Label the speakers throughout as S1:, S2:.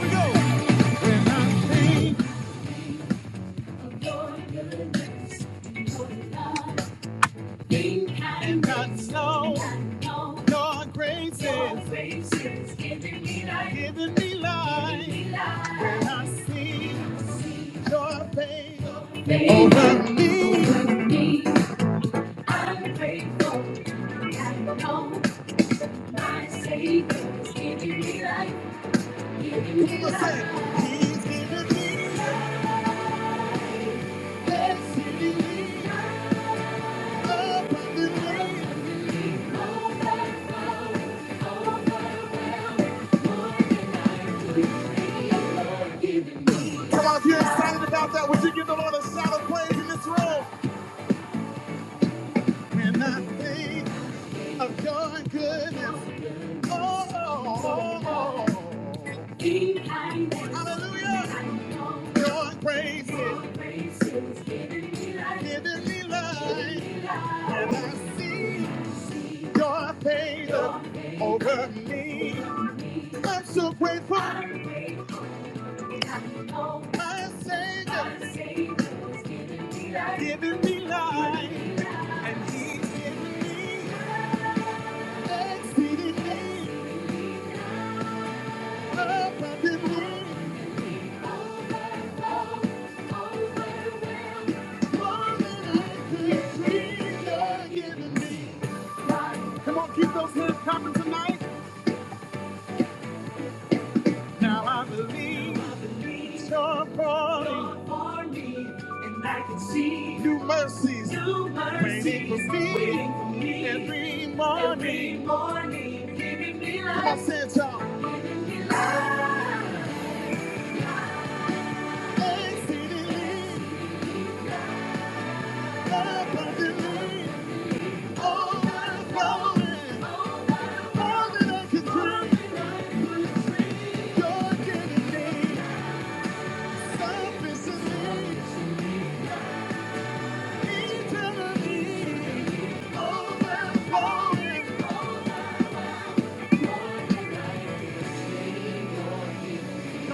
S1: we go. When I'm and not slow, your grace is giving me life. And I see your favor over me. I'm grateful. I know my Savior is giving me life, giving me life. He's giving me life, that's giving me abundantly. Come on, if you're excited about that, would you give the Lord a shout of praise in this room? When I think of joy and goodness. Oh, oh, oh, oh. hallelujah. Your grace is giving me life. Giving me life. And I see your favor over me. I'm so grateful. My Savior giving me life. And He's giving me exceedingly abundantly. Come on, keep those hands clapping tonight. Now I believe you're calling. And I can see new mercies, new mercies waiting for me, every morning. giving me life. Come on, say it, y'all. Exceedingly, abundantly, overflowing, all that I can do. you're giving me. Come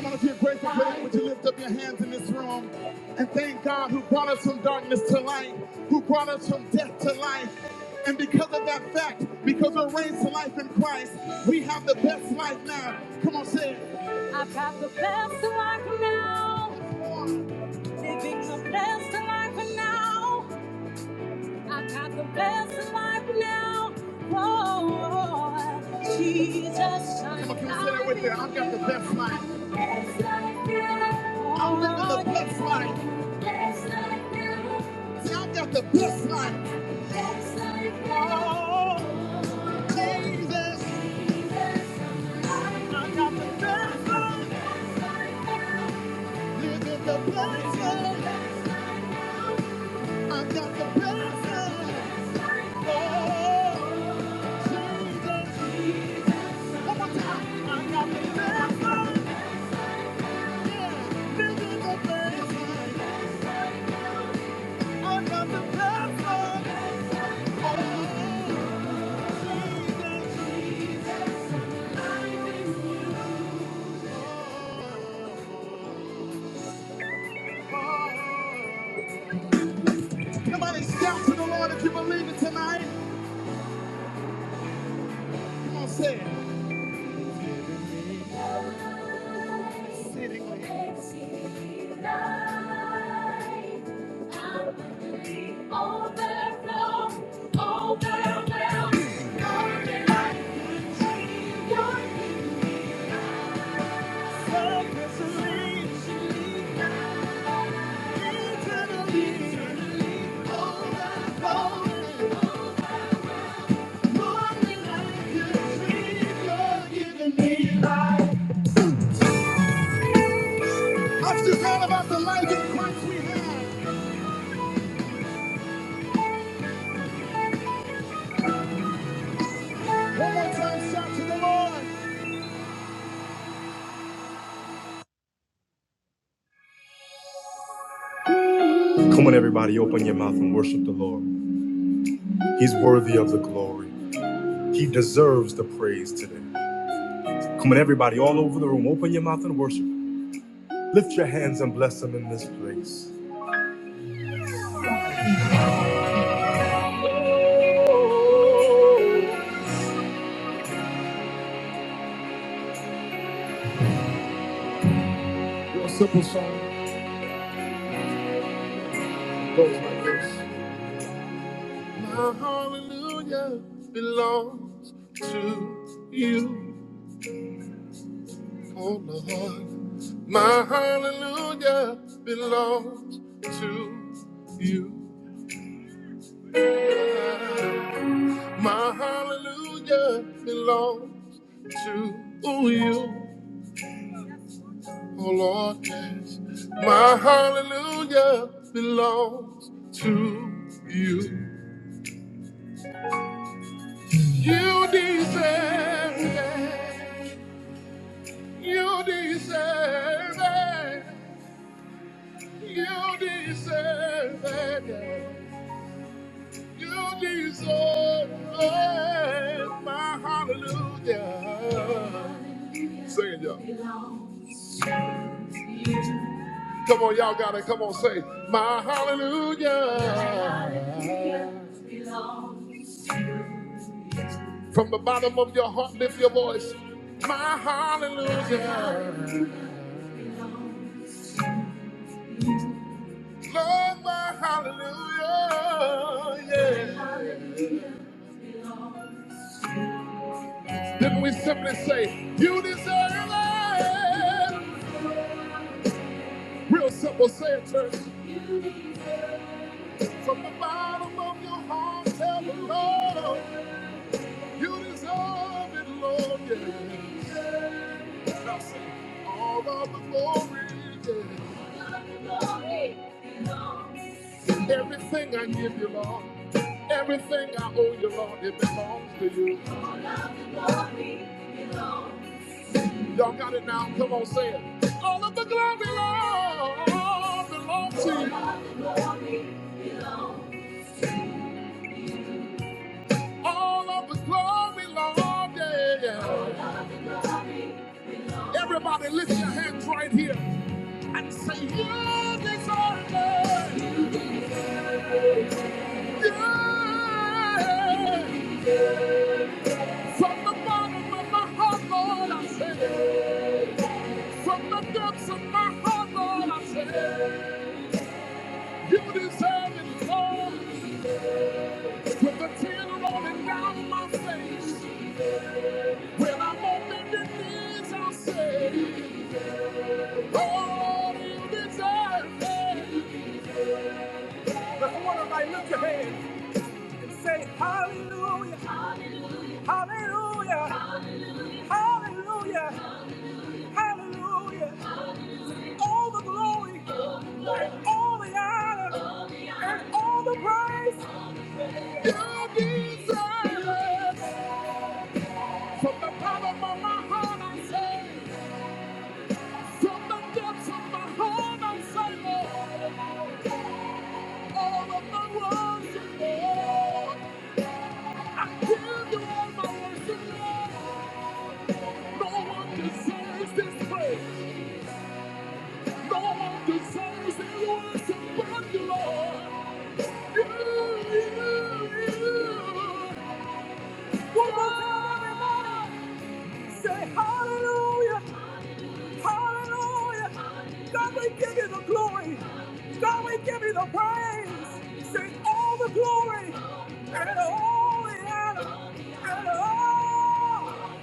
S1: on, if you're grateful for would you lift up your hands in this room and thank God who brought us from darkness to light, who brought us from death to life. And because of that fact, because we're raised to life in Christ, we have the best life now. Come on, say it. I've got the best life now. Living the best life now. I got the best life now. Oh, Jesus. Come on, can you say that with me? I've got the best life. Best life now. I'm living the best life. Best life now. See, I've got the best life. Best life now. Oh, Jesus. I got the best life. Living the best life. I got the best life. Oh. Somebody shout to the Lord if you believe it tonight. Come on, say it. It's just all about the life in Christ we have. One more time, shout to the Lord. Come on, everybody, open your mouth and worship the Lord. He's worthy of the glory. He deserves the praise today. Come on, everybody, all over the room, open your mouth and worship. Lift your hands and bless Him in this place. My hallelujah belongs to you, oh Lord. My hallelujah belongs to you. My hallelujah belongs to you. Oh Lord, yes, my hallelujah belongs to you. You deserve it. You deserve it. You deserve it. You deserve it. My hallelujah. Sing it, y'all. Come on, y'all got it. Come on, say, My hallelujah. From the bottom of your heart, lift your voice. My hallelujah. Lord, my hallelujah. Yeah. Then we simply say, You deserve it? Real simple, say it, church. From the bottom of your heart, tell the Lord, You deserve it, Lord. Yeah. Now sing, All of the glory. Yeah. Glory. Everything I give you, Lord, everything I owe you, Lord, it belongs to you. Y'all got it now? Come on, say it. All of the glory, Lord, belongs to you. All of the glory, Lord, yeah, yeah. Everybody, lift your hands right here and say, You deserve it. Yeah. From the bottom of my heart, Lord, I say, it. From the depths of my heart, Lord, I say. it. Beauty and form with a tear rolling down my face. When I'm on bended knees, i say, Lord, you deserve it. Hallelujah, hallelujah, hallelujah, All the glory, and all the honor, and all the praise. You deserve it. From the bottom of my heart, I say. From the depths of my heart, I say, Lord, all of my worship, Lord. I give you all my worship, Lord. No one deserves this praise. No one deserves this worship but you, Lord. You, you, you. One more time, everybody. Say hallelujah. Hallelujah. God, we give you the glory. God, we give you the praise. Say all the glory and all the honor and all.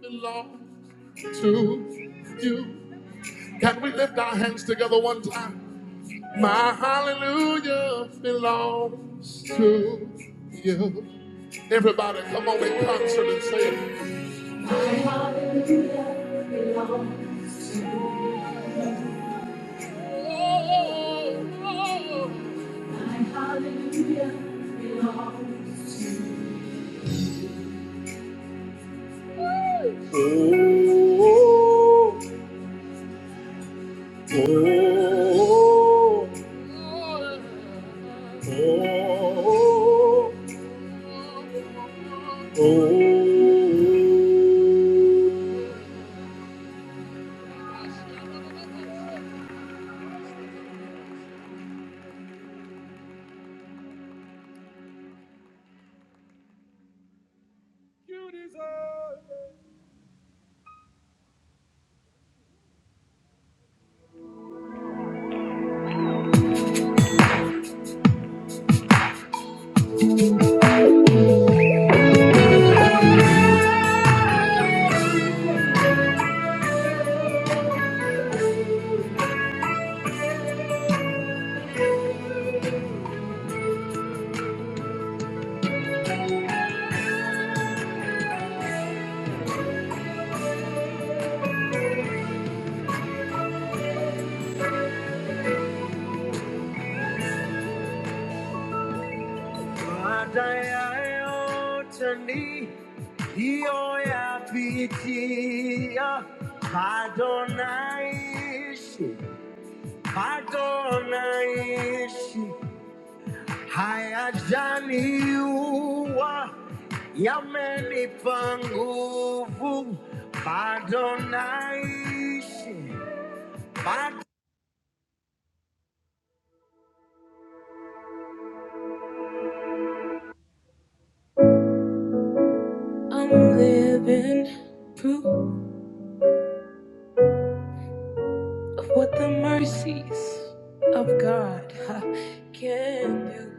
S1: Belong to you. Can we lift our hands together one time? My hallelujah belongs to you. Everybody, come on in concert and say it. Oh, oh, oh, oh, oh, oh. Joy I picture what the mercies of God huh, can do.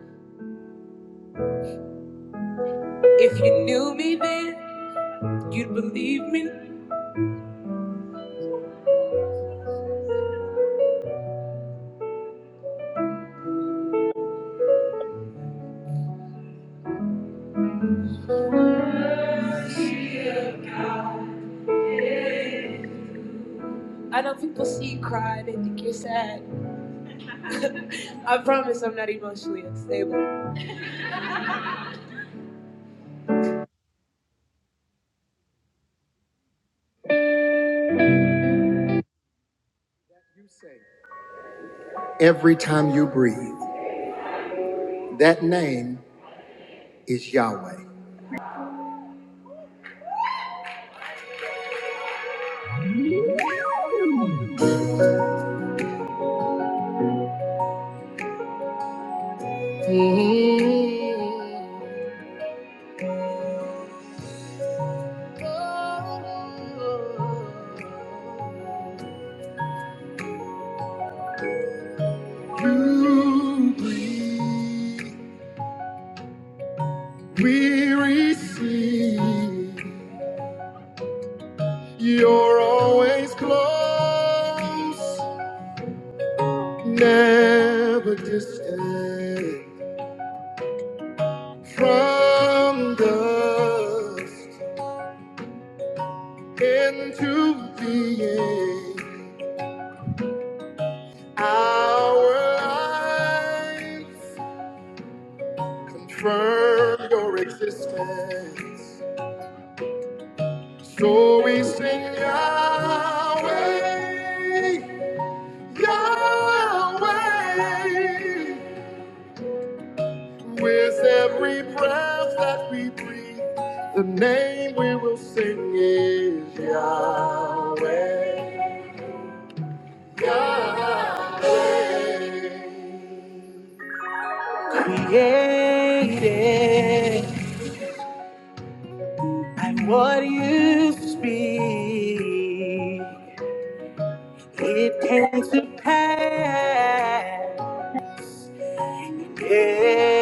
S1: If you knew me then. You'd believe me? I know people see you cry, they think you're sad. I promise I'm not emotionally unstable. It's Yahweh. We receive. You're always close, never distant from dust into being. Our lives confirm your existence. So we sing Yahweh, Yahweh. With every breath that we breathe, the name we will sing is Yahweh. Created, and what you speak. It came to pass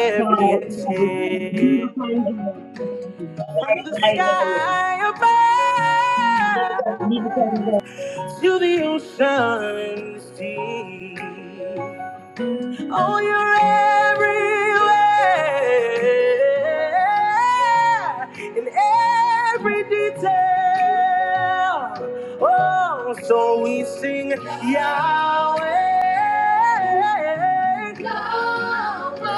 S2: leave
S1: exhale
S2: the time zone, um,
S1: from the
S2: arrival,
S1: sky
S2: leave the time
S1: above
S2: zone.
S1: to the ocean's deep. Oh, you're everywhere in every detail. Oh, so we sing Yahweh.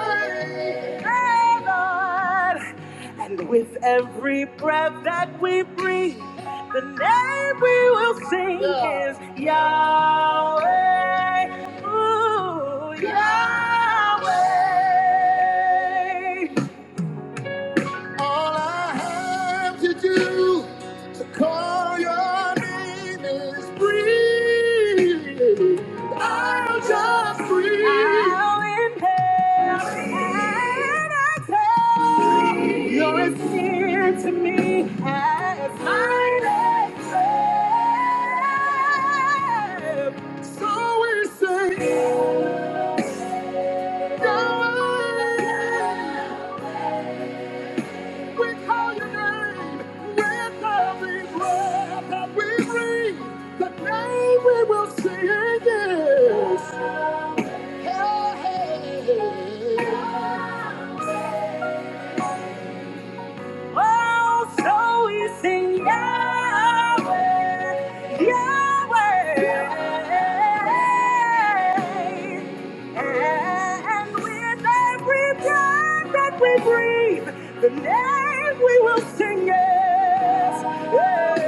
S1: Hey, Lord. And with every breath that we breathe, the name we will sing Yeah. is Yahweh. Ooh, Yahweh. To do. You're as dear to me as my name. So we say, go away. We call your name with every breath that we breathe. The name we will sing is. Hey, hey. Oh, so we sing Yahweh, Yahweh. And with every breath that we breathe, the name we will sing is Yahweh.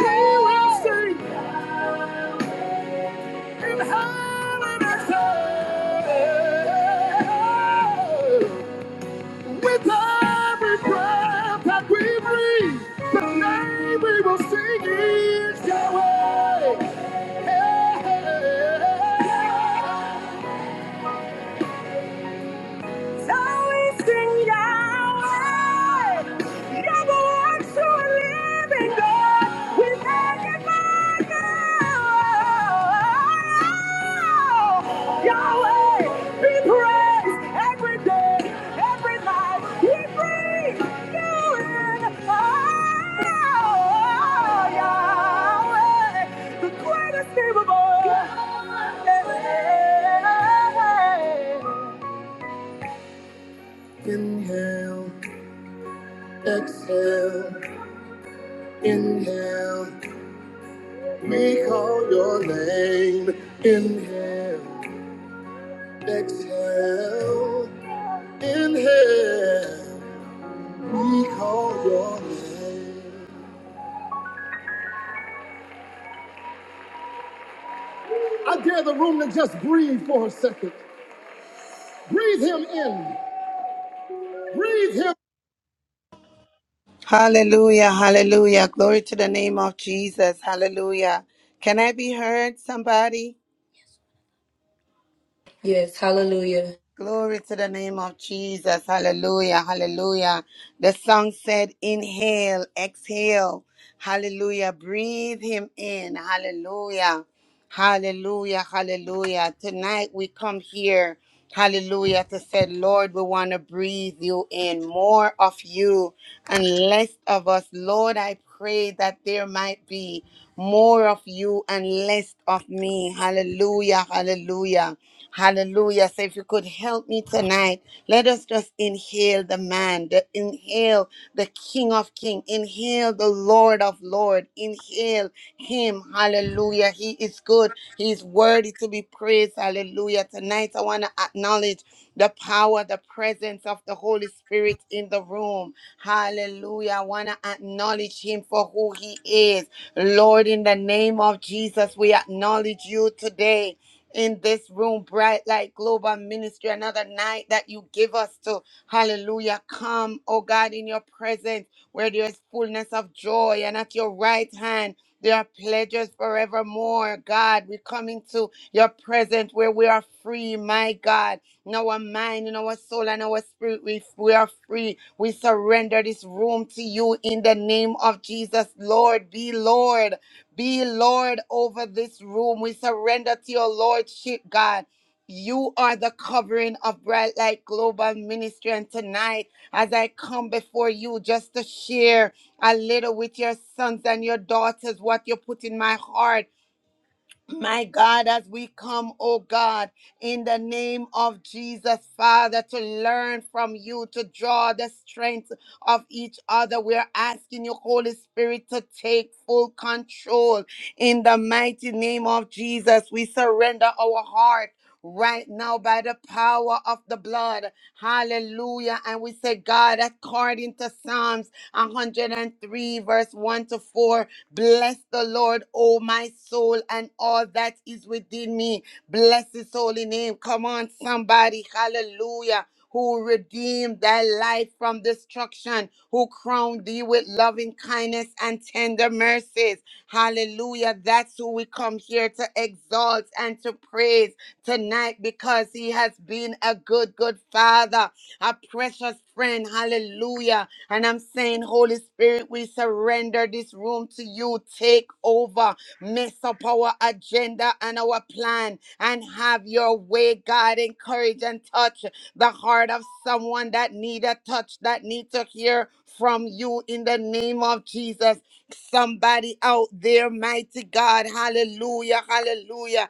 S1: We will sing. Yahweh! So we sing Yahweh, Yahweh to a living God. We magnify God. Yahweh, be praised every day, every night. We breathe you in. Oh, Yahweh, the greatest name of all. Yeah. Inhale, exhale, inhale, we call your name. Inhale, exhale, inhale, we call your name. I dare the room to just breathe for a second. Breathe him in, breathe him.
S3: Hallelujah, hallelujah. Glory to the name of Jesus. Hallelujah. Can I be heard, somebody?
S4: Yes, hallelujah.
S3: Glory to the name of Jesus. Hallelujah. Hallelujah. The song said, inhale, exhale. Hallelujah. Breathe him in. Hallelujah. Hallelujah. Hallelujah. Tonight we come here. Hallelujah. To say, Lord, we want to breathe you in more of you and less of us. Lord, I pray that there might be more of you and less of me. Hallelujah. Hallelujah. Hallelujah. So if you could help me tonight, let us just inhale the man, the, inhale the King of King, inhale the Lord of Lord, inhale him. Hallelujah. He is good. He is worthy to be praised. Hallelujah. Tonight I want to acknowledge the power, the presence of the Holy Spirit in the room. Hallelujah. I want to acknowledge him for who he is. Lord, in the name of Jesus, we acknowledge you today in this room, Bright Light Global Ministry, another night that you give us to, hallelujah, come, oh God, in your presence where there is fullness of joy, and at your right hand, there are pleasures forevermore, God. we come into your presence where we are free, my God. In our mind, in our soul, and our spirit, we, we are free. We surrender this room to you in the name of Jesus. Lord, be Lord. Be Lord over this room. We surrender to your Lordship, God. You are the covering of Bright Light Global Ministry. And tonight, as I come before you just to share a little with your sons and your daughters what you put in my heart, my God, as we come, oh God, in the name of Jesus, Father, to learn from you, to draw the strength of each other, we're asking you, Holy Spirit, to take full control. In the mighty name of Jesus, we surrender our heart. Right now, by the power of the blood, hallelujah. And we say, God, according to Psalms 103, verse 1 to 4, Bless the Lord, O my soul, and all that is within me. Bless his holy name. Come on, somebody. Hallelujah. Who redeemed thy life from destruction, who crowned thee with loving kindness and tender mercies. Hallelujah. That's who we come here to exalt and to praise tonight because he has been a good, good father, a precious friend. Hallelujah and I'm saying, Holy Spirit, we surrender this room to you. Take over, mess up our agenda and our plan, and have your way, God. Encourage and touch the heart of someone that need a touch, that need to hear from you in the name of Jesus. Somebody out there, mighty God, hallelujah, hallelujah.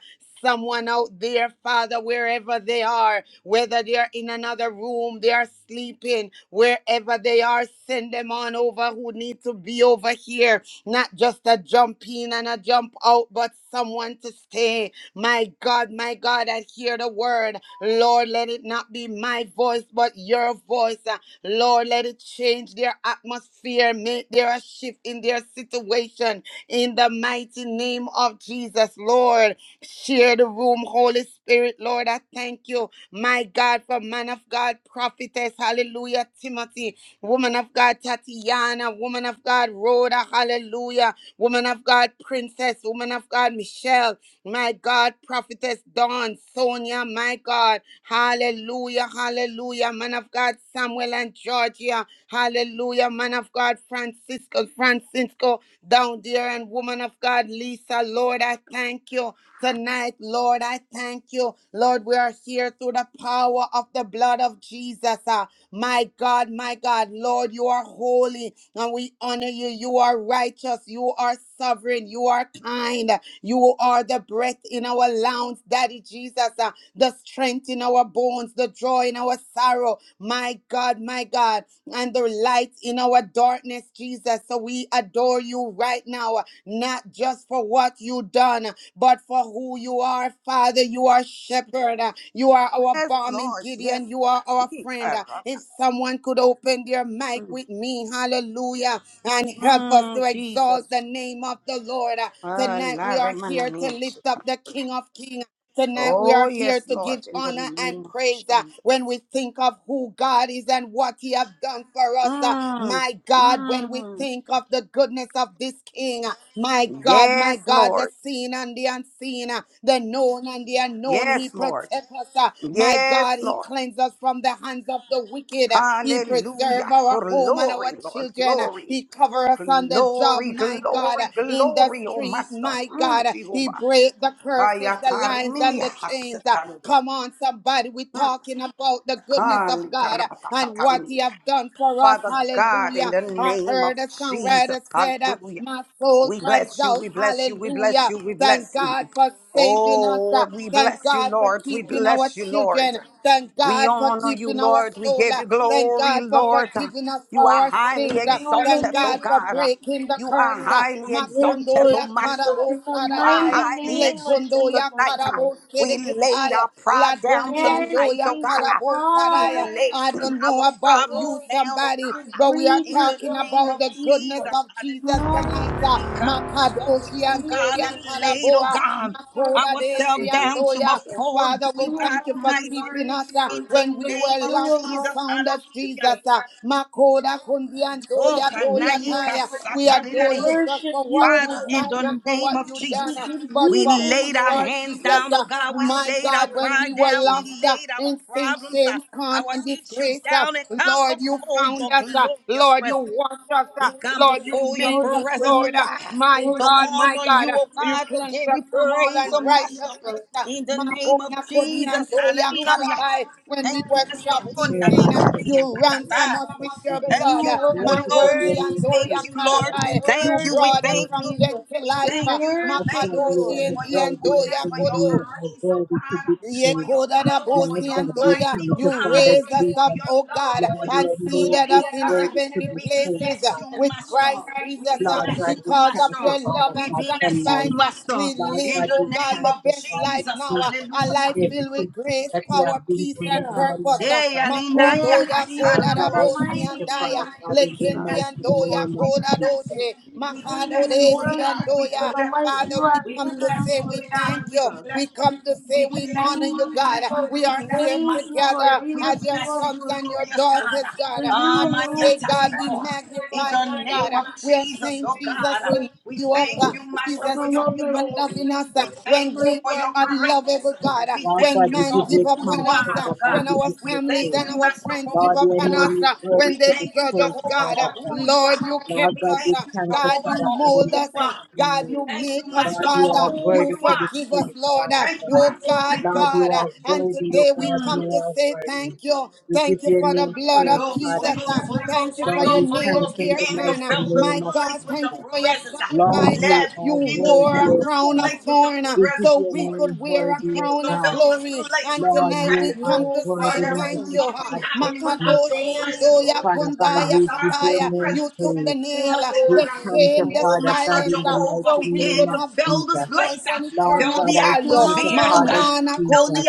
S3: Someone out there, Father, wherever they are, whether they are in another room, they are sleeping, wherever they are, send them on over who need to be over here. Not just a jump in and a jump out, but someone to stay. My God, my God, I hear the word. Lord, let it not be my voice, but your voice. Uh, Lord, let it change their atmosphere, make there a shift in their situation in the mighty name of Jesus, Lord. Share the room, Holy Spirit, Lord. I thank you, my God, for man of God, prophetess, hallelujah, Timothy, woman of God, Tatiana, woman of God, Rhoda, hallelujah, woman of God, princess, woman of God, Michelle. My God, prophetess Dawn, Sonia, my God. Hallelujah, hallelujah. Man of God, Samuel and Georgia. Hallelujah, man of God, Francisco, Francisco, down there, and woman of God, Lisa. Lord, I thank you tonight, Lord. I thank you. Lord, we are here through the power of the blood of Jesus. Ah, my God, my God, Lord, you are holy and we honor you. You are righteous. You are sovereign. You are kind. You are the breath in our lungs, Daddy Jesus, uh, the strength in our bones, the joy in our sorrow. My God, my God, and the light in our darkness, Jesus. So we adore you right now, not just for what you done done, but for who you are, Father. You are shepherd. You are our
S5: Yes,
S3: balm in
S5: Lord. Yes,
S3: Gideon. You are our
S5: Lord. Ni
S3: friend.
S5: karama.
S3: If someone could open their mic
S5: Mm,
S3: with me, hallelujah, and help us to
S5: mm,
S3: exalt the
S5: Jesus.
S3: name of the Lord.
S5: Ah,
S3: Tonight
S5: la
S3: we are
S5: remana
S3: here to
S5: niente.
S3: lift up the King of Kings. Tonight we
S5: Oh,
S3: are here
S5: yes,
S3: to give
S5: Lord. In the
S3: honor and
S5: name of
S3: praise uh,
S5: Jesus.
S3: when we think of who God is and what he has done for us. uh,
S5: Mm,
S3: my God, when we
S5: mm.
S3: think of the goodness of this king, uh, my God, my
S5: Yes,
S3: God, the
S5: Lord.
S3: seen and the unseen, uh, the known and the unknown, he
S5: Yes, Lord.
S3: protects us. uh, my
S5: Yes,
S3: God, he
S5: Lord.
S3: cleanses us from the hands of the wicked. uh, he preserves
S5: Hallelujah.
S3: our home and our
S5: Glory, Lord.
S3: children. uh,
S5: Glory.
S3: he covers us on the job,
S5: Glory,
S3: my God, uh,
S5: glory,
S3: in the
S5: glory, oh
S3: street,
S5: Master.
S3: my
S5: Mm,
S3: God. uh, he
S5: Jehovah.
S3: breaks the curses, the lines bonds
S5: Ayatarimini
S3: and the chains. Uh,
S5: hasatarwe.
S3: Come on, somebody. We're talking about the goodness
S5: Kali
S3: of God uh, and what He
S5: karapatatatarinia.
S3: have done for us.
S5: Father God, in
S3: Hallelujah.
S5: the
S3: I
S5: name
S3: heard
S5: of
S3: a
S5: Jesus,
S3: songwriter said, uh,
S5: hallelujah.
S3: My soul
S5: We
S3: cries
S5: bless you,
S3: out,
S5: we bless you, we bless
S3: Hallelujah.
S5: you, we
S3: Thank
S5: bless you.
S3: God for saving us.
S5: Oh,
S3: uh,
S5: we
S3: Thank
S5: bless you,
S3: God for
S5: Lord. We
S3: keeping our
S5: bless you, Lord.
S3: children. Thank
S5: We
S3: God for
S5: honor you,
S3: keeping our
S5: Lord. We
S3: soul.
S5: give
S3: uh,
S5: you
S3: Thank
S5: glory,
S3: God for
S5: Lord.
S3: forgiving us for
S5: You are
S3: our
S5: highly
S3: sins. uh, Thank
S5: exalted, oh
S3: God
S6: Hallelujah,
S3: for
S5: God.
S3: breaking the
S5: You are
S3: curse. uh,
S5: highly
S6: hallelujah. Yes,
S5: exalted,
S3: Makondo
S6: Lord
S5: oh
S3: ya
S5: Master.
S6: Jesus,
S3: karabo
S6: in the
S5: You are
S6: mighty
S3: saradaya.
S5: highly
S6: name of
S5: exalted
S3: Lekondo
S6: Jesus,
S5: tonight.
S3: ya
S6: Lord.
S3: Karabo
S5: We laid
S3: Kedeketaya,
S5: our
S3: La
S5: pride down
S3: Dondi
S6: Yes,
S5: tonight,
S3: Andoya
S5: oh God.
S6: Jesus,
S3: Karabo
S5: We
S3: Saraya.
S6: hallelujah.
S5: laid
S3: I don't
S5: our
S3: know
S6: Your
S3: about
S5: problems
S3: you,
S6: holy name,
S5: down, oh
S3: somebody,
S5: God.
S6: we
S3: but we are
S6: breathe
S5: In
S6: you in,
S5: the
S3: talking
S5: name
S3: about
S6: Lord
S5: of
S3: the goodness
S6: Jesus.
S5: Jesus,
S3: of Jesus
S5: hallelujah.
S3: tonight.
S6: Hallelujah.
S3: uh,
S5: We come before you,
S3: Makadoshi
S5: oh
S3: and
S6: You
S5: God,
S3: doya
S5: and laid, oh
S3: Karaboa,
S5: God,
S3: Makoda
S5: ourselves
S3: Desi and
S5: down to
S3: doya.
S5: before
S3: Father,
S5: you, oh
S3: we
S5: God
S3: thank you
S6: alone
S3: for
S6: are
S5: Almighty
S3: keeping
S6: worthy
S3: us. uh,
S6: of
S5: in the
S3: when
S6: any
S3: we
S6: praise.
S5: name
S3: were
S5: of
S6: You
S3: lost, you
S5: Jesus.
S6: alone are
S3: found us,
S5: Hallelujah.
S3: Jesus.
S6: Jesus.
S3: Uh, Makoda kundi
S6: We
S5: Oh,
S3: antoya
S6: praise
S3: doya
S6: you and
S5: kanaika
S3: taya.
S6: you
S3: We
S6: only. We
S3: adore
S5: satarinene.
S3: you just
S6: worship
S3: for what
S6: you and
S3: you
S5: Father,
S6: you
S5: in
S3: not just
S6: only.
S5: the
S3: for
S5: name
S3: what
S5: of
S3: you done,
S5: Jesus,
S6: We
S3: uh,
S6: give
S3: but
S5: we
S6: you
S3: for who
S6: thanks
S5: laid
S3: you
S5: our
S6: for
S3: are,
S5: hands
S3: Jesus.
S5: down, oh
S3: Uh,
S6: the
S5: God. We
S3: my
S6: mighty
S5: laid our
S3: God,
S6: name
S3: when we
S5: pride
S3: were
S5: down.
S6: of
S5: We
S6: Jesus.
S3: lost uh,
S5: laid our
S3: in sin,
S5: problems, our,
S3: shame, con,
S5: our
S3: and
S5: issue
S3: disgrace, uh,
S5: down and come
S3: Lord, you
S5: before
S3: found
S5: your
S3: us. uh,
S5: glorious
S3: Lord, you
S5: presence.
S3: washed us. uh,
S5: We come
S3: Lord, you
S5: before your
S3: made
S6: Lord,
S3: us.
S6: we praise,
S5: presence, oh
S3: Lord, uh,
S5: God,
S3: my
S6: Lord,
S5: to
S6: we
S3: God, my
S5: honor
S6: worship
S3: God,
S5: you,
S3: uh,
S6: you.
S5: oh
S6: Lord,
S3: you
S5: God, to
S6: we
S3: cleansed
S5: give
S6: give
S3: us
S5: you
S6: you
S3: from all
S6: thanks,
S5: praise, oh
S6: Lord
S5: Master.
S3: unrighteousness.
S6: Jesus.
S3: uh,
S5: In the name of
S3: Makona
S5: Jesus,
S3: kodiando ya
S6: Hallelujah,
S5: hallelujah.
S3: karabai.
S6: hallelujah,
S3: When
S5: Thank
S3: we
S5: you,
S3: were
S5: Master.
S6: hallelujah.
S3: trapped
S5: Oh,
S3: in
S2: There are
S3: sin,
S2: lots
S5: nani
S3: uh,
S2: of
S5: maria
S2: different
S3: you
S2: kinds of
S3: ransom
S5: katata.
S3: us with
S2: products
S3: your
S2: with
S6: For
S2: it.
S5: Thank
S3: blood.
S6: you
S5: you,
S3: Uh,
S2: The
S6: alone
S2: ones
S5: Holy
S6: are
S2: that you
S5: Ghost.
S2: get in
S6: worthy,
S5: We
S3: Makondiando
S6: Lord
S2: for
S5: thank
S3: ya
S5: you,
S2: your
S6: Jesus.
S5: Lord.
S2: product
S6: We
S5: We
S3: karabai.
S2: that is the
S3: You
S5: thank you.
S2: most
S5: We
S6: worship
S3: brought
S6: you,
S3: us
S2: popular,
S5: thank
S3: from
S2: like
S5: you.
S3: death
S6: Jesus.
S3: to
S2: the
S5: We
S3: life.
S6: We
S5: thank
S3: Uh,
S5: you. We
S6: worship
S5: thank you
S2: upside
S6: you,
S2: deal,
S3: Makadoshi
S6: Lord.
S2: the
S3: and
S5: for your
S2: floor
S3: diando
S2: deal,
S5: goodness,
S3: ya
S5: for
S2: floor
S5: your
S2: deal,
S3: kodo.
S2: or
S5: grace, oh
S2: to be
S5: God,
S3: Ye
S5: for
S2: true.
S5: your
S3: koda da
S5: power,
S6: Hallelujah.
S3: bosi
S5: for
S2: Love
S5: your
S2: that we
S3: Yekodadabosiantoya.
S5: mighty,
S2: come
S5: oh
S2: to
S3: You
S5: God,
S2: products,
S3: raise us
S2: we
S5: for
S3: up,
S2: can
S5: your
S3: O
S5: love,
S3: God,
S5: for
S2: love the
S5: your
S3: and
S2: idea
S3: seated
S5: glory,
S3: us
S5: oh
S3: in
S5: God.
S2: to
S3: heavenly
S2: be
S5: We
S2: true
S3: places uh,
S5: bless you,
S3: with
S2: products.
S3: Christ
S5: Master. We
S3: Jesus.
S2: Lord
S3: uh,
S2: God,
S5: bless you,
S2: we
S3: Because of
S2: thank you,
S5: Master.
S3: your love
S2: Father
S5: We
S3: and
S2: God, for
S5: bless you,
S3: sacrifice,
S2: life.
S3: uh,
S5: Master.
S3: we
S2: Lord
S3: live,
S5: In
S2: God,
S3: O
S2: we
S5: the
S3: God,
S5: name
S2: thank
S3: the
S5: of
S2: you,
S3: best
S2: Father
S3: life
S5: Jesus,
S3: now.
S2: Jesus,
S3: uh, A
S2: for
S3: life
S5: hallelujah.
S3: filled with
S2: everything
S3: grace,
S2: that you
S3: power,
S2: have been
S3: peace,
S2: doing in
S3: and
S2: my
S3: purpose.
S2: life,
S3: uh.
S5: Hey,
S2: Father
S5: Alina,
S2: God.
S6: Yes,
S3: Makondoya
S6: Jesus,
S5: Yakasana,
S2: Lord God,
S6: in the
S2: I thank you,
S6: mighty name
S3: kodadabosiandaya.
S2: Father
S6: of
S2: God, in
S5: We
S2: the
S6: Jesus.
S5: bless
S2: mighty
S5: you,
S3: Lekendiandoya
S5: God.
S2: name
S5: We
S2: of
S5: bless
S2: Jesus.
S5: you.
S3: kodadoshe.
S6: We
S5: We
S6: praise you
S5: bless
S6: and
S5: you, Holy
S6: worship
S5: God. We
S6: you for
S3: Makadodesiandoya.
S6: the
S5: bless
S6: life
S5: you.
S3: Father,
S6: you
S3: we
S6: have
S5: We
S3: come
S6: given
S3: to
S6: us,
S5: bless
S3: say
S5: you,
S3: we
S6: Lord
S5: Holy God.
S3: thank
S5: We
S3: you.
S6: Jesus.
S3: We
S5: bless you.
S3: come to say
S5: We
S3: we
S6: We thank
S5: bless
S3: honor
S5: you.
S3: you,
S5: We
S3: God.
S6: you,
S5: bless you.
S6: Lord.
S3: We
S6: We
S5: We
S3: are
S5: bless
S3: here
S5: you,
S6: praise
S5: Master.
S6: you, Lord.
S3: together
S6: We
S5: We
S3: as
S6: lift
S3: your
S6: you
S5: bless
S6: up,
S5: you,
S3: sons
S6: Lord
S3: and your
S5: glorious
S6: Jesus.
S5: God.
S3: daughters, God.
S6: For you
S5: Ah,
S3: And
S5: my
S3: we say,
S6: alone is worthy
S3: God, we
S5: Yatalimo.
S6: of
S5: In
S3: magnify
S6: our
S5: the
S6: life,
S3: you, God.
S6: Lord
S5: name of
S3: We
S6: Jesus.
S3: are
S5: Jesus,
S3: saying,
S5: oh
S6: Thank you,
S5: God,
S3: Jesus, we
S6: Lord
S3: lift
S5: we
S3: you up.
S6: Jesus.
S3: Uh,
S5: thank you,
S3: Jesus,
S5: Master,
S6: For the
S5: for
S3: thank
S5: your
S6: love
S3: you
S6: that
S3: for
S6: we give
S3: loving
S6: you,
S5: glory.
S3: us uh,
S5: We
S6: Lord, in the
S3: when
S5: thank you
S3: we
S6: mighty
S5: for
S3: were
S5: your
S6: name
S5: greatness.
S3: unlovable, God. Uh,
S5: We
S2: Lord
S5: thank
S3: When
S2: God,
S5: you
S2: we
S3: man
S5: for
S2: give
S3: give
S2: you
S3: up
S5: who
S3: on
S5: you
S2: thanks,
S3: us,
S5: are,
S3: uh,
S2: Father
S5: oh
S2: God,
S3: when
S5: God.
S2: we
S3: our
S2: give you
S5: We
S3: families
S5: thank
S2: praise.
S3: and
S5: you,
S3: our
S5: Master,
S3: friends
S5: for
S3: give
S5: who
S2: Lord,
S3: up
S2: your
S5: you
S3: on us,
S2: name is
S3: uh,
S5: are.
S2: worthy
S5: We
S3: when
S2: to
S3: they
S2: be
S5: thank you,
S3: judge us,
S2: praised,
S5: Jehovah,
S3: God. Uh,
S2: Father
S5: for
S2: God.
S5: who you
S3: Lord,
S5: are.
S6: of
S3: you
S6: Jesus.
S2: Lord
S3: kept
S5: We
S2: God,
S3: us.
S5: thank
S2: we
S3: uh,
S5: you,
S2: thank you,
S3: God,
S5: Jehovah,
S3: you
S2: Father
S5: for
S2: God, in
S3: mold
S5: who
S2: the
S5: you
S3: us. uh,
S5: are.
S2: mighty
S3: God,
S5: We
S3: you
S2: name.
S5: thank
S3: make
S5: you,
S3: us,
S5: Master,
S2: Lord, you
S5: for
S2: are
S3: Father.
S5: who
S2: worthy
S3: You
S5: you
S2: to be
S3: forgive
S5: are.
S3: us,
S5: Mm.
S2: praised,
S3: Lord. uh,
S2: Father
S5: Thank you,
S2: God.
S3: Oh,
S5: Master.
S3: God,
S5: Thank you,
S2: Lord, you
S3: God. uh,
S2: are
S5: Lord.
S3: And
S2: worthy, oh
S3: today we
S2: God, you
S3: come
S5: Mm.
S3: to
S2: are
S3: say
S2: worthy.
S3: thank you.
S2: We give
S3: Thank you
S2: your
S3: for the
S2: name
S3: blood
S5: Holy
S2: praise,
S3: of
S5: Ghost,
S3: Jesus.
S2: Father
S5: Holy
S3: uh,
S5: Ghost, Holy
S2: God.
S3: Thank
S5: Ghost,
S3: you
S5: Holy
S3: for
S2: Lord,
S3: your
S5: Ghost,
S2: we
S5: Holy
S2: thank
S3: nail
S2: you
S5: Ghost,
S2: in the
S3: pierced
S5: begin to
S3: hand. uh,
S2: mighty
S5: fill this
S2: name
S3: My
S2: of
S3: God,
S5: place with your
S3: thank you
S2: Jesus.
S3: for your
S5: presence.
S2: Lord,
S3: sacrifice. uh,
S2: you
S5: Let it
S3: You
S2: are
S5: begin to
S3: wore
S2: worthy,
S3: a
S5: fill
S2: O
S5: this
S3: crown
S2: God.
S3: of
S5: place with your
S3: thorn uh,
S2: We give
S5: presence,
S3: so
S2: your
S3: we
S5: Lord.
S3: could
S2: name
S3: wear a
S2: worthy,
S5: Begin
S2: O
S3: crown
S5: to
S3: of
S2: God.
S5: fill this
S3: glory.
S5: place
S3: And
S5: with your
S2: Lord,
S3: tonight we
S2: you
S5: presence.
S2: are
S3: come to
S6: Yes,
S5: For
S3: say
S2: worthy,
S5: there is
S3: thank
S2: mighty
S6: Jesus.
S3: you. uh,
S5: nothing
S2: God of
S6: We
S5: happening
S6: come to
S2: Jesus.
S5: without your
S3: Makadoshi and
S6: thank
S5: presence.
S6: you.
S3: Doya
S6: We
S2: Father
S6: come to
S2: God,
S3: Kundaya
S5: Outside
S2: we
S6: praise
S2: give
S6: you.
S5: of
S2: your
S5: your
S6: We
S3: Kataya.
S2: name
S3: You
S5: presence. You
S6: come to
S3: took
S5: can
S3: the
S2: praise.
S6: you
S5: do
S6: are
S3: nail, uh,
S5: nothing,
S2: We
S5: oh
S3: the
S5: God.
S6: great, Jesus.
S2: thank you,
S3: shame, the
S5: Oh,
S2: Father God,
S5: Master
S3: silence,
S2: in the
S3: uh,
S5: Jehovah,
S2: mighty
S3: so we
S2: name
S5: begin
S3: could
S2: of
S5: to
S3: have
S5: fill this
S3: victory
S2: Jesus.
S3: points
S5: place. ah.
S3: and
S2: Lord
S5: Fill
S3: eternal
S2: God,
S5: the
S2: I
S3: value.
S2: thank you,
S5: atmosphere, oh
S2: Father
S5: God.
S3: Manana
S6: Hallelujah,
S5: Fill
S3: Kona
S2: Jesus.
S5: the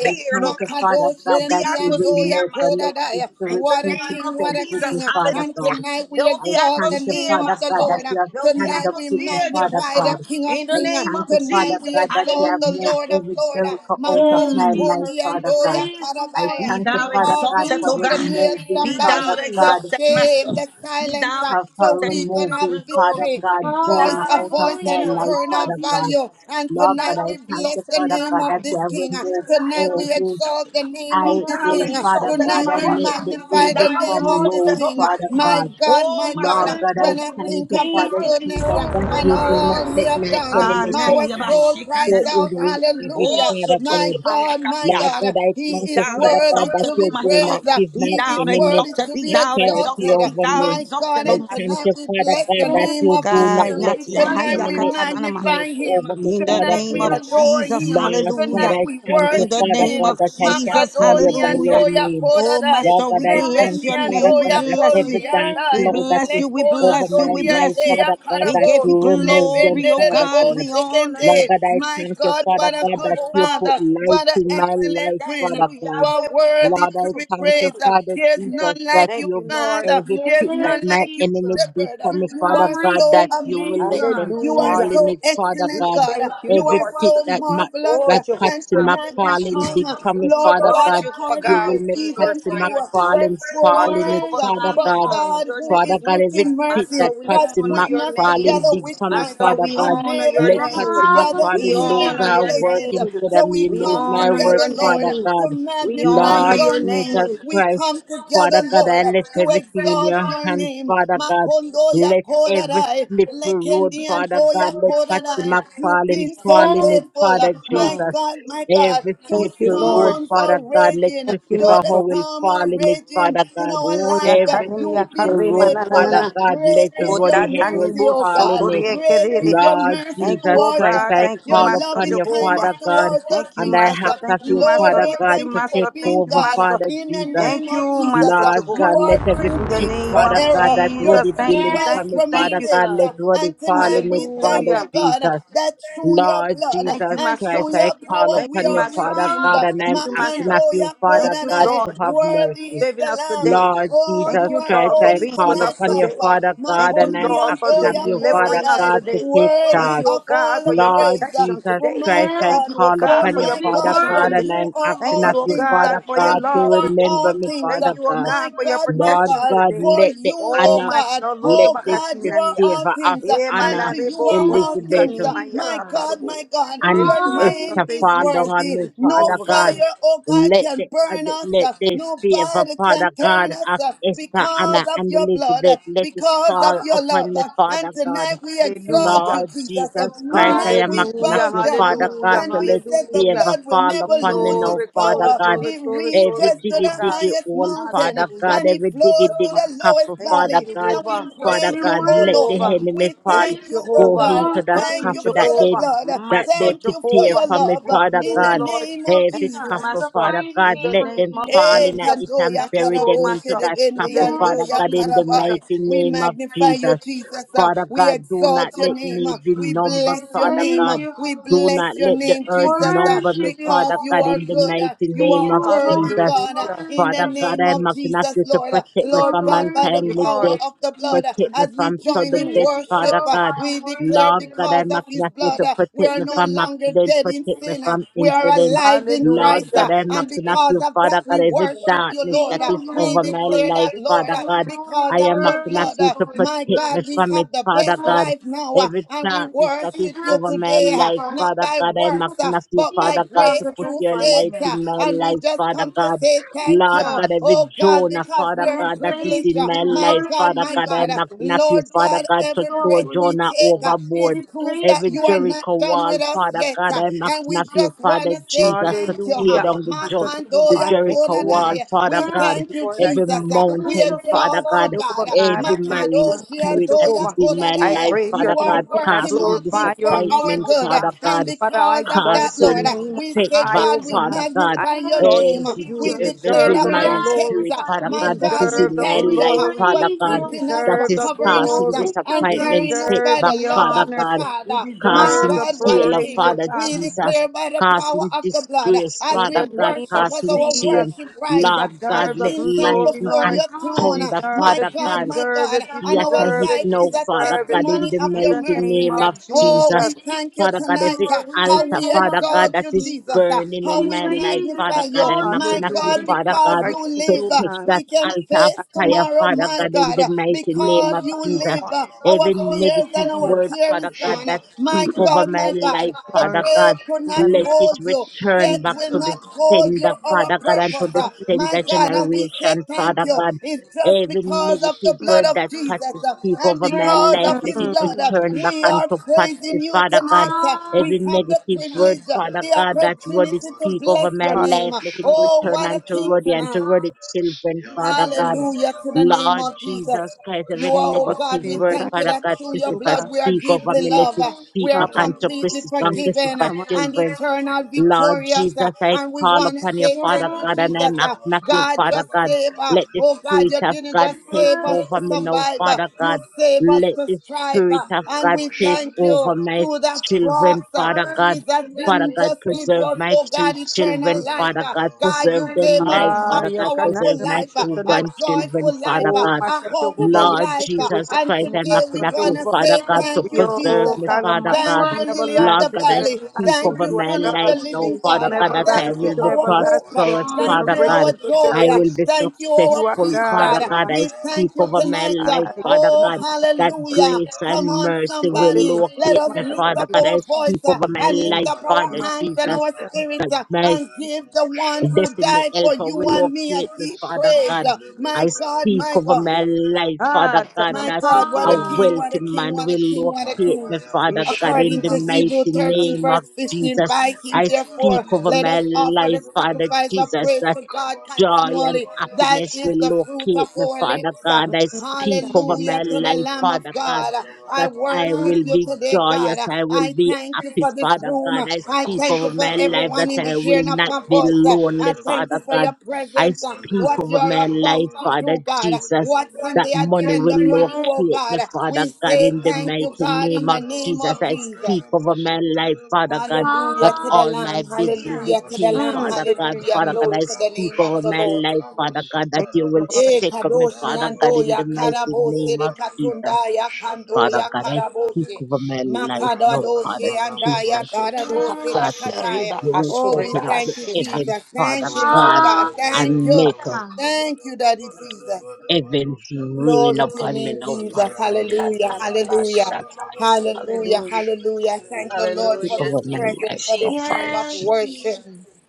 S2: I thank
S5: oh
S2: you,
S5: God.
S2: Father
S3: Makadoshi
S2: God,
S5: Fill
S3: and
S5: the
S2: that you will
S3: Diantoya
S5: atmosphere,
S2: never
S5: Master.
S2: make this
S3: Kodadaya.
S2: to
S5: In the
S3: What a
S2: repeat
S5: name of
S3: king,
S2: itself
S3: what a
S2: with me,
S3: king.
S5: Jesus,
S3: uh,
S2: Father
S3: And
S2: God.
S5: hallelujah.
S3: tonight we
S5: Fill
S2: I
S5: the
S3: exalt
S2: thank
S3: the
S2: you,
S5: atmosphere,
S3: name of
S2: Father
S3: the
S2: God,
S5: Master.
S2: that
S3: Lord. uh,
S2: you have
S5: Fill the
S2: stand
S3: Tonight
S2: up
S3: we
S2: with me,
S5: atmosphere,
S2: Father
S3: magnify the
S2: God.
S5: Jehovah.
S3: King of
S5: In the
S2: I
S3: Kings. uh,
S5: name
S2: thank
S5: of
S2: you,
S3: Tonight
S2: Father
S3: we
S5: Jesus,
S2: God, that you
S3: exalt
S2: have
S3: the
S5: hallelujah.
S2: moved
S3: Lord of
S2: every
S3: Lords.
S2: Jericho out of
S6: Yes,
S3: Makono
S2: my
S5: Mm.
S6: Jesus.
S2: life,
S3: Kondi
S6: We
S2: Father God.
S3: Antoya
S6: praise the
S2: I
S6: Lord
S3: Karabaya.
S6: of
S5: Be
S2: thank you,
S5: thou
S6: Lords.
S2: Father
S6: We
S3: Because
S2: God,
S3: he
S5: exalted,
S2: for
S3: he
S6: praise
S3: took
S5: O
S6: your
S3: the
S5: God.
S3: nail,
S6: keeping
S2: removing,
S5: Be thou
S2: Father
S3: somebody,
S6: mercy.
S3: the
S2: God.
S5: exalted, Master.
S3: shame, the
S5: Be
S3: silence,
S5: thou
S3: uh,
S2: Father, her
S3: so
S5: exalted,
S3: we
S5: King
S3: could
S5: of
S3: have
S2: removing,
S5: glory.
S2: Father
S3: victory,
S2: God,
S5: Be
S3: voice,
S2: Jonah
S5: thou
S3: a
S2: out of
S3: voice,
S2: my
S3: and
S5: exalted over
S6: Hallelujah.
S2: life,
S3: eternal
S5: all
S2: Father
S5: the
S2: God.
S5: earth.
S3: value. And
S5: Be
S2: Lord
S5: thou
S2: God,
S3: tonight
S2: I
S3: we
S2: thank you,
S3: bless the
S5: exalted in
S2: Father
S5: my
S3: name
S2: God,
S3: of
S2: that
S5: life,
S3: this
S2: you have
S3: King. uh,
S5: in the
S2: removed
S5: lives
S3: Tonight
S5: of
S3: we
S5: my
S2: every
S3: exalt
S5: children.
S3: the name
S2: I
S3: of
S5: Be
S3: this
S6: Yes,
S5: thou
S2: ill,
S3: King. uh,
S2: Father
S6: Jesus.
S5: exalted
S6: We
S2: God,
S5: in
S3: Tonight
S5: my
S3: we
S2: and make
S6: worship
S5: work.
S2: the
S6: you.
S5: Be
S2: ill
S3: magnify
S5: thou
S3: the
S6: We
S3: name of
S2: become
S6: exalt
S3: this
S6: you.
S2: road,
S5: exalted, O
S3: King. uh,
S2: Father
S5: Master.
S3: My
S2: God.
S3: God,
S5: O
S6: We
S3: my God,
S2: Lord
S3: uh,
S5: Master
S2: God, I
S6: worship
S3: when I
S5: Jehovah.
S6: you. We
S2: thank
S3: think
S2: you,
S3: of
S5: Be
S3: his
S6: praise
S2: Father
S6: you.
S5: thou
S6: We
S3: goodness
S2: Jesus,
S3: uh,
S2: that
S5: exalted, O
S6: glorify
S3: and
S6: you.
S2: you do
S5: God.
S6: Lord.
S2: not
S3: all he
S2: let
S3: has
S2: my
S3: done, uh,
S5: Ah,
S2: enemies set
S5: nani
S3: my
S2: and
S3: soul
S5: abashika
S3: cries
S2: so
S5: nani.
S2: would
S3: out,
S2: we every
S6: Hallelujah,
S5: Oh,
S3: Hallelujah.
S2: Father
S3: My
S5: Sotori
S2: God.
S3: God, my God.
S2: Lord
S5: Manakadiaha.
S2: God,
S3: God.
S2: I
S3: He
S5: Be
S2: thank
S3: is
S2: you,
S5: thou
S2: Father God,
S3: worthy
S2: that
S5: exalted,
S3: to
S5: O
S2: you
S3: be
S2: do not
S5: Master.
S3: praised.
S2: give
S5: Be
S2: my
S3: He
S5: thou
S3: is
S6: Jesus.
S2: enemy
S3: worthy
S5: exalted,
S3: to
S5: be
S3: be
S5: thou
S2: authority
S3: exalted.
S5: exalted, be
S2: over
S5: thou
S2: me.
S3: My God,
S5: exalted, O
S2: I
S3: and
S2: thank
S3: tonight
S5: Master.
S2: you,
S3: we
S2: Father
S3: bless
S2: God,
S3: the
S2: that
S6: Yes,
S3: name
S2: you
S3: of
S2: do
S3: this
S2: not
S5: God,
S6: Jesus.
S3: King.
S2: let
S6: We
S5: not
S2: my
S6: bless
S3: Tonight
S6: your
S5: Yahya
S3: we
S2: enemy
S6: holy name.
S3: magnify
S2: attack
S5: Katananamaha.
S3: him.
S2: over me,
S5: In the
S2: Father
S3: Tonight
S5: name
S3: we
S2: God.
S5: of
S6: Your holy
S3: adore
S5: Jesus,
S3: him.
S2: Lord
S6: name,
S2: God,
S5: hallelujah.
S3: Tonight
S2: I
S6: Jesus.
S3: we
S2: thank you,
S5: In the
S3: worship
S2: Father
S5: name
S3: him.
S2: God,
S5: of
S2: that I can
S5: Jesus,
S2: call you
S3: Makedoni
S2: by
S3: and
S2: your
S5: hallelujah.
S3: Doya
S2: name.
S5: Oh,
S3: Kodadai.
S2: Lord
S5: Master,
S2: God,
S5: we
S2: I thank
S5: bless
S3: Lependi
S6: Hallelujah.
S2: you,
S5: your
S3: and
S2: Father
S5: name. We
S2: God,
S3: Doya
S2: that
S5: bless you.
S3: Kondi
S2: every
S3: and
S2: dark
S6: Yes,
S5: We
S3: I.
S2: cloud that
S5: bless
S2: is
S5: you. We
S6: Jesus.
S3: Lekona
S2: over
S5: bless you.
S2: my
S5: We
S3: Sondi and
S2: life,
S5: bless you.
S3: Deya
S2: Father God,
S5: We
S2: that
S5: give
S3: Karabo.
S2: you
S5: you
S2: remove them,
S5: glory,
S3: Lepende
S5: oh
S3: de
S2: Father
S5: God.
S3: Bo
S2: God.
S5: We honor
S2: Lord
S5: you.
S3: Sekende.
S2: God, I
S3: My
S2: thank you,
S5: Thank
S3: God,
S5: you,
S2: Father
S3: what a
S2: God, that
S3: good
S2: you
S5: Jehovah.
S2: put
S5: We
S3: father.
S5: thank
S2: light
S3: What an
S5: you.
S2: in my
S3: excellent
S2: life,
S5: Thank
S3: friend.
S5: you,
S2: Father
S3: You
S2: God.
S3: are
S5: Yahweh. We
S3: worthy
S2: Lord,
S5: thank
S3: to be
S5: you.
S2: I thank you,
S3: praised.
S2: Father
S3: There's none
S2: Jesus, that
S3: like
S5: Thank
S3: you,
S2: you
S5: you, Lord.
S3: Father.
S2: every
S3: There's
S2: pit that
S3: none
S6: Yes,
S2: my
S3: like you,
S6: Jesus.
S2: enemy dig
S3: Shepherd.
S2: for
S6: There's
S2: me,
S3: You
S2: Father
S3: are
S6: none like
S2: God,
S3: so
S2: that
S6: you,
S2: you will let
S3: amazing.
S6: Jesus.
S2: them
S3: You are
S2: fall
S5: Hallelujah.
S2: in
S3: so
S2: it, Father
S5: We
S3: excellent,
S2: God.
S3: God.
S5: thank you,
S3: You
S2: Every
S3: are
S2: pit
S5: Lord.
S3: so
S2: that my
S3: marvelous.
S5: Oh,
S2: that
S5: Jehovah
S3: And
S2: Patsy
S5: God,
S3: tonight
S5: we
S3: we
S5: bless
S2: McFarlane
S5: your name.
S3: come,
S2: did for
S3: Lord
S2: Father
S5: Oh,
S3: God,
S2: God.
S5: Jehovah
S3: according
S2: You
S5: God,
S2: will
S3: to
S2: make
S5: we
S3: season,
S2: Patsy
S5: glorify
S3: 2,
S5: your name.
S3: verse
S2: McFarlane
S3: 4
S2: fall
S5: Oh,
S3: and
S2: in
S3: 6.
S2: it,
S6: Yes,
S5: Jehovah God,
S2: Father
S5: we
S3: But
S2: God.
S5: honor
S6: Jesus.
S3: God,
S5: your
S3: who
S5: name.
S2: Father
S3: is
S2: God,
S3: rich
S2: every
S3: in
S2: pit
S3: mercy,
S5: Master,
S2: that
S5: we
S3: has
S2: Patsy
S5: honor
S3: quickened
S5: your
S3: us
S5: name.
S2: McFarlane
S3: together
S2: did
S3: with
S2: from me,
S3: Christ.
S5: Master,
S2: Father
S5: we
S2: God.
S3: and
S5: honor
S3: made
S5: your
S3: us
S2: Let
S3: sit
S5: name.
S2: Patsy
S3: together in
S5: We
S2: McFarlane lose
S5: honor
S3: heavenly
S6: Hallelujah.
S2: our
S5: your
S2: work
S3: places.
S5: name.
S2: instead of
S3: So we
S2: me
S5: We
S2: lose
S3: come
S2: my
S5: honor
S2: work,
S3: together,
S5: your
S3: Lord,
S2: Father
S5: name.
S3: to
S2: God.
S5: We
S3: magnify
S5: honor
S2: Lord
S3: your
S5: your
S3: name.
S2: Jesus
S5: name.
S3: We
S2: Christ,
S3: come together,
S2: Father God, I
S3: Lord,
S2: left
S3: to
S2: everything in
S3: exalt
S2: your
S3: your
S2: hands,
S3: name.
S2: Father God.
S3: Makondo ya
S2: Let every
S3: korarai,
S2: slippery road,
S3: lekendi
S2: Father
S3: ando ya
S2: God, let Patsy
S3: korarai. You've
S2: McFarlane
S3: been
S2: fall
S3: so
S2: in
S6: Yes,
S2: it,
S3: faithful,
S2: Father
S3: my
S2: Jesus.
S6: Jesus.
S3: God, my God.
S2: Every
S3: Through
S2: slippery
S5: Thank you, Lord.
S2: road,
S3: storms
S2: Father
S3: are
S2: God, let
S3: raging,
S5: Thank you,
S3: though
S2: Christopher
S3: the
S5: Master.
S2: Howell
S3: storm
S2: fall
S3: are
S2: in it,
S3: raging
S2: Father
S3: in
S2: God.
S3: our
S5: Oh, Oya
S3: life,
S2: Every
S5: tani ya
S2: slippery
S3: you've been
S5: karima
S2: road,
S5: na na na
S2: Father
S5: na.
S3: faithful.
S2: God,
S3: Great
S2: let
S3: is your
S2: Roddy
S5: Ota tani
S2: Edwards
S3: mercy,
S5: bo
S3: O
S2: fall in
S3: God.
S5: sotori
S2: it.
S3: Great is
S5: ekerere.
S3: your
S2: Lord
S3: mercy
S5: Thank
S2: Jesus
S5: you, oh
S3: towards
S2: Christ,
S3: us.
S5: God.
S3: uh,
S2: I
S5: Thank you,
S3: Your
S2: call
S5: Master
S2: upon
S3: loving
S2: you,
S3: kindness
S2: Father
S5: Jehovah.
S2: God,
S3: towards us,
S5: Thank you,
S2: and I
S3: Jesus.
S5: Master.
S2: ask
S3: uh.
S2: of
S5: Thank you,
S2: you,
S3: Lord,
S5: Master.
S2: Father
S3: we
S5: Thank
S2: God,
S5: you,
S3: thank
S2: to
S3: you for
S2: take
S5: Master.
S3: being
S5: Thank you,
S2: over,
S3: God.
S5: Master.
S2: Father
S3: In the
S2: Jesus.
S3: name
S5: Thank
S3: of
S5: you,
S3: Jesus,
S5: Master
S3: uh,
S2: Lord God,
S3: you
S5: Jehovah.
S3: are
S2: let every
S3: too
S5: In the
S2: pit,
S3: big for
S5: name of
S2: Father God,
S3: error.
S2: that
S3: You're
S5: Jesus,
S2: Roddy
S3: too
S5: thank you,
S2: building
S6: Yes,
S2: for
S3: wise
S5: thank
S2: me,
S5: you,
S3: for
S5: thank
S2: Father
S5: you.
S2: God,
S3: mistakes.
S2: let
S3: uh.
S6: Jesus.
S2: Roddy
S3: And
S2: fall
S3: tonight
S2: in it,
S3: we thank
S2: Father
S3: you,
S5: Hallelujah.
S3: God,
S2: Jesus.
S3: that through your
S2: Lord
S3: blood
S5: Thank you,
S2: Jesus
S3: and
S5: Master.
S2: Christ,
S3: through
S2: I
S3: your
S2: call
S3: power
S5: Thank
S3: we
S2: upon
S5: you,
S2: you,
S3: are
S5: Master.
S2: Father
S3: redeemed.
S2: God, and
S5: Thank
S2: I'm
S5: you,
S2: asking
S5: Master.
S6: Hallelujah.
S2: of you,
S3: Makandoya
S5: Thank
S2: Father
S5: you,
S2: God,
S3: Kodadai.
S2: to
S5: Lord.
S2: have
S3: Worthy
S2: mercy.
S3: is
S5: saving
S3: the
S5: us
S3: Lamb.
S5: today.
S2: Lord
S3: Oh, Oh,
S5: Thank
S2: Jesus
S3: you
S5: you,
S3: are
S2: Christ,
S5: Lord, for
S2: I
S3: holy
S5: being
S2: call
S5: with
S3: tonight,
S5: us
S2: upon you,
S5: today.
S3: Papa.
S2: Father God,
S5: Thank you,
S2: and
S3: Makondi
S2: I'm
S5: Lord, for
S2: asking
S5: de-
S2: of
S3: Antoya
S2: you, Father
S5: delivering us
S3: Kodadai.
S2: God, to
S5: today.
S2: take
S5: Thank
S3: Worthy
S2: charge.
S5: you,
S3: of
S5: oh
S3: all
S5: God,
S3: the
S5: for your
S2: Lord
S3: praise.
S5: protection
S2: Jesus
S3: For
S5: today.
S3: my
S2: Christ, I
S6: Yes,
S5: Thank
S3: God,
S5: you, oh
S2: call
S3: for
S5: God,
S2: upon
S5: for
S6: Jesus,
S2: you,
S5: your
S3: my
S6: we
S2: Father
S3: God,
S5: provision
S2: God,
S3: from
S5: today.
S2: and
S3: you
S2: I'm
S6: worship
S3: are
S5: Thank
S2: asking
S5: you,
S3: all
S2: of
S6: you,
S5: oh
S6: Lord.
S2: you,
S3: things,
S2: Father
S5: God, for your
S2: God,
S3: and
S2: to
S3: you
S5: love
S3: are
S5: today.
S3: all
S2: remember me,
S3: things.
S5: Thank
S2: Father
S5: you, oh
S2: God.
S5: God,
S3: My
S5: for your
S3: God, my
S2: Lord
S5: protection
S3: God,
S2: God,
S5: today.
S3: for
S2: let the
S3: you,
S5: Oh,
S3: oh
S2: honor,
S5: my
S3: God,
S5: Lord,
S2: let
S3: oh
S2: the,
S3: God, you
S2: the
S3: are all
S2: favor of
S3: things,
S5: Eh, my
S3: and
S2: honor,
S5: Lord,
S3: to you are all
S6: Yes,
S3: things.
S2: Elizabeth
S5: Kosikani,
S6: Jesus.
S5: maya
S3: My God, my
S5: Yakatarubo.
S3: God,
S2: and
S5: Thank
S3: your
S5: you,
S2: if
S6: God.
S5: Master.
S3: name
S2: to
S3: is
S5: Thank
S2: fall
S5: you,
S2: down
S5: thank you,
S2: on
S3: worthy.
S2: me,
S5: thank you,
S3: No
S2: Father
S5: Jehovah
S2: God,
S5: God.
S3: fire, oh God,
S2: let the,
S3: can
S2: uh,
S3: burn
S2: the-
S3: us.
S2: let the
S3: No.
S2: favor,
S3: Nobody can
S2: Father God,
S3: turn us
S2: of
S3: uh,
S2: Esther,
S3: because
S2: Anna,
S3: of
S2: and
S3: your blood, uh,
S2: Elizabeth, let it
S3: because of
S2: fall
S3: your love.
S2: upon me,
S3: uh,
S2: Father
S3: And
S2: God.
S3: tonight we exalt
S5: Hallelujah.
S3: you,
S2: Lord
S3: Jesus. uh,
S2: Jesus Christ,
S6: Yes,
S2: I
S3: Tonight
S2: am
S3: we
S2: asking of
S5: Hallelujah,
S3: bow
S2: you,
S3: down
S2: Father
S6: Jesus.
S2: God,
S5: hallelujah,
S3: and
S2: so
S3: we
S2: let
S3: say the
S5: hallelujah.
S2: favor
S3: blood will
S2: fall
S3: never
S2: upon me
S3: lose
S2: now,
S3: its
S5: Glory,
S2: Father
S5: glory,
S3: power.
S2: God.
S5: glory,
S3: It
S5: glory, glory,
S2: Every
S3: reaches to
S5: Jehovah
S2: diggy
S3: the
S5: God.
S2: diggy
S3: highest
S2: old
S3: mountain uh,
S2: Father
S5: Hallelujah.
S2: God,
S3: and it
S5: Thank
S2: every diggy
S3: flows
S5: you,
S3: to
S2: diggy
S5: Jehovah.
S3: the lowest
S2: couple,
S5: Thank you,
S2: Father
S3: valley.
S2: God,
S3: And we
S5: Jehovah.
S6: Jesus,
S2: Father
S3: praise
S6: we
S3: you,
S5: Thank
S2: God,
S5: you,
S3: O
S6: worship
S2: let
S3: Lord.
S6: you.
S2: the
S5: Jehovah.
S6: sing.
S2: enemy
S3: We
S2: fall
S5: Thank you,
S6: Praise
S3: thank you,
S6: you
S3: O
S2: go
S6: and
S5: Jehovah.
S3: God.
S2: into that
S6: glorify
S5: Thank
S3: Thank
S5: you,
S2: cup
S6: you,
S3: you
S6: Lord
S2: that
S3: for the
S2: they
S5: Jehovah.
S3: blood.
S2: that they
S5: Master
S3: Thank you for
S2: prepare
S3: your
S5: Jehovah.
S2: for me,
S3: love.
S5: Thank
S2: Father
S5: you,
S3: In
S5: O
S3: the
S2: God.
S5: Lord.
S3: name of
S5: Thank
S6: Jesus,
S2: Every
S5: you,
S3: Jesus.
S2: coffin,
S6: the
S5: Master.
S2: Father
S6: mighty
S2: God,
S5: In the
S6: name
S2: let
S6: of
S2: them
S5: name of
S2: fall
S3: Eh,
S2: in
S6: Jesus.
S2: it
S5: Jesus.
S3: kando
S2: and
S3: ya
S5: Thank
S2: bury
S5: you, O
S3: karabo
S2: them into
S5: Master.
S2: that
S5: In
S3: shedebende
S5: the
S2: coffin,
S5: name
S6: Yes,
S3: yando
S2: Father
S5: of
S3: ya
S2: God,
S6: Jesus.
S2: in the
S3: karabai.
S5: Jesus.
S2: mighty
S3: We
S2: name of
S6: We
S3: magnify you,
S2: Jesus.
S3: Jesus. uh,
S2: Father
S3: We
S2: God, do not
S3: exalt your
S2: let
S3: name.
S2: me
S3: uh,
S2: be
S3: We
S2: numbered,
S3: bless your
S2: Father
S3: name.
S6: praise
S3: uh,
S2: God.
S6: your
S3: We
S6: holy
S2: Do
S6: name.
S2: not
S3: bless your
S2: let the
S3: name,
S6: We
S2: earth
S3: Jesus, uh,
S2: number me,
S6: worship your
S3: because
S2: Father
S3: you
S2: God,
S6: holy
S3: are
S2: in the
S6: name.
S3: good.
S2: mighty
S3: uh,
S6: For
S3: You are
S2: name of
S6: you alone
S3: worthy,
S6: are
S2: Jesus.
S3: God. uh,
S5: Hallelujah.
S3: In
S6: worthy
S3: the
S2: Father
S6: of us.
S2: God,
S3: name
S2: I'm
S3: of
S2: asking of
S3: Jesus,
S2: you to
S3: Lord. uh,
S2: protect
S6: You
S2: me
S6: are
S3: Lord
S2: from
S3: God, by
S5: Thank
S3: the
S5: you,
S6: worthy
S2: untimely
S6: of
S3: power
S5: Lord.
S2: death.
S6: us,
S3: of the blood,
S6: Jesus.
S3: uh,
S2: Protect me
S3: as we
S2: from
S6: We
S3: join
S2: sudden
S3: in
S6: praise
S2: death,
S6: you,
S3: worship,
S2: Father
S3: uh,
S2: God.
S6: glorify,
S3: we
S6: and worship
S3: declare
S2: Lord
S6: you,
S2: God,
S3: because
S6: Lord
S2: I'm
S3: of
S2: asking
S3: his
S6: Jesus.
S2: of you
S3: blood,
S2: to
S3: uh, we
S2: protect
S3: are
S2: me
S6: Thank you
S3: no
S2: from
S6: for your
S3: longer
S2: accident.
S3: dead in
S2: Protect me
S6: goodness
S3: sin. uh,
S2: from
S3: We are
S6: and your
S2: incident.
S3: alive in
S6: grace.
S2: Lord
S3: Christ,
S5: Hallelujah.
S3: uh,
S2: God, I'm
S3: and
S2: asking of
S3: because
S2: you,
S3: of that,
S2: Father God,
S3: we
S2: is it
S3: worship you,
S2: darkness
S6: We you
S3: Lord.
S2: that
S3: Uh,
S2: is
S6: know
S3: We
S2: over
S6: the
S2: my
S6: word?
S3: declare
S6: Do
S2: life,
S3: that, Lord,
S2: Father
S3: uh,
S2: God?
S6: you know
S3: because
S2: I
S6: the
S3: of
S2: am
S3: your
S2: asking of
S3: blood,
S6: words
S2: you
S3: uh,
S2: to
S6: of
S3: my
S2: protect me
S3: God, we
S6: Jesus?
S2: from it,
S3: have the
S2: Father
S3: best
S6: Now,
S2: God.
S3: life now, uh,
S2: Every
S3: and we
S2: darkness that
S6: and
S2: is
S6: have
S3: worship you
S2: over my
S6: the
S3: today,
S6: best
S3: uh,
S2: life,
S6: life
S3: not
S2: Father
S6: now.
S3: by
S2: God, I am
S6: You
S3: works,
S6: will
S2: asking
S3: uh,
S2: of you,
S3: but by
S6: continue
S2: Father
S6: to
S2: God,
S6: have
S3: grace
S2: to
S6: the
S2: put
S6: best
S3: through
S2: your
S6: life
S3: faith.
S2: light
S6: now.
S3: uh,
S2: in my
S3: And we
S2: life,
S3: just
S2: Father
S3: come to
S2: God.
S3: say thank
S2: Lord
S3: you,
S2: God,
S6: Yeah.
S2: every
S3: oh
S6: We
S3: God,
S2: Jonah,
S6: thank
S3: because
S2: Father
S6: you,
S3: we're
S6: we
S2: God, that is
S6: praise
S3: privileged,
S2: in
S6: you,
S3: uh,
S6: we
S2: my
S3: my
S2: life,
S6: worship
S3: God,
S2: Father
S3: my
S6: you,
S2: God, I
S3: God,
S2: am
S3: uh,
S6: Jesus.
S2: asking of you,
S3: Lord
S6: We
S2: Father
S3: God,
S6: lift
S2: God, to
S3: every
S6: you up,
S2: throw
S3: breath
S6: Lord
S3: we
S2: Jonah
S3: take
S6: Jesus.
S3: uh, is
S2: overboard.
S6: We
S3: proof
S6: praise
S3: that
S2: Every
S3: you
S6: your
S3: are
S6: name,
S3: not
S2: Jericho
S3: not done
S2: wall,
S6: Lord
S3: with us
S2: Father
S3: yet.
S2: God,
S3: uh,
S2: I
S6: Jesus.
S2: am
S3: And
S2: asking
S3: we
S2: of you,
S3: just want
S2: Father
S3: to say
S2: Jesus, to
S3: thank you.
S6: Hallelujah,
S3: uh,
S2: tear
S6: hallelujah,
S5: Hallelujah. Oh,
S2: down the,
S5: my
S2: jo-
S5: son,
S6: hallelujah.
S5: Jehovah,
S2: the
S5: I
S3: Makandoya
S5: thank
S2: Jericho
S5: you, oh, my
S2: wall,
S3: Kodanai.
S2: Father
S3: We
S6: Yes,
S2: God
S3: thank
S5: sweet
S3: you,
S5: Lord. I
S2: every
S3: Jesus.
S6: the
S5: thank
S3: uh,
S5: you. I
S6: semblance
S3: We
S5: thank you,
S2: mountain,
S6: of your
S2: Father
S3: exalt
S2: God.
S3: you,
S6: holiness,
S3: God.
S5: Jehovah
S3: uh,
S5: God.
S6: my
S5: I
S2: Every
S5: thank
S6: Jesus.
S5: you,
S2: marine
S5: oh,
S3: Makadoshi
S5: my son,
S2: spirit that
S3: Antoya
S2: is
S5: Jehovah.
S2: in my
S5: I
S3: Kodanai.
S2: life,
S5: praise your
S2: Father
S3: You
S5: name
S3: are
S2: God,
S5: and I
S3: working
S2: casting
S3: all things
S5: glorify your
S3: for
S5: name,
S3: our
S2: disappointment,
S5: oh
S3: good. uh,
S2: Father
S5: God.
S3: And
S2: God,
S5: Father, I
S3: because of that,
S5: exalt your
S3: Lord,
S2: casting
S3: uh,
S5: name
S3: we
S5: on
S3: say,
S5: high,
S2: setback,
S5: oh
S3: God, we
S5: God.
S2: Father God.
S5: I
S3: magnify your
S6: Yes,
S5: exalt you
S3: name. uh,
S5: for
S2: Every,
S5: you
S3: We
S6: Jesus.
S3: declare
S2: every
S6: We
S5: deserve the
S3: that we are
S2: marine
S5: glory.
S3: kept.
S2: spirit,
S3: uh,
S6: magnify
S2: Father
S6: your
S5: You
S3: My
S2: God, that
S6: holy
S3: God,
S2: is
S6: name.
S3: we
S5: deserve
S2: in
S5: the
S2: my
S3: thank you
S6: We
S2: life,
S3: uh,
S5: glory.
S3: for
S2: Father
S6: praise
S5: You
S2: God,
S6: your
S3: keeping us,
S6: holy
S2: that
S3: for
S5: deserve
S6: name.
S5: the
S2: is
S6: We
S3: covering us,
S2: casting
S3: uh,
S6: lift
S5: glory.
S6: up
S3: and
S5: You
S6: your
S3: carrying
S6: holy
S2: disappointment,
S3: carrying us by
S5: deserve
S6: name,
S3: the
S2: setback,
S5: the
S6: my Jesus.
S3: love
S2: Father
S3: of the
S5: honor.
S2: God,
S5: You
S3: Father. My
S5: deserve
S6: Hallelujah.
S2: casting
S5: the
S3: God, what a
S2: failure,
S5: praise,
S3: King.
S5: oh
S2: Father
S5: God.
S3: We
S2: Jesus,
S3: declare by the power
S2: casting
S3: of the blood
S2: disgrace,
S3: as
S5: in
S3: we
S2: Father
S5: the
S2: God,
S5: name
S3: worship,
S5: of
S3: as
S2: casting
S3: our
S5: Jesus.
S2: shame.
S3: worship
S5: You
S3: rise,
S2: Lord
S3: as
S2: God,
S5: deserve the
S2: let
S3: incense
S5: glory,
S2: lightning
S3: before
S2: and
S5: Lord.
S3: your
S5: You
S6: Hallelujah,
S3: throne.
S2: thunder,
S5: deserve
S3: My
S5: it.
S2: Father
S5: You
S3: God,
S2: God
S3: my
S5: deserve
S3: God,
S5: it. You
S3: and
S2: yet
S3: our
S2: I
S5: deserve
S2: hit
S5: it.
S3: life
S6: hallelujah.
S5: You
S2: no
S3: is a
S2: Father
S5: deserve it.
S2: God
S6: Yes,
S2: in
S3: testimony
S2: the
S3: of
S5: In
S3: your
S5: the
S2: mighty
S5: name
S3: mercies.
S2: name
S5: of
S2: of
S3: Oh,
S5: Jesus.
S3: we
S2: Jesus.
S6: thank
S3: thank you
S2: Father God, at
S3: tonight.
S6: you,
S2: the
S3: uh,
S6: Lord. We
S3: How
S6: lift
S2: altar,
S3: we
S6: you up,
S2: Father
S6: Lord
S2: God,
S3: exalt
S2: that
S3: you,
S2: is
S6: Jesus.
S3: Jesus. uh,
S2: burning
S3: How
S2: in
S6: We
S3: we
S2: my life,
S6: praise
S2: Father
S3: magnify
S6: and
S2: God,
S3: you.
S6: exalt
S2: I'm
S6: you
S2: asking
S3: My
S2: of
S6: and
S2: you,
S3: God,
S6: worship
S5: Hallelujah.
S2: Father
S6: you,
S5: Father,
S3: because
S2: God,
S5: I
S6: Lord
S3: you
S5: thank
S2: to
S5: you,
S3: live,
S5: oh
S3: uh,
S2: pitch
S6: Jesus.
S5: God.
S2: that
S3: we can
S2: altar of
S3: face
S5: I thank
S2: fire,
S5: you
S3: tomorrow,
S2: Father
S3: my my
S5: for
S2: God, in
S3: God,
S5: the
S2: the
S3: uh,
S2: mighty
S5: glory in
S2: name
S3: because
S5: the
S2: of
S3: you
S5: life of
S2: Jesus.
S3: live,
S7: Yabada
S5: our
S3: uh,
S2: Every
S3: our fears and
S2: negative
S5: in
S3: our
S5: the life
S2: word,
S3: tear
S5: of
S3: is
S2: Father
S5: this
S2: God,
S3: gone. Uh,
S2: that
S3: My
S2: speak over
S3: God,
S2: my
S3: my God,
S2: life,
S3: the
S5: glory
S2: Father God,
S3: grave could
S5: in
S3: not
S5: the
S2: let
S5: name
S2: it
S5: of
S3: hold you. Death
S2: return back
S6: Jesus.
S3: will
S2: to the
S3: not hold you,
S2: sender,
S3: our
S2: Father God, and to
S3: purpose.
S2: the
S3: uh,
S5: Hallelujah.
S3: My
S2: sender
S3: God, and we say
S2: generation,
S3: thank
S2: Father
S3: you.
S2: God.
S3: It's just
S2: Every
S3: because of the
S2: negative
S3: blood
S2: word
S3: of
S2: that
S3: Jesus
S2: Patsy
S3: uh,
S2: speak
S3: and
S2: over my
S6: Yes,
S3: because
S2: life,
S3: of
S2: let
S3: his
S2: it
S6: Jesus. Amen.
S5: Mhm.
S3: blood. uh,
S6: Amen,
S2: return back
S3: We are
S2: unto Patsy,
S3: praising you
S2: Father God.
S3: tonight. uh, We
S2: Every
S3: have the
S2: negative word,
S3: privilege, uh,
S2: Father
S3: the
S2: God, that Roddy
S3: opportunity to
S2: speak over
S3: bless
S2: my
S3: your name.
S2: life,
S3: Uh,
S2: let it
S3: Oh,
S5: Hallelujah.
S2: return
S3: what a
S2: unto
S3: king
S2: Roddy and to
S3: tonight.
S2: Roddy children,
S7: Mandara
S2: Father God.
S6: Jesus.
S3: Hallelujah to the name
S2: Lord
S3: of Jesus.
S2: Jesus Christ, every
S3: You are, oh
S5: About to
S3: God,
S2: negative
S5: be
S3: we
S5: in
S2: word,
S5: time,
S3: thank you
S2: Father
S3: that
S2: God,
S3: through your
S5: oh
S2: Christopher
S3: blood
S5: God.
S3: we are
S2: speak over
S3: deeply
S2: me, let
S3: loved.
S2: it
S3: uh,
S6: Yes.
S3: We
S2: speak
S3: are
S5: Now,
S2: back
S5: I
S2: unto
S3: completely
S2: Christopher and
S3: forgiven
S2: Christopher
S3: uh,
S5: pray.
S3: and
S2: children.
S3: eternal
S2: Lord
S3: victorious.
S2: Jesus,
S3: uh,
S2: I
S3: And we
S2: call
S3: want to
S2: upon you,
S3: say
S6: Yes.
S2: Father
S3: thank you,
S2: God, and
S3: Jesus. uh,
S2: I ask you,
S3: God,
S2: Father
S3: just
S2: God.
S3: save us.
S2: Let the
S3: Oh God, you
S2: Spirit of
S3: didn't
S2: God
S6: We
S3: just
S2: take
S3: save us
S6: worship
S2: over
S3: to
S2: me
S6: you.
S2: now,
S3: survive. uh,
S2: Father God.
S3: You save us
S2: Let
S3: to
S2: the
S3: strive.
S2: Spirit
S3: uh,
S2: of
S3: And
S2: God
S3: we
S2: take
S3: thank
S2: over
S3: you
S2: my
S3: through that cross,
S2: children,
S3: uh,
S2: Father God.
S6: Lord. Jesus.
S3: Jesus
S6: We
S2: Father
S3: didn't
S2: God,
S3: just give
S2: preserve
S3: us,
S2: my
S3: oh God,
S2: three children,
S3: eternal life.
S7: Mandara
S2: Father
S7: bada
S3: uh,
S2: God.
S3: God,
S7: bada
S2: Preserve
S7: bada
S3: you
S7: bada bada
S2: them
S6: worship
S3: gave us
S2: life,
S6: you.
S3: a
S2: Father
S5: Aya
S2: God.
S7: bada
S5: kana
S2: Preserve
S3: powerful
S7: bada
S2: my
S3: life, uh,
S2: two
S5: namashita
S7: bada
S3: a
S7: bada
S5: nama. shetanama.
S7: bada
S2: grandchildren,
S6: Lord.
S3: joyful
S7: bada bada
S3: life,
S2: Father
S3: uh,
S7: bada
S5: Oh,
S2: God.
S3: a
S5: Master
S7: bada
S5: Jehovah, we
S3: hopeful
S6: We
S2: Lord
S7: bada.
S3: life.
S5: thank
S3: uh,
S5: you. We
S2: Jesus
S5: thank
S3: And
S6: worship
S2: Christ,
S6: you.
S5: you,
S2: I'm
S3: today we
S2: asking
S5: Master
S2: of
S7: Mandara
S3: want
S2: you,
S3: to
S5: Jehovah.
S7: bada
S6: Thank
S2: Father
S3: say
S7: bada
S2: God,
S7: bada
S2: to
S3: thank
S5: We
S3: you,
S7: bada
S6: you.
S2: preserve
S3: Jesus.
S5: oh,
S2: me,
S7: bada
S3: uh,
S5: God
S7: bada
S2: Father
S6: We
S5: Almighty,
S3: Thank
S2: God.
S7: kabali
S3: you,
S5: from
S6: want to
S3: Lily
S7: bada
S3: of
S7: bada
S3: the
S2: Lord
S5: everlasting
S6: Thank
S2: God,
S7: bada
S5: to
S2: I
S3: Valley.
S6: you. We
S7: bada
S2: speak
S3: Thank
S5: everlasting,
S2: over
S3: you,
S6: worship
S5: you are
S7: bada
S6: you.
S2: my
S3: Son
S7: bada.
S3: of
S6: Worship
S3: the
S2: life
S5: God.
S2: now,
S3: Living
S6: you.
S2: Father
S5: From
S3: God.
S2: God,
S7: Mandala
S2: that
S6: Hallelujah.
S7: bada
S2: I
S3: Thank
S5: everlasting
S3: you,
S2: will
S5: to
S2: be
S7: bada
S3: our hope.
S7: bada
S5: everlasting,
S3: uh,
S5: from
S2: prosperous,
S7: shada
S3: Thank
S7: bada
S2: Father
S3: you,
S2: God.
S3: our
S5: generation
S7: bada
S5: to
S7: bada
S3: joy.
S2: I
S3: Uh,
S7: bada
S2: will
S5: generation,
S2: be
S7: bada.
S3: Thank you, our
S5: you are
S2: successful,
S3: peace,
S2: Father
S5: God.
S3: God.
S7: Makabara
S2: God. I
S3: We
S7: baya
S2: speak
S3: thank you
S2: over my
S7: makabara
S3: tonight. uh,
S2: life,
S7: bada bada
S5: Aya
S2: Father
S5: kana
S3: Oh,
S7: bada
S2: God,
S5: namashita
S7: bada
S5: nama.
S2: that
S3: hallelujah.
S7: bada
S5: shetanama.
S2: grace
S7: bada
S3: Come
S2: and
S3: on,
S2: mercy
S7: bada
S2: will
S5: Ote
S3: somebody.
S5: mana
S3: Let
S7: bada
S2: locate
S3: us
S2: me,
S7: bada
S3: lift
S7: bada
S2: Father
S3: up
S2: God.
S5: makatari.
S2: I
S3: our
S7: bada.
S3: voice
S2: speak
S7: Mandere bere bere kabala
S3: uh,
S7: bala
S2: over my
S3: and
S5: In
S3: lift
S5: the
S2: life,
S3: up our
S5: name
S2: Father
S7: bala
S5: of
S3: hands
S7: bala
S3: and
S2: Jesus,
S3: our
S5: Jesus.
S7: bala
S2: that
S3: spirits uh,
S2: my
S3: and give the one who
S2: destiny
S3: died for
S2: helper
S3: you and me a
S2: relocate me,
S3: deep
S2: Father
S3: praise.
S2: God.
S3: Uh,
S2: I
S3: My God,
S2: speak
S3: my
S2: over
S3: God.
S2: my life, Father
S5: Ah,
S2: God,
S5: tana
S3: My
S2: that
S3: God, what
S2: a
S5: machekere
S3: a king,
S5: munutu.
S6: Hallelujah.
S3: what a
S2: wealthy
S3: king,
S2: man
S3: what a king,
S2: relocate
S3: what a king.
S2: me,
S5: In
S2: Father
S5: the
S2: God,
S5: name
S2: in
S3: According
S2: the
S3: to
S5: of
S2: mighty
S3: Hebrew
S5: Jesus.
S3: 13,
S2: name of
S3: verse 15,
S2: Jesus.
S3: by him,
S2: I speak
S3: therefore,
S2: over
S3: let us
S2: my
S3: offer
S2: life,
S3: the
S2: Father
S3: sacrifice of
S2: Jesus,
S3: praise
S2: that
S3: to God
S2: joy and
S3: continually. That
S2: happiness
S3: is
S2: will
S3: the fruit of
S2: locate me,
S3: our
S2: Father
S3: lips.
S2: God. I
S5: Mm,
S2: speak
S5: Thank
S2: over
S5: you,
S3: Hallelujah
S2: my
S3: to the
S2: life,
S3: Lamb of
S2: Father God
S3: God.
S7: bala
S2: that I
S3: Worship
S2: will
S6: Yes.
S7: bala
S3: you
S2: be
S3: today, God.
S2: joyous.
S7: bala
S2: I will
S3: I
S2: be
S3: thank you
S2: happy,
S3: for this
S2: Father
S3: room.
S2: God. I
S3: I
S2: speak
S3: thank
S2: over
S3: you for
S2: my life
S3: everyone
S2: that
S3: in the
S2: I will
S3: hearing of
S2: not
S3: my
S2: be
S3: voice. I
S2: lonely,
S3: thank you
S2: Father
S3: for
S7: Makoshandarabakosidarabakosedebedebe.
S3: your
S2: God. I
S3: presence,
S2: speak
S3: what
S2: over
S3: you're
S2: my
S3: about
S2: life,
S3: to
S2: Father
S3: do, God.
S2: Jesus,
S3: What's in
S2: that
S3: the
S2: money will
S3: agenda for you,
S6: Yes.
S3: oh
S2: locate
S7: Mandaraboshodebedebekobodebebederomazenderebodobo.
S2: me,
S3: God.
S2: Father
S3: We
S2: God,
S3: say
S2: in the
S3: thank you,
S2: mighty
S3: God, in
S2: name
S3: the
S2: of
S3: name
S2: Jesus.
S3: of
S2: I
S3: Jesus.
S2: speak over my life, Father God.
S6: Hallelujah.
S2: That
S3: Hallelujah
S7: Mandarabosundarabakamandarabasundarebokotorabo.
S3: to the
S2: all my
S3: Lamb.
S2: bills will be
S3: Hallelujah to the
S2: paid,
S3: Lamb.
S5: Mm,
S2: Father
S5: thank
S2: God.
S5: you,
S3: Hallelujah.
S2: Father
S5: Jesus.
S2: God,
S3: Glory
S2: I
S3: to the
S2: speak
S3: name
S2: over
S3: of the
S2: my
S3: Lord.
S2: life, Father God, that
S5: Thank
S2: you will
S5: you,
S7: Mandarabasundarabrakatarabrakosharabakabasandara.
S3: E
S5: Lord.
S2: stick me,
S3: kadoshi
S2: Father God,
S3: ando
S2: in
S3: ya
S2: the mighty name
S3: karabose de
S2: of Jesus.
S3: kasunda ya kando
S2: Father
S3: ya
S2: God, I
S7: Mandarabasundarabokobarabrakoshandarabosodebe.
S2: speak
S3: karabose.
S2: over my life
S7: Mandala
S2: now,
S7: baba kaba
S2: Father
S3: Makadadoshe
S7: la
S3: anda
S2: Jesus,
S7: baba
S3: ya
S7: sundara
S3: karadose
S7: baba
S6: Yes.
S3: de
S2: that
S7: baba baba
S3: kataya.
S4: Kutubakashariba
S2: you
S7: baba
S2: will
S3: Oh, we
S4: asuriba
S2: open up
S7: baba
S2: the
S3: thank you,
S7: ya
S4: ashita.
S2: heaven,
S3: Jesus.
S2: Father
S3: Thank you,
S7: maruba baba
S3: Lord
S2: God,
S3: God. Thank
S7: sundara
S2: and
S3: you.
S2: make
S7: baba
S2: of
S6: Hallelujah.
S7: baba
S3: Thank you,
S7: baba
S3: Daddy
S7: baba
S3: Jesus.
S7: baba baba
S2: heavens
S7: sundara
S2: rain
S3: Glory
S7: ne
S3: to your
S2: upon me
S3: name,
S2: now,
S3: Jesus.
S7: mandala
S2: Father God.
S7: baba
S2: I
S3: Hallelujah.
S7: sundara braka
S3: Hallelujah.
S7: baba baba ne
S3: Hallelujah.
S7: bush ne
S3: Hallelujah. I
S7: mina
S3: Thank
S7: mina
S3: the
S7: mina
S3: Lord for
S2: Speak
S3: this
S2: over my
S7: sundara
S3: present,
S2: life
S7: ne
S3: for this
S2: now,
S3: time
S2: Father
S3: of
S6: Yes, Jesus.
S3: worship.
S2: Jesus.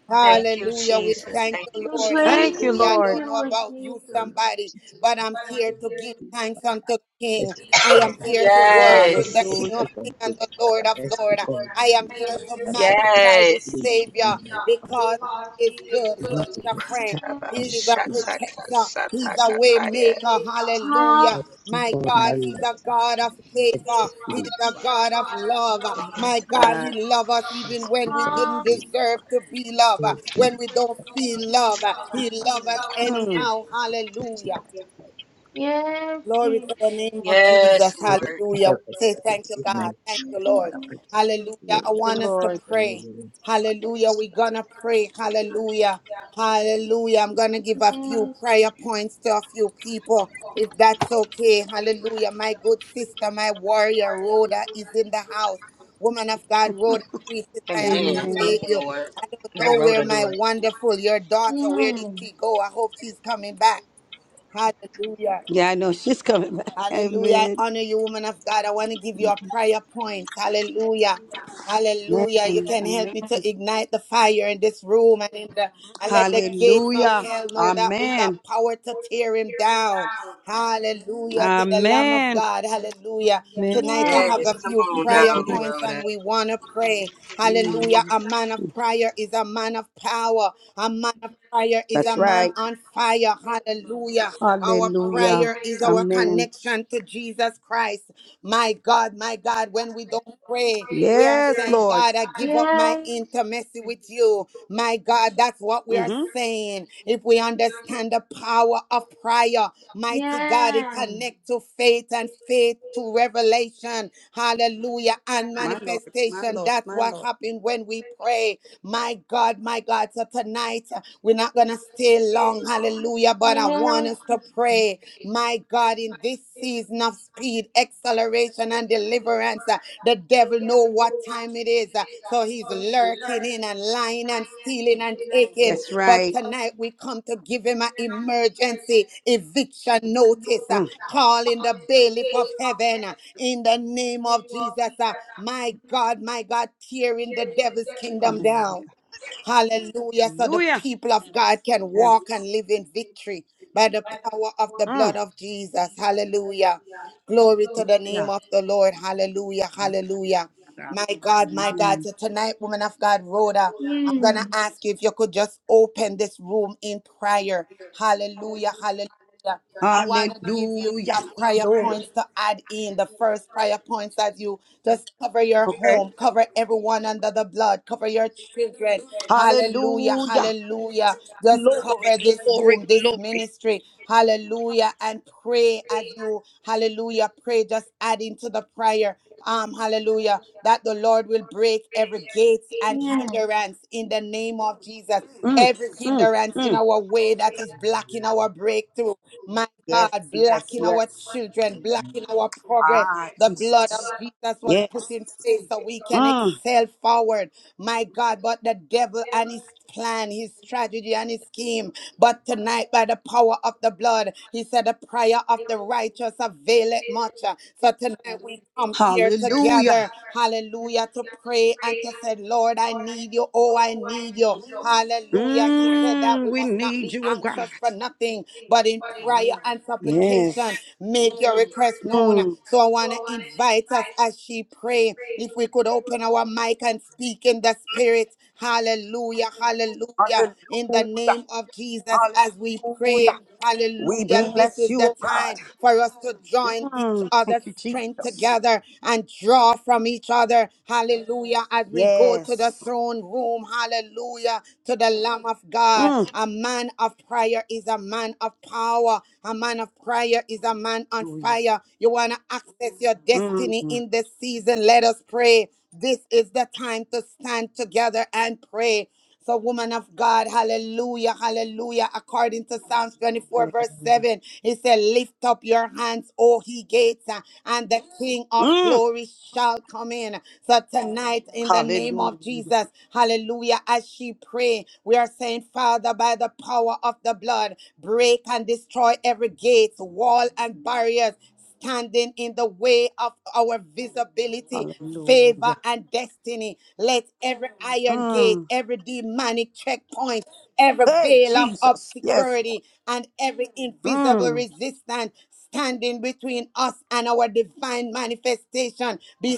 S3: Hallelujah. We thank the
S6: We
S3: Lord.
S5: Thank you,
S3: Hallelujah.
S2: Father,
S3: I
S6: praise
S5: Lord.
S3: don't
S6: you,
S3: know
S6: Lord
S3: about you,
S2: in
S6: Jesus.
S3: somebody,
S2: Jesus,
S3: but I'm
S2: Father
S3: here
S2: God, I
S3: to give thanks unto
S2: I
S3: King.
S2: speak
S3: I
S2: over
S3: am
S2: my
S3: here
S2: life,
S3: to
S2: Father. I
S3: worship the King of
S2: everything
S5: Hallelujah.
S2: I'm
S3: Kings and the Lord
S2: Father
S3: of
S2: God. I
S3: Lord.
S2: speak over
S3: I
S2: my
S3: am here
S2: life,
S3: to
S2: Father God. I
S3: magnify this
S2: speak over
S3: Savior
S2: my life, Father
S3: because
S2: God.
S3: He is good. He is
S2: nothing
S3: a
S2: less
S3: friend.
S2: than
S6: Yes.
S3: He is
S2: abundance
S3: a
S2: is
S3: protector.
S2: fantastic.
S3: He's a
S6: He's
S3: way maker.
S6: Ah.
S2: I
S3: Hallelujah.
S2: see
S3: My
S2: God now
S3: God, He's a
S2: left
S3: God of favor.
S2: this
S3: He's
S2: week,
S3: a
S2: Father,
S3: God of
S2: the
S3: love.
S2: name
S3: My God, He loves us
S2: I
S3: even when
S2: speak
S3: we
S2: God
S3: didn't
S6: Ah.
S2: praise the
S3: deserve
S2: Father.
S3: to be loved,
S2: Everything
S3: when we
S2: that is
S3: don't
S2: happening
S3: feel
S2: from
S3: love.
S2: the
S3: He
S2: Father
S3: loves us
S2: Jesus.
S5: Mm, thank
S3: anyhow.
S2: It's the first
S3: Hallelujah.
S6: Yes,
S3: Glory
S6: Jesus.
S3: to the name of Jesus.
S2: the
S3: Hallelujah. We
S2: terrorists
S3: say
S2: that
S3: thank
S2: is
S3: you,
S2: in my
S3: God. Thank you, Lord.
S2: Father, pray to the
S3: Hallelujah.
S2: Lord.
S3: I
S2: It
S5: you,
S3: want
S2: talks
S3: us to
S2: about
S5: Lord.
S3: pray.
S2: the Lord.
S3: Hallelujah. We're going to pray. Hallelujah. Hallelujah. I'm going to give a few prayer points to a few people, if that's okay. Hallelujah. My good sister, my warrior, Rhoda, is in the house. Woman of God, Rhoda, priestess, I appreciate
S5: Amen.
S3: you. I don't know where my wonderful, your
S6: Yes.
S3: daughter, where did
S6: Yes.
S3: she go? I hope she's coming back. Hallelujah.
S5: Yeah, I know she's coming back.
S3: Hallelujah. I
S5: Amen.
S3: honor you, woman of God. I want to give you a prayer point. Hallelujah.
S5: Amen.
S3: Hallelujah. You can help
S5: Amen.
S3: me to ignite the fire in this room and in the and let the gates of
S5: Hallelujah.
S3: hell know that we
S5: Amen.
S3: got power to tear him down. Hallelujah to the Lamb of
S5: Amen.
S3: God. Hallelujah.
S5: Amen.
S3: Tonight I
S6: Yeah.
S3: have a few prayer
S5: Glory.
S3: points and we want to pray. Hallelujah.
S5: Mm,
S3: A man of prayer is a man of power. A man of prayer is a
S5: That's
S3: man
S5: right.
S3: on fire. Hallelujah. Our
S5: Hallelujah.
S3: prayer is our
S5: Amen.
S3: connection to Jesus Christ. My God, my God, when we don't pray, we are
S5: Yes,
S3: saying,
S5: Lord.
S3: God, I give up my intimacy
S6: Yeah.
S3: with you. My God, that's what we are
S5: Mm-hmm.
S3: saying. If we understand the power of prayer,
S6: Yeah.
S3: mighty God, it
S6: Yes.
S3: connects to faith and faith to revelation. Hallelujah. And
S5: My Lord. My
S3: manifestation.
S5: Lord.
S3: That's
S5: My
S3: what
S5: Lord.
S3: happens when we pray. My God, my God. So tonight, uh, we're not going to stay long. Hallelujah. But I want us to pray today. My God, in this season of speed, acceleration, and deliverance, uh, the devil know what time it is. uh, So he's lurking in and lying and stealing and taking.
S5: That's
S3: But
S5: right.
S3: tonight we come to give him an emergency eviction notice, uh,
S5: Mm.
S3: calling the bailiff of heaven uh, in the name of Jesus. uh, My God, my God, tearing the devil's kingdom
S5: Hallelujah.
S3: down. Hallelujah. So the
S5: Hallelujah.
S3: people of God can
S5: Yes.
S3: walk and live in victory by the power of the blood
S5: Mm.
S3: of Jesus. Hallelujah. Glory to the name
S5: Hallelujah.
S3: of the Lord. Hallelujah. Hallelujah.
S5: God.
S3: My God, my God.
S5: Amen.
S3: So tonight, woman of God, Rhoda, I'm going to
S6: Hmm.
S3: ask you if you could just open this room in prayer. Hallelujah. Hallelujah. Yeah. I want to give you
S5: Hallelujah.
S3: a prayer points
S5: Glory.
S3: to add in. The first prayer points as you just cover your
S5: Okay.
S3: home, cover everyone under the blood, cover your children. Hallelujah,
S5: Hallelujah.
S3: hallelujah. Just
S5: Glory,
S3: cover this
S5: glory,
S3: room, this
S5: glory.
S3: ministry. Hallelujah. And pray as you, hallelujah, pray. Just add into the prayer um, hallelujah, that the Lord will break every gate and hindrance in the name of Jesus.
S5: Mm,
S3: Every
S5: mm,
S3: hindrance in
S5: mm.
S3: our way that is blocking our breakthrough, my
S5: Yes,
S3: God,
S5: yes,
S3: blocking our
S5: yes.
S3: children, blocking our progress.
S5: Ah,
S3: The blood of
S5: Jesus.
S3: Jesus was put
S5: Yes.
S3: in place so we can
S5: Mm.
S3: excel forward, my God. But the devil and his plan, his strategy, and his scheme. But tonight, by the power of the blood, he said, The prayer of the righteous availeth much. So tonight, we come here
S5: Hallelujah.
S3: together, hallelujah, to pray and to say, Lord, I need you. Oh, I need you. Hallelujah. He said that
S5: Mm,
S3: we
S5: we
S3: must not
S5: need
S3: be
S5: you, oh God.
S3: anxious for nothing, but in prayer and supplication,
S5: Yes.
S3: make your request known.
S5: Mm.
S3: So I want to invite us as she pray, if we could open our mic and speak in the spirit Hallelujah. Hallelujah. In the
S5: Hallelujah.
S3: name of Jesus, as we pray,
S5: Hallelujah. We
S3: hallelujah, this
S5: bless
S3: is
S5: you,
S3: the
S5: oh God.
S3: time for us to join each
S5: Mm.
S3: other's
S5: Thank you,
S3: strength
S5: Jesus.
S3: together and draw from each other. Hallelujah. As we go to the
S5: Yes.
S3: throne room, hallelujah, to the Lamb of God.
S5: Mm.
S3: A man of prayer is a man of power. A man of prayer is a man on
S5: Hallelujah.
S3: fire. You want to access your destiny
S5: Mm.
S3: in this season. Let us pray. This is the time to stand together and pray. So, woman of God, hallelujah, hallelujah. According to Psalms 24, verse
S5: Hallelujah.
S3: 7, he said, Lift up your hands, O he gates, uh, and the King of
S5: Mm.
S3: glory shall come in. So, tonight, in the name of
S5: Hallelujah.
S3: Jesus, hallelujah, as she pray, we are saying, Father, by the power of the blood, break and destroy every gate, wall, and barriers standing in the way of our visibility, favor,
S5: Hallelujah.
S3: and destiny. Let every iron gate,
S5: Mm.
S3: every demonic checkpoint, every
S5: Hey,
S3: veil of
S5: Jesus. Yes.
S3: obscurity, and every
S5: Lord.
S3: invisible
S5: Mm.
S3: resistance standing between us and our divine manifestation be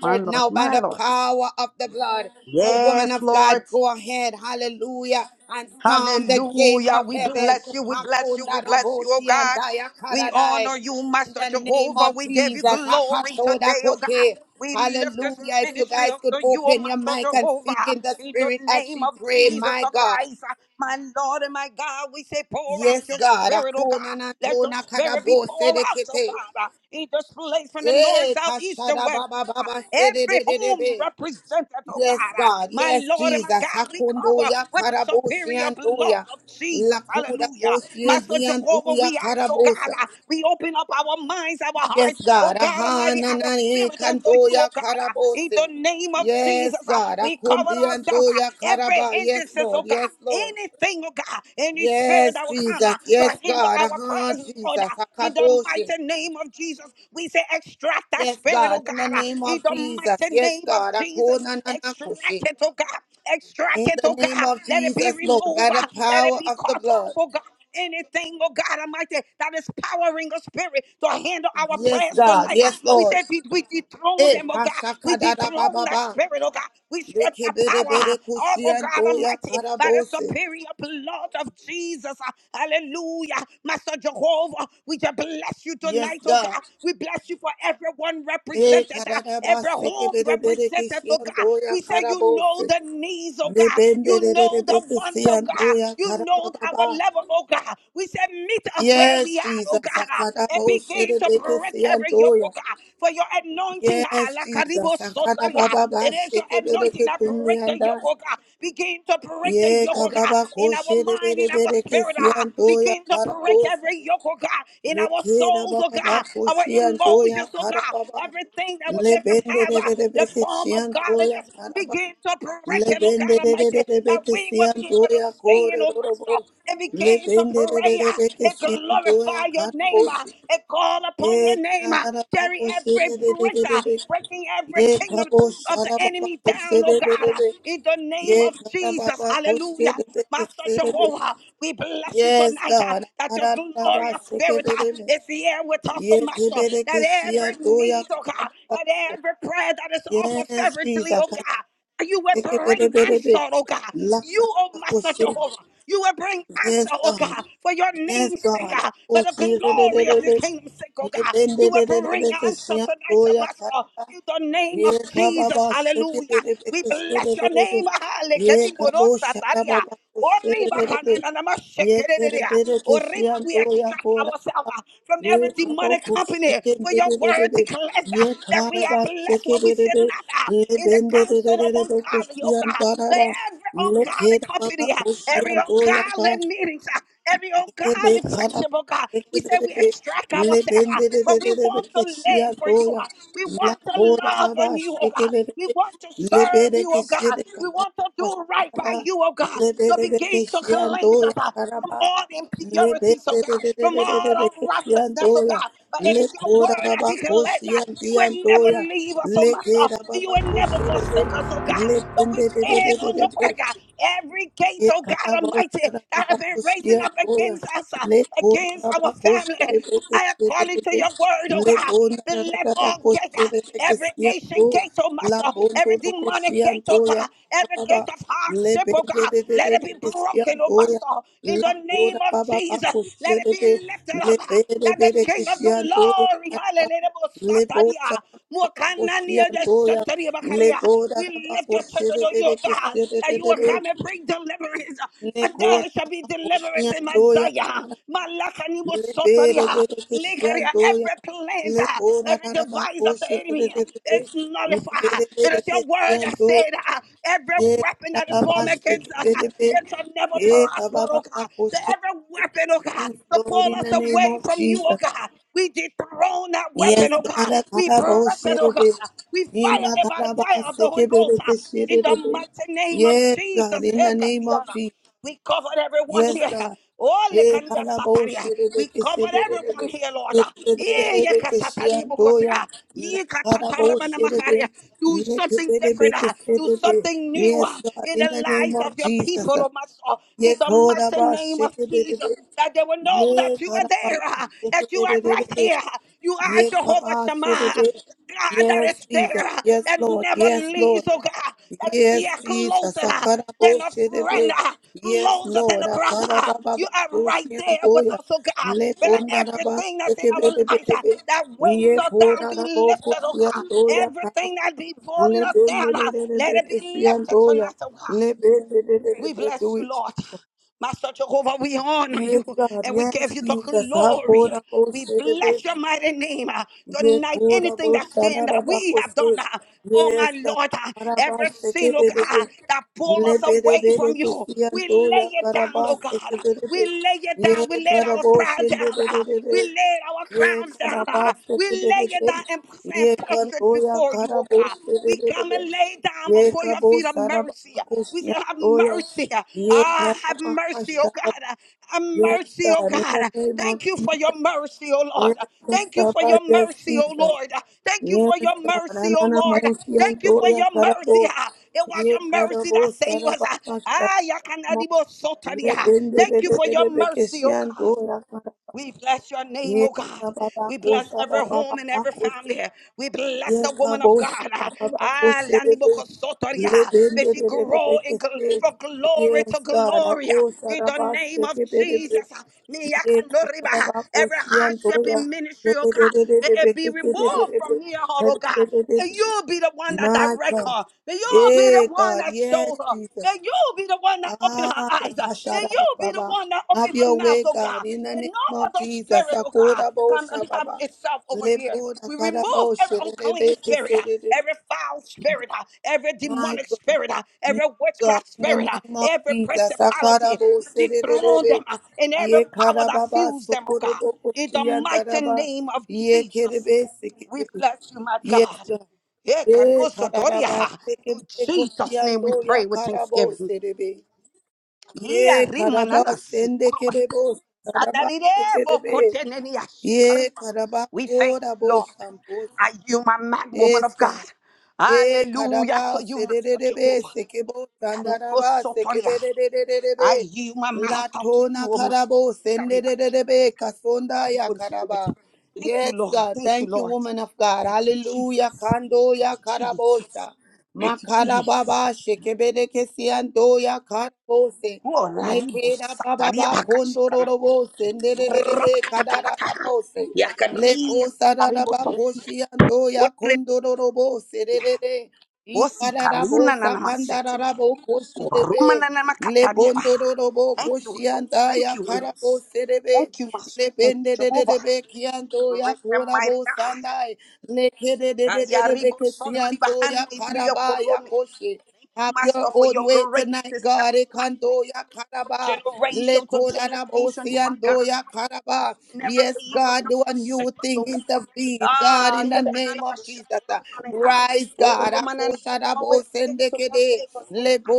S5: My Lord.
S3: now by
S5: My
S3: the
S5: Lord.
S3: power of the blood. So, woman
S5: Yes,
S3: of
S5: Lord.
S3: God, go ahead, hallelujah, and storm the gates
S5: Hallelujah.
S3: of
S5: We
S3: heaven.
S5: bless you. We bless you. We
S3: Hakunda
S5: bless you, oh
S3: raboshi and
S5: God.
S3: daya
S5: We
S3: karadai.
S5: honor you,
S3: In
S5: Master
S3: the name
S5: Jehovah.
S3: of
S5: We give
S3: Jesus.
S5: you glory today, oh God.
S3: Akashodakote.
S5: We lift this
S3: Hallelujah. If you
S5: ministry
S3: guys
S5: up
S3: could
S5: to you, oh
S3: open your
S5: Master
S3: mic and speak
S5: Jehovah,
S3: in the
S5: in the
S3: spirit as
S5: name
S3: she
S5: of
S3: pray,
S5: Jesus
S3: my
S5: the
S3: God.
S5: Christ. My Lord and my God, we say, pour out
S3: Yes,
S5: your
S3: God.
S5: spirit, oh
S3: Akona
S5: God.
S3: na
S5: Let your
S3: tona
S5: spirit be
S3: kadabo
S5: poured out, oh
S3: sedekete.
S5: God, in this place from the north,
S3: Eh,
S5: south, east, and
S3: kashada
S5: west.
S3: baba baba
S5: Every home
S3: sededededebe.
S5: represented, oh God,
S3: Yes,
S5: uh,
S3: God.
S5: my
S3: Yes,
S5: Lord and my
S3: Jesus.
S5: God, we cover
S3: Akondoya
S5: with the
S3: karabo
S5: superior blood
S3: shiandoya.
S5: of Jesus.
S3: Lakuda
S5: Hallelujah.
S3: bo
S5: Master Jehovah,
S3: shiandoya
S5: we ask, oh God,
S3: karabosa.
S5: uh, we open up our minds, our
S3: Yes,
S5: heart, oh
S3: God.
S5: God
S3: Aha,
S5: Almighty, our
S3: nanani,
S5: spirit unto
S3: kanto
S5: you,
S3: ya
S5: oh God. uh, In the
S3: karabose.
S5: name of
S3: Yes,
S5: Jesus, uh,
S3: God.
S5: we cover
S3: Akundi
S5: ourselves,
S3: anto
S5: uh, every
S3: karaba. Yes,
S5: hindrances, oh
S3: Lord.
S5: God,
S3: Yes, Lord.
S5: anything, oh God, any spirit
S3: Yes,
S5: that will come
S3: Jesus.
S5: uh,
S3: Yes,
S5: to hinder
S3: God.
S5: our
S3: Aha,
S5: prayers, Lord,
S3: Jesus.
S5: uh, in the
S3: Akadoshe.
S5: mighty name of Jesus, we say, extract that
S3: Yes,
S5: spirit, it,
S3: God.
S5: oh
S3: In the
S5: God, uh,
S3: name
S5: in
S3: of
S5: the
S3: Jesus.
S5: mighty
S3: Yes,
S5: name of
S3: God.
S5: Jesus.
S3: Akona
S5: Extract
S3: nanakoshe.
S5: it, oh God. Extract
S3: In
S5: it,
S3: the
S5: oh
S3: name
S5: God.
S3: of
S5: Let it be
S3: Jesus, Lord.
S5: removed.
S3: By the
S5: uh, Let it
S3: power
S5: be
S3: of the
S5: cut off,
S3: blood.
S5: oh God. Anything, oh God Almighty, that is powering the spirit to handle our
S3: Yes,
S5: prayers
S3: God.
S5: tonight. uh,
S3: Yes,
S5: We
S3: Lord.
S5: said we, we dethrone
S3: Eh,
S5: them, oh God. We
S3: hashakadada
S5: dethrone that
S3: bababa.
S5: spirit, oh God. We strip that
S3: Rekebere
S5: power uh,
S3: bere
S5: off, oh God
S3: kushianto ya
S5: Almighty, by the
S3: karabose.
S5: superior blood of Jesus. uh, Hallelujah. Master Jehovah, we just bless you
S3: Yes,
S5: tonight, oh
S3: God.
S5: God. We bless you for for everyone
S3: Eh,
S5: represented, uh, every
S3: cararabase, que
S5: home
S3: bere bere que
S5: represented, oh God. We
S3: shiandoya
S5: say, You know the needs, oh
S3: Ne
S5: God.
S3: bende
S5: You
S3: de de de
S5: know the
S3: de que
S5: wants, oh God.
S3: shiandoya
S5: You know our
S3: carababa.
S5: level, oh God. We say, Meet us where
S3: Yes,
S5: we are, oh
S3: Jesus,
S5: God,
S3: a
S5: uh, and
S3: carabose
S5: begin
S3: de
S5: to
S3: de que
S5: break
S3: ya.
S5: every yoke, oh God. For your anointing, ah,
S3: Yes,
S5: la karibo
S3: Jesus, a
S5: sotaria.
S3: carababa,
S5: It is your
S3: sheke bere
S5: anointing
S3: que
S5: that break the yoke,
S3: tundianda.
S5: oh God. Begin to break the
S3: Ye
S5: yoke, oh God,
S3: kababa
S5: in our
S3: koshe de
S5: mind, in
S3: bere
S5: our
S3: bere que
S5: spirit, oh God.
S3: shiandoya
S5: Begin to break
S3: carabosa.
S5: every yoke, oh God, in our
S3: Lekera
S5: souls, oh
S3: baba
S5: God,
S3: bako
S5: our
S3: shianto ya
S5: emotions, oh God.
S3: karababa.
S5: Everything that would make us
S3: Lebende
S5: have
S3: de
S5: uh,
S3: de de
S5: the
S3: beke
S5: form of
S3: shianto ya
S5: godliness.
S3: karaba.
S5: Begin to break it, oh
S3: Lebende
S5: God
S3: de de
S5: Almighty,
S3: de de
S5: that
S3: beke
S5: we will be
S3: shianto
S5: able to
S3: ya
S5: stand,
S3: kore
S5: oh
S3: rorobo.
S5: Master, and begin to
S3: Lebende de de
S5: pray
S3: de
S5: uh,
S3: beke
S5: and
S3: shianto ya
S5: glorify your name uh,
S3: karaboshi.
S5: and call upon
S3: E
S5: your name. uh.
S3: karara
S5: There bury
S3: bako shire
S5: every
S3: de de
S5: brick,
S3: de de
S5: uh,
S3: beke.
S5: breaking every
S3: Ye
S5: kingdom
S3: kabo
S5: of the
S3: shara baba
S5: enemy
S3: ko
S5: down, oh
S3: de
S5: God,
S3: de
S5: uh,
S3: de.
S5: in the name
S3: Ye
S5: of Jesus.
S3: karababa ko shire
S5: Hallelujah.
S3: de
S5: Master
S3: de de de.
S5: Jehovah, we bless you
S3: Yes
S5: tonight uh,
S3: God.
S5: that your
S3: Karara baba
S5: glorious
S3: shike
S5: spirit
S3: de
S5: uh,
S3: de de.
S5: is here with us, oh
S3: Yes,
S5: Master. That
S3: Jesus.
S5: every
S3: Yes,
S5: need, oh God, that every prayer that is offered fervently, oh God. You will bring answer, oh God. You, oh Master Jehovah, you will bring answer, oh
S3: God.
S5: God, for your name's sake, God, for the glory of your kingdom's sake, oh God. You will bring answer
S3: Yes,
S5: tonight, oh Master,
S3: God.
S5: in the name
S3: Ye
S5: of
S3: kababa
S5: Jesus.
S3: sete
S5: Hallelujah.
S3: bere
S5: We
S3: bere sere
S5: bless your
S3: bere bere.
S5: name. Hallelujah.
S3: Ye kabo shara baba sere
S5: Oriba
S3: bere bere.
S5: kananama
S3: Ye bere
S5: shekererea.
S3: bere
S5: Orima,
S3: keshiyan
S5: We
S3: to ya
S5: extract
S3: kora.
S5: ourselves uh, from
S3: Ye
S5: every
S3: kabo
S5: demonic company
S3: kushite
S5: for your
S3: bere bere
S5: word
S3: bere.
S5: declares uh,
S3: Ye
S5: that
S3: kara
S5: we are
S3: ba
S5: blessed
S3: seke
S5: when we
S3: bere
S5: sit
S3: bere.
S5: not uh,
S3: Ye
S5: in the
S3: bende bere
S5: council
S3: bere
S5: of
S3: bere
S5: ungodly, oh
S3: kushiyan
S5: God.
S3: tara
S5: So
S3: ba.
S5: every
S3: Ye
S5: ungodly
S3: kera baba
S5: company, uh, every
S3: kushiyan to ya ka.
S5: ungodly meetings, uh, every
S3: Ebe
S5: ungodly
S3: kada
S5: friendship, oh God, we say we
S3: ekelebe
S5: extract ourselves, uh,
S3: lebende de de
S5: but
S3: de
S5: we
S3: de de
S5: want to
S3: ke sia
S5: live for you.
S3: doya
S5: uh, We
S3: la
S5: want to
S3: kora
S5: love
S3: raba
S5: on you, oh God.
S3: ekelebe
S5: We want to serve
S3: lebere
S5: you,
S3: ke
S5: oh God.
S3: sire
S5: We
S3: kada
S5: want to do right by
S3: pasaba
S5: you, oh God. So
S3: lebere de ke
S5: begin to cleanse us
S3: doya
S5: uh, from
S3: karaba
S5: all impurities, oh
S3: lebende de
S5: God,
S3: de de
S5: from
S3: de de de de
S5: all
S3: ke sia
S5: unrighteousness, oh
S3: doya
S5: God. But it
S3: le
S5: is your
S3: kora
S5: word that
S3: raba ko
S5: declares
S3: sia
S5: that you will never
S3: doya
S5: leave us, oh
S3: le ke
S5: Master.
S3: raba
S5: You
S3: ba
S5: will
S3: ko
S5: never
S3: sire de
S5: forsake us, oh God. So we
S3: lebende de de
S5: stand
S3: de
S5: on
S3: de
S5: your word,
S3: de
S5: God. Every gate,
S3: Le
S5: oh
S3: baba
S5: God Almighty,
S3: baba
S5: that
S3: baba
S5: have been raising
S3: doya
S5: up
S3: doya
S5: against us,
S3: doya doya
S5: uh,
S3: le bona
S5: against
S3: raba
S5: our family,
S3: kushire
S5: I according to your word, oh God, then let all gate, uh,
S3: bebe
S5: every
S3: kushiya do
S5: ancient gate, oh
S3: la
S5: Master,
S3: bondo
S5: every
S3: do
S5: demonic
S3: kushiya
S5: gate, oh
S3: doya
S5: God, every
S3: baba
S5: gate of
S3: le
S5: hardship, oh
S3: bende
S5: God.
S3: bebe
S5: Let
S3: bebe
S5: it be
S3: kushiya
S5: broken, oh
S3: doya
S5: Master, in
S3: la
S5: the name
S3: kora
S5: of
S3: baba ba
S5: Jesus. Let it
S3: kushire
S5: be
S3: bebe
S5: lifted
S3: le
S5: up uh,
S3: bende
S5: that the
S3: bebe
S5: King of the
S3: kushiya doya
S5: glory,
S3: baba
S5: hallelujah,
S3: le bona
S5: Sataria,
S3: raba kushiya
S5: Mokanania, the
S3: doya
S5: Sataria
S3: le
S5: Bakaria.
S3: kora la la Lebora da
S5: We lift
S3: bako
S5: your church
S3: shere
S5: unto you,
S3: bere
S5: oh God, that you will
S3: keshere
S5: come and bring deliverance. For
S3: Lekora
S5: there shall be deliverance in
S3: koshiandoya,
S5: Messiah. Malakanimo
S3: lebere
S5: Sotaria,
S3: bere
S5: Lekaria,
S3: keshiandoya,
S5: every plan, uh,
S3: lebora
S5: every
S3: raraba
S5: device of the enemy ah,
S3: koshetetetete,
S5: is nullified.
S3: lebere
S5: It
S3: bere
S5: is your word that
S3: keshiando,
S5: said uh, every
S3: ye
S5: weapon that is
S3: raraba
S5: formed against us. uh,
S3: sekebere be,
S5: It shall never
S3: ye
S5: prosper,
S3: kababa
S5: oh God. So
S3: bakoshe.
S5: every weapon, oh God,
S3: Yes,
S5: to
S3: Lord,
S5: pull
S3: in
S5: us
S3: the name
S5: away
S3: of
S5: from you, oh
S3: Jesus.
S5: God. We dethrone that
S3: Yes,
S5: weapon, oh
S3: God,
S5: God.
S3: I
S5: We
S3: karaba
S5: break it, oh God.
S3: osherebe,
S5: We
S3: ina
S5: fire it by the
S3: karaba
S5: fire of the Holy
S3: sekebere
S5: Ghost. uh, In
S3: kesherebe.
S5: the mighty name of
S3: Yes, God,
S5: Jesus.
S3: in the name of Jesus.
S5: We covered everyone
S3: Yes,
S5: here.
S3: God.
S5: Oh,
S3: Eh,
S5: lekalia
S3: kanabo
S5: sataria. We
S3: shireleke
S5: covered everyone
S3: serelebe.
S5: here, Lord. Eh, yeka
S3: Yetelelelebeke
S5: satari
S3: shiandoya.
S5: bukosia.
S3: La
S5: Yeka
S3: kanabo
S5: tatarabana makaria.
S3: shirebe.
S5: Do something different.
S3: Letebelebeke
S5: ah. Do
S3: serebe.
S5: something new
S3: Yes,
S5: ah,
S3: God,
S5: in the
S3: in the name
S5: lives of
S3: of
S5: your
S3: Jesus.
S5: people, oh my soul.
S3: Ye
S5: In the mighty
S3: kodaba
S5: name of Jesus.
S3: shekebelebe.
S5: That they will know
S3: Ye
S5: that you are
S3: kanaba
S5: there, ah, that you are right
S3: shekebelebe.
S5: here. ah. You are
S3: Ye
S5: Jehovah
S3: kaba
S5: Shammah, ah.
S3: shirebe.
S5: God that
S3: Yes,
S5: is
S3: Jesus.
S5: there, ah,
S3: Yes,
S5: that
S3: Lord.
S5: never
S3: Yes,
S5: leaves,
S3: Lord.
S5: oh God, that is
S3: Yes,
S5: here
S3: Jesus.
S5: closer. ah, than a
S3: Akarabosherebe.
S5: friend, ah,
S3: Yes,
S5: closer than
S3: Lord.
S5: a brother. ah. You are right there with
S3: Akarabababakushiantoya.
S5: us, oh God. But let everything that's in our lives ah,
S3: Leponarabasekeberebebe.
S5: that weighs us down be lifted, oh God.
S3: Yeporarabokushiantoya. Kara-
S5: Everything that be pulling us down, ah, let it be lifted
S3: Lebenererebekeshiantoya.
S5: tonight, oh God. We
S3: Lebenererebeke.
S5: bless
S3: Do
S5: you,
S3: it.
S5: Lord. Master Jehovah, we honor
S3: Yes,
S5: you
S3: God.
S5: and we give
S3: Yes,
S5: you the
S3: Jesus.
S5: glory. We bless
S3: Hakorabosherebe.
S5: your mighty name. uh, Tonight,
S3: Yekura
S5: anything that
S3: boshana
S5: sin that we have
S3: bakose.
S5: done, uh, oh
S3: Yes,
S5: my Lord, uh, every
S3: karabase ke
S5: sin, oh
S3: berebe.
S5: God, that pull
S3: Le
S5: us
S3: bere
S5: away
S3: bere
S5: from you,
S3: kisiyan
S5: we
S3: do ya
S5: lay it down, oh
S3: karabase
S5: God.
S3: ke
S5: uh, We
S3: berebe.
S5: lay it
S3: Ye
S5: down. We laid our
S3: karabo
S5: pride
S3: shende
S5: down. uh,
S3: berebe.
S5: We laid our
S3: Ye
S5: crowns down. uh,
S3: karabase
S5: We
S3: ke
S5: lay it
S3: berebe.
S5: down and and
S3: Ye
S5: push it
S3: kando ya
S5: before you, oh
S3: karabo
S5: God.
S3: shende
S5: We come
S3: berebe.
S5: and lay down
S3: Ye
S5: before your
S3: kabo
S5: feet of mercy. We say,
S3: sarabakosiyan
S5: Have
S3: do
S5: mercy.
S3: Ye
S5: Ah, have mercy, oh
S3: karabakasha.
S5: God. Have
S3: Yes,
S5: mercy, oh
S3: God, in
S5: God.
S3: the name of
S5: Thank you for your
S3: Jesus.
S5: mercy, oh Lord.
S3: Yes,
S5: Thank you for
S3: Papa,
S5: your
S3: yes,
S5: mercy, oh
S3: Jesus.
S5: Lord. Thank you for
S3: Yes,
S5: your
S3: God.
S5: mercy, oh
S3: Anana
S5: Lord.
S3: Moshian
S5: Thank you for
S3: Doya
S5: your mercy.
S3: Karabo.
S5: ah. It was
S3: Ye
S5: your mercy
S3: Karabo
S5: that saved us. ah.
S3: Sarabaka
S5: Ah,
S3: Saramo.
S5: yakanadibo sotadia.
S3: Rebende de
S5: Thank you
S3: de
S5: for
S3: de
S5: your
S3: de
S5: mercy, oh
S3: Bekeshian
S5: God.
S3: Doya Karabo.
S5: We bless your name,
S3: Ye
S5: oh God.
S3: Karababa
S5: We bless every home and every
S3: Kosarababa
S5: family. We bless
S3: Yes,
S5: the
S3: God. I
S5: woman of God.
S3: go
S5: Ah, Lani Boko Sotoria. May she grow in gl- from glory to glory. In the
S3: Sarabas,
S5: name
S3: take
S5: of
S3: a bit of it.
S5: Jesus. Me
S3: Ye
S5: yakanoriba.
S3: Kababa
S5: Every
S3: Kosian
S5: hardship
S3: Doya,
S5: in ministry, oh God, may it be removed from near her, oh God. And you'll be the one that
S3: my
S5: direct
S3: God.
S5: her. May you be the
S3: Hey,
S5: one
S3: God,
S5: that show
S3: yes,
S5: her.
S3: Jesus.
S5: May you be the one that open her
S3: Ah,
S5: eyes. May
S3: yakashara
S5: you be the
S3: baba.
S5: one that open
S3: Have
S5: her
S3: your
S5: mouth,
S3: way,
S5: oh
S3: God,
S5: God.
S3: in the
S5: May no
S3: name of
S5: other
S3: Jesus.
S5: spirit, oh God,
S3: Akora
S5: come
S3: bosha
S5: and have
S3: baba.
S5: itself over here.
S3: Lepo
S5: We remove
S3: takara
S5: every
S3: bosha
S5: unclean
S3: rebe
S5: spirit, uh, every foul spirit, uh, every
S3: My
S5: demonic
S3: God,
S5: spirit, uh,
S3: yes,
S5: every
S3: God,
S5: witchcraft
S3: in the
S5: spirit, uh,
S3: name of
S5: every
S3: Jesus. Akara
S5: principality. We
S3: bosha
S5: dethrone them
S3: rebe.
S5: uh, and every
S3: Ye
S5: power that
S3: karababa, baba
S5: fuels them, oh
S3: sokoro
S5: God.
S3: boko
S5: In the mighty
S3: chiyandara
S5: name of
S3: Ye
S5: Jesus,
S3: kerebe
S5: we
S3: sekere.
S5: bless you, my
S3: Yes,
S5: God.
S3: God.
S5: Yeah,
S3: Ye
S5: Canoso
S3: kara baba
S5: In
S3: sekere
S5: Jesus' name we
S3: kochiyando ya
S5: pray with
S3: kara
S5: thanksgiving.
S3: bosha Ye
S5: Kia
S3: karaba
S5: rimanana
S3: sende
S5: shikoroba.
S3: kerebo karaba
S5: Sadarebo
S3: kerebe.
S5: kotenenia
S3: Ye
S5: shikariba.
S3: karaba
S5: We thank
S3: ora
S5: you,
S3: bo
S5: Lord.
S3: sambosa.
S5: Are you my man, woman
S3: Yes,
S5: of God?
S3: God. E
S5: Hallelujah
S3: kadaba
S5: to you, Master
S3: sedededebe
S5: Jehovah.
S3: sekebo sandaraba
S5: Canoso Doria. I
S3: sekebedededebe
S5: yield my mouth
S3: la
S5: out to
S3: tona
S5: you, O Master.
S3: karabo
S5: Kariba.
S3: sendededebe kasonda
S5: You
S3: ya
S5: Holy Spirit.
S3: karaba.
S5: Thank you,
S3: Yes,
S5: Lord.
S3: God.
S5: Thank you,
S3: Thank you,
S5: Lord.
S3: woman of God.
S5: Thank you,
S3: Hallelujah.
S5: Jesus.
S3: Kando ya
S5: Thank you, Jesus.
S3: karabosha.
S5: Thank you,
S3: Makara
S5: Jesus.
S3: baba shekebede kesiando ya karabose.
S5: Olaribo
S3: Mekeda baba
S5: sataria
S3: ba
S5: bakashikana.
S3: kondororobo sendededebe
S5: Rabakatakataka.
S3: kadarabose.
S5: Yakaria
S3: Lepo
S5: tataribo
S3: sararaba
S5: to.
S3: koshi anto ya
S5: Orebeya.
S3: kondororobo sererere.
S5: Osi
S3: Ikararabo
S5: karina na namasete.
S3: sakandararabo koshi
S5: Koruma na
S3: rebe.
S5: namakataria ba.
S3: Lebondororobo
S5: Thank you, Holy
S3: koshi
S5: Ghost.
S3: anda
S5: Thank
S3: ya
S5: you, Holy
S3: karabo
S5: Ghost.
S3: serebe.
S5: Thank you, Master. Thank you, Jehovah.
S3: Lependererebe kianto ya
S5: Great and mighty
S3: korabo
S5: God.
S3: sandai. Lekererebe
S5: Yaribo sono di
S3: kesianto
S5: bahani
S3: ya
S5: indi ya
S3: karaba ya
S5: korone.
S3: koshi. Have your
S5: Master, for
S3: own
S5: your
S3: way
S5: greatness
S3: tonight,
S5: is
S3: God.
S5: everlasting.
S3: Ekando ya
S5: From
S3: karaba.
S5: Generation to generation,
S3: Lekodarabosi
S5: you are
S3: ando
S5: God.
S3: ya karaba.
S5: Never
S3: Yes,
S5: leave us,
S3: God,
S5: nor
S3: do a
S5: forsake
S3: new
S5: us,
S3: thing.
S5: oh God.
S3: Intervene, God,
S5: Ah,
S3: in
S5: you
S3: the
S5: cannot
S3: name of Jesus.
S5: have
S3: Rise,
S5: Oh,
S3: God.
S5: Roman, always
S3: Akoshadabose
S5: there to
S3: ndekede.
S5: forgive us, oh God.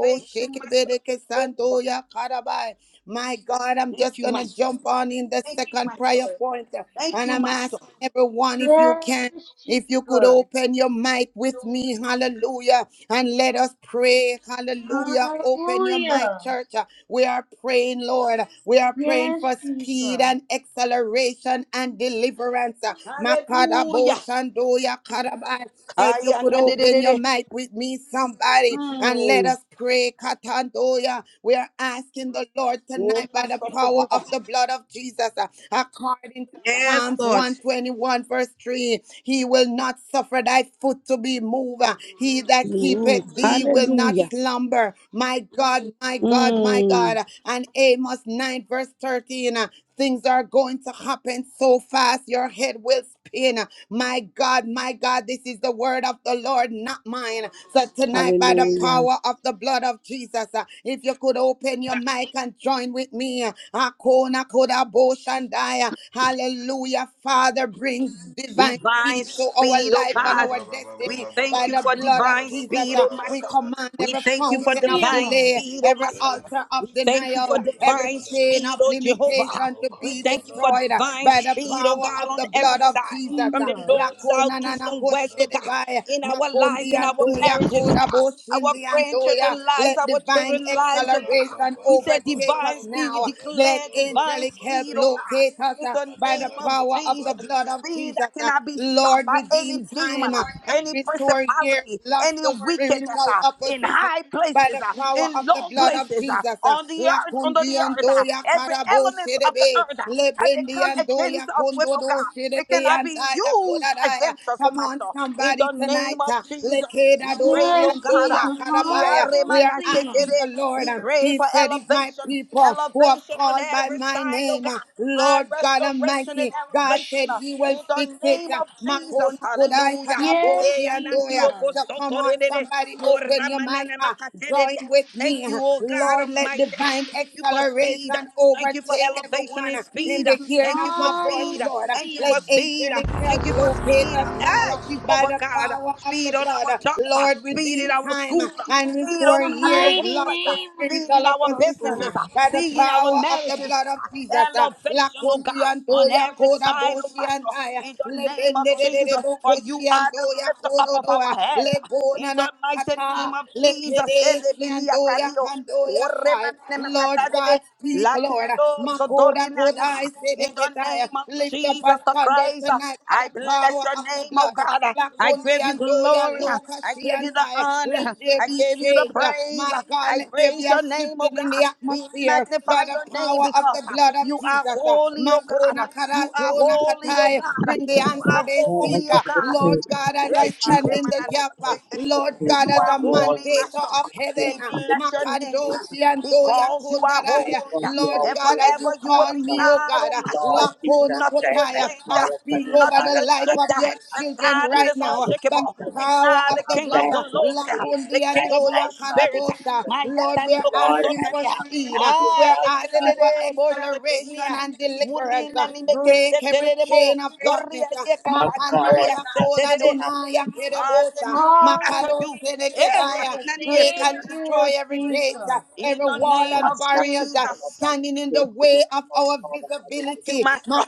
S5: Thank you, Master
S3: kebedeke sando
S5: Jehovah.
S3: ya karaba. My God, I'm
S5: Thank
S3: just
S5: you,
S3: going to
S5: Master.
S3: jump on in the
S5: Thank you,
S3: second
S5: Master.
S3: prayer point.
S5: Thank
S3: And
S5: you,
S3: I'm
S5: Master.
S3: asking everyone if you can.
S6: Yes,
S3: If you could
S6: Jesus.
S3: open your mic with me, hallelujah, and let us pray, hallelujah. Open your mic,
S6: Hallelujah.
S3: church. We are praying, Lord. We are praying
S6: Yes,
S3: for
S6: Jesus.
S3: speed
S6: Hallelujah.
S3: and acceleration and deliverance. Makadabo
S5: Hallelujah.
S3: shandoya karabai. So if you
S5: Kaya
S3: could
S5: na de de
S3: open
S5: de
S3: your
S5: de.
S3: mic with me, somebody, and let
S5: Mm.
S3: us pray. Katandoya. We are asking the Lord
S5: Oh,
S3: tonight by the
S5: Master
S3: power of
S5: Jehovah.
S3: the blood of Jesus, uh, according
S5: Yes,
S3: Psalms
S5: Lord.
S3: 121, verse 3 He will not suffer thy foot to be moved. He that
S5: Move.
S3: keepeth thee will not
S5: Hallelujah.
S3: slumber. My God, my God, my God.
S5: Mm.
S3: And Amos 9, verse 13 uh, Things are going to happen so fast, your head will spin. My God, my God, this is the word of the Lord, not mine. So tonight, by the
S5: Hallelujah.
S3: power of the blood of Jesus. Uh, If you could open your mic and join with me. uh, Akona koda bo shandaya. Hallelujah. Father brings divine
S5: divine
S3: speed to our
S5: speed, oh
S3: life and
S7: shaba
S5: God.
S3: our
S7: baba baba
S5: We
S7: baba
S3: destiny
S7: baba
S5: thank
S3: by
S5: you
S3: the
S5: for
S7: kaba
S3: blood
S7: baba
S3: of
S5: divine
S7: baba baba
S3: Jesus.
S5: speed,
S7: baba
S3: uh,
S5: oh
S3: We
S5: Master.
S7: baba
S3: command
S7: baba
S5: We
S3: every
S5: thank
S7: shaba
S5: you for
S7: baba
S3: fountain of
S5: divine
S3: delay,
S5: speed, oh
S3: every
S5: Master.
S7: baba
S3: altar of
S5: We thank you
S3: denial,
S5: for
S3: every
S5: divine
S7: Kadabadadaba,
S3: chain of
S5: speed, oh Jehovah.
S7: Mandadaba,
S3: limitation to
S5: We
S3: be
S5: thank you for
S3: destroyed uh,
S7: Kabadabadaba,
S5: divine
S3: by the power
S5: speed, oh
S7: Shadaba,
S3: power
S5: God,
S3: of
S5: on
S3: the
S5: every
S3: blood of
S5: side.
S7: Kabadababa,
S3: Jesus.
S5: From
S3: uh,
S5: the
S6: Jesus.
S5: north, south,
S3: Lakona
S7: Madadaba,
S5: east,
S3: nana
S5: and west, oh
S7: Kabadaba,
S5: God,
S3: koshedebaya,
S5: in our
S3: makondi
S5: lives, in our
S3: andoya,
S5: marriages, oh
S3: koda
S5: God, our
S3: boshindi andoya.
S5: grandchildren lives,
S3: Let
S5: our
S3: divine
S5: children lives, oh
S7: Makapala,
S5: God.
S3: acceleration
S5: We said
S3: overtake us
S5: divine
S7: Kabadabadababa,
S5: speed, we
S3: now. Let
S5: declare
S7: Dadabadaba,
S5: divine
S3: angelic help
S5: speed, oh God
S7: Kabadababa,
S3: locate us
S5: in
S3: uh,
S5: the
S3: by the
S5: name of
S7: Madadaba,
S3: power of the
S5: Jesus.
S3: blood of
S7: Kabadababa,
S5: Speed
S3: Jesus.
S5: that
S3: uh.
S5: cannot be stopped
S3: Lord,
S5: by
S3: redeem
S5: any demon,
S3: time
S5: uh,
S3: uh, and
S5: any
S3: restore years
S5: principality,
S3: lost
S5: any
S3: to
S5: wickedness
S3: spiritual
S5: uh, in
S3: opposition
S5: high
S3: by
S5: places,
S3: the
S5: uh,
S3: power
S5: in
S3: of the
S5: low
S3: blood of
S5: places, uh,
S3: Jesus.
S5: on the
S3: La
S5: earth, under the earth,
S3: condiondo
S5: uh,
S3: ya
S5: every
S3: carabo
S5: element of the
S3: shedebe,
S5: earth uh,
S3: le
S5: that they come
S3: bendiando ya
S5: against us with, oh
S3: condodo
S5: God. It
S3: shedebe
S5: cannot be
S3: andaya
S5: used
S3: kodadaya.
S5: against us, oh
S3: Come on,
S5: Master. In
S3: somebody
S5: the name
S3: tonight.
S5: of
S3: uh, le
S5: Jesus. We
S3: kedado
S5: prayed, oh
S6: Yes,
S5: God.
S3: shiando ya
S5: ah,
S6: Jesus.
S5: we
S3: karabaya.
S5: are
S3: We are
S5: remana
S6: Hallelujah.
S3: asking
S5: shekere.
S3: the Lord.
S5: We
S3: uh,
S5: pray
S3: He
S5: for
S3: said, If my
S5: elevation,
S3: people who have
S5: elevation on
S3: called by
S5: every
S3: my
S5: side, oh
S3: name, uh,
S5: God. Ah,
S3: Lord God
S5: restoration and
S3: Almighty, God
S5: elevation
S3: said
S5: ah,
S3: He will
S5: in the
S3: fix it.
S5: name
S3: uh,
S5: of Jesus.
S3: Makona kodai
S5: Hallelujah.
S3: karabo
S6: Yes,
S5: Eh,
S3: shiando
S5: anatio
S3: prayer.
S6: Jesus.
S3: So come
S5: kosoto
S3: on,
S5: re re re.
S3: somebody open your
S5: Moramana
S3: mic.
S5: ne
S3: uh,
S5: makatere
S3: Join with
S5: Thank
S3: me. uh,
S5: you, oh God
S3: Lord, let
S5: Almighty.
S3: divine
S5: Thank you for speed.
S3: acceleration
S5: Thank you for
S3: overtake
S5: elevation
S3: everyone
S5: and
S3: uh, in
S5: speed.
S3: the
S6: Jesus,
S3: hearing
S5: Thank
S3: of
S5: you for
S3: my voice,
S5: speed.
S6: hallelujah.
S3: Lord. Uh,
S5: Thank you
S3: Let
S5: for speed.
S3: angelic help
S5: Thank you for
S3: locate
S5: speed.
S3: us now
S5: Ah,
S3: uh, by
S5: Jehovah
S3: the
S5: God,
S3: power of the
S5: speed on
S3: blood.
S5: our
S3: Uh,
S5: job,
S3: Lord,
S5: speed
S6: Yes,
S5: in
S3: redeem
S5: our
S3: time
S5: school,
S3: uh,
S6: Jesus,
S3: and
S5: speed,
S6: in
S5: oh
S3: restore
S6: the
S5: God, in the
S3: years
S6: mighty
S3: lost
S5: workplace,
S3: to
S6: name
S5: speed
S6: of
S3: spiritual
S5: in our
S6: Jesus,
S3: opposition uh,
S5: businesses,
S6: Lord.
S3: by the
S5: speed in our
S3: power of the
S5: marriages, oh
S3: blood of
S5: God.
S3: Jesus. uh,
S5: Elevation, oh
S3: Lakundu
S5: God, on
S3: yandoya
S5: every side, oh
S3: kodaboshi
S5: Master, in the
S3: andaya,
S5: name of Jesus, for you are the lifter up of our head. In the mighty name of Jesus, elebeniakanio,
S3: Lord God,
S5: oremanenekatadebe,
S3: speak, Lord. Makoda koda
S5: lakielozodorinania.
S3: I say the
S5: in the
S3: kitaya.
S5: name of
S3: Lift up a
S5: Jesus the
S3: thunder
S5: Christ,
S3: tonight by
S5: I
S3: the
S5: bless
S3: power
S5: your
S3: of the
S5: name, oh
S3: blood.
S5: God. I
S3: Lakundi
S5: give you
S3: and doya
S5: glory.
S3: Luka
S5: I
S3: she
S5: give
S3: and
S5: you the
S3: I. Let
S5: honor.
S3: there
S5: I
S3: be
S5: give you the
S3: change.
S5: praise.
S3: My God,
S5: I
S3: let there be
S5: praise
S3: a
S5: your name, oh
S3: shifting in the
S5: God. We
S3: atmosphere
S5: magnify
S3: by
S5: your
S3: the
S5: name
S3: power of
S5: because
S3: the
S5: uh,
S3: blood of
S5: you are
S3: Jesus.
S5: holy, oh
S3: Makona
S5: God. You are
S3: karatona
S5: holy, oh
S3: katai.
S2: God,
S5: God.
S3: Bring the
S5: You
S3: answer
S5: are
S3: they
S2: I
S3: seek.
S5: holy, oh
S3: uh,
S2: give you the
S5: God.
S3: Lord
S2: praise, my
S3: God, as I
S2: God, Jesus,
S3: stand in the
S2: Lord,
S3: gap,
S2: I
S3: uh,
S2: give you the
S3: Lord
S2: praise,
S3: God,
S5: You
S3: as
S2: God,
S5: are
S3: a
S2: you are
S5: holy,
S2: worthy
S3: mandator
S5: Master.
S2: to be
S3: of
S5: We
S3: heaven,
S2: praised,
S3: uh,
S2: we lift
S5: bless
S2: up
S5: your
S2: the
S5: name
S2: praise of
S3: Makandoshi and
S2: God,
S3: Doya
S5: because you are
S2: Lord
S3: Kondarai, uh,
S5: holy.
S2: God, you
S3: Lord
S2: are
S5: And
S3: God, as
S2: worthy,
S5: forever
S3: you
S5: you will
S3: call
S2: Father
S5: be
S3: me,
S2: God,
S3: oh
S5: God,
S3: God,
S5: oh
S3: uh,
S2: Lord Jesus,
S5: Master.
S3: Lakona
S5: Nothing
S2: thank
S5: will
S3: Kotaya,
S2: thank
S5: change.
S2: God,
S3: I
S5: that.
S2: oh, for
S3: speak
S2: your
S3: over
S5: Nothing
S3: the
S2: Father
S5: can
S3: life
S2: God,
S5: shake
S3: of
S2: and
S5: that.
S2: I
S3: your
S5: The
S2: ask
S3: children
S2: of
S5: God
S2: you,
S5: that
S3: right
S5: is
S3: now.
S2: Father
S3: uh,
S5: unshakable.
S2: Jesus,
S5: The
S3: power
S5: God,
S2: to
S3: of
S5: the
S3: the
S2: have
S5: King of
S3: blood.
S2: that
S3: uh,
S2: one
S5: glory. uh,
S2: day,
S5: The
S3: Lakundi and
S5: King
S2: that
S5: of
S3: Doya
S5: all
S2: night, Father
S5: spirit.
S3: Kanabosa.
S2: Jesus,
S5: My
S3: Lord,
S5: yatani
S3: we're
S2: Lord,
S3: asking
S2: I
S3: for
S5: mokosotaria.
S3: speed. uh,
S2: love you,
S5: Ah,
S3: We're
S2: Father
S3: asking
S2: God,
S3: for
S5: lekerere
S3: acceleration
S5: boshetania.
S3: and deliverance. uh,
S5: Murina ni
S3: Break every
S5: mekeseterebo.
S3: chain of darkness.
S5: Koria
S3: uh,
S5: ye
S2: Lord
S5: katadini
S2: God, I
S3: Makandoya Koda
S2: ask you
S5: miaseterere.
S2: now,
S3: Donaya Kerebosa.
S5: Hallelujah
S6: Hallelujah,
S5: to
S3: Makado
S5: you. Hey,
S3: Senekedaya.
S6: hallelujah.
S5: yakanani
S3: Break and
S6: Thank
S5: esetaria.
S6: you,
S3: destroy
S6: Lord
S3: every gate, uh,
S6: Jesus.
S5: In
S3: every
S5: the
S3: wall
S5: name
S3: and
S5: of
S2: Mighty
S3: barriers uh,
S5: Jesus.
S3: standing in the way of our
S5: Thank you,
S3: visibility.
S5: Master.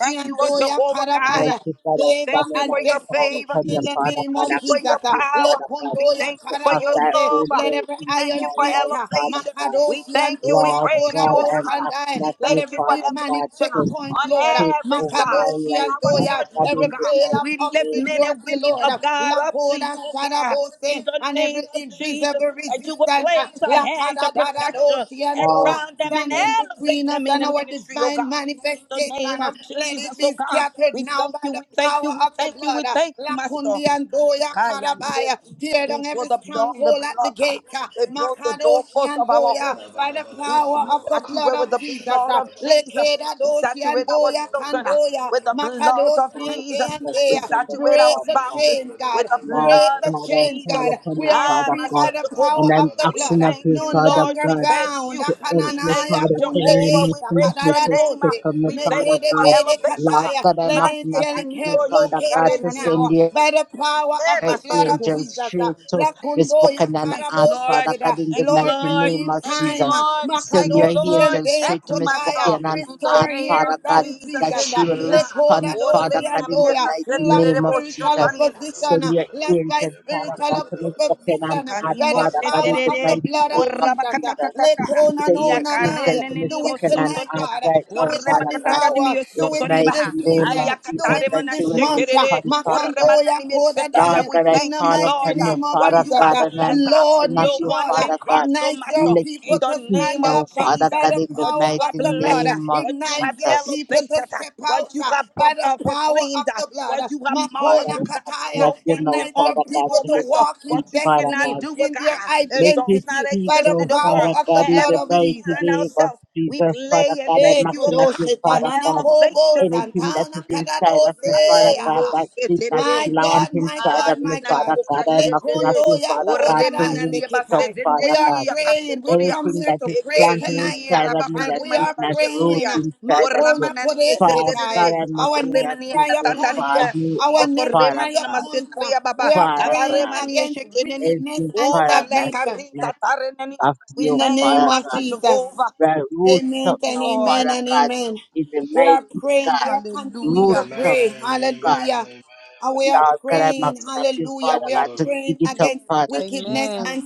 S5: Thank you,
S3: and
S5: O
S3: Doya
S5: Jehovah God.
S3: Karabaya
S2: Father,
S5: We
S3: favor
S5: thank
S2: Father,
S5: you
S3: and
S5: for
S2: I
S5: your
S2: call
S3: destiny
S2: upon
S5: favor.
S2: your
S3: in the
S5: We
S2: Father
S3: name
S5: thank
S2: God,
S3: of
S5: you
S2: I
S5: for
S3: Jesus.
S5: your
S2: snap
S3: Uh,
S2: you,
S5: power.
S2: Father God,
S5: We
S3: Lekondoya
S5: thank you
S2: to
S5: for
S2: have
S5: your
S2: thy
S3: karabose,
S2: own
S5: love.
S3: let
S2: way
S3: every
S5: We
S2: in
S5: thank you
S3: iron
S2: my
S5: for
S3: gate,
S2: life,
S3: uh,
S2: Father
S5: elevation.
S2: God.
S5: We
S3: makadoshi and
S5: thank you. We
S3: doya
S2: Lord
S5: praise you,
S2: God,
S5: O
S3: korabos
S2: I'm
S5: God.
S3: and
S2: asking
S5: We
S3: let
S5: thank
S2: you,
S3: every
S5: you for
S2: Father
S3: demonic
S2: God,
S5: elevation
S2: to
S3: checkpoint, Lord, uh,
S2: take
S5: on every
S2: over
S5: side
S2: my
S3: makadoshi
S5: in
S3: and
S2: life,
S5: our
S2: Father
S3: doya,
S2: God,
S5: churches, O
S3: every
S2: in the
S5: God.
S3: veil of
S2: mighty
S5: We lift
S2: name
S5: men
S2: of
S5: and
S3: obscurity,
S5: women
S3: Lord, uh,
S5: of
S2: the
S5: God up to
S3: lakoda
S5: you, O God,
S3: sharabose,
S5: in the
S3: and every
S5: name of Jesus,
S3: invisible
S5: that you will
S3: resistance, uh,
S5: place a hedge of protection
S3: lakadadadadoshi and
S2: Lord
S3: doya,
S5: around them and
S2: Jesus,
S3: standing
S5: elevate
S3: between us
S5: them in
S3: and
S5: the
S3: our
S5: ministry, O
S3: divine
S5: God. In the name
S3: manifestation. Uh,
S5: of
S3: Let it
S5: Jesus, oh
S3: be
S5: God,
S3: scattered
S5: we
S3: now
S5: thank
S3: by
S5: you,
S3: the
S5: we thank you,
S3: power
S5: we
S3: of the
S5: thank you,
S3: blood.
S5: we
S3: Uh,
S5: thank you, Master.
S3: Lakundi and Doya
S5: Kaya ni mo.
S3: Karabaya. Tear down
S5: We pour
S3: every
S5: the blood, the
S3: stronghold at the
S5: blood. uh,
S3: gate. Uh,
S5: They brought the
S3: Makadoshi
S5: doorposts
S3: and
S5: of our
S3: Doya.
S5: homes. uh,
S3: By the
S5: We, s-
S3: power
S5: we
S3: of
S7: Madabadabadabadaba,
S3: the blood
S5: saturate with
S7: Kabade,
S3: of
S5: the
S3: Jesus.
S5: blood
S3: Uh,
S5: of Jesus.
S7: Shadabadabadabadaba,
S3: Lekeda
S5: We
S3: Doshi and
S5: saturate our
S3: Doya
S5: children uh,
S3: Kandoya.
S5: with the
S7: Yabadabadabadabadabadaba,
S5: blood of
S3: Makadoshi and
S2: Lord,
S3: Day
S5: Jesus.
S3: and Day.
S5: We
S2: forgive
S3: Uh,
S2: them,
S7: Kibadabadabadabadaba,
S5: saturate
S3: Break
S5: our
S3: the
S2: Father God.
S5: spouses
S3: chains, God.
S5: with the
S2: Lord
S3: Break
S5: blood
S3: the
S5: of
S2: God, I
S3: chains,
S7: Ajabadabadabadabadabadaba,
S2: call
S3: God.
S5: Jesus.
S2: upon
S3: We
S2: you,
S3: are
S5: Ah,
S2: Father
S3: free
S2: God,
S5: Master
S3: by the
S5: Jehovah,
S2: and
S3: power of
S2: I'm
S3: the
S5: we
S3: blood.
S2: asking
S3: Uh,
S2: of
S5: thank
S2: you,
S3: No
S5: you,
S2: Father
S5: Lord.
S3: longer
S5: We
S2: God,
S5: thank
S3: bound.
S5: you.
S2: to help
S5: We
S2: me,
S5: thank
S3: Maya
S5: you,
S2: Father
S3: kundere
S2: God, I'm
S5: Jehovah. We
S2: asking of
S5: praise
S2: you
S5: your
S3: sakadada
S2: to
S5: name.
S2: stick
S5: uh,
S2: on me,
S5: We thank
S2: Father
S5: you for
S2: God.
S5: elevation.
S2: Lord
S5: uh,
S2: God, I'm
S3: Let
S2: asking
S5: Master
S2: of
S3: angelic
S2: you,
S3: help
S5: Kaniko
S2: Father
S3: locate
S2: God,
S3: us
S2: to
S5: Shikarenania.
S2: send
S3: now
S2: you
S3: by the power
S5: Eh,
S3: of
S2: her
S3: the
S5: Master
S3: blood of
S5: Jehovah.
S2: angel
S3: Jesus.
S2: straight to
S3: La
S2: Miss
S3: kundo ya
S2: Buchanan
S5: Thank you,
S3: karabo
S2: Art,
S5: Lord.
S2: Father
S3: sekeda.
S2: God, in the
S5: Thank you,
S2: mighty
S3: Lord,
S5: Lord.
S2: name
S3: redeem
S2: of
S5: Thank you,
S3: time.
S2: Jesus.
S5: Lord. Thank
S2: Send your
S5: you,
S3: Makadosi
S5: Lord.
S2: angel
S3: ente ya
S5: Thank
S2: straight to
S5: you,
S2: Miss
S3: kotaya.
S5: Master.
S2: Buchanan
S5: In the
S2: Art,
S3: Restore
S5: name
S3: years
S2: Father
S5: of
S3: that
S2: God,
S3: is
S5: Jesus,
S2: that
S3: Jesus.
S2: she will
S5: enamia.
S3: Le koda
S2: respond,
S5: Orre
S2: Father
S3: dosi
S2: God, in
S5: manamia
S2: the mighty
S3: andoya
S5: kasetere
S2: name of
S5: bo
S3: spiritual
S2: Jesus.
S5: shotanina.
S2: Send
S3: opposition, uh,
S2: your
S3: less by
S2: angel, Father
S3: spiritual
S2: God, to
S3: op-
S2: Miss Buchanan
S3: opposition, uh,
S2: Art,
S3: by
S5: Kanimo
S3: the
S2: Father God, in
S3: power
S2: the
S3: of the
S5: setere.
S2: mighty
S3: blood of
S2: name of
S5: Orra
S3: Jesus. uh,
S2: Jesus.
S5: bakatatatata.
S3: Lekona
S2: Send
S3: no
S5: Ia
S2: your
S3: na na,
S2: angel
S3: uh,
S5: karene
S2: to Miss
S5: nini
S3: Do
S5: mo
S3: it
S2: Buchanan
S3: tonight,
S5: sotoria.
S2: Art
S3: God. uh,
S2: right now,
S3: Do it
S5: Orre
S3: at
S2: Father
S3: this
S2: God.
S5: bakatatadi mi
S3: hour.
S2: In
S3: Do
S2: the
S3: it
S5: sotoria
S3: in
S2: mighty
S3: this
S5: baha.
S2: name of
S5: Aya
S3: season. Do
S2: Jesus,
S5: katare
S3: it
S2: that
S3: in
S5: mana
S2: she
S3: this
S2: will
S3: month. uh,
S2: respond,
S5: shekerere.
S2: Father
S5: Orre
S2: God
S3: Makandoya
S5: manani mi
S2: Lord
S5: setaria.
S3: Kodadai,
S5: We
S2: God, I
S3: In
S5: thank
S3: the
S5: you,
S2: call
S3: mighty
S2: upon
S5: Lord. uh,
S2: you,
S3: name of
S5: What
S2: Father
S5: you have
S2: God,
S3: Jesus.
S2: and I'm
S5: blessed, uh,
S3: Lord,
S2: asking of
S3: we
S5: no
S2: you,
S3: call,
S5: one
S3: uh,
S5: can
S2: Father God,
S5: curse, oh
S3: ignite your
S5: Master
S2: let
S5: in
S3: people
S2: me
S5: the
S3: to
S2: speak
S5: name
S3: stand
S5: of
S2: now,
S3: up uh,
S2: Father
S5: Jesus.
S3: by
S5: uh,
S2: God,
S3: the
S2: in the
S5: What you
S3: power
S2: mighty
S3: of
S5: have
S3: the blood.
S5: blessed,
S3: Uh,
S5: uh,
S2: name of
S5: what you
S3: Ignite
S5: have
S3: your
S2: Jesus.
S3: people
S5: elevated,
S3: to
S5: uh,
S3: step out
S5: what you
S3: uh,
S5: have pro-
S3: by the
S5: uh,
S3: power of
S5: proclaimed, uh,
S3: the blood.
S5: what
S3: Uh,
S5: you have
S2: Lord,
S5: marked,
S3: Makona
S5: oh
S2: I'm
S5: God.
S2: asking
S3: Kataya,
S2: of
S5: No
S2: you
S5: one
S2: now,
S5: can
S3: ignite your
S2: Father
S5: undo,
S2: God,
S3: people
S5: oh
S2: to
S3: to
S2: let me
S5: Master.
S3: walk in
S2: speak,
S5: What you
S2: Father God.
S5: cannot
S3: destiny,
S5: do, oh
S3: in their
S5: God. It
S2: Let me
S5: does not
S3: identity
S2: see,
S3: by
S5: exist
S3: the
S5: in
S2: oh
S5: the
S3: power
S5: world.
S2: Father
S3: of the
S2: God, in
S3: blood
S5: Wherever
S2: the
S3: of
S5: we
S2: mighty
S3: Jesus.
S5: find
S2: today. Was
S5: ourselves, we
S2: Jesus, Father
S5: play and
S2: God, i
S3: E
S5: thank
S2: must
S5: you, oh
S2: asking that
S5: God,
S2: you,
S3: kodoshe
S5: for
S2: Father
S3: kanana
S2: God,
S3: kobo
S5: elevation, oh
S2: anything
S5: Master.
S2: that
S3: santana
S2: is inside of me, Father
S3: kadadose.
S2: God,
S5: Ayanimo
S3: ah.
S2: that seed that
S5: seterere.
S3: My
S2: plant
S3: God, my
S2: inside
S3: God,
S2: of me,
S3: my
S5: Alinani
S3: God.
S2: Father God, i must asking that
S3: Lekondo
S5: bukashetere.
S2: you,
S3: ya
S2: Father God,
S5: Orre
S2: to
S3: konada
S2: root
S5: manani
S2: it up,
S5: base
S3: isekitai. We
S2: Father
S3: are
S2: God.
S5: zenderi
S3: praying. We come
S2: Anything
S3: here
S2: that
S3: to
S2: is
S3: pray
S2: planted
S3: tonight.
S5: Ekehi
S3: ah,
S2: inside of me
S3: And
S2: that
S5: rabakare
S3: we
S2: did
S5: mani
S3: are
S2: not
S5: bashe
S2: root
S3: praying. ah,
S2: inside of
S5: Orra
S2: you,
S3: Makona
S5: manani
S2: Father God,
S3: kodesetai.
S5: mesetere.
S2: i must
S3: Our
S2: asking
S5: Orre
S2: that
S3: next
S5: mani
S2: you,
S3: prayer
S2: will
S3: point. ah,
S5: katatarbia.
S2: Father
S3: Our
S5: Iyo
S2: of
S3: next
S2: Father
S3: prayer
S5: manana
S2: God,
S3: point. ah,
S5: masetaria
S3: We
S5: baba.
S3: are
S2: Father
S5: Baba
S3: praying
S2: God,
S5: mani
S3: against
S5: eshekeneni.
S3: wickedness
S2: everything,
S3: and
S5: Oh
S2: Father
S3: stagnation.
S5: malekari
S2: God.
S5: tatarenani.
S2: I
S5: We
S3: In
S2: feel
S3: the
S5: thank you,
S3: name
S2: Father
S3: of
S5: Master
S2: God.
S3: Jesus.
S5: Jehovah.
S2: That roots
S3: Amen
S2: up
S5: Thank you,
S3: and
S2: now,
S5: Lord.
S3: amen
S2: Father
S3: and
S2: God,
S3: amen.
S2: in the
S3: We are
S2: mighty
S3: praying. We
S2: God.
S3: are continuing
S2: Roots
S3: to
S5: Hallelujah.
S7: Amen,
S2: up,
S3: pray.
S7: amen,
S2: God.
S3: Hallelujah.
S7: amen.
S3: And we are
S2: Lord God, I'm
S3: praying.
S2: asking of you,
S3: Hallelujah.
S2: Father
S3: We are
S2: God, to
S7: Glory.
S2: dig
S3: praying
S2: it up,
S3: against
S2: Father
S3: wickedness
S2: Jesus.
S5: Amen.
S3: and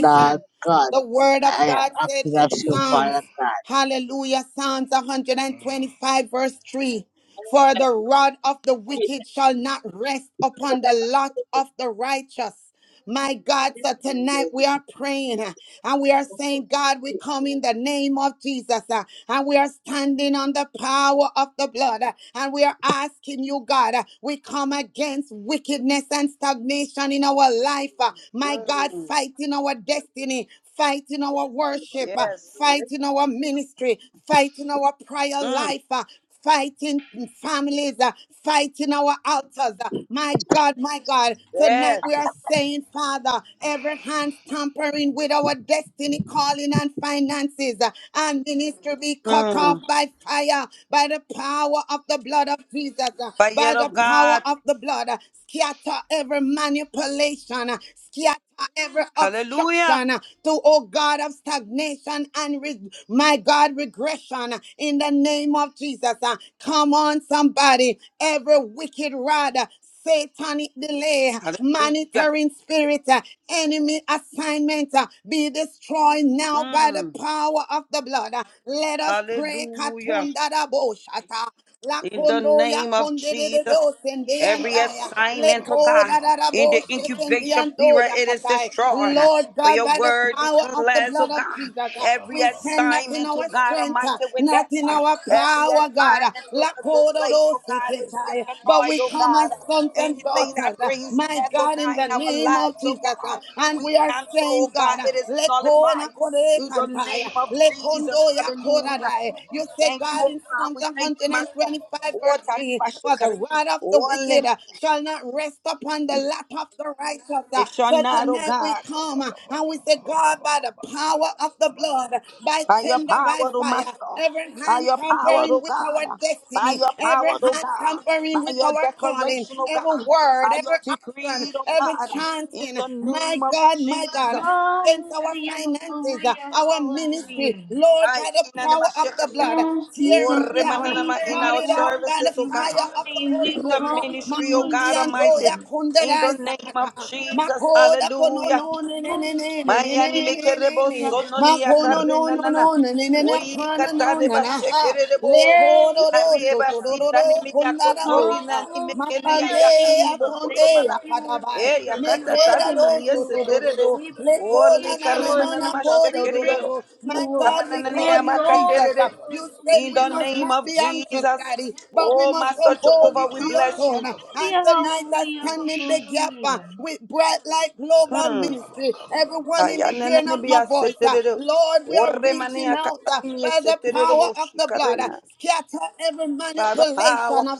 S2: Lord God,
S3: The word of
S2: I am
S3: God said
S2: asking of
S3: in
S2: you, Father
S3: Psalms,
S2: God.
S3: hallelujah, Psalms 125, verse 3 For the rod of the wicked shall not rest upon the lot of the righteous. My God, so tonight we are praying uh, and we are saying, God, we come in the name of Jesus uh, and we are standing on the power of the blood uh, and we are asking you, God, uh, we come against wickedness and stagnation in our life. uh, My God,
S5: Mm,
S3: fighting our destiny, fight in our worship, uh,
S5: yes.
S3: fight in our ministry, fight in our prayer
S5: Mm,
S3: life. uh, Fighting families, uh, fighting our altars. uh, my God, my God, tonight we
S5: yes.
S3: are saying, Father, every hand tampering with our destiny, calling, and finances uh, and ministry be cut off by fire, by the power of the blood of Jesus, uh, by
S5: Fire
S3: the
S5: of
S3: power
S5: God.
S3: of the blood. uh, Scatter every manipulation, uh, for every
S5: Hallelujah.
S3: obstruction uh, to, oh God, of stagnation and re- my God, regression uh, in the name of Jesus. uh, Come on, somebody, every wicked rod. uh, Satanic delay,
S5: Hallelujah.
S3: monitoring spirit, uh, enemy assignment uh, be destroyed now by the
S5: Mm.
S3: power of the blood. uh. Let us pray.
S5: Hallelujah.
S3: Katunda da bo shata. La
S5: In the
S3: condo ya
S5: name of
S3: conde de de
S5: Jesus.
S3: dos en de
S5: Every
S3: antaya. Le
S5: assignment, oh
S3: coda
S5: God.
S3: da da
S5: in
S3: bo
S5: the
S3: shaken
S5: incubation
S3: ando
S5: period
S3: ya
S5: it is
S3: katai.
S5: destroyed
S3: Lord
S5: for
S3: God,
S5: your
S3: by the
S5: word
S3: power of the
S5: declares oh
S3: blood of
S5: god
S3: Jesus, uh,
S5: every
S3: we stand not in
S5: assignment to
S3: our
S5: god
S3: strength,
S5: almighty
S3: uh,
S5: with that
S3: not in
S5: uh,
S3: our
S5: every
S3: power, God. uh,
S5: assignment with
S3: La
S5: the
S3: coda
S5: grave
S3: do
S5: oh god is
S3: seketai. But
S5: disanoid
S3: we
S5: oh
S3: come
S5: god
S3: as sons and
S5: anything
S3: daughters,
S5: that
S3: uh,
S5: brings
S3: my
S5: death oh
S3: God, in
S5: god in
S3: the
S5: our
S3: name of
S5: lives oh
S3: Jesus. uh,
S5: god
S3: And
S5: we
S3: we are
S5: cancel
S3: saying,
S5: oh
S3: God,
S5: god
S3: uh,
S5: it is
S3: le kona
S5: nullified
S3: kore
S5: in the
S3: kantai
S5: name of jesus
S3: kondo ya
S5: hallelujah
S3: korarai.
S5: we
S3: You say,
S5: thank you
S3: God,
S5: oh
S3: in
S5: god
S3: Psalms
S5: we thank you master
S3: 125,
S5: what
S3: verse
S5: am
S3: 3,
S5: i
S3: for the
S5: shikari?
S3: rod of the
S5: One
S3: wicked uh, shall not rest upon the lap of the righteous. uh.
S5: it shall
S3: So
S5: not, oh
S3: tonight we
S5: God.
S7: Shabbat
S3: come uh, and we say, God, by the power of the blood, uh, by
S5: by your
S3: tender,
S5: power,
S3: by
S5: oh
S3: fire,
S5: Master,
S3: every
S5: by
S3: hand
S5: your power,
S3: tampering
S5: oh
S3: with our
S5: God, by
S3: destiny,
S5: your power,
S3: every
S5: oh
S3: hand
S5: God,
S3: tampering
S5: by
S3: with
S5: your
S3: our calling,
S5: declaration, oh
S3: every
S5: God,
S3: word,
S5: by your
S3: every action,
S5: decree, oh
S3: every
S5: God, in
S3: chanting,
S5: the
S3: my
S5: name of
S3: God, my God
S5: Jesus.
S3: against our
S6: Hallelujah,
S3: finances, uh,
S6: hallelujah,
S3: our ministry.
S6: hallelujah.
S3: Lord,
S5: I
S3: by the
S5: in the
S3: power of the
S5: Mashakaria.
S3: blood,
S6: Yes,
S3: tear
S5: Oh,
S6: Jesus,
S3: it
S6: we
S3: down,
S6: praise
S5: remananama, In
S6: you,
S3: cut
S6: we
S5: our
S3: it off by
S6: worship
S5: services,
S3: the
S5: oh
S6: you, we
S5: God,
S3: fire
S6: honor
S3: of the
S6: you,
S3: Holy
S5: in
S6: we
S3: Ghost.
S5: the
S6: go
S3: uh,
S6: to you,
S5: ministry, oh
S6: Lord
S3: Makundi
S5: God Almighty,
S3: andoya
S6: Jesus.
S5: in the
S3: kundarai
S5: name of
S3: sakata.
S5: Jesus,
S3: Makoda kono
S5: hallelujah.
S3: no ne ne ne
S6: Hallelujah,
S3: ne ne ne
S5: Mayani
S3: ne ne ne
S5: mekerebo
S3: ne.
S6: hallelujah,
S5: sononi
S3: Makono
S6: hallelujah.
S5: yakare
S3: no no no
S5: nanana.
S3: no ne ne ne ne
S5: Oi
S3: kana no na
S5: katareba
S3: na ha.
S5: shekerebo.
S6: Yes,
S3: Lekodo
S5: La
S3: do
S6: Jesus.
S3: so
S5: rieba
S3: to do do
S5: sita
S3: do
S5: ni
S3: kundara bosa.
S5: ni
S6: Hallelujah,
S5: mekeni ya
S3: Makande
S6: Jesus.
S3: atonde
S6: Thank
S5: bokoromana.
S6: you, Lord
S3: akadabai.
S5: E
S6: Jesus.
S3: Me
S6: We
S5: yakata
S3: queda
S5: tadi
S3: dos,
S6: worship
S5: mani
S3: do,
S6: you,
S3: do,
S6: Lord.
S3: do, do,
S5: yeseterere.
S3: do.
S6: We
S3: Le co, na,
S5: Oli
S6: praise
S3: na,
S6: you,
S3: na,
S6: Lord
S3: na,
S5: karimana
S3: na,
S6: Jesus.
S3: co,
S6: We
S3: do, do, do,
S6: thank
S5: mashekeriyo.
S3: do.
S6: you,
S3: My
S6: Lord.
S3: God,
S7: Shut
S3: we
S5: Otamananane
S6: We
S3: call
S5: ya
S3: you
S6: exalt
S3: Jesus.
S6: you, Lord
S3: You said
S5: In
S3: we
S5: the
S3: must
S6: Jesus.
S5: name
S3: not
S5: of
S3: be anxious,
S5: Jesus.
S3: Daddy, but we
S5: Oh,
S3: must
S5: Master
S3: come boldly
S5: Jehovah, we
S3: to your
S5: bless
S3: throne.
S5: you.
S3: And
S6: Hallelujah,
S3: tonight I
S6: hallelujah,
S3: stand in the gap uh,
S6: hallelujah.
S3: with Bright Light Global
S5: Hmm.
S3: Ministry. Everyone in the
S5: Ayanana
S3: hearing of
S5: be
S3: my
S5: a
S3: voice, uh,
S5: seterero.
S3: Lord, we are
S5: Orre
S3: reaching
S5: mania
S3: out uh,
S5: catania
S3: by the power
S5: seterero,
S3: of
S5: she
S3: the blood.
S5: carena.
S3: Scatter every
S5: By the
S3: manipulation
S5: power
S3: of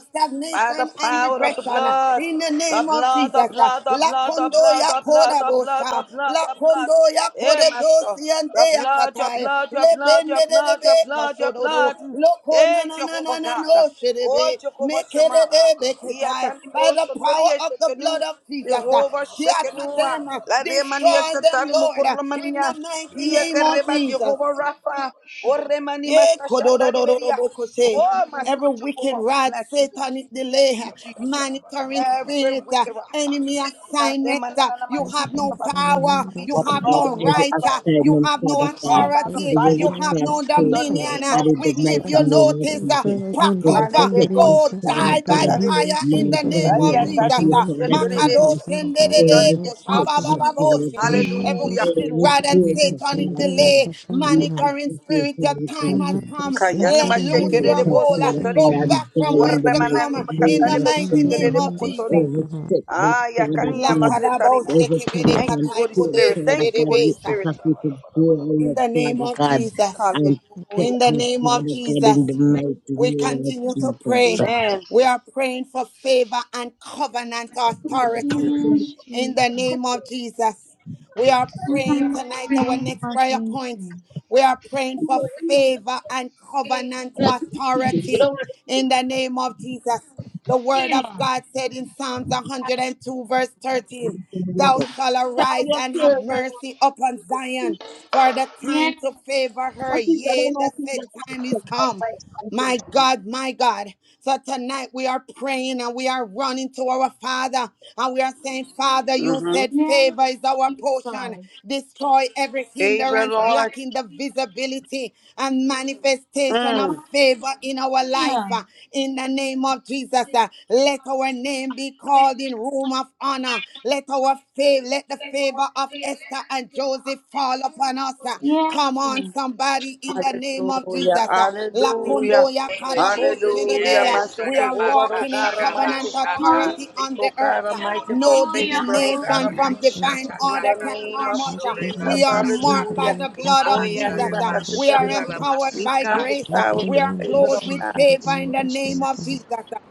S5: by the
S3: stagnation and
S5: power of the
S3: regression uh,
S5: blood.
S3: in the
S5: The
S3: name of
S5: blood,
S3: Jesus.
S5: the
S3: uh,
S5: blood, the
S3: La
S5: blood, the blood,
S3: kondoya
S5: the blood,
S3: koda
S5: the blood,
S3: bosha,
S5: the blood,
S3: la
S5: the blood.
S3: kondoya
S5: Eh,
S3: koda
S5: Master.
S3: bosi and
S5: the
S3: deya
S5: blood, your
S3: katai,
S5: blood, your
S3: le
S5: blood,
S3: bende
S5: your
S3: de de
S5: blood, your
S3: be
S5: blood, your
S3: kashodoro,
S5: blood.
S3: lo kona
S5: Eh,
S3: na na na
S5: Jehovah
S3: na
S5: God.
S3: no
S5: Oh,
S3: shirebe,
S7: Shut
S5: Jehovah
S3: make
S5: Shema.
S3: it de be katai. By
S5: Yatanimo
S3: the
S5: Sotoria
S3: power of the blood
S5: Shekenu.
S3: of Jesus, uh,
S5: Jehovah
S3: scatter
S5: Shekenua.
S3: them, uh,
S5: La Remania
S3: destroy them,
S5: Satanimu
S3: Lord, uh, in the
S5: Kurlamania.
S3: mighty
S5: Ia
S3: name of
S5: Kereba
S3: Jesus.
S5: Jehovah Rapha. O Remani
S3: Yeah,
S5: Makashata de Beria.
S3: kododododobokose.
S5: Oh,
S3: Every
S5: Master
S3: wicked
S5: Jehovah, we
S3: rod,
S5: bless you.
S3: satanic
S5: Thank
S3: delay, uh,
S5: you, Jesus.
S3: monitoring
S5: Every
S3: spirit, uh,
S5: wicked
S3: enemy
S5: rata.
S3: assignment. uh, You have no power.
S5: We
S8: Mandus,
S3: You
S2: Father
S5: destroy
S3: have
S2: God,
S3: no
S5: by the
S2: every
S3: right. uh,
S5: blood.
S3: You
S2: assignment,
S3: have
S5: We
S3: no
S2: Father
S5: destroy
S2: God,
S5: by the
S3: authority.
S2: every
S3: You
S5: fire.
S3: have
S2: witchcraft
S3: no
S5: In
S2: spirit,
S5: the
S3: dominion.
S2: Father
S5: name
S3: uh,
S2: God,
S5: of
S2: in
S3: We
S2: the
S3: give
S2: mighty
S3: you
S5: Jesus.
S2: name of
S3: notice. uh,
S2: Jesus.
S3: Pack
S2: We
S3: up. uh,
S2: respect that,
S3: Go
S5: Anelebochi,
S2: Father
S3: die by
S2: God.
S5: anikatarere,
S3: fire
S2: My
S3: in the
S2: God,
S3: name
S2: we
S3: of
S2: are for
S3: Jesus.
S2: you,
S3: Uh,
S2: Father
S5: bayakadimoseterere.
S3: Makado
S2: Jesus.
S5: In
S3: sendedede
S5: the
S2: Every
S5: name
S2: step
S5: of
S2: that, Father
S5: Jesus.
S3: koshababababoshere.
S2: God.
S3: Every
S5: Hallelujah.
S3: wicked
S2: Every
S3: rod and
S2: gate,
S3: satanic
S2: Father God.
S3: delay,
S2: We are
S3: monitoring
S2: for you,
S3: spirit, your
S2: Father God,
S3: time has
S2: to
S3: come.
S5: Kayana
S3: Let loose
S2: bless
S3: your
S5: mashekerere
S2: us,
S5: bo
S3: hold. Uh,
S2: Father
S3: Go
S5: sotori.
S2: God, and
S3: back from
S2: die in
S3: whence
S2: the
S5: Warda
S3: you come
S2: mighty
S5: manani
S3: uh, in the
S2: name
S5: makatare
S2: of
S5: be
S3: mighty
S2: Jesus
S3: name
S5: bo
S3: of
S7: up.
S3: Jesus.
S5: kotori.
S2: every step, mighty
S5: Ah,
S2: Father
S5: yakani
S2: God,
S5: amasetari
S3: Lakarabo
S5: mo.
S2: every
S3: shekebede
S2: promise
S5: Thank
S2: and
S5: you, Holy
S3: kataiko
S2: fear,
S3: de
S5: Spirit.
S2: Father
S5: Thank you,
S2: God,
S5: Holy
S2: we
S3: Lakaraboshekeberekataikodesededebesa.
S5: Spirit.
S7: Shabba
S2: ask you to glory
S3: In
S2: of
S3: the name
S2: Father
S3: of
S2: God
S3: Jesus.
S2: and step
S3: In
S5: Hallelujah.
S3: the
S2: up,
S3: name of
S2: Father God, in the
S3: Jesus.
S2: mighty
S3: We
S2: name of
S3: continue to
S2: Jesus.
S3: pray.
S5: Amen.
S3: We are praying for favor and covenant authority
S6: Yes,
S3: in the
S6: Jesus.
S3: name of Jesus. We are
S6: In the
S3: praying
S6: mighty
S3: tonight, our
S6: name
S3: next
S6: of
S3: prayer
S6: Jesus.
S3: point. We are praying for favor and covenant authority in the name of Jesus. The word of
S6: Hallelujah.
S3: God said in Psalms 102, verse 13, Thou shalt arise and have mercy upon Zion, for the time
S6: Yes,
S3: to favor her, yea, the set time is come. My God, my God. So tonight we are praying and we are running to our Father and we are saying, Father, you
S5: Mm-hmm.
S3: said
S6: yes,
S3: favor is our portion.
S6: Jesus.
S3: Destroy every
S5: Favor,
S3: hindrance
S5: Lord.
S3: blocking the visibility and manifestation of
S5: Mm.
S6: Hallelujah.
S3: favor in our life. Uh,
S6: Yes.
S3: In the name of Jesus, uh, let our name be called in room of honor. Let our favor, let the favor
S6: Hallelujah.
S3: of Esther and Joseph fall upon us. Uh, Come on, somebody, in the the name of
S5: Hallelujah,
S3: Jesus. Uh,
S5: hallelujah,
S3: Lakondo ya karabo
S5: hallelujah.
S3: sedebe, uh,
S5: Master
S3: We are
S5: Jehovah, oh
S3: walking in
S5: God
S3: covenant
S5: Almighty, we
S6: Hallelujah.
S3: authority
S5: speak,
S3: on
S5: oh
S3: the earth.
S5: God
S3: Uh,
S5: Almighty, for
S3: No
S5: favor, oh God
S3: divination from
S5: Almighty,
S3: divine
S5: in
S3: order
S5: the
S3: can
S5: name of
S3: harm us. Uh,
S8: Okay,
S5: Jesus,
S3: We
S8: Mando
S3: are marked by
S5: hallelujah.
S8: Sandria
S3: the blood
S5: Oh,
S3: of
S5: yeah,
S3: Jesus.
S5: ni
S8: Kashantara
S3: Uh,
S5: baka
S8: Mando
S3: We are
S5: sitariwa.
S8: Santo
S3: empowered
S5: we
S3: by
S5: come, oh
S3: grace. Uh,
S5: God, with
S3: We
S5: the
S3: are
S8: Rekinando
S5: favor of
S3: clothed with
S5: God.
S8: Suntara
S3: favor in the
S8: Mando
S3: name of
S8: Suntaha.
S3: Jesus. Uh,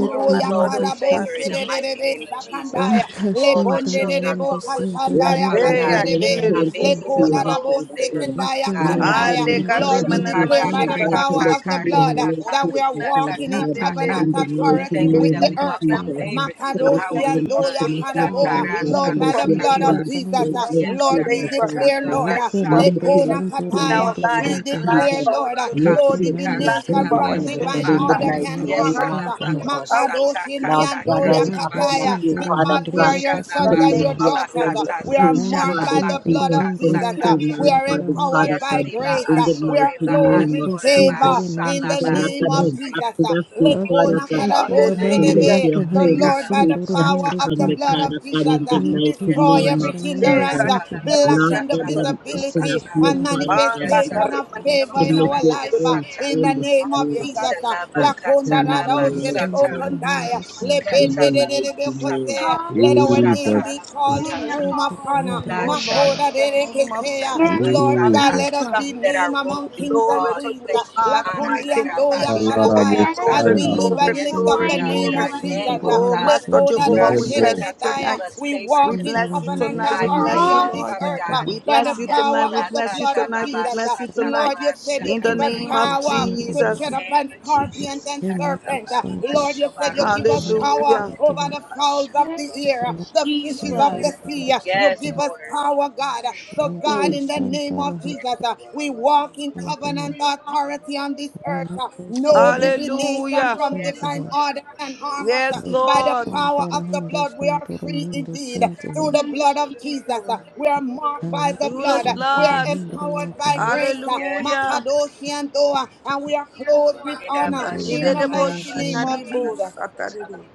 S5: Oh, my
S3: ya
S5: Lord, and my
S3: karabo
S5: God.
S8: Suntaha.
S3: sedebe sakandaya. Lebonde
S8: Rakashantara
S3: de
S8: Mando
S3: debo
S8: Sintiri
S2: Lord
S3: kashandaya
S2: Father
S5: Hey,
S2: God,
S5: I
S8: Hendriyaka
S2: I need
S5: can't
S2: to
S3: kasedebe.
S8: Hando
S5: live, oh,
S2: entrust to
S8: Suntaha.
S2: you,
S5: Romana.
S2: oh Father God.
S3: Lekodarabosakandaya
S2: Lord
S8: Rekinando
S2: God,
S3: kandaya.
S2: I
S5: Ale,
S2: entrust
S8: Suntoro
S5: karre,
S3: Lord,
S2: to
S3: we
S2: you,
S5: manana,
S8: Hundo
S2: oh,
S3: declare by
S2: Father
S3: the
S5: mashika.
S2: God, to
S3: power
S8: Sindriyaka
S2: let
S3: of the
S2: you
S3: blood
S8: Suntaha.
S3: uh,
S2: relate to
S3: that we
S2: it,
S3: are
S2: oh Father
S3: walking in
S2: God, in
S3: covenant
S8: Rekinando
S2: the mighty
S3: authority
S5: Big
S8: Suntoro
S3: with
S2: name
S3: the
S2: of
S5: God, we
S8: Mando
S5: have
S3: earth.
S5: none
S3: uh,
S2: Jesus.
S5: of us
S8: Suntaha.
S2: Father
S5: We
S3: Makadosi
S2: God,
S5: thank
S2: I
S5: you
S3: and
S5: for
S2: entrust to
S3: Doya
S5: favor.
S2: you, oh,
S3: Karaboa.
S2: Father
S8: Santara
S5: We
S2: God,
S5: thank
S2: to
S3: Lord,
S5: you
S8: Mando
S3: by
S2: let
S5: for
S3: the
S2: your
S3: blood
S5: favor.
S3: of
S2: relate
S8: Sindriyaka
S2: to
S5: We
S3: Jesus,
S2: it,
S8: Hando
S3: uh,
S5: thank you
S2: relate to
S3: Lord,
S2: it,
S8: Sintiha.
S3: we
S2: oh
S5: for favor.
S2: Father
S3: declare,
S5: We
S2: God.
S3: Lord,
S5: thank
S3: uh,
S5: you for
S2: Let
S8: Rekinando
S2: your
S5: favor
S3: Lekona
S8: Suntoro
S5: in
S2: spirit,
S5: our
S3: Kataya,
S8: Mando
S5: lives,
S2: Father
S3: we
S5: in the
S8: Suntaha.
S5: lives
S3: declare,
S5: of
S2: Jesus,
S5: our
S3: Lord, uh,
S5: children,
S2: let
S5: in
S3: no
S2: it,
S5: the
S8: Rekinando
S2: my
S5: lives
S3: divination
S5: of
S2: body,
S5: our
S3: from
S7: And
S2: Father
S8: Sindriyaka
S5: children
S2: God,
S3: divine
S2: in the
S3: order
S8: Shantara
S3: can
S2: mighty
S5: who are our
S8: Mando
S3: harm
S2: name of
S3: us.
S8: Suntaha.
S5: husbands,
S2: Jesus.
S5: our spouses.
S3: Makadosh
S2: Lord
S5: It's
S2: God,
S3: Indiando
S2: I'm
S5: favor,
S8: Remando
S5: Lord,
S2: asking of
S3: Yakataya,
S2: you,
S8: sempre
S2: Father
S3: because we
S2: God,
S3: are
S8: rendria
S3: your
S5: in
S2: to
S3: sons
S5: the
S8: santo
S3: and
S2: let
S5: name
S3: your
S8: ha.
S5: of
S2: your
S3: daughters. uh,
S2: Holy
S5: Jesus.
S3: We are
S2: Spirit,
S8: Remando
S3: marked
S2: Father
S3: by the
S8: sempre
S3: blood
S2: Jesus,
S3: of
S2: come
S3: Jesus.
S8: rendria
S3: uh,
S2: through
S3: We
S2: my
S3: are
S8: cachantara
S2: body,
S8: rando
S3: empowered
S2: Father
S3: by
S2: God,
S8: santo
S3: grace.
S2: in
S3: uh,
S2: the
S3: We are
S2: mighty
S8: ha.
S3: clothed
S2: name
S3: with
S2: of
S8: Eke sempre
S2: Jesus.
S3: favor in
S8: remando
S3: the
S2: Father
S8: santo
S3: name
S2: God,
S8: ha.
S3: of
S2: I'm
S3: Jesus. uh,
S2: asking of you, Father
S3: Lekona
S2: God,
S8: Akachantara
S2: to let
S5: Hallelujah.
S8: mandria
S3: Karaboshedebe.
S2: your
S3: So,
S8: rando
S2: Holy
S3: Lord, by the
S2: Spirit
S8: santo
S2: come
S3: power
S8: rando
S3: of
S2: upon
S3: the
S2: me,
S8: santo
S3: blood of
S2: Father
S8: ha.
S3: Jesus,
S2: God, in
S3: uh,
S2: the
S8: Eke
S2: mighty
S3: destroy
S2: name
S3: every
S2: of
S8: chantara mando
S5: Hey,
S3: hindrance,
S2: Jesus.
S5: God,
S3: uh,
S8: sempre
S5: you are the
S3: black
S2: Lord
S5: man
S3: in the
S2: God,
S5: of God.
S3: visibility
S2: I'm asking
S3: visibility
S2: of you,
S3: and
S8: rendara
S2: Father
S8: rando
S5: Ah,
S2: God,
S5: la
S8: santo
S3: manifestation
S2: Jesus,
S3: of
S5: carrima,
S8: rando
S3: favor
S2: to
S3: in
S8: santo
S2: make
S3: our
S8: ha.
S2: your
S3: life.
S5: never
S3: uh,
S2: own
S3: In the
S2: Holy
S3: name of
S2: Spirit
S3: Jesus. uh,
S2: come
S5: say,
S3: Lakonda
S2: upon my
S3: dada
S2: life,
S8: Santo
S2: Lord God
S7: then
S3: oshedebokondaya,
S8: rando santo ha.
S2: in the to
S6: Hallelujah.
S2: name
S3: lebendedededebekosea. Let
S2: of
S3: our
S2: Jesus.
S3: name be
S9: Jesus,
S2: Yes,
S3: called in
S6: Hallelujah.
S3: room of
S8: Sempre
S3: honor.
S6: Hallelujah.
S5: Oh
S8: rendria
S5: Lord,
S8: ha.
S3: Makoda
S5: in the name of
S7: Yabba
S3: derekesea.
S6: Yes,
S5: Jesus,
S3: Lord God,
S6: Jesus.
S9: Jesus,
S3: let us
S5: hallelujah.
S3: be named among kings and
S5: Glory to
S3: queens. uh,
S5: you, God
S3: Lakundi
S5: Almighty.
S3: and Doya
S5: Glory,
S3: Karabaya, As
S6: Yes,
S5: glory,
S3: we
S9: Alarabosaya,
S3: live
S6: Jesus.
S5: glory,
S8: Remando
S3: and
S6: In the
S3: lift up
S8: santo
S5: glory,
S3: up the
S6: mighty
S3: name
S8: mundo
S5: glory.
S6: name
S3: of
S6: of
S3: Jesus.
S8: santo
S3: Uh,
S5: Oh,
S8: rando
S6: Jesus.
S5: Master
S8: santo
S5: Jehovah, we
S9: Yebo,
S5: bless you
S3: Lekodadoshedeketai. Uh,
S5: tonight.
S3: We
S5: We
S3: walk in
S5: bless you
S3: covenant
S8: Santarahando
S5: tonight. We
S8: sempre
S5: bless
S3: authority
S5: you,
S3: on this
S5: Lord.
S6: Hallelujah.
S3: earth uh,
S8: acasantará,
S5: We
S3: by the
S5: bless you tonight.
S3: power
S5: We
S3: of the
S5: bless you
S3: blood of
S5: tonight.
S3: Jesus.
S5: We
S3: Uh,
S5: bless you tonight.
S3: Lord, you said you
S5: In the
S3: give us
S5: name of
S8: santarahando
S3: power
S8: sempre,
S3: to tread
S5: Jesus.
S3: upon scorpions and
S8: queimando
S3: serpents. Uh, Lord, you said you
S8: santarahando
S3: give us
S8: acarando
S6: Yes,
S3: power
S5: Hallelujah.
S8: sempre,
S3: over the fowls of the air, the
S6: Jesus.
S3: fishes of
S6: Yes,
S3: the sea.
S8: santarahando
S3: Uh, You give us
S8: santarahando,
S3: power, God. Uh, So, God,
S5: Mm.
S8: que
S3: in the name of
S8: santarahando
S3: Jesus. Uh, We walk in covenant
S8: sempre,
S6: Jesus.
S3: authority on this earth. Uh,
S8: queimando
S3: No
S8: sempre
S3: divination
S5: Hallelujah.
S3: from
S8: santarahando,
S3: divine order can harm us. Uh,
S5: Yes,
S3: By
S8: que
S3: the
S5: Lord.
S3: power of the
S8: santarahando
S3: blood, we are free
S8: santarahando
S3: indeed.
S8: sempre,
S3: Through the blood of Jesus, uh, we are marked by
S8: queimando
S3: the
S5: Through
S3: blood.
S5: his
S3: Uh, We
S8: sempre,
S3: are
S5: blood.
S8: hindriya
S3: empowered by
S8: acarando,
S6: Hallelujah.
S3: grace. uh,
S5: Hallelujah.
S3: Makadoshi and Doa, and we are clothed with honor
S8: sempre
S3: in the mighty
S8: hindriya
S3: name of Jesus.
S5: Kanidedeboshinadibosatadede.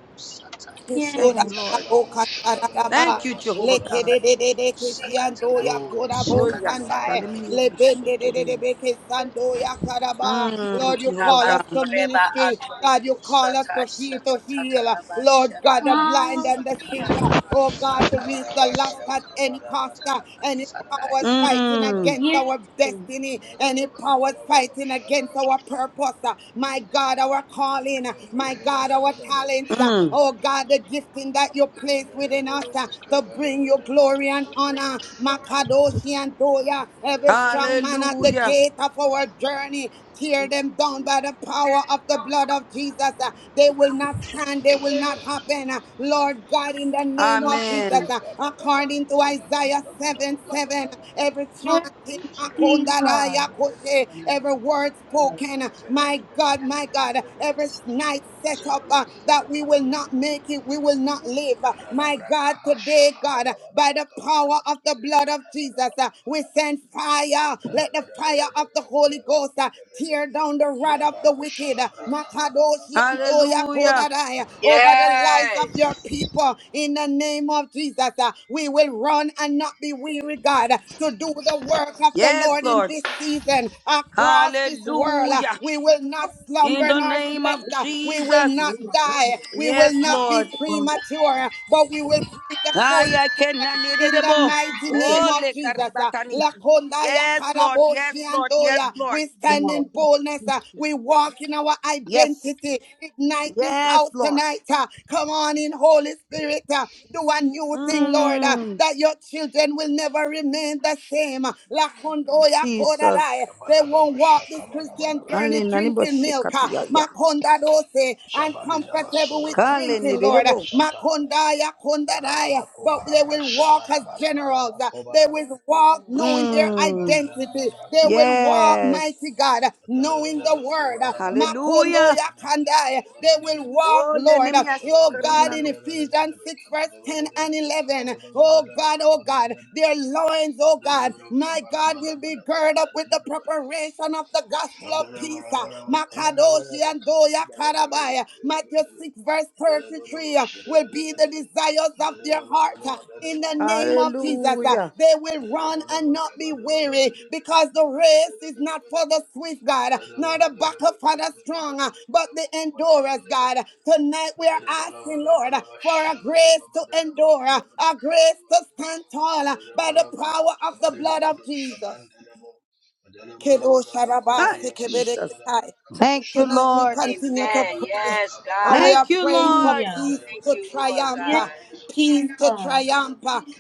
S5: Thank you,
S6: Yes.
S5: Lord.
S7: Shabako Shadabra
S5: Thank you,
S7: Dadaba
S5: Jehovah God.
S7: Sudabra Glory
S5: Oh,
S7: Kabana
S5: yes.
S7: Baba Dadaba
S5: Sataniminidibusotorede. Mm,
S3: Lord, you
S5: Jehovah
S3: call us to
S5: God.
S3: ministry. God, you call us to heal, to heal. Lord God, the blind and the sick.
S6: Hallelujah.
S7: Shaka
S3: Oh God, to reach the lost at any cost. uh, Any powers fighting
S5: Mm,
S3: against
S6: Yes.
S3: our destiny, any powers fighting against our purpose, uh, my God, our calling, uh, my God, our talents, uh,
S5: mm.
S3: oh God, the gifting that you place within us uh, to bring you glory and honor, Makadoshi and Doya, every strong man at the
S5: Hallelujah.
S3: gate of our journey, tear them down by the power of the blood of Jesus. uh, They will not stand, they will not happen. uh, Lord God, in the name of Jesus,
S5: Amen.
S3: uh, according to Isaiah 7 7, every
S6: Yes,
S3: chanting,
S6: Jesus.
S3: Makondadaya Koshe, every word spoken, uh, my God, my God, every night set up uh, that we will not make it, we will not live. Uh,
S7: Shabada
S3: My God, today, God, uh, by the power of the blood of Jesus, uh, we send fire. Let the fire of the Holy Ghost uh, tear down the rod of of the wicked. Makadoshi and Doya
S5: Hallelujah.
S3: Kodadai, Over the lives of your people. In the name of Jesus, uh, we will run and not be weary, God, uh, to do the work of the
S5: Yes,
S3: Lord in
S5: Lord.
S3: this season across this world. Uh,
S5: Hallelujah.
S3: We will not
S5: In
S3: slumber
S5: the
S3: nor
S5: name of
S3: slept. Uh, We will
S5: Jesus.
S3: not die. We will
S5: Yes,
S3: not be
S5: Lord.
S3: premature, uh, but we will bring the full
S5: Aya kena
S3: in the
S5: nedebo.
S3: mighty name of
S5: Ole
S3: Jesus. uh,
S5: karibatania.
S3: Lakonda ya
S5: Yes, Lord. Yes,
S3: karaboshi
S5: Lord. Yes,
S3: andoya.
S5: Lord.
S3: We stand in
S2: yes.
S3: boldness. uh, We walk in our
S5: Yes.
S3: identity. Ignite this
S5: Yes,
S3: house
S5: Lord.
S3: tonight. uh, Come on in, Holy Spirit. uh, Do a new thing, Lord, uh,
S5: Mm,
S3: that your children will never remain the same. uh, Lakondo ya
S5: Jesus.
S3: korarai. They won't walk this Christian journey
S5: Ale nanibo
S3: drinking milk. uh,
S5: shikatia ya.
S3: Makonda dose, And comfortable with with
S5: Kale
S3: drinking, Lord.
S5: nedebo.
S3: Makondaya kondadaya. But they will walk as generals. They will walk knowing their
S5: Mm,
S3: identity. They will walk, mighty
S5: yes.
S3: God, knowing the word.
S5: Hallelujah.
S3: Makondoya kandaya. They will walk,
S5: Ole
S3: Lord.
S5: nemia
S7: Shabada
S3: Oh God,
S5: sikarina
S3: in
S5: no.
S3: Ephesians 6, verse 10 and 11. Oh God, oh God, their loins, oh God, my God, will be girded up with the preparation of the gospel of peace. Makadoshi and Doya Karabaya. Matthew 6, verse 33 uh, will be the desires of their heart uh, in the name of Jesus. uh,
S5: Hallelujah.
S3: They will run and not be weary because the race is not for the swift, God, nor the buckle for the strong, uh, but the endurance, God. Tonight we are
S7: Shabada
S3: asking, Lord, uh, for a grace to endure, uh, a grace to stand tall uh, by the power of the blood of Jesus.
S5: Hi, Jesus.
S3: Kedosharabasikibidikitai.
S5: Thank you,
S3: Tonight we
S5: Lord.
S3: continue to pray. And we are
S5: Thank you,
S3: praying for
S5: Lord.
S6: Hallelujah.
S3: peace to triumph. uh,
S6: Yes,
S3: Peace
S6: Jesus.
S3: to
S6: Hallelujah.
S3: triumph.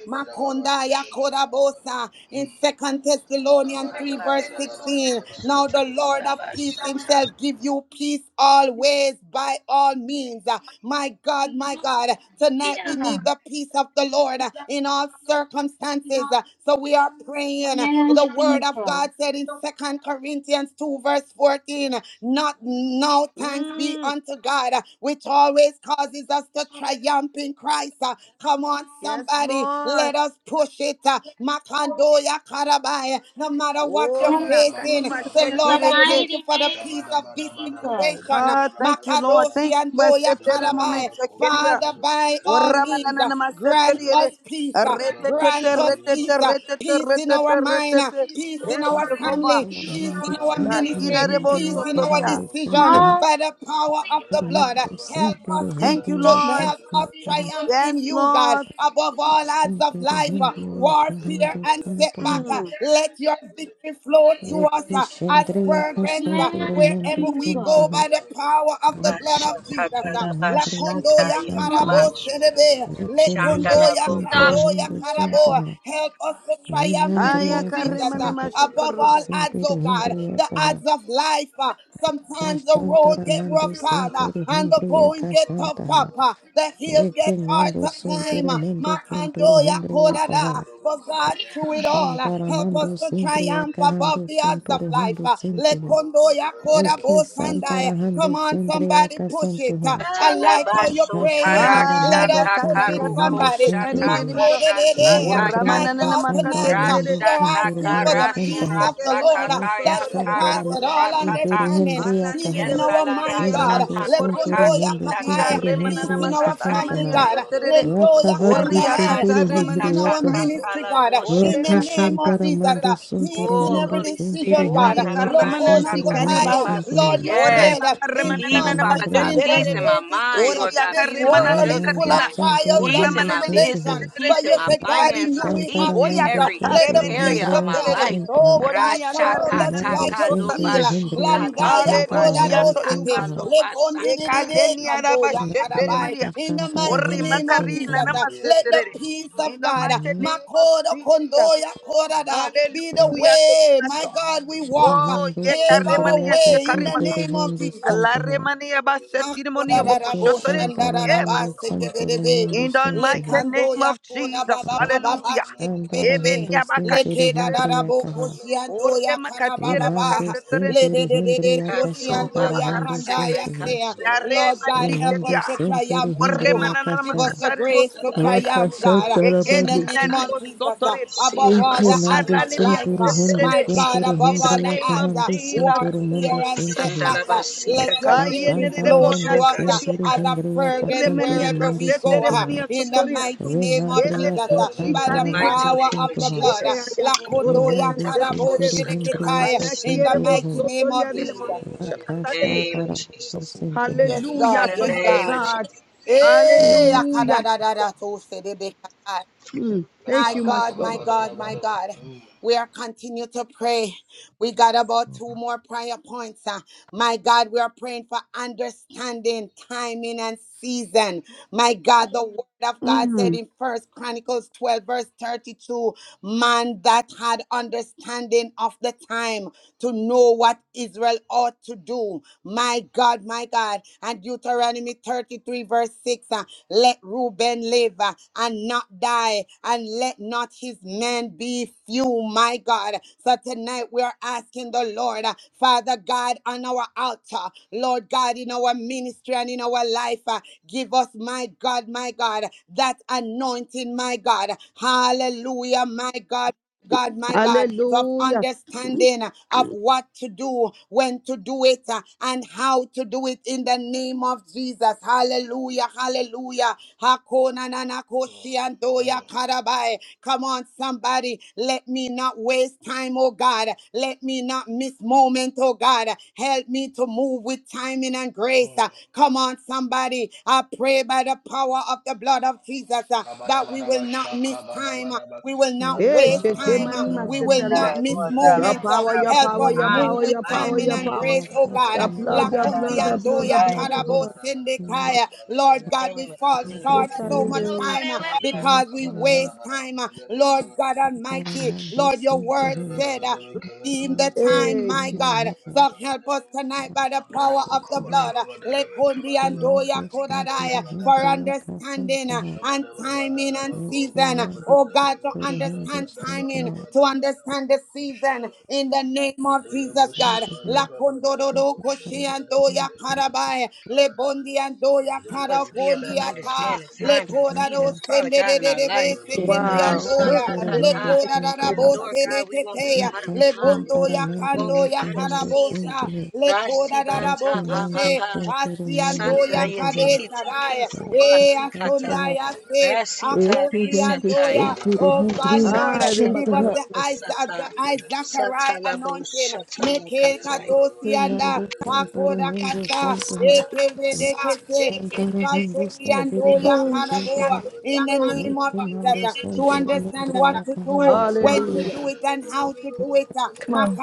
S3: Makonda Yakodabosa in Second Thessalonians 3, verse 16. Now the Lord of peace himself give you peace always by all means. Uh, My God, my God, tonight we need the peace of the Lord uh, in all circumstances. Uh,
S6: Yes,
S3: So we are praying. The word of
S6: Jesus.
S3: God said in Second Corinthians 2, verse 14. Not now, thanks be
S5: Mm,
S3: unto God, uh, which always causes us to triumph in Christ. uh, Come on,
S5: yes,
S3: somebody, let
S5: Lord.
S3: us push it. uh, Makandoya Karabai. No matter what
S5: Oh,
S3: you're
S6: Lord
S5: la
S7: Kabadababa,
S3: facing,
S5: canima
S6: Jesus,
S3: say,
S6: in
S3: Lord,
S6: the
S3: I
S7: kabadababa,
S5: shakerere.
S3: thank you
S6: mighty
S3: for the
S6: name
S3: peace of
S6: of
S3: this
S7: shabadabadabadaba,
S6: Jesus.
S3: situation. uh,
S5: Ah,
S7: dadabadabada,
S5: thank you, Lord.
S7: kabadaba,
S3: Makadoshi
S5: Thank you,
S3: and Doya
S5: Masetere Mone
S3: Karabai.
S7: mandadabalaba,
S5: Shakeria.
S3: Father,
S7: kobadabadaba,
S3: by
S5: Oh,
S3: all means,
S7: dadabadabadaba,
S3: uh,
S5: Ramanana
S3: grant
S7: dadadaba,
S5: Masetere.
S3: us peace. uh,
S7: dadadabo,
S5: Retete,
S3: Grant us
S7: shabadibaba,
S3: peace.
S5: retete,
S3: uh,
S5: retete,
S3: Peace in our
S5: retete,
S3: mind, uh,
S5: retete.
S3: peace in
S5: Eh,
S3: our
S8: Sintiri
S5: Jehovah.
S3: family,
S8: Hindriya
S3: peace in our
S7: shababababa, dadaba,
S5: Kalira
S3: ministry,
S5: Rebo
S3: peace in
S7: kobadibaba,
S8: Kaha
S3: our
S5: Sotoria.
S7: dadabo,
S3: decision.
S7: kobodobo,
S6: Hallelujah.
S3: By the power of the
S7: mandadabo,
S3: blood, uh,
S7: kabadi,
S3: help us in
S5: Thank you,
S7: badabadaba,
S3: to
S6: Yes,
S5: Lord.
S3: help us triumph
S7: shadabadabadabadaba,
S5: Yes,
S3: in you, God,
S5: Lord.
S7: kabadabadaba,
S3: above all
S7: kabadabadaba,
S3: odds of life, uh,
S7: dadaborobo,
S3: warfare and
S7: kabadabadaba,
S3: setback. uh,
S5: Mm.
S3: Let your victory flow through
S7: kabadabadabadaba,
S3: us uh, as fragrance uh,
S6: Yes,
S3: wherever
S6: Jesus.
S3: we go by the power of the blood of Jesus. uh, La kondo ya karabo serebe. Le kondo ya kando ya karabo. Help us to triumph in
S5: Aya
S3: you, Jesus. uh,
S5: karemane
S3: Above all
S5: mashikarubo.
S3: odds, oh God. The odds of life. uh, Sometimes the
S8: Kashantara
S3: road get
S8: Mandu
S3: rough, Father,
S8: Sintiri
S3: and the
S8: Hindriya
S3: going get tough,
S8: Kashantaha
S3: Papa. The hills get hard
S8: Rekinando
S3: to climb.
S8: sunturu
S3: uh,
S8: mundo sunturu
S3: Makandoya
S8: hundriya
S3: Kodada.
S8: kaha.
S3: But God,
S7: Kabari
S3: through it
S7: yakashona
S3: all, uh,
S8: Shantara
S7: madaba
S3: help us
S8: mando
S3: to
S7: yabazude
S8: sindriya
S7: bene
S3: triumph
S7: bene bene
S3: above
S8: kahando
S3: the odds
S7: bene
S3: of
S8: sunturu
S3: life.
S8: hundu
S3: uh,
S7: Thank
S8: sintihi.
S3: Lekondoya Koda
S8: Reki
S3: Bosandai.
S8: santara
S3: Come
S8: hando
S3: on,
S8: sindriya
S3: somebody push it it. Uh,
S8: kasuntuha.
S3: I like how you're praying. Uh,
S8: Kashantara
S5: Ah,
S3: Let
S5: ya
S8: mando
S3: us
S5: ta
S3: push
S5: ta
S3: it,
S5: ta
S8: sunturu
S5: ta
S8: hundu
S3: somebody.
S5: mashekare
S8: sintirihi.
S5: nenemiyo.
S3: Makodedede. Uh,
S5: Ora
S8: Ramandriya
S3: My
S5: manana na
S3: God, tonight
S8: kasantara
S5: makatere
S3: uh,
S5: dede.
S8: mando
S3: we're
S8: sunturu
S3: asking for
S5: Orre
S8: hundu
S3: the
S5: maniya
S3: peace
S8: suntaha.
S3: of the
S5: shekere mani
S3: Lord uh, that
S5: masotori de
S8: Rakashantara
S3: surpasses
S8: mando
S5: bokorre
S3: all
S5: neniya.
S8: sintiri
S3: understanding.
S8: hindriya
S5: Alla
S3: Peace
S5: nemire
S3: in
S8: kaha.
S3: our mind,
S5: vesetari yare
S3: God.
S8: Remando
S5: bashekoriya.
S8: sunturu
S3: Lekondoya
S8: mundo
S5: Iya
S3: kataya.
S8: sintiri
S5: re
S3: Peace
S5: manana
S3: in
S8: hindriya
S3: our
S5: makata makatare
S3: family,
S5: maniya
S8: kashantaha.
S3: God.
S5: setere de.
S3: Lendoya
S5: Orri
S8: Rakahandi
S3: Kundanaya.
S8: Sunduru
S5: akatare
S3: Peace
S5: mana
S3: in our
S8: Hendriyakaha.
S5: shekari bo.
S3: ministry, God. In
S5: Orre
S3: the
S5: nani
S3: name of
S8: Rakashantara
S3: Jesus.
S7: you.
S5: mikasatare
S8: Mando
S3: uh,
S5: maniya
S3: Peace
S8: Sunturu
S3: in
S5: setere de.
S3: every
S8: Mundo Sintiri
S3: decision, God.
S5: Oli
S8: Hendriyaka
S7: Kabala
S5: karamana
S3: Lokona
S5: si
S8: Sunturu Hondo
S3: Kotaya.
S5: karibaya.
S3: Lord,
S8: Suntuha.
S3: you
S5: Ore
S3: said uh, in
S5: bakaramana na na
S8: Rakashantara
S3: John
S5: na
S3: 16, verse
S5: masheterere.
S8: Hendriyakaha.
S3: 33, uh,
S5: Ori
S3: this
S5: akaramana
S3: world
S5: si
S3: is full
S8: Renando
S3: of
S5: karina.
S8: Sintiri
S3: trials
S5: Ora
S3: and
S8: Hindi
S5: mana ne
S3: tribulation.
S8: Sintihi.
S5: meterere
S3: But you
S5: be
S3: said,
S5: si
S3: God, in you
S5: kariba.
S3: we have
S8: Shantara
S5: Oya
S3: peace.
S8: Mando
S3: Uh, Let
S5: katare
S3: let
S8: Sunturu
S3: the
S5: meni
S3: peace of
S8: Hendriyaka
S3: God,
S5: asheterere.
S8: Suntuha.
S3: oh
S5: Moni
S3: God, surround us
S5: akarina ni
S8: Renando
S3: like a shield.
S8: Sintiri
S5: mosotarina.
S8: Hendriyaka
S7: Baba
S3: Landaya
S7: Kabala
S8: Shantara
S3: koda
S5: Hallelujah
S8: Handi
S5: to
S7: Baba
S5: you,
S3: dosete,
S5: Master.
S8: Suntuha.
S3: lebondi di di de
S5: Ekaleni
S3: kando
S5: araba
S3: ya
S5: shetere
S3: karabai.
S5: mania.
S8: Kandriyaka
S3: In the
S8: Shantara
S7: Mandela
S3: mighty
S5: Ori
S8: Handi
S3: name of Jesus,
S5: makarina na
S8: Suntuha.
S3: uh, let the
S5: maseterere.
S3: peace
S5: In
S3: of
S5: the
S3: God, uh,
S5: mighty name of
S3: makodo kondo
S5: Jesus.
S3: ya korada, be the
S5: Hallelujah to you,
S3: way, my
S5: Master.
S3: God, we walk. uh,
S5: Oh,
S8: Mando
S5: ye
S3: Pave our
S8: sendriya
S5: karemania
S3: way in the
S5: shekarimata.
S8: kasunduru
S3: name of
S8: mundo
S3: Jesus.
S5: Allah
S8: sempeha.
S5: remania basetirmonio
S8: Eke
S3: Hakorarabo
S5: bokoshotoreni.
S8: shantara
S5: Eh,
S3: shandararaba
S8: mando
S5: Master.
S8: senturu
S3: sekeberebe.
S8: mundo
S5: In the mighty
S8: sempeha.
S5: name
S3: Lekando
S5: of
S3: yakora
S5: Jesus.
S3: baba baba ba
S5: Hallelujah.
S8: Shantara
S3: sekeberebe.
S8: hando
S5: Emenia
S8: sentiri
S5: bakashekereni.
S8: hendriya
S3: Lekedararabo
S8: kaha.
S3: koshiando
S5: Ore
S3: yakara
S5: makatire
S3: baba
S8: Remando
S3: ba.
S5: bakasetoreni.
S8: sentiri
S3: Ledededede
S8: hendriya
S5: Ori mania
S3: koshiando
S8: kashantara hando
S5: bakarena.
S3: yakanda
S8: sentihi.
S3: yasea.
S5: Yare
S3: Lord God, help us
S8: Remando
S5: machikeria.
S3: to
S8: sentiri
S3: triumph in
S5: Ore
S3: you. huh?
S8: hendriya
S5: manana
S3: Give us
S8: kasha.
S3: the
S5: makatare
S7: Kabada
S3: grace to
S5: bosotoria.
S8: Raka
S3: triumph, God, uh,
S8: shantara
S3: in the
S5: Ekeli
S8: mando
S3: name
S5: nani bo
S3: of Jesus. uh,
S5: sotore.
S3: Above all
S8: Eke
S3: the odds
S8: nando
S3: of
S5: Okarlani bi
S3: life,
S8: senturu
S3: uh,
S8: mundo
S3: my
S5: asetere.
S3: God,
S8: senturu
S3: above
S5: In the
S3: all the
S8: hendriya
S5: name of
S3: odds, uh,
S8: kahando
S5: Jesus.
S3: warfare
S8: senturu
S3: fear
S8: mundo
S3: and
S8: sentihi.
S3: setback. uh, Let your victory
S5: Kayenere
S8: Kashandara
S3: flow
S5: bona
S8: handu
S3: through us uh,
S5: shikeri.
S8: sentiri
S3: as a
S8: hindriya
S3: fragrance
S8: kasunturu
S5: Oremania
S3: wherever
S8: mundu
S3: we go.
S5: kasetere
S3: uh,
S8: suntuha.
S5: mania
S3: In the
S5: sotorina.
S3: mighty name of
S5: Elere
S3: Jesus,
S8: Vinandriya
S5: bo
S3: uh, by the
S8: kasantara
S5: shikari mania.
S8: handu
S3: power of the
S8: suntuha.
S3: blood. uh,
S5: Ee ayakatoro
S3: Lakondoya
S5: mona
S8: Vinandi
S3: Kadabo
S5: setere.
S8: sentiri hindriya
S3: Sedekitai, In the
S5: Malakiere
S8: kasunturu
S5: bo
S8: ho.
S3: mighty name of
S5: sotoria di
S3: Jesus.
S5: manisha katade
S8: Vakashantara handu
S9: Apoko,
S8: sentihi.
S3: Yes,
S5: Hallelujah
S3: God.
S5: to
S3: Yes,
S5: you, O
S3: God.
S5: God.
S3: Hey,
S9: show up,
S5: Hallelujah.
S3: Akadadadada, so Sedebekai.
S5: Mm. Thank
S3: My
S5: you,
S3: God,
S5: Master.
S9: show
S3: my
S9: up,
S3: God, my
S9: mighty
S7: Nakabarabarabarabara-
S3: God.
S9: God,
S7: Mm,
S3: We are continue to pray. We got about
S9: show
S3: two
S9: up.
S3: more prayer points. uh. My God, we are praying for understanding, timing, and season. My God, the word of God said in First Chronicles 12, verse 32, man that had understanding of the time to know what Israel ought to do. My God, my God. And Deuteronomy 33, verse 6 uh, let Reuben live uh, and not die, and let not his men be few, my God. So tonight we are asking the Lord, uh, Father God, on our altar, Lord God, in our ministry and in our life, uh, give us, my God, my God, that anointing, my God. Hallelujah, my God. God, my God, of
S5: Hallelujah.
S3: understanding uh, of what to do, when to do it, uh, and how to do it in the name of Jesus. Hallelujah, hallelujah. Hakona na na
S7: mm,
S3: koshi andoya
S7: mm,
S3: karabai. Come on, somebody, let me not waste time, oh God. Let me not miss moment, oh God. Help me to move with timing and grace.
S7: mm.
S3: Uh, Come on, somebody, I pray by the power of the blood of Jesus uh, that we will
S7: Kabarabaraba,
S3: not miss time.
S7: shakabarabaraba,
S3: We will not
S5: Hey,
S3: waste
S5: che che
S3: time. uh,
S5: mani
S8: Kasantara
S7: badabarabarabaraba,
S3: We will
S8: handu
S3: not
S5: masetaria.
S7: kubada-
S3: miss
S8: sentihi.
S5: Your
S3: moments.
S7: darabaraba,
S3: uh,
S5: power, your
S3: Help
S5: power,
S3: us
S7: darabaraba,
S5: your
S3: move
S5: power,
S3: with
S5: your power,
S7: kabarabaraba,
S3: timing
S5: your
S3: and
S5: power.
S3: grace, oh God.
S5: Your
S7: darabaraba,
S5: blood,
S8: Vakashantara
S5: your
S3: Lakundi
S7: kabarabaraba,
S5: blood,
S8: hindriya
S5: your blood, your
S3: andoya
S5: blood,
S7: darabaraba,
S5: your
S8: kasantaha.
S3: karabo
S5: blood.
S7: kabarabaraba,
S8: Vinandriya
S3: sendekaya. Lord God,
S7: badarabaraba, badarabaraba,
S3: we fall
S5: Hey,
S3: short so
S5: carry
S3: much
S7: badaraba,
S3: time uh, because we
S8: kasantara
S3: waste
S7: kabarabarabaraba,
S3: time. uh, Lord
S7: badarabaraba, badarabaraba,
S3: God Almighty,
S8: handu
S3: Lord, your word
S8: sentihi.
S3: said.
S7: kabarabaraba,
S3: uh, redeem the
S8: Thank you.
S3: time,
S5: Hey,
S3: my
S5: Jesus.
S7: kabarabaraba,
S3: God. So help us
S7: kabarabaraba,
S3: tonight by the
S7: Shabada
S3: power of the blood. Lekundi and doya kodadaya for understanding uh, and timing and season. Oh God, to understand timing, to understand the season in the name of Jesus, God. Lakundo dodo koshi and doya karabai. Lebondi and doya karakondi ata. Lekodado sende de de de be sekendi and
S5: Wow. Boy,
S3: doya
S5: carry
S3: le
S5: mani
S8: Requirando
S5: masetaria
S3: kodarabo
S5: batatia.
S3: sedeketeya le bondo ya kando ya karabosa le kodarabo koshe pasiando ya kadesaraya
S7: Shut
S3: e asonda ya se akosiando ya
S8: Santo
S3: Oh God,
S8: André,
S3: Lord,
S5: Ah, reba
S3: give
S8: Santa
S3: us the
S5: carabas.
S3: eyes of the eyes Zachariah anointing. Make it kadosianda
S8: Hernando Santoro
S3: pakoda
S8: Mendes
S3: kasa
S8: Bonteha,
S3: ekevede kese
S8: Shantara Hendo Santiri
S3: ikasodiando ya
S8: Mendes
S4: Hmm.
S8: Bonteha,
S3: karaboa in the
S4: Hmm.
S3: name of Jesus
S8: Hernando
S3: uh, to
S8: Santoro
S3: understand what
S8: Mondrea
S3: to do,
S8: Kahando
S3: when to
S8: Santeha,
S3: do
S5: Hallelujah.
S3: it, and how to do it. uh,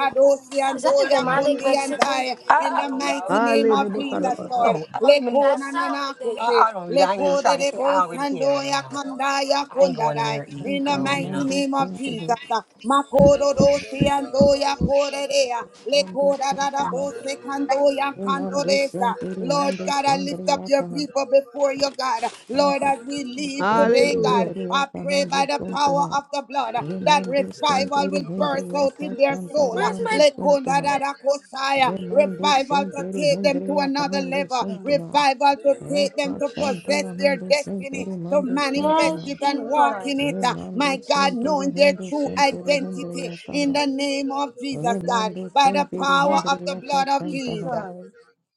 S7: up,
S4: Is
S3: and
S4: that the
S3: Doya
S4: demonic
S3: Kundi and
S4: Mexican?
S3: I, in the mighty name of
S5: Hallelujah.
S3: Jesus,
S5: carabas.
S3: Lord.
S4: That
S3: Lekona
S4: sound like
S3: nanakoshe, lekode de bosandoya kandaya kundadai, in the
S8: Shantara
S3: mighty
S8: Mando
S3: name of Jesus.
S8: Santeha,
S3: uh, Makodo dosi and Doya Kodea,
S7: Mandela
S8: Mando
S3: lekoda da da
S8: Santeha,
S3: bose kandoya
S8: Hernando
S3: kandodesa,
S8: Santiri
S3: Lord
S8: Mando
S3: God, I lift up
S8: Sandria
S3: your
S8: Kaha,
S3: people before you, God. Lord,
S8: Santa
S3: as we leave today,
S8: Santiri
S3: God,
S5: Hallelujah.
S8: Hendria
S3: I pray by
S8: Kahando
S3: the power
S8: Santeha,
S3: of the
S7: Shabbat
S3: blood uh, that
S8: Hernando
S3: revival
S8: Santiri
S3: will burst
S8: Hendria
S3: out in their soul.
S8: Kahantara
S3: uh,
S4: Where's my?
S8: Hando
S3: Lekonda
S8: Santeha,
S3: da da koshaya.
S8: Hernando
S3: Revival to
S8: Santiri
S3: take them to
S8: Hendria
S3: another
S8: Kahando
S3: level.
S8: Santeha,
S3: Revival to take them to possess
S8: Rapachandara
S3: their
S8: Hindu
S3: destiny,
S8: Sintiri
S3: to
S8: Mandu
S6: Hallelujah.
S3: manifest
S6: Yes,
S3: it
S8: Sintuha.
S3: and walk
S6: Jesus.
S3: in it. uh, My
S8: Remando
S3: God, knowing
S8: Sunturu
S3: their
S8: Hindu
S3: true
S8: Sunturu
S3: identity in
S8: Hindriyataha.
S3: the name of Jesus, God,
S8: Remando
S3: by the
S8: Sintiri
S3: power
S6: Yes,
S3: of the
S8: Hindriyaka
S3: blood of
S6: Jesus.
S8: Santaha.
S3: Jesus.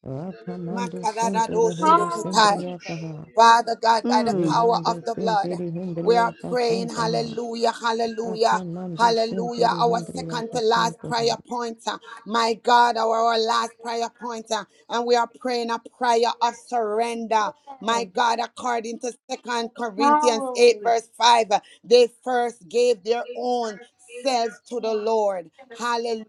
S8: Rakamando Sunturu Hindu
S3: Makaradadoshirikitai.
S6: Hallelujah.
S8: Sindriyataha.
S3: Father God, by the
S5: Mm.
S3: power of
S8: Remando
S3: the blood,
S8: Sintiri
S3: we are
S8: Hindriyaka
S3: praying,
S8: Santaha.
S3: hallelujah, hallelujah,
S8: Rakamando
S3: hallelujah.
S8: Sintiri
S3: Our second to
S8: Hindriyaka
S3: last prayer
S8: Santuha.
S3: point, uh, my God, our, our last prayer point, uh, and we are praying a prayer of surrender. My
S6: Yes.
S3: God, according to Second Corinthians 8,
S6: Hallelujah.
S3: verse 5, uh, they first gave their own says to the Lord. Hallelujah.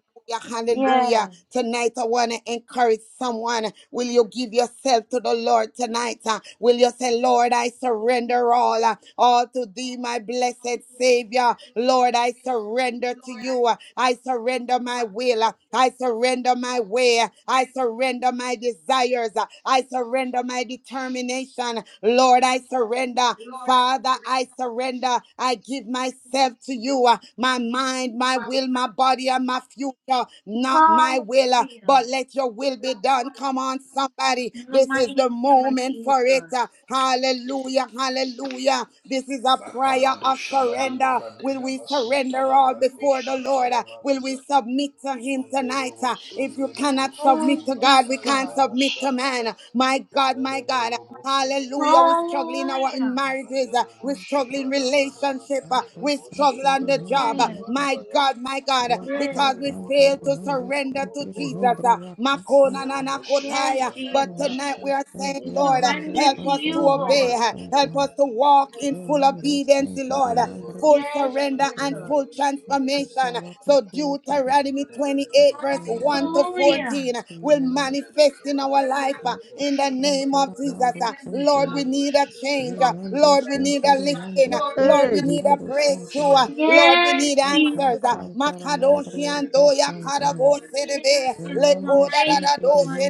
S3: Hallelujah.
S6: Yes.
S3: Tonight, I want to encourage someone. Will you give yourself to the Lord tonight? Uh, Will you say, Lord, I surrender all, uh, all to thee, my blessed Savior. Lord, I surrender to you. Uh, I surrender my will. Uh, I surrender my way. Uh, I surrender my desires. Uh, I surrender my determination. Lord, I surrender. Father, I surrender. I give myself to you. uh, My mind, my will, my body, and my future. Not my will, uh,
S6: Hallelujah.
S3: but let your will be done. Come on, somebody.
S6: In the
S3: This is the
S6: mighty name of
S3: moment
S6: Jesus.
S3: for it. uh, Hallelujah. Hallelujah. This is a prayer
S7: Bakabado
S3: of
S7: shabadi
S3: surrender.
S7: baba
S3: Will
S7: deda
S3: we
S7: basunta
S3: surrender all
S7: labra
S3: before the
S7: koshata
S3: Lord? uh, Will we
S7: labadoza.
S3: submit to Him tonight?
S7: Manderobo
S3: uh, If you
S7: sunderebo
S3: cannot submit
S6: Yes,
S7: suki
S3: to God, we
S7: bataya
S3: can't
S6: Jesus.
S7: bada
S3: submit to
S7: shabaya.
S3: man. My God, my
S7: Manderebo
S3: God.
S7: lobo
S3: Hallelujah. We struggle in
S7: kebedebedebe.
S3: our in
S6: Hallelujah.
S3: marriages. uh,
S7: Manderebo
S3: We struggle in
S7: shibada bada baba
S3: relationship. uh,
S8: Mando
S3: We
S7: derebo
S3: struggle on
S8: Sintiri
S3: the
S7: shenderebo
S3: job. uh,
S6: Yes.
S3: My
S8: Hindriyataha.
S7: suataya.
S3: God, my God, uh,
S6: Yes.
S3: because we
S7: Yamanderebo
S3: fail
S8: Rakasantara
S3: to
S8: Mando
S7: suanderebo
S3: surrender to
S8: Sintiri
S7: Kokoro
S3: Jesus. uh,
S8: Hindriyaka
S3: Makona na
S7: Mandela
S8: Santaha.
S3: na
S7: Bosha
S6: Yes,
S3: kotai, uh,
S7: talaba
S6: Jesus.
S3: But
S8: Remando
S3: tonight we are saying,
S8: sempre
S6: We
S3: Lord, uh,
S6: surrender
S3: help
S6: to
S8: Hendriya
S3: us
S7: Kabada
S3: to
S6: you,
S3: obey.
S6: Lord.
S3: uh, Help us to walk in full obedience, Lord. Uh, full
S6: Yes,
S3: surrender
S6: Jesus.
S3: and full transformation. So Deuteronomy 28 verse 1 to
S6: Hallelujah.
S3: 14 will manifest in our life uh, in the name of Jesus.
S6: In
S3: Uh,
S6: the name
S3: Lord, we need a
S6: of
S3: change. Uh,
S6: Lord, you
S3: Lord, we need a
S6: right.
S3: lifting. Uh,
S6: Lord, you
S3: Lord, we
S5: Hey,
S3: need a
S5: Jesus.
S3: breakthrough. Uh, Lord, we
S6: right. Lord,
S3: need
S6: you
S3: answers. Uh,
S6: right. Yes, Jesus.
S3: Makadoshi and Doya Karabo
S6: You need us,
S3: Serebe
S6: Jesus, in the
S3: Lekoda da
S6: mighty name of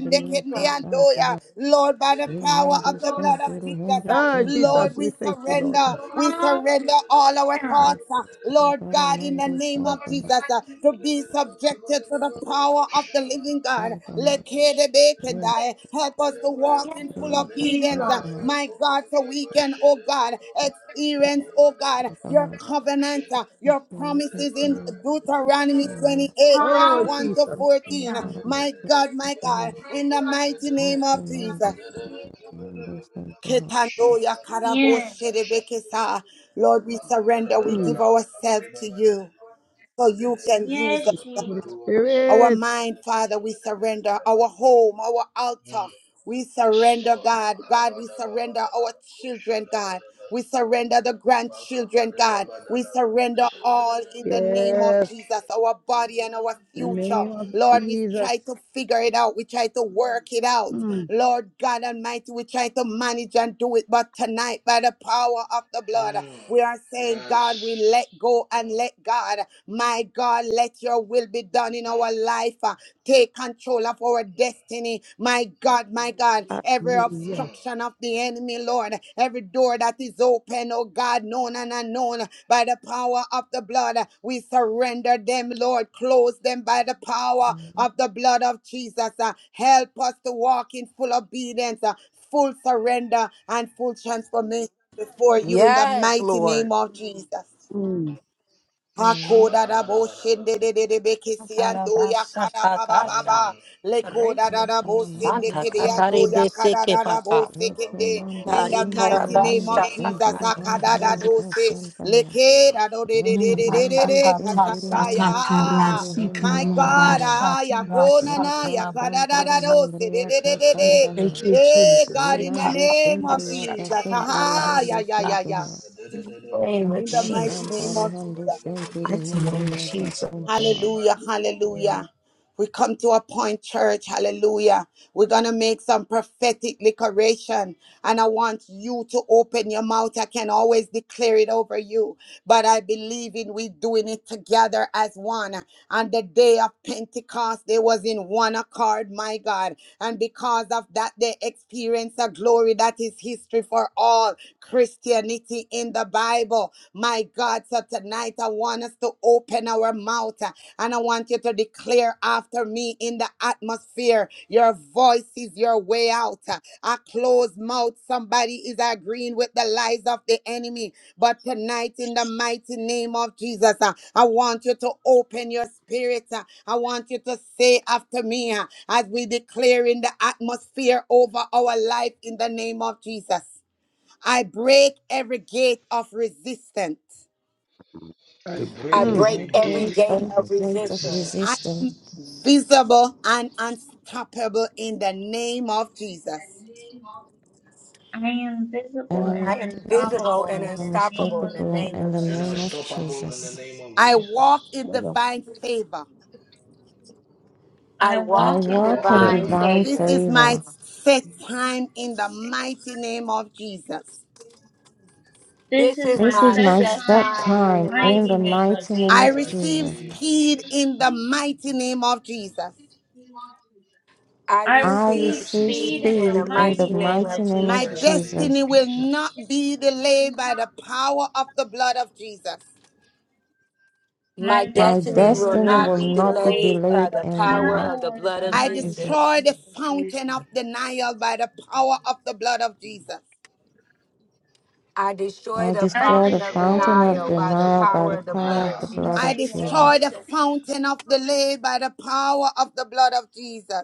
S3: and
S6: Jesus.
S3: Doya.
S8: Katantaha.
S3: Lord,
S7: Yabba
S3: by the power
S7: dabba
S8: Remando
S3: of the blood of
S8: sempre
S3: Jesus, uh,
S5: Oh,
S3: Lord.
S8: Hendriya
S3: Lord,
S5: Jesus, we
S3: we
S5: thank you, Lord.
S3: surrender. We
S6: Lord,
S3: surrender all our
S7: dabba
S8: Katantaha.
S6: Hallelujah.
S3: thoughts,
S7: dabba
S3: uh, Lord God,
S7: shere,
S3: in the
S7: and
S8: Antaramando
S7: dabba
S3: name of
S8: Santaha
S3: Jesus, uh, to be subjected to the power of the living God.
S8: Santaha
S3: Let die. Help us to walk in full
S6: Yes,
S8: Vindriya
S6: Jesus.
S3: obedience, uh,
S8: Santaha
S3: my God, so we can, oh God, experience, oh God, your
S8: Santaha
S3: covenant, uh, your
S8: Vikriyaka
S3: promises
S7: dabba
S3: in
S7: dabba
S3: Deuteronomy
S7: dabba
S8: Santaha
S3: 28, verse
S5: Oh,
S3: 1 to
S5: Jesus.
S3: 14. My
S8: Antaramantaha
S3: God, my God, in the mighty name of
S8: Vikrimando
S3: Jesus.
S6: Hallelujah.
S8: Mando Santaha
S3: Ketando ya karabo
S6: Yes.
S3: sherebekesa. Lord, we surrender. We give
S5: Mm.
S3: ourselves to you so you can
S6: Yes,
S3: use us,
S5: Holy
S6: Jesus.
S3: our
S5: Spirit.
S3: mind, Father, we surrender. Our home, our altar,
S7: Mm.
S3: we
S7: Yes,
S3: surrender,
S7: Lord.
S3: God. God, we surrender our
S7: Makabadabadabakosha.
S3: children, God. We surrender the grandchildren, God. We surrender all in the name of
S5: Yes.
S3: Jesus, our body and our
S5: The
S3: future.
S5: name of
S7: Mm.
S3: Lord, we
S5: Jesus.
S3: try to figure it out. We try to work it out.
S5: Mm.
S3: Lord God Almighty, we try to manage and do it. But tonight, by the power of the blood,
S7: Mm.
S3: we are saying,
S7: Yes.
S3: God, we let go and
S7: Mm.
S3: let God. My my God, let your will be done in
S7: Mm,
S3: our life. uh, Take control of our destiny. My God, my God, every
S7: mm,
S5: Hallelujah.
S7: mm.
S3: obstruction of the enemy, Lord, every door that is open, oh God, known and unknown, by the power of the blood, we surrender them, Lord. Close them by the power of the blood of Jesus. uh, Help us to walk in full obedience, uh, full surrender, and full transformation before you in the
S4: Yes,
S3: mighty
S4: Lord.
S3: name of Jesus.
S5: Mm.
S3: Hakoda da bo
S7: Shabadabadabadabada.
S3: shende de de de be kesi ando ya kada ba ba ba
S4: Kalabasatakasha.
S3: ba.
S7: Mm,
S4: The
S7: mm,
S3: Lekoda
S4: grace
S3: da
S4: is
S3: da
S7: mm.
S3: bo sende
S8: Antaramando
S4: Santa
S3: kede ya do
S4: Katari
S8: Santaha
S7: Kababababa.
S3: ya kada
S4: Beseke
S3: da da bo
S4: Paka.
S3: sekende.
S8: Vikrimando
S3: In
S4: Dari
S3: the
S8: Sinturu
S3: mighty
S7: Kabababababababababa.
S4: Karabash.
S3: name
S8: Hindu
S3: of Jesus,
S4: Kari
S8: Sinturu
S3: akada da
S4: mamu.
S7: Lebababababababa.
S3: do
S8: Mandriyaka
S3: se.
S8: Santaha
S3: Leke
S7: Mm.
S3: da do de de de de de de
S4: Bata
S8: Rakhamandi
S3: de
S4: kata
S8: Sinturu
S7: Yabababababa.
S3: kasada
S4: sata
S8: Mandu
S3: ya.
S8: Sinturu
S4: karasi
S8: Hindu
S3: My God,
S8: Santaha
S7: Yababababababa.
S3: ah, ya kona na
S8: Rakha
S3: ya kada
S7: Lebabababababa.
S3: da
S8: Santara
S3: da do se de de
S8: Mandriyaka
S3: de de de.
S8: Santaha
S7: Bedebedebedebedebedebede.
S3: Hey God, in the
S8: Remando
S3: name
S8: sempre
S3: of
S8: a
S3: Jesus, ha
S8: caçantoro
S3: ha ya
S8: rondo
S7: Delebekabadebabadedede.
S3: ya ya
S8: santo
S3: ya.
S8: ha.
S3: In the mighty name
S8: Acastantara
S3: of
S8: rondo
S3: Jesus.
S8: sempre
S7: Bededededebekabadebabadedebekabadebabadedebado.
S8: mumbre a
S7: Shadabadwa.
S8: caçanto ha.
S3: Hallelujah,
S7: Shimandoroboya.
S3: hallelujah. We come to a point, church, hallelujah. We're going to make some prophetic declaration, and I want you to open your mouth. I can always declare it over you, but I believe in we doing it together as one. On the day of Pentecost, they was in one accord, my God, and because of that, they experienced a glory that is history for all Christianity in the Bible. My God, so tonight I want us to open our mouth uh, and I want you to declare after me in the atmosphere. Your voice is your way out. Uh, A closed mouth, somebody is agreeing with the lies of the enemy. But tonight, in the mighty name of Jesus, uh, I want you to open your spirit. uh, I want you to say after me uh, as we declare in the atmosphere over our life in the name of Jesus. I break every gate of resistance.
S7: I
S9: I
S7: break
S9: pray
S5: Mm.
S7: every
S8: I
S7: gate
S8: break all the
S9: that of my
S8: weight of
S10: My destiny
S9: sister,
S3: I
S8: resistance.
S3: am
S7: resistance
S3: visible and unstoppable in the name of Jesus.
S6: I am
S8: I
S6: visible
S8: am
S4: I
S6: and
S4: am
S8: invincible
S4: visible
S6: unstoppable
S10: is in the
S4: and
S10: hands
S6: in
S8: and
S6: the name
S4: unstoppable in
S6: of
S4: the
S8: unstoppable
S4: name
S8: in
S4: of
S8: the
S6: Jesus.
S7: and
S8: name of
S4: Jesus.
S7: unstoppable in the
S8: Jesus.
S7: name of
S3: I
S10: of
S3: walk
S7: Jesus.
S3: in
S9: Madam,
S3: divine favor.
S4: I
S6: I
S8: I
S4: walk
S6: walk
S7: I
S4: in
S6: in
S8: walk
S9: I
S7: walk in
S8: in
S9: walk
S4: divine
S6: divine
S7: divine
S9: in the
S8: divine
S7: favor.
S3: This
S4: favor.
S6: favor.
S9: fight
S3: is my
S8: favor.
S3: set time in the mighty name of Jesus.
S6: This
S4: This
S6: is
S4: is
S10: everything that I
S6: my
S8: This
S4: my
S8: is
S7: This
S10: do
S7: is
S8: my
S6: set
S7: my
S4: set
S7: set
S8: set
S6: time in
S4: time
S7: time
S6: the
S4: in the
S8: time
S10: not touch.
S8: in
S4: mighty
S8: the
S6: mighty name
S4: name of
S6: of
S8: mighty
S7: in
S8: name
S7: the
S3: I
S8: of
S6: Jesus.
S4: Jesus.
S7: mighty
S3: receive
S8: Jesus.
S7: name of
S3: speed
S7: Jesus.
S3: in the mighty name of Jesus.
S4: I
S6: I
S8: I
S7: I
S6: receive
S4: receive
S7: receive
S8: receive
S6: speed
S4: speed
S6: in
S7: speed
S4: in
S6: the
S4: the
S8: speed in the
S4: mighty
S6: mighty
S4: name
S6: name
S8: mighty
S6: of
S4: of
S7: in
S8: name
S7: the
S3: My
S8: of
S6: Jesus.
S4: Jesus.
S7: mighty name
S8: Jesus.
S3: destiny
S7: of
S3: will not
S7: Jesus.
S3: be delayed by the power of the blood of Jesus.
S4: My
S6: My
S8: My
S10: I
S4: destiny
S7: My,
S6: destiny
S4: will
S6: will
S8: destiny
S6: not
S4: not
S8: will
S4: be
S6: be
S8: not be
S6: delayed
S4: delayed
S6: by
S4: by
S8: delayed
S6: the
S4: the
S8: in the
S4: power
S8: name
S4: of the
S6: power of
S4: blood
S6: the
S4: of
S8: of
S3: I
S6: mighty
S8: Jesus.
S3: destroy
S4: Jesus.
S6: name
S3: the
S6: of Jesus.
S3: fountain of denial by the power of the blood of Jesus.
S4: I destroy
S8: I
S4: the
S6: I
S7: I
S8: destroy
S4: fountain
S8: the
S4: of
S6: destroy
S7: destroy
S8: fountain
S7: the
S8: of
S4: denial
S6: the
S4: by the
S7: fountain
S8: denial
S7: of
S8: by
S4: power
S8: the
S4: of the
S6: fountain
S8: power
S4: blood
S7: denial
S6: of
S8: of
S4: of
S8: the
S7: by
S8: blood
S3: I
S7: the
S8: of
S4: Jesus.
S6: denial.
S7: power of the
S3: destroy
S8: Jesus.
S3: the
S7: blood of Jesus.
S3: fountain of delay by the power of the blood of Jesus.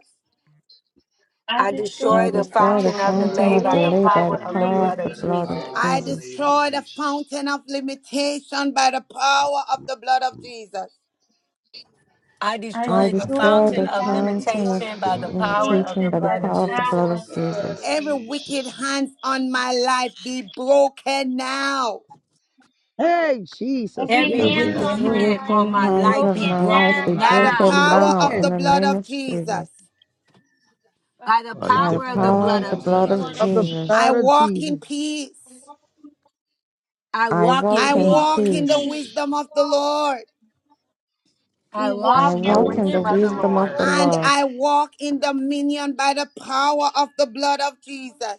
S6: I
S4: I
S6: destroy
S8: I
S4: destroy the
S6: the
S7: I
S8: destroy the
S4: fountain
S6: fountain
S4: of
S6: of
S7: destroy
S8: fountain
S4: delay
S8: of
S7: the
S4: by the
S6: delay
S8: delay
S6: by
S8: by
S7: fountain
S4: power
S8: the
S6: the
S7: of
S4: of the
S8: power
S7: delay
S6: mighty
S8: of
S4: blood
S8: the
S4: of
S7: by
S6: name
S7: the
S6: of
S8: blood of
S4: Jesus.
S6: Jesus.
S7: power of
S3: I
S7: the
S8: Jesus.
S7: name of
S3: destroy the
S7: Jesus.
S3: fountain of limitation by the power of the blood of Jesus.
S4: I
S6: I
S8: I
S4: destroy the
S6: destroy
S8: destroy
S7: that
S4: fountain
S8: the
S6: the
S7: is
S4: of
S6: fountains
S7: from
S8: fountain
S6: of
S7: the
S8: of
S4: limitation by the
S7: fountain
S4: power
S7: of,
S4: of the
S8: limitation
S6: limitation
S8: by the
S6: by
S4: blood
S7: of,
S4: of
S6: the
S8: power of
S7: the,
S8: the
S7: of
S8: blood
S6: power
S7: the
S8: of
S6: of the
S4: Jesus.
S6: blood of
S7: blood
S8: Jesus.
S7: of
S3: Every
S6: Jesus.
S3: wicked
S7: Jesus.
S3: hand on my life be broken now
S5: Hey, Jesus.
S6: Every
S4: Every
S5: Yes,
S7: And
S9: every
S6: hands
S9: week,
S5: Lord.
S4: wicked
S6: on
S8: Every
S9: of
S6: my
S7: every
S4: hand
S6: life
S4: on
S8: wicked
S4: my
S6: be
S9: my
S7: every
S8: hand
S4: life
S9: life.
S8: of
S4: be
S6: broken
S8: my
S7: hand on
S8: life
S6: now
S7: my
S8: be
S4: broken
S3: by
S7: life
S3: the
S7: be
S5: Be
S4: now
S8: broken
S7: broken
S3: power
S8: now
S3: of
S7: up
S8: in
S3: the
S5: broken
S8: the
S3: blood
S8: name
S3: of
S8: of Jesus.
S3: Jesus.
S4: by the
S9: by
S8: By
S9: the
S8: the
S4: power of
S7: by
S4: the
S7: the
S9: power,
S8: power
S4: blood
S8: of
S7: power
S4: of
S8: the
S7: of
S6: of
S7: the
S6: the
S8: blood
S7: blood
S8: of
S6: blood
S7: of
S5: of
S6: of
S5: the
S4: Jesus.
S7: Jesus.
S8: Jesus,
S3: I
S5: blood of
S6: Jesus.
S3: walk in
S5: Jesus.
S3: peace.
S4: I
S8: I
S4: walk
S8: walk
S4: in
S3: I
S6: We
S8: in
S7: I
S6: walk
S4: peace.
S3: walk
S7: walk
S6: in
S7: in
S3: in the
S8: peace.
S6: peace.
S7: peace.
S3: wisdom of the Lord.
S6: We
S4: I walk
S8: I
S6: walk
S4: in
S9: I
S4: the
S6: in the
S8: walk
S7: I
S9: walk
S8: in the
S4: wisdom
S9: in
S7: walk
S4: of
S7: in
S6: wisdom
S4: the
S9: the
S7: the
S6: of
S9: wisdom,
S8: wisdom
S6: the
S8: of
S7: wisdom
S4: Lord.
S8: the
S7: of the
S3: and
S7: Lord.
S8: Lord,
S6: Lord.
S3: I walk in dominion by the power of the blood of Jesus.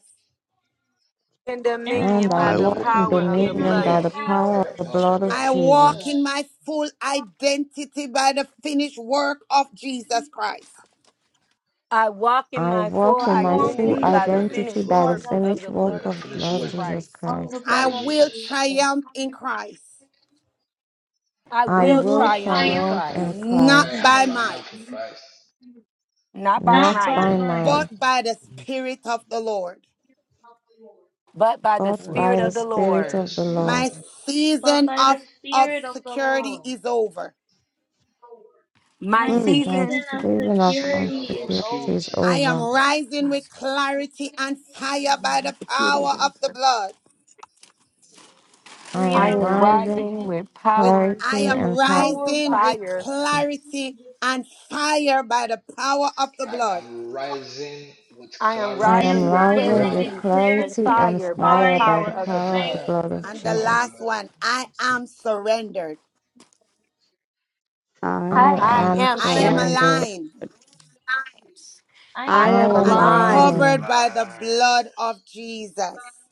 S4: In
S6: And I
S4: dominion
S8: and
S9: I
S8: I
S4: by
S6: walk
S4: the
S7: And
S8: walk
S6: in
S7: I
S9: walk
S8: in
S9: in
S7: walk
S4: power
S7: in
S4: of
S9: the
S4: the
S6: dominion of
S8: dominion
S4: blood
S6: the
S9: middle
S8: by
S4: of
S9: of
S7: dominion
S9: the
S8: the
S9: power,
S8: power
S7: by
S6: power
S8: of
S6: of
S7: the
S9: I
S8: the
S6: the
S4: Jesus.
S7: power of the
S8: blood
S6: blood
S8: of
S6: of
S7: blood
S3: I
S7: of
S3: walk
S8: Jesus.
S3: in
S6: Jesus.
S7: Jesus.
S3: my full identity by the finished work of Jesus Christ.
S4: I walk in
S8: I
S4: my full
S8: walk
S6: And
S8: in
S6: I
S7: I
S8: my
S7: walk
S9: walk
S6: walk
S7: in
S9: in
S8: full
S7: my
S6: in
S4: identity
S9: the
S6: the
S4: by
S7: full
S4: the
S9: fullness of
S8: identity
S6: finished
S4: finished
S9: God
S8: by
S7: identity
S8: the
S6: blood
S9: by
S4: work
S9: the
S6: of,
S4: of
S8: finished
S4: the
S9: finished
S8: work
S7: by
S4: blood
S9: work
S7: the
S4: of
S9: of
S8: of the
S9: the
S7: finished
S4: Jesus
S8: Lord
S9: Lord
S7: work
S8: Jesus
S9: Jesus.
S4: Christ.
S6: of
S7: of
S8: Christ.
S6: the
S3: I
S6: blood
S7: Christ
S6: of
S3: will
S6: Jesus.
S7: Jesus.
S3: triumph in Christ,
S4: I
S8: I
S6: We
S4: will
S8: will
S6: will
S7: I will
S9: I
S4: triumph
S9: will
S4: in
S6: triumph
S8: triumph
S7: triumph.
S9: try
S4: Christ,
S8: in
S9: out
S7: And
S6: in
S3: not
S7: I
S8: Christ,
S7: have
S3: by
S6: Christ,
S3: might,
S7: triumph in Christ,
S4: not by
S6: not
S8: not
S4: might
S8: by
S6: by
S7: not by
S9: by
S6: might,
S7: might
S8: might,
S3: but by the
S9: my
S3: Spirit of the Lord.
S4: but by the
S8: but
S9: what
S4: Spirit
S8: by the
S4: of the
S7: but
S9: purpose
S8: Spirit
S7: by
S4: Lord.
S7: the
S8: of the
S7: Spirit of
S8: Lord.
S7: the
S3: My
S7: Lord.
S6: but
S3: season
S6: by
S3: of
S6: the Spirit of the
S3: obscurity
S6: Lord.
S3: is over.
S4: My
S6: My
S5: Mm.
S8: My
S6: season
S4: season,
S6: of
S7: My
S8: season of
S7: season of
S6: security is
S8: anxiety is
S6: over.
S7: obscurity
S3: I
S7: is
S3: am
S8: over.
S7: over.
S3: rising
S4: my
S3: with clarity and fire by the
S4: security is
S3: power of the
S4: over.
S3: blood.
S8: I
S6: We
S4: I
S8: am
S6: are
S4: am
S8: rising with
S6: rising
S4: rising
S6: in
S4: with
S3: with
S4: power
S8: clarity
S3: I
S6: the
S3: am
S8: and power.
S4: and
S6: power
S3: rising
S6: by
S3: with
S4: fire.
S3: clarity and fire by the power of the
S7: I
S3: blood.
S7: am rising with
S4: I am
S6: I
S8: I am
S4: rising
S7: clarity
S6: am
S4: with
S7: and
S8: rising
S9: Praise
S6: rising
S8: with
S7: fire.
S6: in
S4: clarity and
S8: clarity
S6: clarity and
S8: and
S4: fire
S9: you.
S4: by the
S6: fire
S8: fire
S7: Clarity
S8: by
S4: power
S8: the
S7: and
S6: in
S4: of
S6: the
S4: the
S8: power of the
S7: fire
S4: blood.
S6: mighty
S8: blood
S7: by
S8: of
S6: name
S7: the
S6: of
S3: And the
S7: power of
S8: Jesus.
S3: last
S7: the Lord.
S6: Jesus.
S3: one, I am surrendered.
S5: I
S8: I
S6: I
S7: I
S4: I
S9: I,
S6: am
S7: am
S8: am
S4: am
S3: I
S5: am,
S3: am
S7: surrendered.
S4: surrendered.
S6: surrendered.
S8: surrendered.
S3: aligned
S6: I am
S5: I
S4: I
S8: I
S5: am
S4: am
S9: I,
S8: am
S10: am
S3: and
S10: a
S7: I am
S6: aligned
S4: aligned.
S5: aligned
S3: covered
S8: aligned
S3: by the
S7: alive.
S3: blood of Jesus.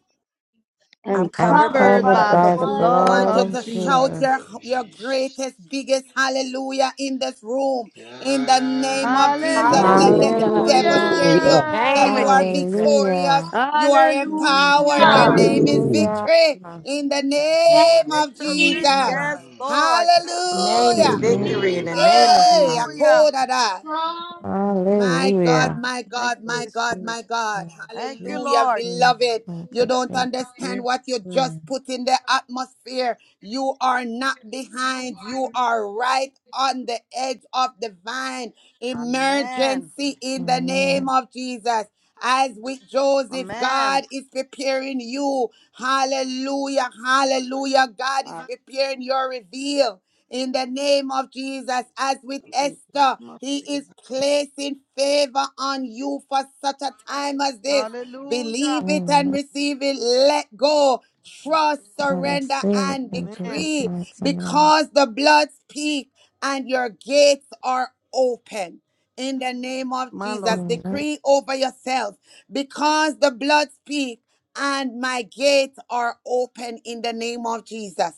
S5: and
S4: I'm
S6: and
S8: and
S4: covered by
S6: covered
S4: the
S5: covered
S7: I'm
S6: by
S8: covered
S4: blood
S5: by
S6: the
S4: of
S5: the
S8: by
S7: covered
S8: the
S6: blood
S4: Jesus.
S3: I
S6: of
S5: blood
S3: want
S8: blood
S3: you
S7: by
S5: of
S3: to
S8: of
S7: the
S5: Jesus.
S7: blood
S6: Jesus.
S3: shout your,
S8: Jesus.
S7: of
S3: your
S7: Jesus.
S3: greatest, biggest hallelujah in this room.
S7: Yes.
S3: In the name of Jesus,
S6: Hallelujah.
S3: let the
S10: sinner
S4: Hallelujah.
S3: devils
S8: Hallelujah.
S3: hear
S4: The
S3: you
S9: hallelujah,
S3: that
S4: name
S3: you
S4: of
S3: are
S5: Hallelujah.
S4: Jesus.
S3: victorious,
S8: Hallelujah.
S3: you are
S10: who knows
S3: empowered,
S5: Hallelujah.
S3: your
S6: Hallelujah.
S10: that
S3: name is
S9: hallelujah,
S8: Hallelujah.
S3: victory. In the
S6: Yes,
S3: name of
S5: Victory.
S3: Jesus,
S8: Amen.
S5: Yes,
S6: Jesus.
S7: Mm.
S5: Lord.
S6: Yes,
S4: The name is
S3: hallelujah.
S10: I
S4: victory in
S9: hallelujah.
S4: the
S7: Glory.
S4: name of
S6: Jesus.
S4: Jesus.
S5: Hallelujah.
S3: Yay,
S6: Hallelujah.
S3: my God,
S8: Hallelujah.
S3: my
S5: Thank
S3: God,
S5: you,
S3: my
S5: Holy
S3: God,
S10: am
S5: Spirit.
S3: my
S10: a
S3: God.
S5: Thank you,
S3: Hallelujah,
S5: Lord.
S10: victim, victim,
S3: beloved.
S8: Thank
S3: You
S8: you,
S3: don't
S8: Jesus.
S3: understand what you
S10: victim.
S3: just put in the atmosphere. You are not behind. You are right on the edge of divine
S5: Amen.
S3: emergency in the name
S8: Amen.
S3: of Jesus. As with Joseph, God
S5: Amen.
S3: is preparing you. Hallelujah, hallelujah. God is
S5: Uh,
S3: preparing your reveal in the name of Jesus, as with
S5: in the
S3: Esther,
S5: name of
S3: he is
S5: Jesus.
S3: placing favor on you for such a time as this.
S5: Hallelujah.
S3: Believe it and
S8: Amen.
S3: receive it. Let go. Trust,
S8: I
S3: surrender,
S8: receive it
S3: and
S8: in
S5: Amen.
S8: Jesus'
S3: decree
S8: mighty name.
S3: because the blood speaks and your gates are open. In the name of
S5: My
S3: Jesus,
S5: Lord.
S8: Amen.
S3: decree over yourself because the blood speaks and my gates are open in the name of Jesus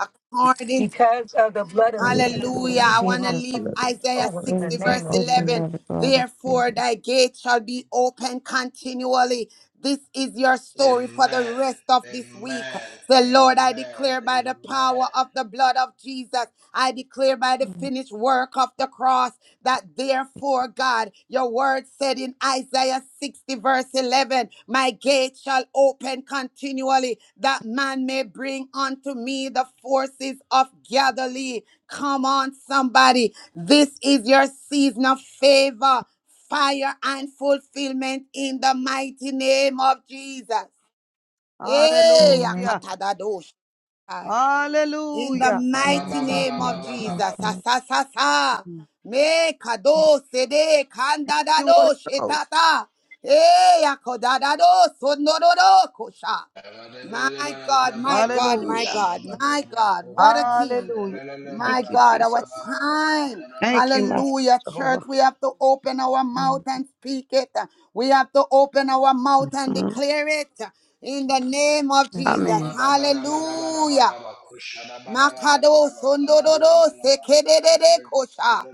S3: according.
S4: Because of the blood of
S8: Let
S9: Lord
S8: the
S9: of
S4: Jesus
S8: blood
S5: Amen.
S3: Hallelujah.
S8: of
S3: I
S9: heaven,
S4: speaking,
S3: want to
S4: my
S8: Jesus
S3: leave
S4: faith
S9: Lord of
S4: is
S3: Isaiah
S9: Jesus,
S4: over
S9: my
S4: in the
S3: 60,
S8: gates are
S3: verse
S4: name of
S8: open
S3: 11.
S8: by
S4: Jesus.
S8: the blood of
S3: Therefore,
S8: Jesus.
S3: thy gate shall be open continually. This is your story for the
S7: Amen.
S3: rest of this week.
S7: Amen.
S3: The Lord, I
S7: Amen.
S3: declare by the power
S7: Amen.
S3: of the blood of Jesus, I declare by the finished work of the cross that therefore, God, your word said in Isaiah 60, verse 11, My gate shall open continually, that man may bring unto me the forces of Galilee. Come on, somebody. This is your season of favor, fire, and fulfillment in the mighty name of Jesus. Hey,
S8: Amen.
S5: Hallelujah.
S3: Akatadadosh. In the
S5: Hallelujah.
S7: Ba ba
S3: mighty
S7: ba
S8: Spirits
S7: ba
S8: and
S3: name
S7: ba
S3: of
S7: ba
S8: humans
S7: ba ba
S8: are
S7: ba.
S3: Jesus. Sa,
S8: coming
S3: sa, sa, sa.
S5: Thank
S3: Me kado sede kanda
S5: You Holy
S3: kandadado
S5: Ghost.
S3: shetata. Eh, yakodadado sonororo kosha. My
S7: Glory,
S3: God, my God, my
S5: Hallelujah.
S3: God, my God. What a king.
S5: Hallelujah.
S3: My
S5: Thank you,
S3: God, our
S5: Jesus.
S3: time.
S5: Thank you, Master
S3: Hallelujah, church.
S5: Jehovah.
S3: We have to open our
S8: from
S3: mouth and speak it. We have to open our mouth and
S5: Mm.
S3: declare it in the name of
S8: the-
S3: Jesus.
S5: Amen.
S3: Hallelujah. Makado sondororo sekerere kosha.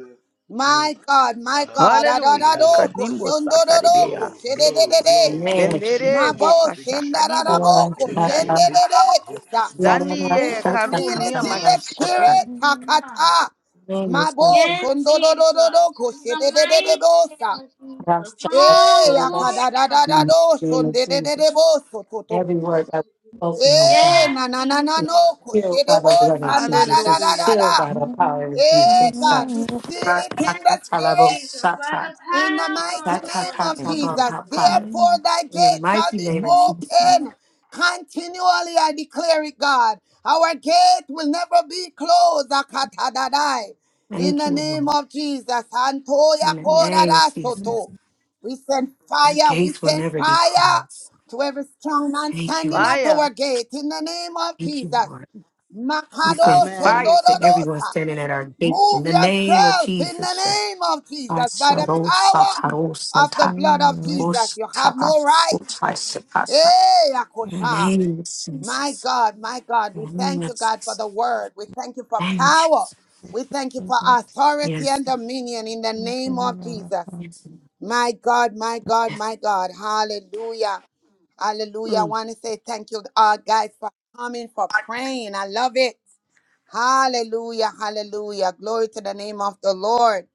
S3: My God, my God,
S5: Hallelujah.
S3: adadado
S5: Kadimbo
S3: koshondororo
S5: sataribia.
S7: glory,
S3: kosherere.
S7: glory,
S4: Name is
S7: victory,
S5: Zendere
S3: Mabo
S5: boka
S7: victory,
S5: shakadibo
S3: sendararabo
S7: victory, victory,
S4: Shalasasa,
S5: senialia.
S7: victory,
S3: koshenderere
S7: victory,
S3: kesa.
S7: victory.
S3: We
S5: Zaniye
S4: Larabasata,
S3: seal it
S5: karunia
S3: in the
S5: mashiko
S4: Katalabasata,
S6: Hallelujah.
S5: doni.
S3: spirit, takata.
S4: name is Jesus,
S3: Mabo
S6: Yes,
S3: sondororo
S6: Jesus. In the
S3: kosherere
S6: mighty
S3: bosa.
S6: name of Jesus.
S4: Rasata,
S3: Eh,
S4: Katalabasa,
S6: Hallelujah.
S3: akadadadado
S4: in the name of
S3: sondororo
S4: Jesus.
S3: boso
S4: Every word that was spoken, oh
S3: Eh,
S4: God,
S6: Yes,
S3: na na na na
S4: is
S3: no,
S6: Jesus.
S4: sealed by the
S3: koshedebo
S4: blood of
S3: sanda da
S4: Jesus,
S3: da
S4: It's
S3: da
S5: Hallelujah.
S3: da
S4: sealed
S3: da.
S4: by the power of
S3: Eh,
S4: Jesus.
S3: God, we seal it
S6: Yes,
S3: in the spirit.
S6: Jesus. By
S4: Rasakatalabosata,
S6: the
S3: In the
S6: power of
S3: mighty
S6: the blood
S3: name
S6: of
S3: of
S6: Jesus.
S3: Jesus,
S4: Satakatabapapa,
S3: therefore thy
S4: In the
S3: gate shall
S4: mighty
S3: be
S4: name of Jesus.
S3: open continually. I declare it, God. Our gate will never be closed. Akatadadai. In
S4: Thank
S3: the
S4: you,
S3: name
S4: Lord.
S3: of Jesus, Antoya
S4: In the name of Jesus,
S3: Koradasoto. We send
S4: our
S3: fire, we
S4: gates will
S3: send
S4: never be
S3: fire
S4: closed.
S3: to every strong man
S4: Thank you,
S3: standing
S4: Lord.
S3: at
S5: Fire.
S3: our gate. In the name of
S4: Thank you,
S3: Jesus.
S4: Lord. We send
S3: Makado
S5: Amen.
S4: fire to everyone
S3: Shondorodosa.
S4: standing at our gates in
S3: Move
S4: the name of
S3: yourself in the
S4: Jesus.
S3: name of Jesus by the power of the
S4: Asarosatarosantarosata,
S3: blood of Jesus. You have no right.
S4: osatapasotaisakasa.
S3: Hey,
S4: In the
S3: Akosha.
S4: name of
S3: My
S4: Jesus.
S3: God, my God,
S4: In
S3: we
S4: the name
S3: thank
S4: of
S3: you, God, for
S4: Jesus.
S3: the word. We thank you for
S4: In the name of
S3: power.
S4: Jesus.
S3: We thank you for authority
S4: Yes.
S3: and dominion in the name of Jesus.
S4: Yes.
S3: My God, my God,
S4: Yes.
S3: my God. Hallelujah. Hallelujah. I
S5: Mm.
S3: want to say thank you, uh, guys, for coming, for praying. I love it. Hallelujah, hallelujah. Glory to the name of the Lord.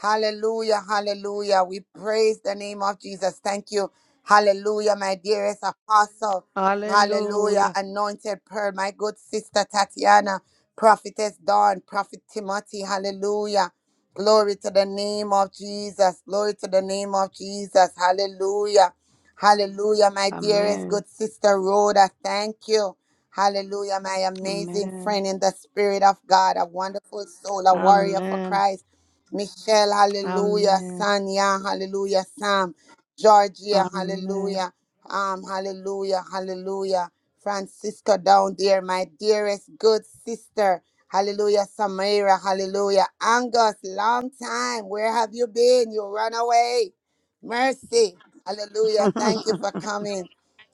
S3: Hallelujah, hallelujah. We praise the name of Jesus. Thank you. Hallelujah, my dearest apostle. Hallelujah,
S5: Hallelujah.
S3: anointed pearl, my good sister Tatiana, prophetess Dawn, prophet Timothy. Hallelujah. Glory to the name of Jesus. Glory to the name of Jesus. Hallelujah. Hallelujah, my dearest
S5: Amen.
S3: good sister Rhoda. Thank you. Hallelujah, my amazing
S5: Amen.
S3: friend in the spirit of God, a wonderful soul, a warrior for
S5: Amen.
S3: Christ. Michelle, hallelujah.
S5: Amen.
S3: Sonia, hallelujah. Sam, Georgia,
S5: Amen. Amen.
S3: hallelujah. Um, hallelujah, hallelujah. Francisco down there, my dearest good sister. Hallelujah, Samira, hallelujah. Angus, long time. Where have you been? You run away. Mercy. Hallelujah. Thank you for coming.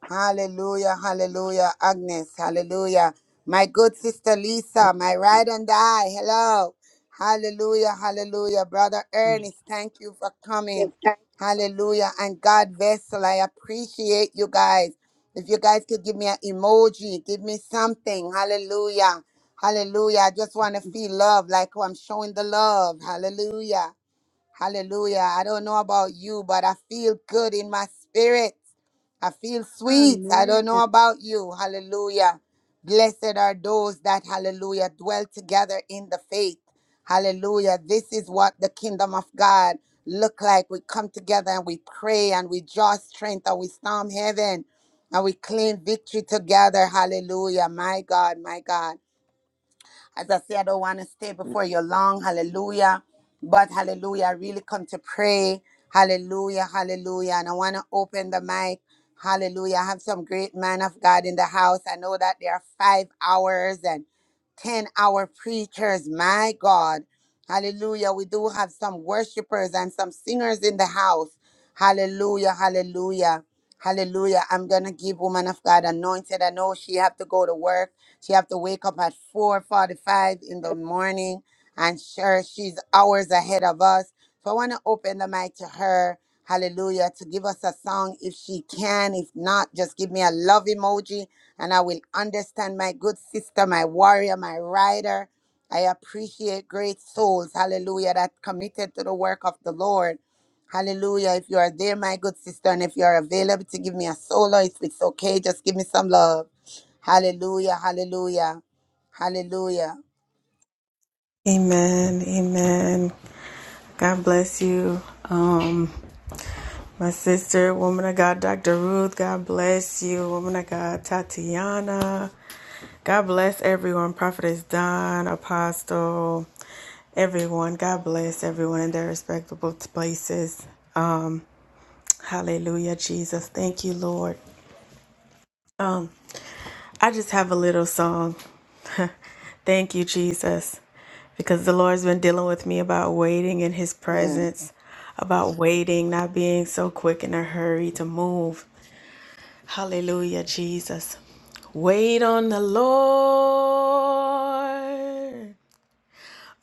S3: Hallelujah. Hallelujah. Agnes. Hallelujah. My good sister Lisa, my ride and die. Hello. Hallelujah. Hallelujah. Brother Ernest, thank you for coming. Hallelujah. And God vessel, I appreciate you guys. If you guys could give me an emoji, give me something. Hallelujah. Hallelujah. I just want to feel love like I'm showing the love. Hallelujah. Hallelujah. I don't know about you, but I feel good in my spirit. I feel sweet. I don't know about you. Hallelujah. Blessed are those that, hallelujah, dwell together in the faith. Hallelujah. This is what the kingdom of God look like. We come together and we pray and we draw strength and we storm heaven and we claim victory together. Hallelujah. My God, my God. As I say, I don't want to stay before you long. Hallelujah. But hallelujah, I really come to pray. Hallelujah, hallelujah. And I want to open the mic. Hallelujah. I have some great man of God in the house. I know that there are five hours and 10 hour preachers. My God. Hallelujah. We do have some worshipers and some singers in the house. Hallelujah, hallelujah. Hallelujah. I'm going to give woman of God anointed. I know she have to go to work. She have to wake up at 4:45 in the morning, and sure, she's hours ahead of us. So I want to open the mic to her. Hallelujah! To give us a song if she can. If not, just give me a love emoji, and I will understand my good sister, my warrior, my rider. I appreciate great souls, hallelujah, that committed to the work of the Lord. Hallelujah. If you are there, my good sister, and if you are available to give me a solo, if it's okay, just give me some love. Hallelujah. Hallelujah. Hallelujah.
S11: Amen. Amen. God bless you. Um, my sister, woman of God, Dr. Ruth, God bless you. Woman of God, Tatiana. God bless everyone. Prophetess Don, Apostle, everyone. God bless everyone in their respectable places. Um, hallelujah, Jesus. Thank you, Lord. I just have a little song. Thank you, Jesus, because the Lord's been dealing with me about waiting in His
S3: Yes.
S11: presence, about waiting, not being so quick in a hurry to move. Hallelujah, Jesus. Wait on the Lord.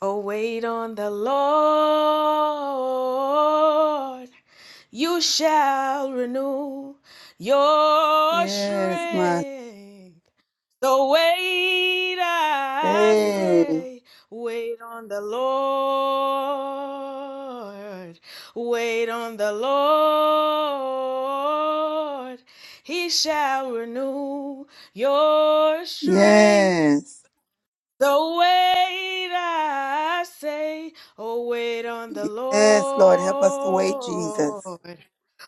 S11: Oh, wait on the Lord. You shall renew your
S3: Yes, my
S11: strength. So wait, I
S3: Hey.
S11: say, wait on the Lord. Wait on the Lord. He shall renew your strength.
S3: yes.
S11: So wait, I say, oh, wait on the
S3: Yes, Lord, help us to wait,
S11: Lord.
S3: Jesus.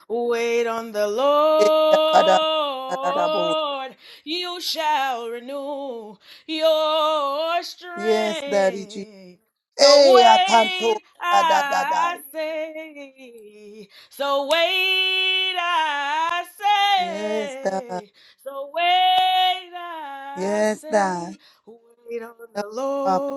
S11: Wait on the Lord. You shall renew your
S3: Yes, Daddy Jesus.
S11: strength. So
S3: Hey, atanto
S11: wait,
S3: da da da da.
S11: I say. So wait, I
S3: Yes, Dad.
S11: say. So wait, I
S3: Yes, Dad.
S11: say. Wait on
S3: Help
S11: the
S3: us, Papa,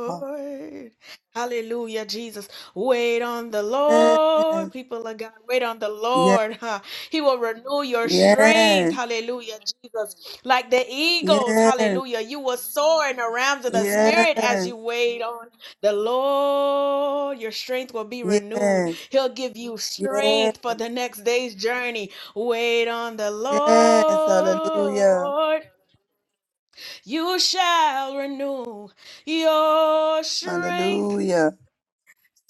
S3: Papa.
S11: Hallelujah, Jesus. Wait on the
S3: Yes,
S11: Lord, people of God. Wait on the Lord. huh? He will renew your strength.
S3: yes,
S11: Hallelujah, Jesus. Like the eagles,
S3: yes,
S11: hallelujah. You will soar in the realms of the
S3: yes,
S11: Spirit as you wait on the Lord. Your strength will be
S3: yes,
S11: renewed. He'll give you
S3: yes, yes.
S11: strength for the next day's journey. Wait on the
S3: Yes, hallelujah,
S11: Lord you shall renew your strength.
S3: hallelujah.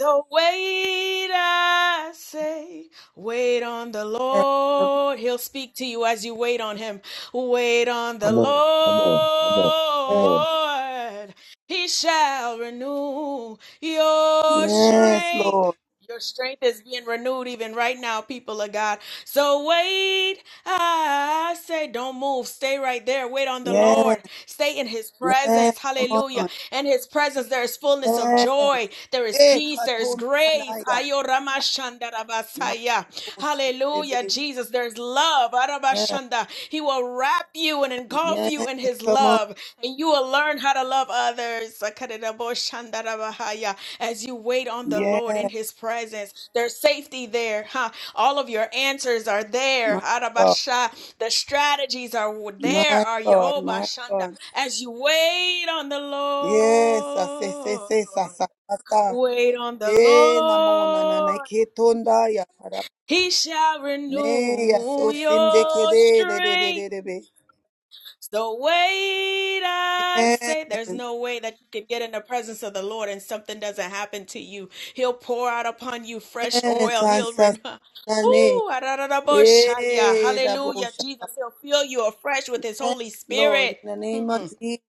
S11: So wait, I say, wait on the
S3: Yes,
S11: Lord. He'll speak to you as you wait on him. Wait on the
S9: Come on, come on, come on, come
S3: yes,
S9: on.
S11: Lord. He shall renew your
S3: yes,
S11: strength.
S3: Lord.
S11: Your strength is being renewed even right now, people of God. So wait, I say, don't move. Stay right there. Wait on the
S3: Yes,
S11: Lord. Stay in his
S3: yes,
S11: presence.
S3: come
S11: Hallelujah.
S3: on.
S11: In his presence, there is fullness of
S3: Yes,
S11: joy. There is
S3: Eh,
S11: peace. There is grace.
S3: katomanaya,
S11: Hayo ramashanda rabasaya. Hallelujah,
S3: makatoshitebe.
S11: Jesus. There's love.
S3: yes,
S11: Arabashanda. He will wrap you and engulf you in
S3: yes,
S11: his
S3: come on.
S11: love. And you will learn how to love others. Sakarirabashanda rabahaya. As you wait on the Lord in
S3: Yes,
S11: his presence, there's safety there. Huh? All of your answers are there.
S3: my God,
S11: Arabasha. The strategies are there.
S3: my
S11: Are you?
S3: God, my God.
S11: as you wait on the
S3: Yes, I say, say,
S11: Lord.
S3: say, sa, sa, sa, sa.
S11: Wait on the
S3: Eh, namo, na, na, na,
S11: Lord.
S3: ketondaya, para.
S11: He shall
S3: Me, ya, so,
S11: renew your
S3: sindekede, de, de, de, de,
S11: strength.
S3: de, de.
S11: So wait, I
S3: Yes,
S11: say, there's no way that you can get in the presence of the Lord and something doesn't happen to you. He'll pour out upon you fresh
S3: yes,
S11: oil. He'll
S3: answer
S11: renew.
S3: the name.
S11: Ooh, arararaboshaya.
S3: Hey, the
S11: hallelujah,
S3: bush.
S11: Jesus. He'll fill you afresh with his
S3: Yes,
S11: Holy
S3: Lord,
S11: Spirit.
S3: in the name
S11: Hmm.
S3: of Jesus.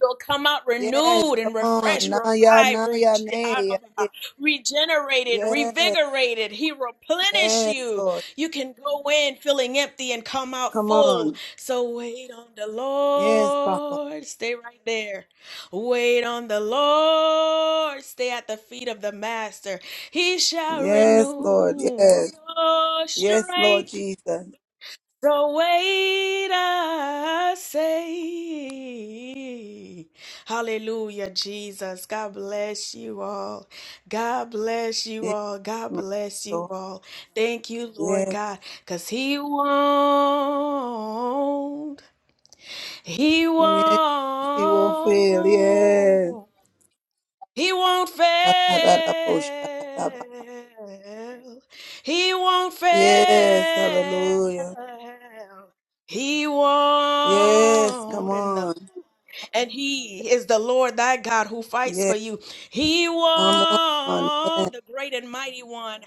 S11: You'll come out
S3: Yes,
S11: renewed
S3: come
S11: and
S3: on.
S11: refreshed,
S3: Naya,
S11: revived,
S3: naya,
S11: rege- I
S3: naya.
S11: don't know, regenerated,
S3: Yes,
S11: revigorated. He replenish
S3: yes,
S11: you.
S3: Lord.
S11: You can go in feeling empty and come out
S3: Come
S11: full.
S3: on.
S11: So wait on the
S3: Yes, Papa.
S11: Lord. Stay right there. Wait on the Lord. Stay at the feet of the Master. He shall
S3: Yes, Lord.
S11: renew
S3: Yes.
S11: your
S3: Yes, Lord
S11: strength.
S3: Jesus.
S11: So wait, I say, Hallelujah, Jesus. God bless you all. God bless you
S3: Yes,
S11: all. God
S3: my
S11: bless you
S3: Lord.
S11: all. Thank you, Lord
S3: Yes,
S11: God, because He won't. He
S3: yes, he will fail. Yes.
S11: won't. He won't fail. He won't fail.
S3: Yes, hallelujah.
S11: He
S3: Yes, come
S11: won't. And, the,
S3: on.
S11: and he is the Lord thy God who fights for
S3: Yes,
S11: you. He
S3: come on. Yes.
S11: won't. The great and mighty one.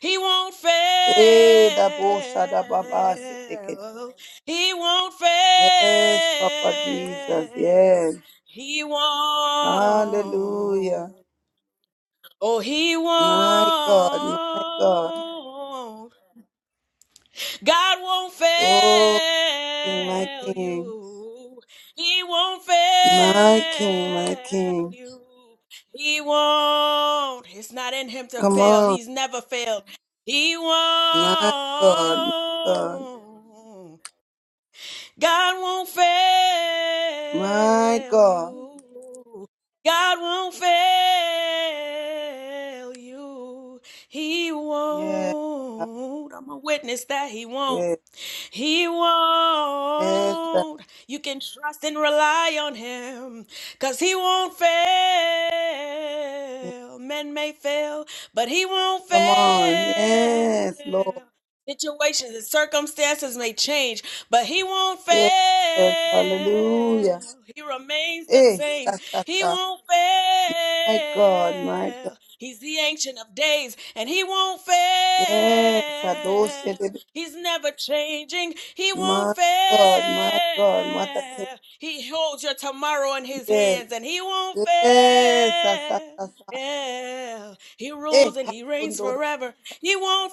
S11: He won't
S3: Hey, the Bosha, the Baba, Sedeketa.
S11: fail. He won't
S3: Yes, Papa Jesus.
S11: fail.
S3: Yes.
S11: He won't.
S3: Hallelujah.
S11: Oh, he
S3: My God, my God.
S11: won't. God won't
S3: Oh, King, my
S11: fail
S3: King.
S11: you. He won't fail
S3: My King, my King.
S11: you. He won't. It's not in him to
S3: Come
S11: fail.
S3: on.
S11: He's never failed. He
S3: My God, my God.
S11: won't. God won't
S3: My
S11: fail
S3: God.
S11: you. God won't fail you. He
S3: Yes, that's
S11: won't. I'm a witness that He won't.
S3: it.
S11: He
S3: Yes, that's
S11: won't. You can trust and rely on him because he won't
S3: it.
S11: fail. Men may fail, but he won't
S3: Come on. Yes, Lord.
S11: fail. Situations and circumstances may change, but he won't fail.
S3: Yes, hallelujah.
S11: He remains the
S3: Eh,
S11: same.
S3: ta, ta,
S11: He
S3: ta.
S11: won't
S3: My God, my God.
S11: fail. He's the ancient of days and he won't fail.
S3: Yes, Adoshe Debe.
S11: He's never changing. He won't
S3: My
S11: fail.
S3: God, my God. What a king.
S11: He holds your tomorrow in his
S3: Yes,
S11: hands and he won't
S3: yes, ta, ta,
S11: fail.
S3: ta, ta.
S11: He
S3: Hey,
S11: rules and he reigns
S3: Hakundo.
S11: forever. He won't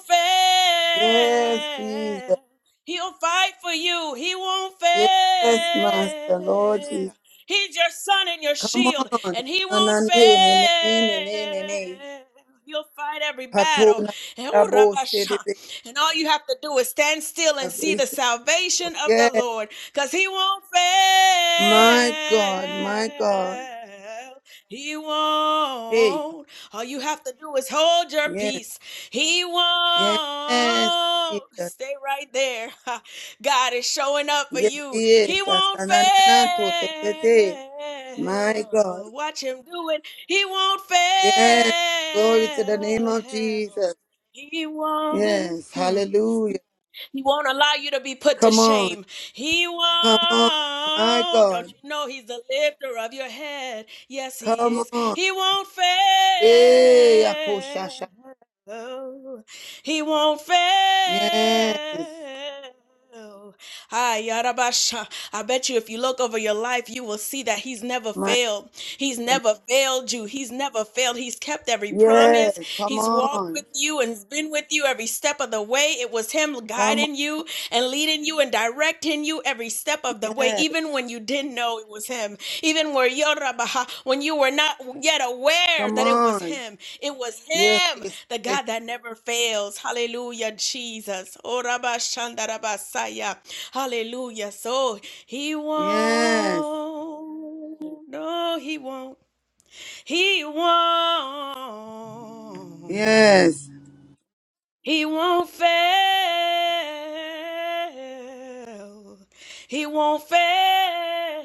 S3: Yes, Jesus.
S11: fail. He'll fight for you. He won't
S3: Yes, Master, Lord Jesus.
S11: fail. He's your son and your
S3: Come
S11: shield,
S3: on.
S11: and he
S3: Na, na,
S11: won't
S3: ne, ne, ne, ne, ne, ne, ne, ne.
S11: fail. You'll fight every battle.
S3: Patona,
S11: Eh, oh,
S3: Adoshe
S11: Rabasha.
S3: Debe.
S11: And all you have to do is stand still and see the
S3: Salvation.
S11: salvation of the
S3: Yes,
S11: Lord, because he won't
S3: my God, my God.
S11: fail. He
S3: Hey,
S11: won't. All you have to do is hold your
S3: yes.
S11: peace he
S3: Yes,
S11: won't
S3: Jesus.
S11: stay right there. God is showing up for
S3: Yes, he
S11: you.
S3: is.
S11: He won't
S3: Asanananatototete. My God.
S11: fail. Watch him do it. He won't
S3: Yes. Glory to the name of
S11: fail.
S3: Jesus.
S11: He won't.
S3: Yes.
S11: Hmm.
S3: Hallelujah.
S11: He won't allow you to be put to
S3: Come on.
S11: shame. He
S3: Come on. My
S11: won't.
S3: God.
S11: Don't you know he's the lifter of your head? Yes, he
S3: Come
S11: is.
S3: on.
S11: He won't fail.
S3: Hey, Akoshasha.
S11: He won't
S3: Yes.
S11: fail. Ah, Yarabasha. I bet you if you look over your life, you will see that He's never
S3: My God.
S11: failed. He's never failed you. He's never failed. He's kept every promise.
S3: Yes. Come
S11: He's walked with
S3: on.
S11: you and been with you every step of the way. It was Him
S3: Come on.
S11: guiding you and leading you and directing you every step of the way,
S3: Yes.
S11: even when you didn't know it was him. Even where Yorabaha, when you were not yet aware
S3: Come
S11: that it was
S3: on.
S11: him, it was
S3: Yes.
S11: him,
S3: Yes.
S11: the God that never fails. Hallelujah, Jesus. Orabashandarabasaya. Hallelujah. So he
S3: Yes.
S11: won't. No, he won't. He won't.
S3: Yes. Yes.
S11: He won't fail. He won't fail.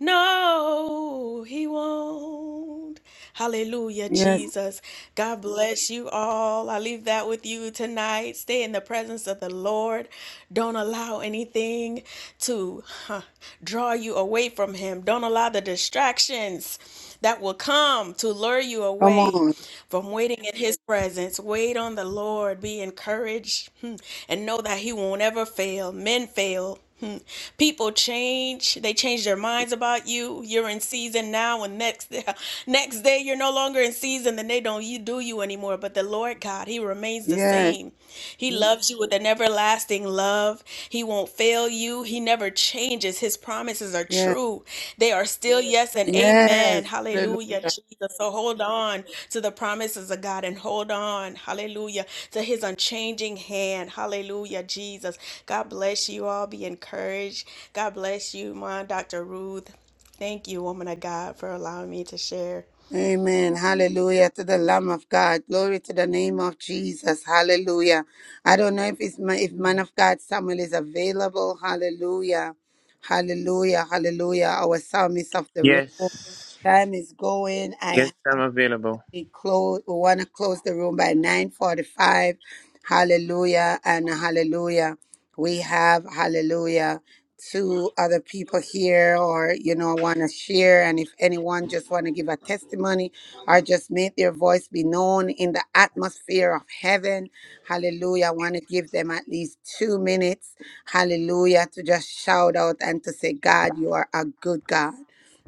S11: No, he won't. Hallelujah,
S3: Yes.
S11: Jesus. God bless you all. I leave that with you tonight. Stay in the presence of the Lord. Don't allow anything to huh, draw you away away from Him. Don't allow the distractions that will come to lure you
S3: Come
S11: away
S3: on.
S11: from waiting in His presence. Wait on the Lord. Be encouraged hmm, and know that He won't ever fail. Men fail. Hmm. People change. They change their minds about you. You're in season now, and next next day you're no longer in season, and they don't do you anymore. But the Lord God, He remains the
S3: Yes.
S11: same. He loves you with an everlasting love. He won't fail you. He never changes. His promises are
S3: Yes,
S11: true. They are still yes and
S3: yes,
S11: amen. Hallelujah,
S3: hallelujah.
S11: Jesus. So hold on to the promises of God and hold on, hallelujah, to his unchanging hand. Hallelujah, Jesus. God bless you all. Be encouraged. God bless you, my Dr. Ruth. Thank you, woman of God, for allowing me to share.
S3: Amen. Hallelujah to the Lamb of God. Glory to the name of Jesus. Hallelujah. I don't know if it's my, if man of God Samuel is available. Hallelujah. Hallelujah. Hallelujah. Our psalmist of the room.
S12: Yes.
S3: Time is going. I
S12: Yes, I'm available.
S3: we close we want to close the room by 9:45 hallelujah and hallelujah we have hallelujah two other people here or you know want to share and if anyone just want to give a testimony or just make their voice be known in the atmosphere of heaven hallelujah i want to give them at least 2 minutes hallelujah to just shout out and to say god you are a good god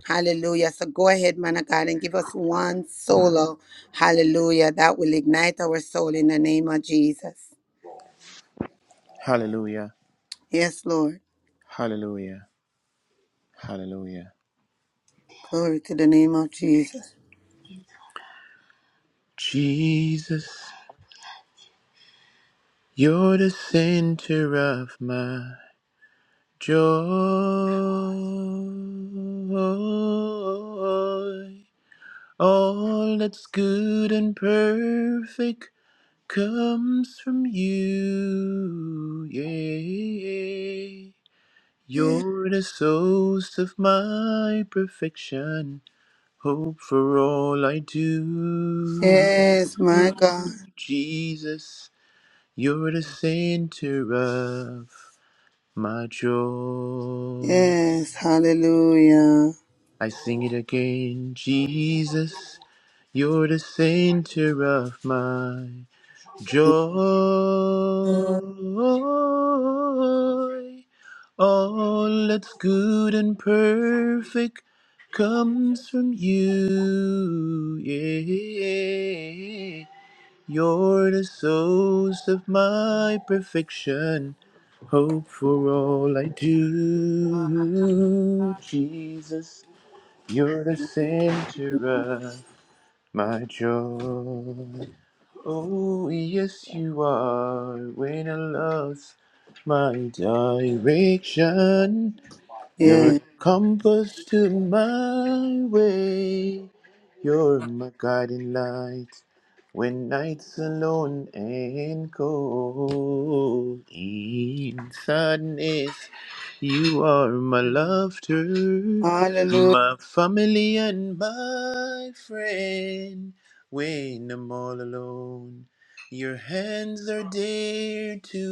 S3: Hallelujah. So go ahead, man of God, and give us one solo. Hallelujah. That will ignite our soul in the name of Jesus.
S12: Hallelujah.
S3: Yes, Lord.
S12: Hallelujah. Hallelujah.
S3: Glory to the name of Jesus.
S12: Jesus, you're the center of my joy. All that's good and perfect comes from you. Yeah. You're the source of my perfection. Hope for all I do.
S3: Yes, my God.
S12: Jesus, you're the center of my joy.
S3: Yes. Hallelujah.
S12: I sing it again. Jesus, you're the center of my Joy, all that's good and perfect comes from you. Yeah. You're the source of my perfection. Hope for all I do, Jesus. You're the center of my joy. Oh, yes, you are. When I lost my direction, your
S3: Yes.
S12: compass to my way. You're my guiding light when night's alone and cold. In sadness, you are my laughter,
S3: Hallelujah.
S12: my family and my friend. When I'm all alone, your hands are there to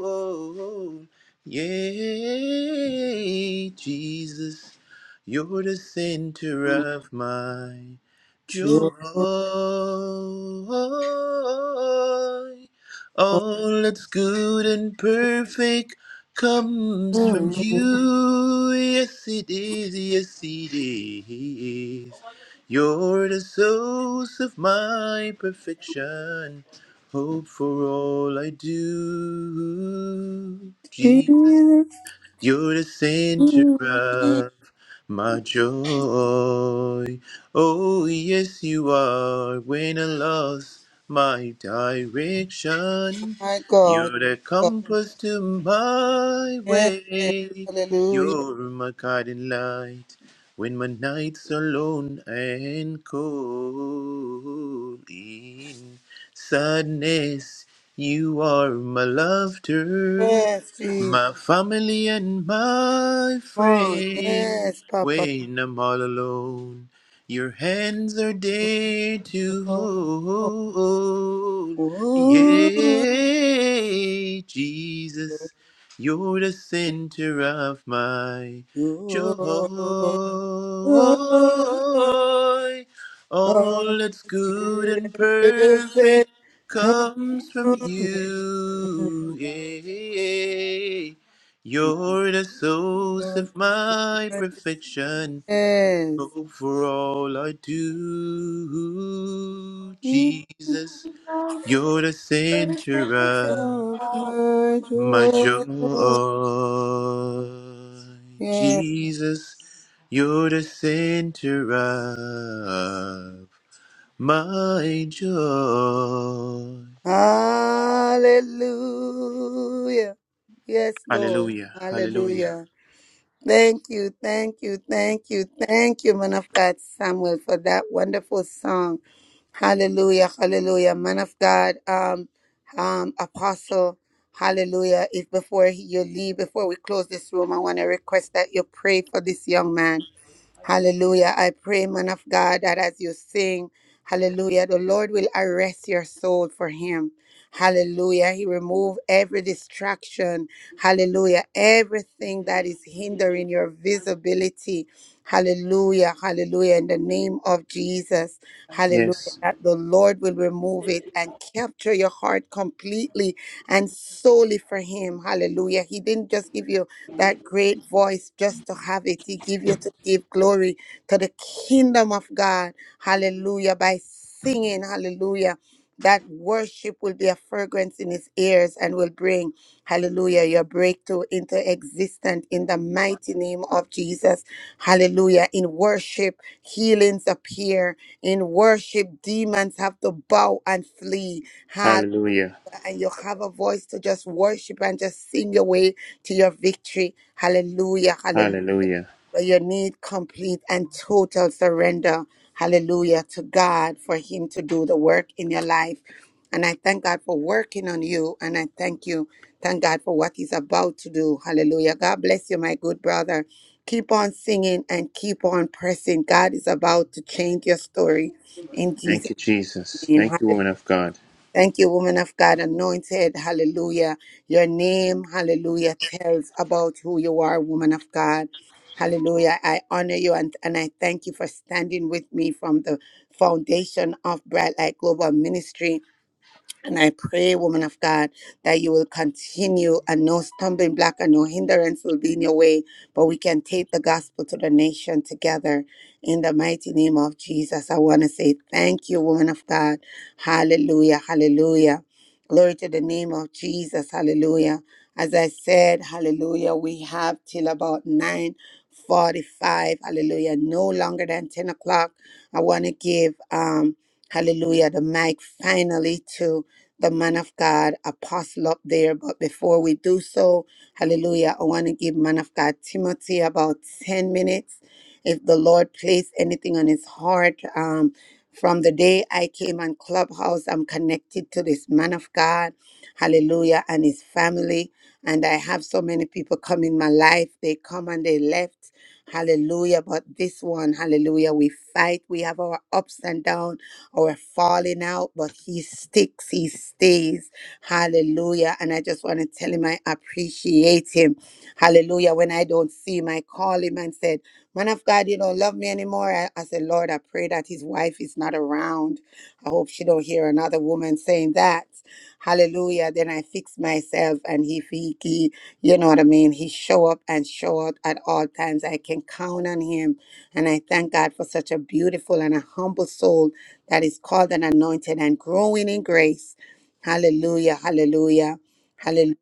S12: hold. Yea, Jesus, you're the center of my joy. All that's good and perfect comes from you. Yes, it is. Yes, it is. You're the source of my perfection hope for all I do. Jesus you're the center of my joy. Oh, yes, you are. When I lost my direction,
S3: My God.
S12: you're the compass to my
S3: Yes.
S12: way.
S3: Hallelujah.
S12: You're my guiding light when my nights are lone and cold. In sadness, you are my laughter.
S3: Yes, Jesus.
S12: My family and my
S3: Oh,
S12: friend,
S3: yes, Papa.
S12: when I'm all alone, your hands are
S3: Oh,
S12: there to
S3: oh, oh,
S12: hold. Yeah, Jesus, you're the center of my joy.
S3: oh, all
S12: All that's
S3: is
S12: good
S3: good
S12: and
S3: and
S12: perfect
S3: perfect. Come
S12: comes from
S3: in your
S12: you. Yeah.
S3: goodness.
S12: You're the source of my perfection. Oh, for all I do,
S3: Keep
S12: Jesus, you're the center of
S3: up my
S12: my joy.
S3: joy. Yeah.
S12: Jesus, you're the center of my joy.
S3: Hallelujah. Yes, Lord.
S12: Hallelujah. Hallelujah.
S3: Hallelujah. Thank you, thank you, thank you, thank you, man of God Samuel, for that wonderful song. Hallelujah, hallelujah, man of God, um, um, apostle, hallelujah. If before you leave, before we close this room, I want to request that you pray for this young man. Hallelujah. I pray, man of God, that as you sing, hallelujah, the Lord will arrest your soul for him. Hallelujah. He remove every distraction. Hallelujah. Everything that is hindering your visibility. Hallelujah. Hallelujah. In the name of Jesus. Hallelujah.
S12: Yes.
S3: That the Lord will remove it and capture your heart completely and solely for him. Hallelujah. He didn't just give you that great voice just to have it. He give you to give glory to the kingdom of God. Hallelujah. By singing, hallelujah. That worship will be a fragrance in his ears and will bring, hallelujah, your breakthrough into existence in the mighty name of Jesus. Hallelujah. In worship, healings appear. In worship, demons have to bow and flee
S12: Hallelujah.
S3: and you have a voice to just worship and just sing your way to your victory. Hallelujah. Hallelujah.
S12: Hallelujah.
S3: You need complete and total surrender. Hallelujah to God for Him to do the work in your life. And I thank God for working on you. And I thank you. Thank God for what He's about to do. Hallelujah. God bless you, my good brother. Keep on singing and keep on pressing. God is about to change your story in
S12: Thank
S3: Jesus'
S12: you, Jesus.
S3: name.
S12: Thank you, woman of God.
S3: Thank you, woman of God, anointed. Hallelujah. Your name, hallelujah, tells about who you are, woman of God. Hallelujah. I honor you and, and I thank you for standing with me from the foundation of Bright Light Global Ministry. And I pray, woman of God, that you will continue and no stumbling block and no hindrance will be in your way, but we can take the gospel to the nation together in the mighty name of Jesus. I want to say thank you, woman of God. Hallelujah. Hallelujah. Glory to the name of Jesus. Hallelujah. As I said, hallelujah, we have till about 9 45. Hallelujah. No longer than 10 o'clock. I want to give um hallelujah the mic finally to the man of God, Apostle, up there. But before we do so, hallelujah, I want to give man of God Timothy about 10 minutes. If the Lord placed anything on his heart, um, from the day I came on Clubhouse, I'm connected to this man of God, hallelujah, and his family. And I have so many people come in my life. They come and they left. Hallelujah. But this one, hallelujah, we fight. We have our ups and downs or falling out, but he sticks, he stays. Hallelujah. And I just want to tell him I appreciate him. Hallelujah. When I don't see him, I call him and said, Man of God, you don't love me anymore. I, I said, Lord, I pray that his wife is not around. I hope she don't hear another woman saying that. Hallelujah. Then I fix myself and he, he, he you know what I mean? He show up and show out at all times. I can count on him and I thank God for such a beautiful and a humble soul that is called and anointed and growing in grace. Hallelujah, hallelujah, hallelujah.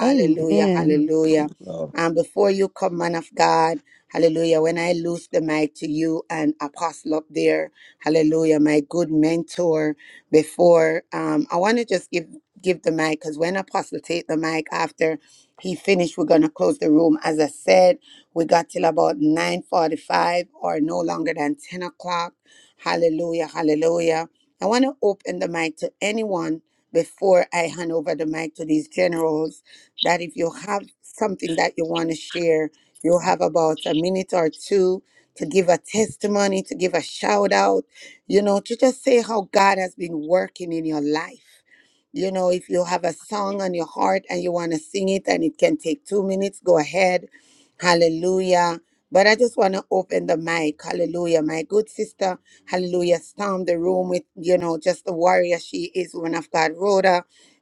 S5: Amen. Amen.
S3: hallelujah.
S9: Now,
S3: And before you come, man of God, hallelujah, when I lose the mic to you and apostle up there, hallelujah, my good mentor, before, um, I want to just give give the mic because when apostle take the mic after he finished, we're going to close the room. As I said, we got till about 9.45 or no longer than 10 o'clock. Hallelujah, hallelujah. I want to open the mic to anyone before I hand over the mic to these generals that if you have something that you want to share, you'll have about a minute or two to give a testimony, to give a shout out, you know, to just say how God has been working in your life. You know, if you have a song on your heart and you want to sing it and it can take two minutes, go ahead. Hallelujah. But I just want to open the mic. Hallelujah. My good sister, hallelujah, storm the room with, you know, just the warrior she is, woman of God, Rhoda.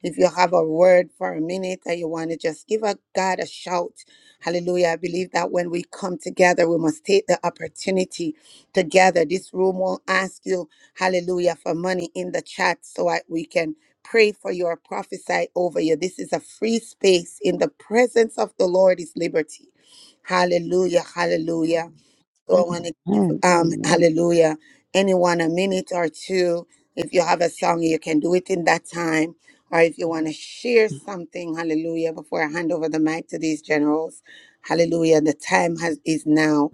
S3: If you have a word for a minute and you want to just give a God a shout, hallelujah. I believe that when we come together, we must take the opportunity together. This room will ask you, hallelujah, for money in the chat so that we can pray for you or prophesy over you. This is a free space. In the presence of the Lord is liberty. Hallelujah, hallelujah. So I want to give, um,
S5: Amen.
S3: hallelujah, anyone a minute or two. If you have a song, you can do it in that time. Or if you want to share something, hallelujah, before I hand over the mic to these generals, hallelujah, the time has, is now.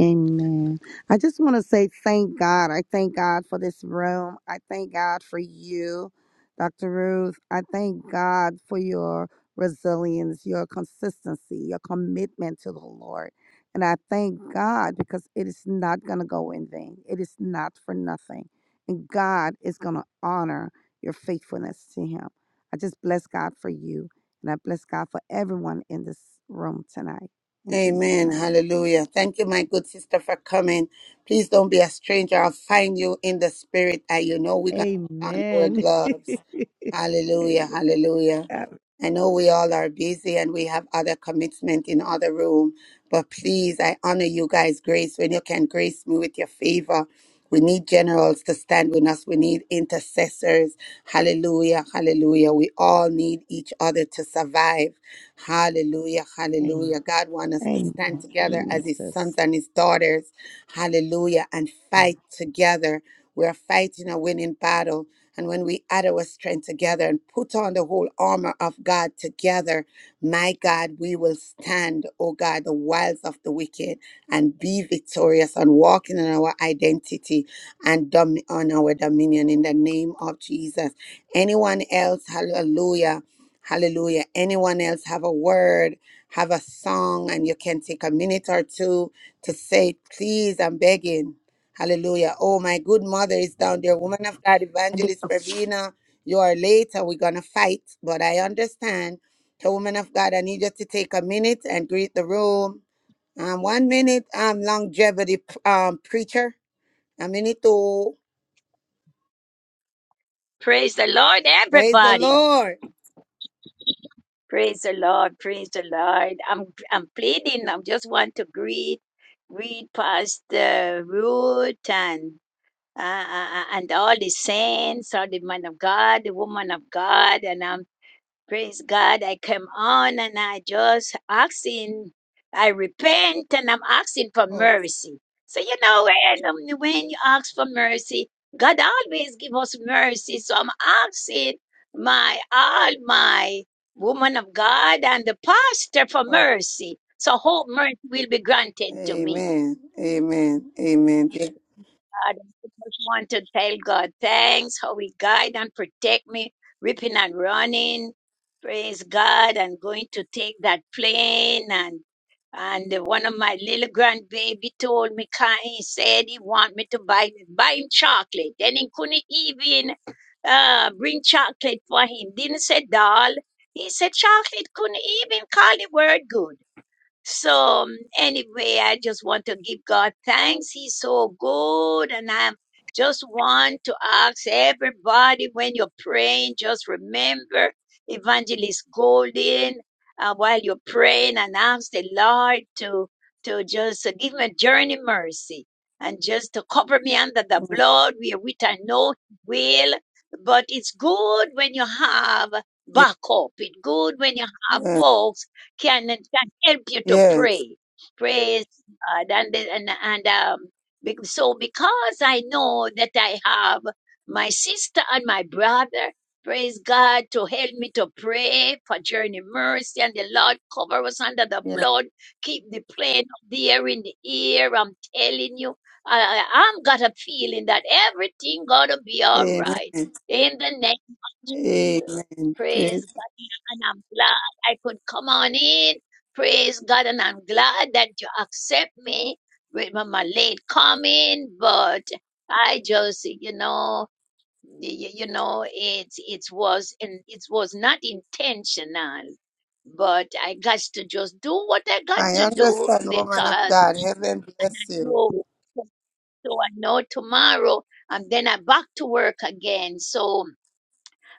S5: Amen. I just want to say thank God. I thank God for this room. I thank God for you, Dr. Ruth. I thank God for your resilience, your consistency, your commitment to the Lord. And I thank God because it is not going to go in vain, it is not for nothing. And God is going to honor your faithfulness to Him. I just bless God for you. And I bless God for everyone in this room tonight. In Jesus'
S3: Amen.
S5: name.
S3: Hallelujah. Thank you, my good sister, for coming. Please don't be a stranger. I'll find you in the spirit. And you know we're going to put on our
S5: Amen.
S3: gloves. Hallelujah.
S5: Amen.
S3: Hallelujah.
S5: Ab-
S3: I know we all are busy and we have other commitment in other room, but please, I honor you guys' grace when you can grace me with your favor. We need generals to stand with us. We need intercessors. Hallelujah. Hallelujah. We all need each other to survive. Hallelujah.
S5: Amen.
S3: Hallelujah. God wants us to
S5: Amen,
S3: stand together
S5: Amen,
S3: as his
S5: sis.
S3: sons and his daughters. Hallelujah. And fight together. We're fighting a winning battle. And when we add our strength together and put on the whole armor of God together, my God, we will stand, oh God, the wiles of the wicked and be victorious and walking in our identity and dom- on our dominion in the name of Jesus. Anyone else, hallelujah, hallelujah. Anyone else have a word, have a song, and you can take a minute or two to say, please, I'm begging. Hallelujah. Oh, my good mother is down there. Woman of God, Evangelist Pravina, you are late. later. We're going to fight, but I understand. So, woman of God, I need you to take a minute and greet the room um, one minute, um, longevity um, preacher. A minute to
S13: Praise the Lord,
S3: praise the
S13: everybody.
S3: Lord.
S13: Praise the Lord. Praise the Lord. I'm I'm pleading. I just want to greet, greet Pastor Ruth and uh, uh, uh, and all the saints, all the man of God, the woman of God, and I'm. Praise God. I come on and I just asking, I repent and I'm asking for
S3: Okay.
S13: mercy. So, you know, when, um, when you ask for mercy, God always give us mercy. So I'm asking my, all my woman of God and the pastor for
S3: okay.
S13: mercy. So hope mercy will be granted to me.
S3: Amen. Amen. Amen. Yes.
S13: God. I just want to tell God thanks, how he guide and protect me, ripping and running. Praise God. I'm going to take that plane and and one of my little grandbaby told me, "Kai," he said he want me to buy buy him chocolate. Then he couldn't even uh, bring chocolate for him. Didn't say doll. He said chocolate couldn't even call the word good. So um, anyway, I just want to give God thanks. He's so good. And I just want to ask everybody when you're praying, just remember Evangelist Golden uh, while you're praying and ask the Lord to, to just uh, give me a journey mercy and just to cover me under the blood which I know He will. But it's good when you have backup. It's good when you have
S3: Yes.
S13: folks can help you to
S3: Yes.
S13: pray. Praise God. And, the- and, and um, be- so because I know that I have my sister and my brother, praise God, to help me to pray for journey mercy and the Lord cover us under the
S3: yes.
S13: blood, keep the plane up there in the air. I'm telling you, I, I- I'm got a feeling that everything gonna be all right.
S3: Amen.
S13: In the name Jesus.
S3: Amen.
S13: Praise
S3: Praise.
S13: God. And I'm glad I could come on in. Praise God. And I'm glad that you accept me with my, my late coming. But I just, you know, you, you know, it it was and it was not intentional. But I got to just do what I got
S3: I
S13: to do
S3: understand, woman of
S13: because
S3: God. Heaven
S13: and I
S3: bless you.
S13: know so I know tomorrow and then I back to work again. So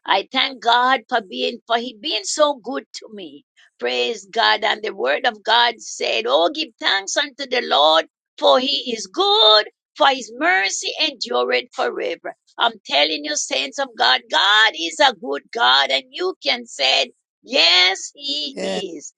S13: I thank God for being for He being so good to me. Praise God. And the word of God said, Oh, give thanks unto the Lord, for he is good, for his mercy endureth forever. I'm telling you, saints of God, God is a good God, and you can say, Yes, he
S3: Yes.
S13: is.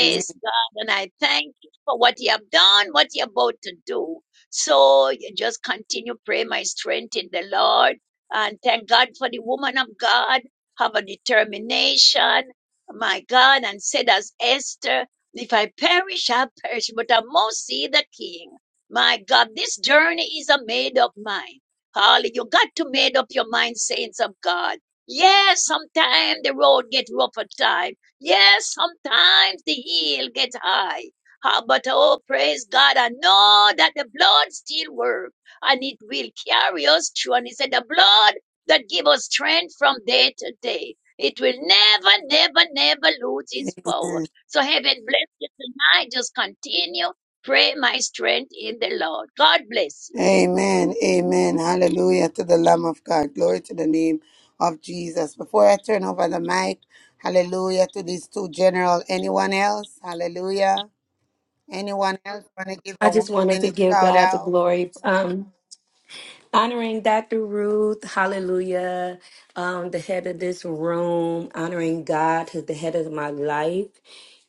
S3: Amen.
S13: God. And I thank you for what you have done, what you're about to do. So you just continue, pray my strength in the Lord and thank God for the woman of God, have a determination, my God, and said as Esther, if I perish, I perish, but I must see the king. My God, this journey is a made up mind. Holly, you got to made up your mind, saints of God. Yes, sometimes the road get rough at time. Yes, sometimes the hill get high. Ah, But oh, praise God, I know that the blood still works and it will carry us through. And he said, the blood that gives us strength from day to day. It will never, never, never lose its power. So heaven bless you tonight. Just continue. Pray my strength in the Lord. God bless you.
S3: Amen. Amen. Hallelujah to the Lamb of God. Glory to the name of Jesus. Before I turn over the mic, hallelujah to these two general. Anyone else? Hallelujah. Anyone else want to give
S4: I
S3: a
S4: just
S3: one minute shout out?
S4: Yeah, um, the head of this room, honoring God, who's the head of my life,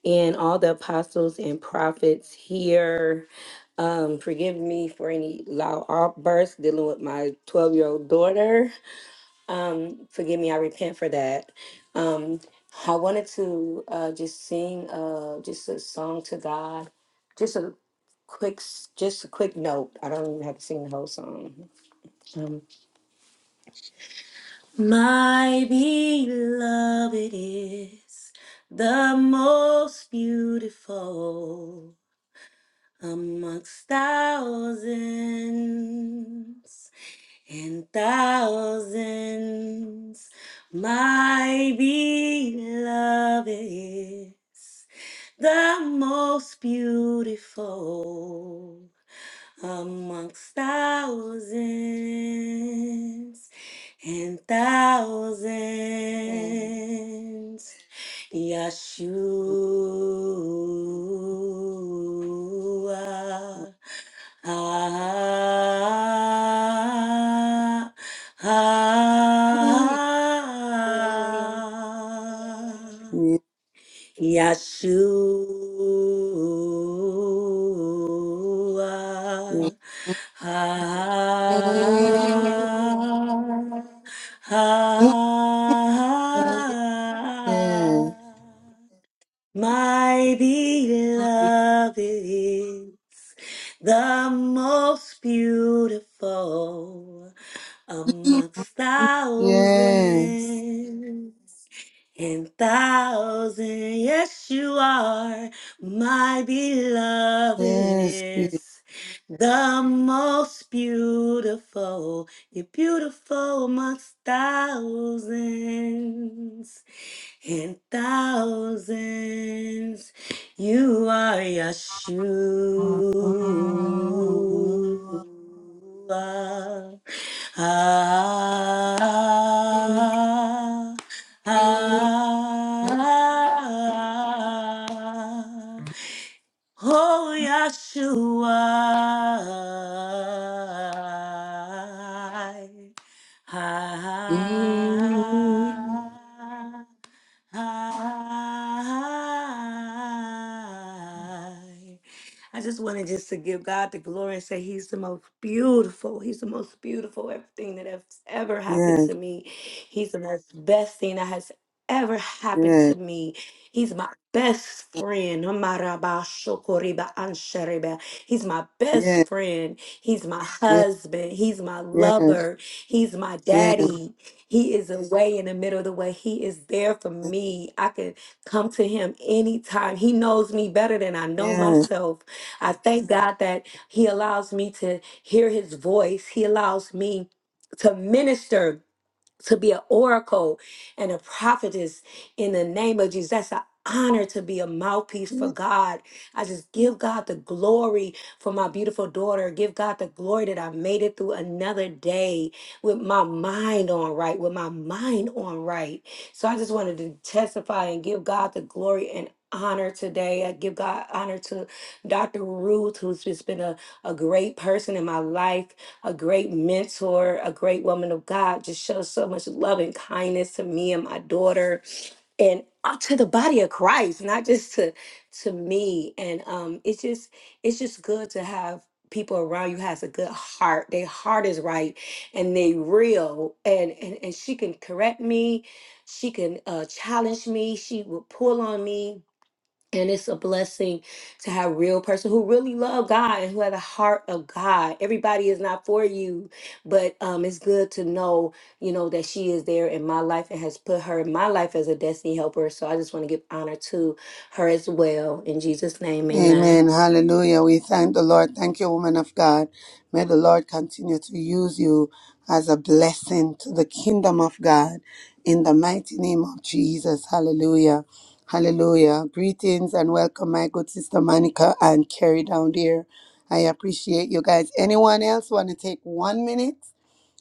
S4: and all the apostles and prophets here. Um, forgive me for any loud outbursts dealing with my 12 year old daughter. Um, forgive me, I repent for that. Um, I wanted to uh, just sing uh, just a song to God, just a quick, s- just a quick note. I don't even have to sing the whole song. Um, My beloved is the most beautiful amongst thousands and thousands. My beloved is the most beautiful amongst thousands and
S3: Yes.
S4: thousands. Yeshua. Ah, ah, ah. Yeshua. Ah, ah, my beloved is the most beautiful
S3: Yes.
S4: amongst
S3: Yes.
S4: thousands and thousand. Yes, you are. My beloved
S3: Yes. yes.
S4: is the most beautiful. You're beautiful amongst thousands and thousands. You are
S3: Yes. Yes.
S4: Yeshua. Ah, ah, ah, ah, ah, ah. oh Yeshua. I, I, I just wanted just to give God the glory and say He's the most beautiful. He's the most beautiful everything that has ever happened to me. He's the most best thing that has ever happened to me. He's my best friend. Amaraba shokoriba anshareba. He's my best friend. He's my
S3: Yes.
S4: husband. He's my
S3: Yes. Yes.
S4: lover. He's my
S3: Yes.
S4: daddy. He is away in the middle of the way. He is there for me. I can come to him anytime. He knows me better than I know myself. I thank God that He allows me to hear His voice. He allows me to minister to be an oracle and a prophetess in the name of Jesus. That's an honor to be a mouthpiece
S3: Yes.
S4: for God. I just give God the glory for my beautiful daughter. Give God the glory that I made it through another day with my mind on right, with my mind on right. So I just wanted to testify and give God the glory and honor today. I give God honor to Dr. Ruth, who's just been a, a great person in my life a great mentor, a great woman of God, just shows so much love and kindness to me and my daughter and uh, to the body of Christ, not just to to me. And um it's just it's just good to have people around you has a good heart. Their heart is right and they real and and, and she can correct me. She can uh challenge me. She will pull on me and it's a blessing to have real person who really love God and who have the heart of God. Everybody is not for you, but um, it's good to know, you know, that she is there in my life and has put her in my life as a destiny helper. So I just want to give honor to her as well. In Jesus' name, amen.
S3: Amen. Hallelujah. We thank the Lord. Thank you, woman of God. May the Lord continue to use you as a blessing to the kingdom of God in the mighty name of Jesus. Hallelujah. Hallelujah. Greetings and welcome, my good sister Monica and Carrie down there. I appreciate you guys. Anyone else want to take one minute?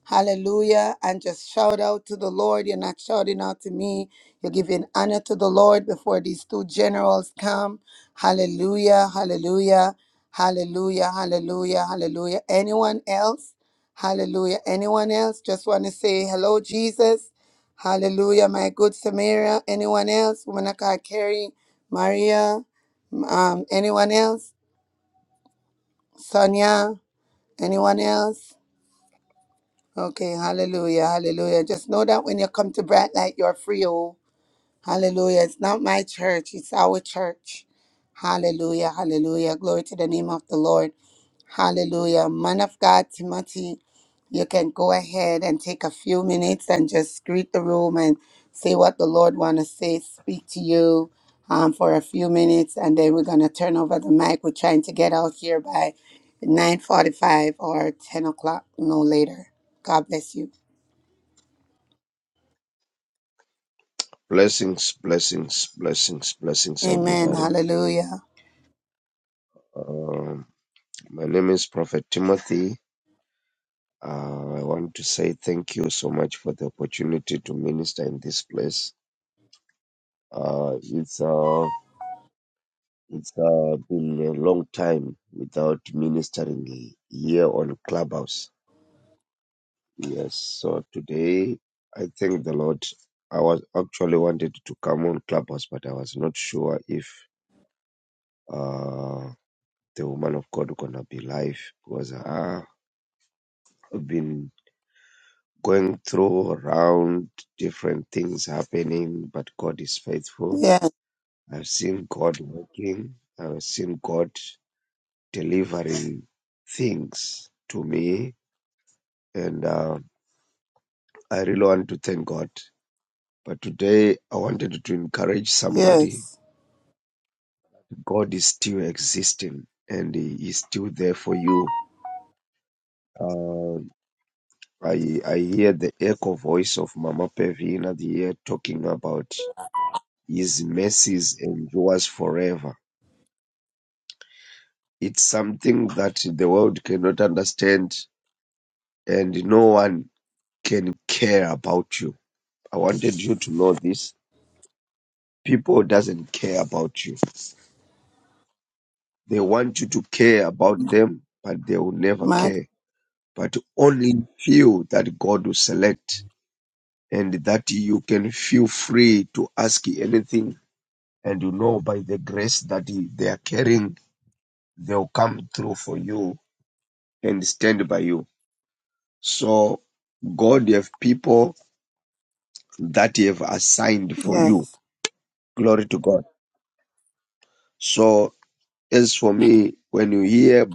S3: Hallelujah. And just shout out to the Lord. You're not shouting out to me. You're giving honor to the Lord before these two generals come. Hallelujah, hallelujah, hallelujah, hallelujah, hallelujah. Anyone else? Hallelujah. Anyone else? Just want to say hello, Jesus. Hallelujah, my good Samaria. Anyone else? Woman of God, Carrie, Maria, um, anyone else? Sonia, anyone else? Okay, hallelujah, hallelujah. Just know that when you come to Bright Light, you're free, oh. Hallelujah. It's not my church, it's our church. Hallelujah. Hallelujah. Glory to the name of the Lord. Hallelujah. Man of God, Timothy, you can go ahead and take a few minutes and just greet the room and say what the Lord want to say, speak to you um, for a few minutes, and then we're going to turn over the mic. We're trying to get out here by 9.45 or 10 o'clock, no later. God bless you.
S9: Blessings, blessings, blessings, blessings,
S3: Amen.
S9: everybody.
S3: Hallelujah.
S9: Um, my name is Prophet Timothy. Uh, I want to say thank you so much for the opportunity to minister in this place. Uh, it's uh, It's uh, been a long time without ministering here on Clubhouse. Yes, so today I thank the Lord. I was actually wanted to come on Clubhouse, but I was not sure if uh, the woman of God gonna be live because uh, I've been going through around different things happening, but God is faithful.
S3: Yes,
S9: I've seen God working. I've seen God delivering things to me and uh, I really want to thank God. But today I wanted to encourage somebody.
S3: yes.
S9: God is still existing and He is still there for you. Uh, I I hear the echo voice of Mama Pevina the year talking about His mercies endures forever. It's something that the world cannot understand, and no one can care about you. I wanted you to know this. People doesn't care about you They want you to care about them, but they will never
S3: My
S9: care. But only few that God will select and that you can feel free to ask anything. And you know by the grace that he- they are carrying, they'll come through for you and stand by you. So God have people that he have assigned for you.
S3: Yes.
S9: Glory to God. So as for me, when you hear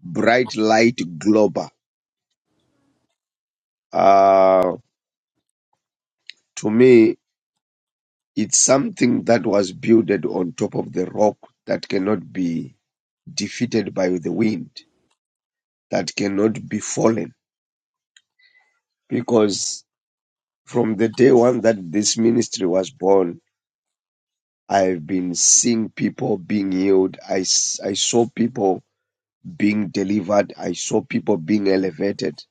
S9: bright light global, uh, to me It's something that was builded on top of the rock that cannot be defeated by the wind, that cannot be fallen. Because from the day one that this ministry was born, I've been seeing people being healed. I, s- I saw people being delivered. I saw people being elevated.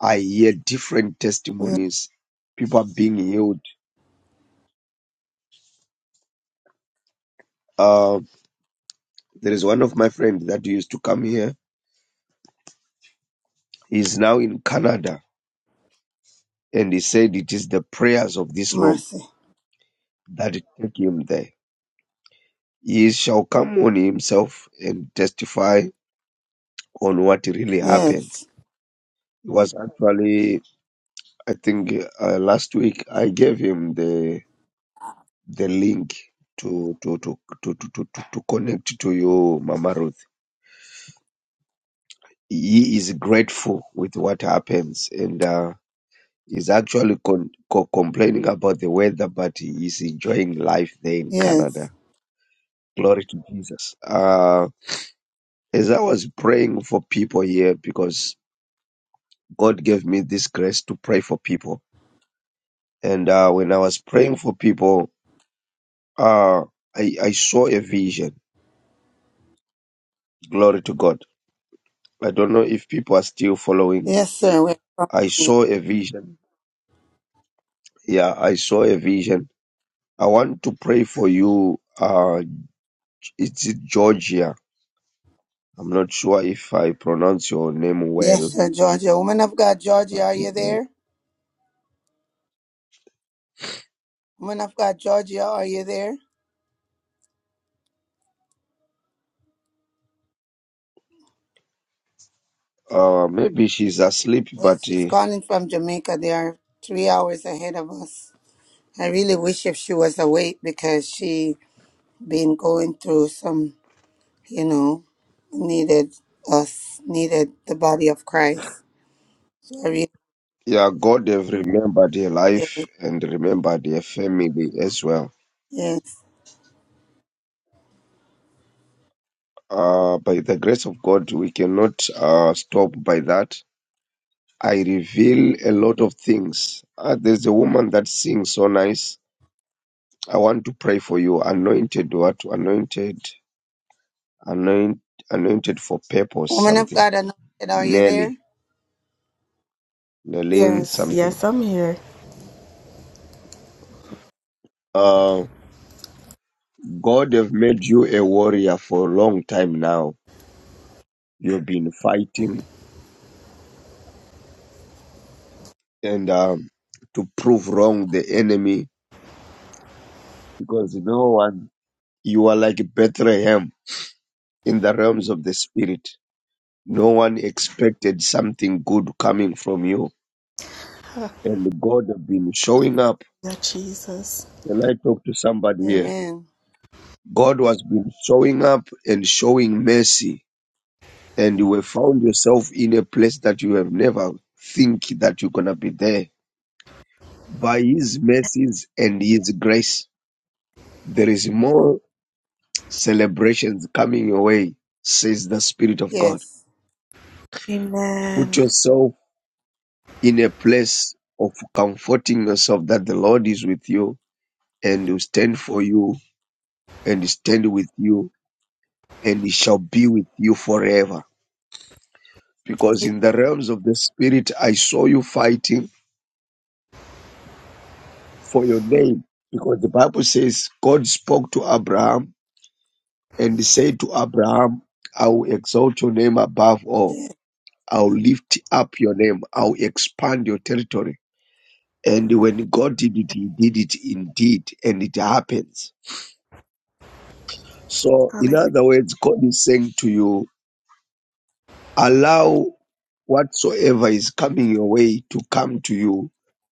S9: I hear different
S3: Yes.
S9: testimonies. People are being healed. Uh, there is one of my friends that used to come here. He's now in Canada And he said, It is the prayers of this room
S3: Mercy.
S9: that take him there. He shall come on himself and testify on what really
S3: Yes.
S9: happens. It was actually, I think, uh, last week I gave him the the link to to to to to to, to to connect to you, Mama Ruth. He is grateful with what happens, and uh, he's actually con- co- complaining about the weather, but he is enjoying life there in
S3: Yes.
S9: Canada. Glory to Jesus. Uh, As I was praying for people here, because God gave me this grace to pray for people. And uh, when I was praying for people, uh, I, I saw a vision. Glory to God. I don't know if people are still following.
S3: Yes, sir. We're from
S9: I
S3: you.
S9: saw a vision. Yeah, I saw a vision. I want to pray for you. Uh, it's in Georgia. I'm not sure if I pronounce your name
S3: Yes,
S9: well,
S3: sir, Georgia. Woman of God, Georgia,
S9: but
S3: are you there? Woman of God, Georgia, are you there?
S9: uh, uh, maybe she's asleep,
S3: Well,
S9: but.
S3: she's
S9: uh,
S3: calling from Jamaica. They are three hours ahead of us. I really wish if she was awake because she been going through some, you know, needed us, needed the body of Christ. So I really,
S9: Yeah, God have remembered their
S3: yes,
S9: life and remembered their family as well.
S3: yes.
S9: Uh, by the grace of God, we cannot uh, stop by that. I reveal a lot of things. Uh, there's a woman that sings so nice. I want to pray for you. Anointed what? Anointed, anoint, anointed for purpose
S3: Woman of
S9: something.
S3: God, anointed, are you there?
S9: Nelly, Nelly
S11: Yes,
S9: something.
S11: yes, I'm here.
S9: Uh, God have made you a warrior for a long time now. You've been fighting and um, to prove wrong the enemy because no one, you are like Bethlehem in the realms of the spirit. No one expected something good coming from you. And God have been
S11: Hallelujah,
S9: showing up.
S11: Jesus.
S9: Can I talk to somebody here?
S3: Amen.
S9: God has been showing up and showing mercy. And you have found yourself in a place that you have never think that you're going to be there. By his mercies and his grace, there is more celebrations coming your way, says the Spirit of God.
S3: Yes.
S9: Put
S11: Amen.
S9: yourself in a place of comforting yourself that the Lord is with you and will stand for you and stand with you and he shall be with you forever. Because in the realms of the Spirit, I saw you fighting for your name. Because the Bible says God spoke to Abraham and he said to Abraham, I will exalt your name above all.
S3: Yes.
S9: I'll lift up your name. I'll expand your territory And when God did it, He did it indeed, and it happens. So, in
S11: Hallelujah.
S9: other words, God is saying to you, allow whatsoever is coming your way to come to you,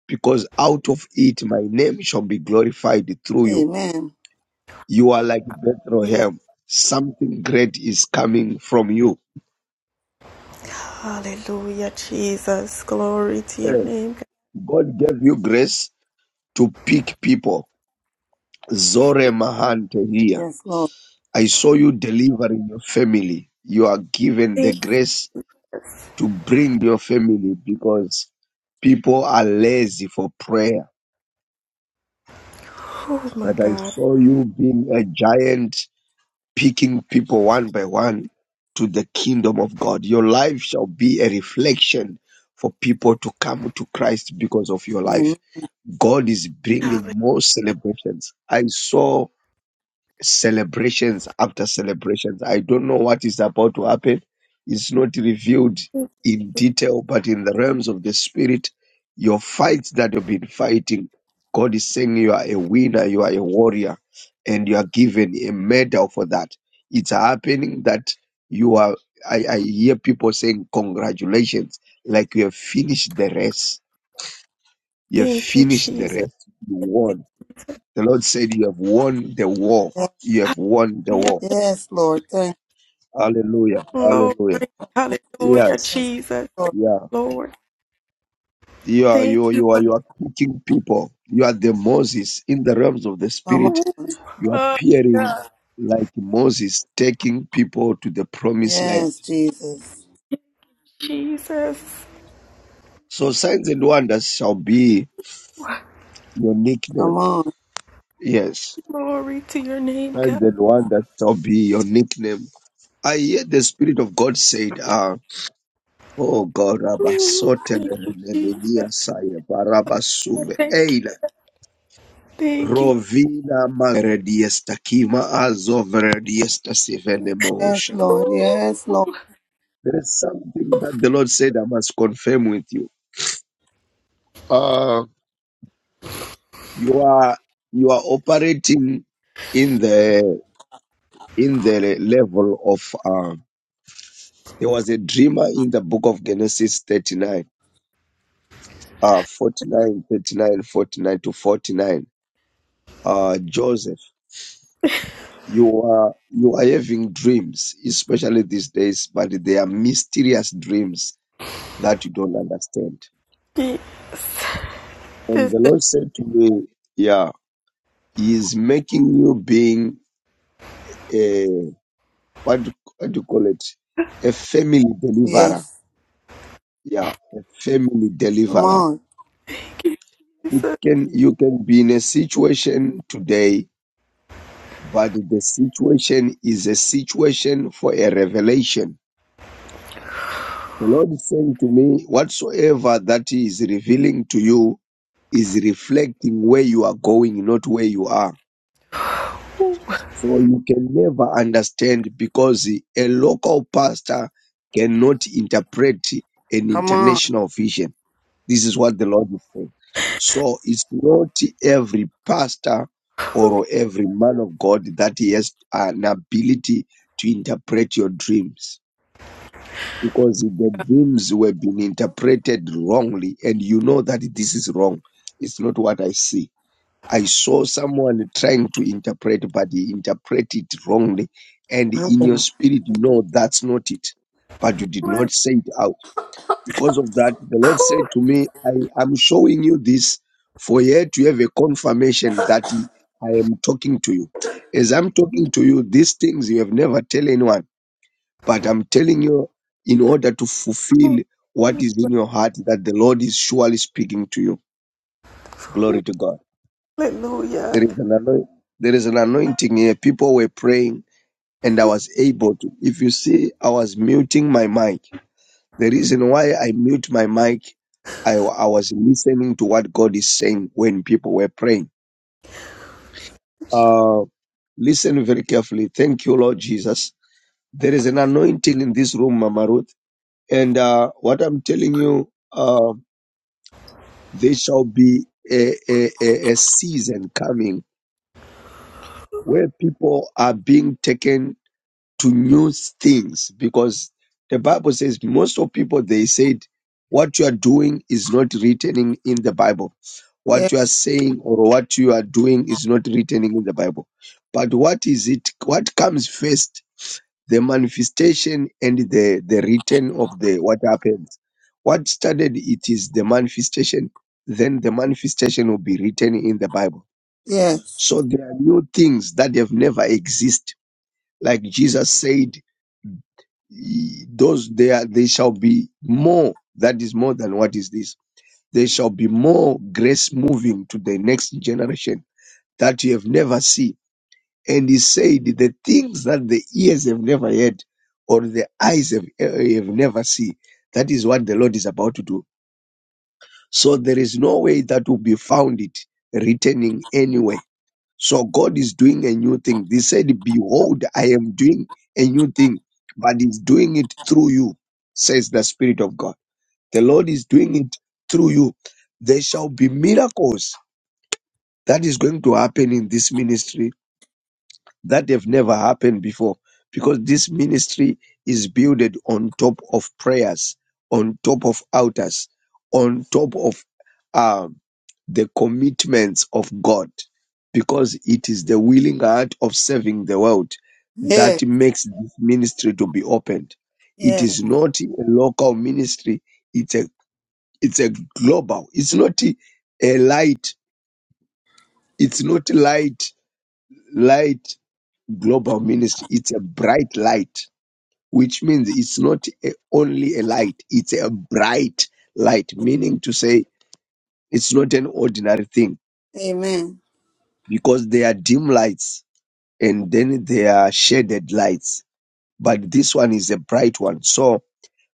S9: because out of it my name shall be glorified through you.
S3: Amen.
S9: You are like Bethlehem. Something great is coming from you.
S11: Hallelujah, Jesus. Glory to your
S9: Eh,
S11: name. God.
S9: God gave you grace to pick people. Zore Mahante here.
S3: Yes, Lord.
S9: I saw you delivering your family. You are given the
S11: Thank you,
S9: grace to bring your family because people are lazy for prayer.
S11: oh my
S9: But I
S11: God.
S9: saw you being a giant, picking people one by one to the kingdom of God. Your life shall be a reflection for people to come to Christ because of your
S3: Amen.
S9: life. God is bringing
S11: Hallelujah.
S9: more celebrations. I saw celebrations after celebrations. I don't know what is about to happen. It's not revealed in detail, but in the realms of the spirit, your fights that you've been fighting, God is saying you are a winner, you are a warrior, and you are given a medal for that. It's happening that you are. I, I hear people saying congratulations, like you have finished the race. You have
S11: Thank you,
S9: finished the
S11: Jesus.
S9: race. You won. The Lord said you have won the war. You have won the
S11: We
S9: war
S3: Yes, Lord. Thank
S9: Hallelujah.
S11: all
S9: Hallelujah. Yes.
S3: you. Yes, Lord.
S9: Yeah.
S11: glory,
S9: You are
S11: Thank
S9: you you are you are picking people. You are the Moses in the realms of the
S3: Come
S9: spirit.
S3: on.
S9: You are
S11: you,
S9: appearing like Moses, taking people to the promised land.
S3: Yes, Jesus.
S11: Jesus.
S3: Come
S9: So signs and wonders shall be your nickname.
S3: on.
S9: Yes.
S11: Glory to your name,
S9: Signs
S11: God.
S9: and wonders shall be your nickname. I hear the Spirit of God said, uh, oh God, Rabba Sotele Nenia Saye Baraba Suve
S11: Thank you. Thank you,
S9: Rovina Magrediesta Kima Azovrediesta Sivene
S3: Yes,
S9: Mohosha.
S3: Lord. Yes, Lord.
S9: There is something that the Lord said I must confirm with you. Uh, you are you are operating in the in the level of uh, there was a dreamer in the book of Genesis 39, uh 49 39 49 to 49. Uh Joseph, you are you are having dreams, especially these days, but they are mysterious dreams that you don't understand.
S11: Thank
S9: And
S11: you,
S9: the Lord said to me, Yeah, He's making you being a what do, what do you call it? A family deliverer.
S3: Yes.
S9: Yeah, a family
S3: Come
S9: deliverer.
S3: on.
S9: It
S11: Jesus.
S9: can you can be in a situation today, but the situation is a situation for a revelation. The Lord is saying to me, whatsoever that He is revealing to you is reflecting where you are going, not where you are So you can never understand because a local pastor cannot interpret an
S3: Come on.
S9: international vision. This is what the Lord is saying. So it's not every pastor or every man of God that he has an ability to interpret your dreams because the dreams were being interpreted wrongly and you know that this is wrong. It's not what I see. I saw someone trying to interpret, but he interpreted it wrongly. And in your spirit, you know that's not it. But you did not
S11: Woo.
S9: say it out. Because of that, the Lord said to me, I am showing you this for yet to have a confirmation that he- I am talking to you. As I'm talking to you, these things you have never tell anyone, but I'm telling you in order to fulfill what is in your heart that the Lord is surely speaking to you. Glory to God.
S11: Hallelujah.
S9: There is an anointing. There is an anointing here. People were praying, and I was able to. If you see, I was muting my mic. The reason why I mute my mic, I, I was listening to what God is saying when people were praying. Uh, listen very carefully. Thank you, Lord Jesus. There is an anointing in this room, Mama Ruth. And uh, what I'm telling you, uh, there shall be a, a, a a season coming where people are being taken to new things because the Bible says most of people they said what you are doing is not written in, in the Bible. What
S3: Yes.
S9: you are saying or what you are doing is not written in the Bible. But what is it? What comes first? The manifestation and the, the written of the what happens. What started it is the manifestation, then the manifestation will be written in the Bible.
S3: Yes.
S9: So there are new things that have never existed. Like Jesus said, those there they shall be more that is more than what is this there shall be more grace moving to the next generation that you have never seen and he said the things that the ears have never heard or the eyes have, eh, have never seen that is what the lord is about to do so there is no way that will be found it returning anyway. So God is doing a new thing. He said, Behold, I am doing a new thing, but He's doing it through you, says the Spirit of God. The Lord is doing it through you. There shall be miracles that is going to happen in this ministry that have never happened before because this ministry is built on top of prayers, on top of altars, on top of um, the commitments of God because it is the willing heart of serving the world
S3: Yes.
S9: that makes this ministry to be opened. It
S3: Yes.
S9: is not a local ministry, it's a it's a global, it's not a light, it's not light, light global ministry it's a bright light which means it's not a, only a light it's a bright light meaning to say it's not an ordinary thing
S3: Amen.
S9: because there are dim lights and then there are shaded lights but this one is a bright one so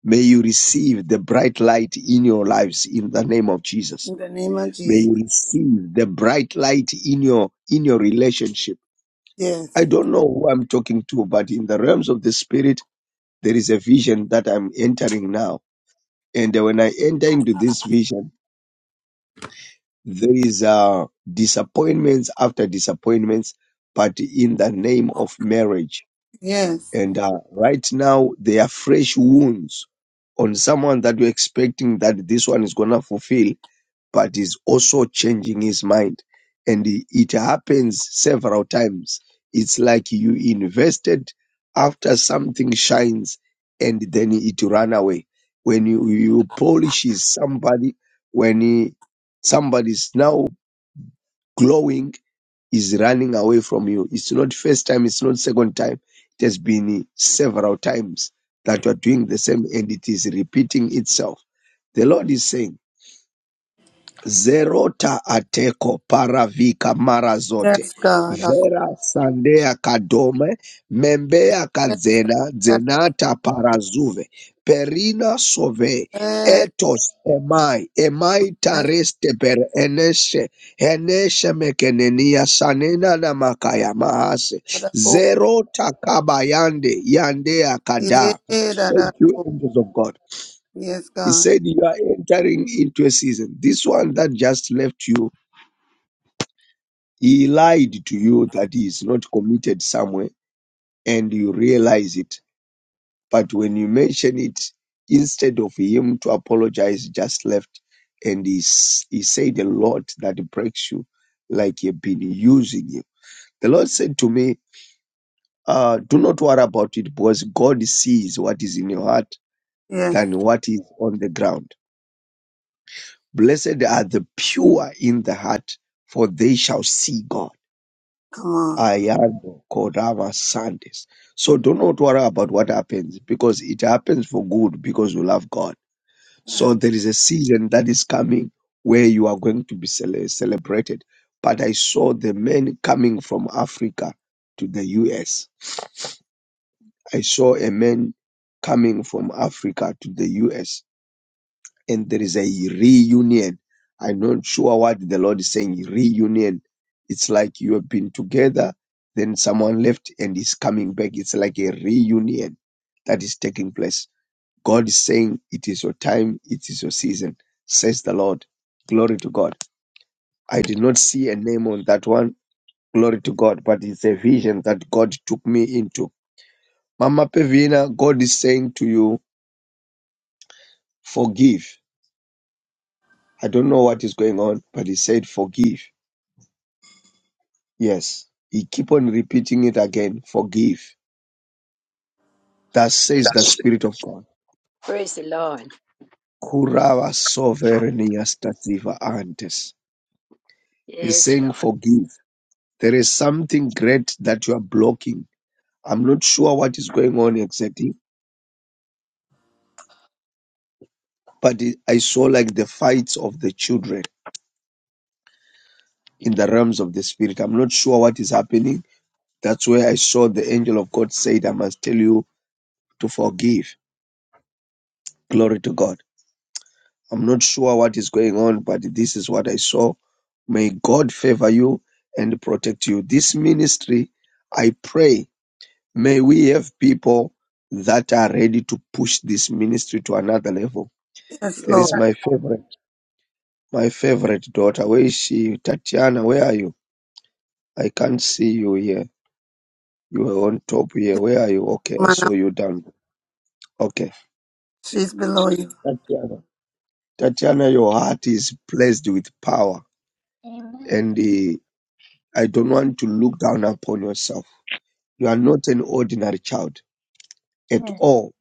S9: may you receive the bright light in your lives in the name of jesus
S3: In the name of
S9: may
S3: Jesus.
S9: you receive the bright light in your in your relationship
S3: Yes.
S9: i don't know who i'm talking to but in the realms of the spirit there is a vision that I'm entering now. And uh, when I enter into this vision, there is uh, disappointments after disappointments, but in the name of marriage.
S3: Yes.
S9: And uh, right now, there are fresh wounds on someone that you're expecting that this one is going to fulfill but is also changing his mind. And i- it happens several times. It's like you invested after something shines and then it run away. When you, you polishes somebody, when he, somebody is now glowing, is running away from you. It's not first time, it's not second time. It has been several times that you are doing the same and it is repeating itself. The Lord is saying, Zerota ateko paravika mara zote.
S3: Yes, God. I call
S9: Vera
S3: out. Yes,
S9: sandea kadome, membea
S3: God.
S9: kadzena, dzenata parazuve. Perina sove,
S3: Yes,
S9: etos emai, emai
S3: my
S9: tareste per eneshe, eneshe mekenenia sanena na makaya mahase.
S3: God. Oh,
S9: Zerota kabayande, yandea
S3: yeah,
S9: kada.
S3: that
S9: Thank
S3: I-
S9: you,
S3: oh,
S9: angels of God.
S3: Yes,
S9: He
S3: God.
S9: said you are entering into a season. This one that just left you, he lied to you that he is not committed somewhere and you realize it. But when you mention it, instead of him to apologize, just left and he, s- he said a lot that breaks you like you've been using him. The Lord said to me, uh, do not worry about it because God sees what is in your heart
S3: Yes.
S9: than what is on the ground. Blessed are the pure in the heart, for they shall see God.
S3: Come on.
S9: Ayano Korava Sandis. So do not worry about what happens because it happens for good because you love God. So there is a season that is coming where you are going to be cele- celebrated. But I saw the men coming from Africa to the US. I saw a man coming from Africa to the US and there is a reunion. I'm not sure what the Lord is saying, reunion. It's like you have been together, then someone left and is coming back. It's like a reunion that is taking place. God is saying, It is your time, it is your season, says the Lord. Glory to God. I did not see a name on that one. Glory to God. But it's a vision that God took me into. Mama Pevina, God is saying to you, Forgive. I don't know what is going on, but He said, Forgive Yes, he keep on repeating it again. Forgive. That
S13: Yes.
S9: says the
S13: That's it.
S9: Spirit of God.
S13: Praise the Lord.
S9: Kurava sovereignias tasiva antes. He's
S13: Yes,
S9: saying
S13: Lord.
S9: forgive. There is something great that you are blocking. I'm not sure what is going on exactly, but it- I saw like the fights of the children in the realms of the Spirit. I'm not sure what is happening. That's where I saw the angel of God said, I must tell you to forgive. Glory to God. I'm not sure what is going on, but this is what I saw. May God favor you and protect you. This ministry, I pray, may we have people that are ready to push this ministry to another level.
S3: Yes,
S13: Yes.
S9: There
S3: Lord.
S9: is my favorite, my favorite daughter. Where is she? Tatiana, where are you? I can't see you here. You were on top here. Where are you? Okay, I
S3: Man
S9: saw
S3: up,
S9: you down. Okay.
S3: she's below you.
S9: Tatiana. Tatiana, your heart is blessed with power
S6: Amen.
S9: and uh, I don't want to look down upon yourself. You are not an ordinary child at
S6: Yes.
S9: all.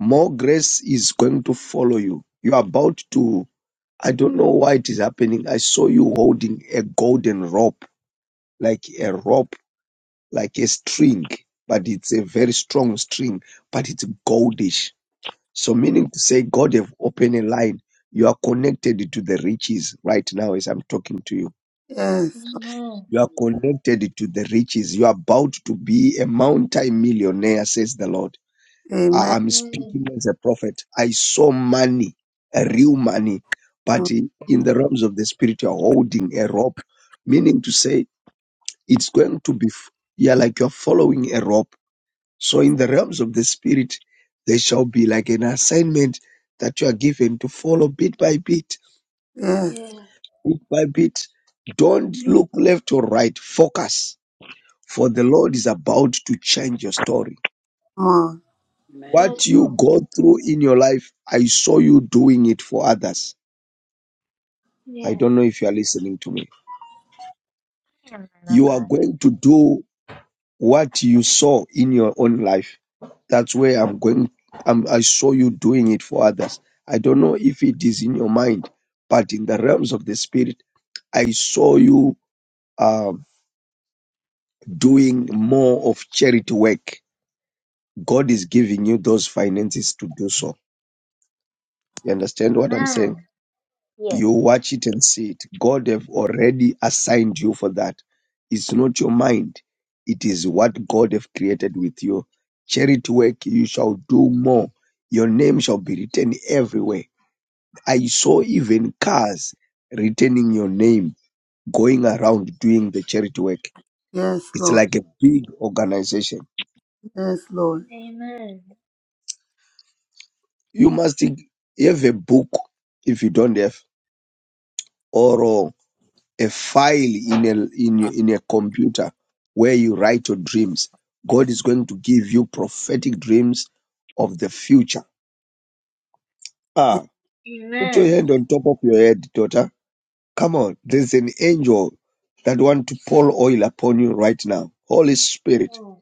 S9: More grace is going to follow you. You are about to, I don't know why it is happening. I saw you holding a golden rope, like a rope, like a string, but it's a very strong string, but it's goldish. So meaning to say God have opened a line. You are connected to the riches right now as I'm talking to you
S3: Yes.
S6: Amen.
S9: You are connected to the riches. You are about to be a multi millionaire, says the Lord.
S3: Amen.
S9: I- I'm
S6: Yes.
S9: speaking as a prophet. I saw money, a real money, but in in the realms of the spirit, you're holding a rope, meaning to say it's going to be, f- yeah, like you're following a rope. So in the realms of the spirit, there shall be like an assignment that you are given to follow bit by bit,
S3: Yes.
S6: Yes.
S9: bit by bit. Don't look left or right. Focus for the Lord is about to change your story.
S3: Come on.
S6: Yes,
S9: What you
S6: Lord.
S9: go through in your life, I saw you doing it for others. I
S6: Yes.
S9: don't know if you are listening to me.
S6: Amen, oh
S9: You are
S6: God.
S9: going to do what you saw in your own life. That's where I'm going. I'm, I saw you doing it for others. I don't know if it is in your mind, but in the realms of the spirit, I saw you um, doing more of charity work. God is giving you those finances to do so. You understand what I'm saying?
S6: Amen. Yes.
S9: You watch it and see it. God have already assigned you for that. It's not your mind. It is what God have created with you. Charity work, you shall do more. Your name shall be written everywhere. I saw even cars returning your name going around doing the charity work.
S3: Yes,
S9: It's
S3: Lord.
S9: like a big organization.
S3: Yes, Lord.
S6: Amen.
S9: You must have a book if you don't have, Or. a file in a in your- in a computer where you write your dreams. God is going to give you prophetic dreams of the future. Ah, put your
S6: Amen.
S9: hand on top of your head, daughter. Come on, there's an angel that want to pour oil upon you right now. Holy Spirit,
S6: Yes,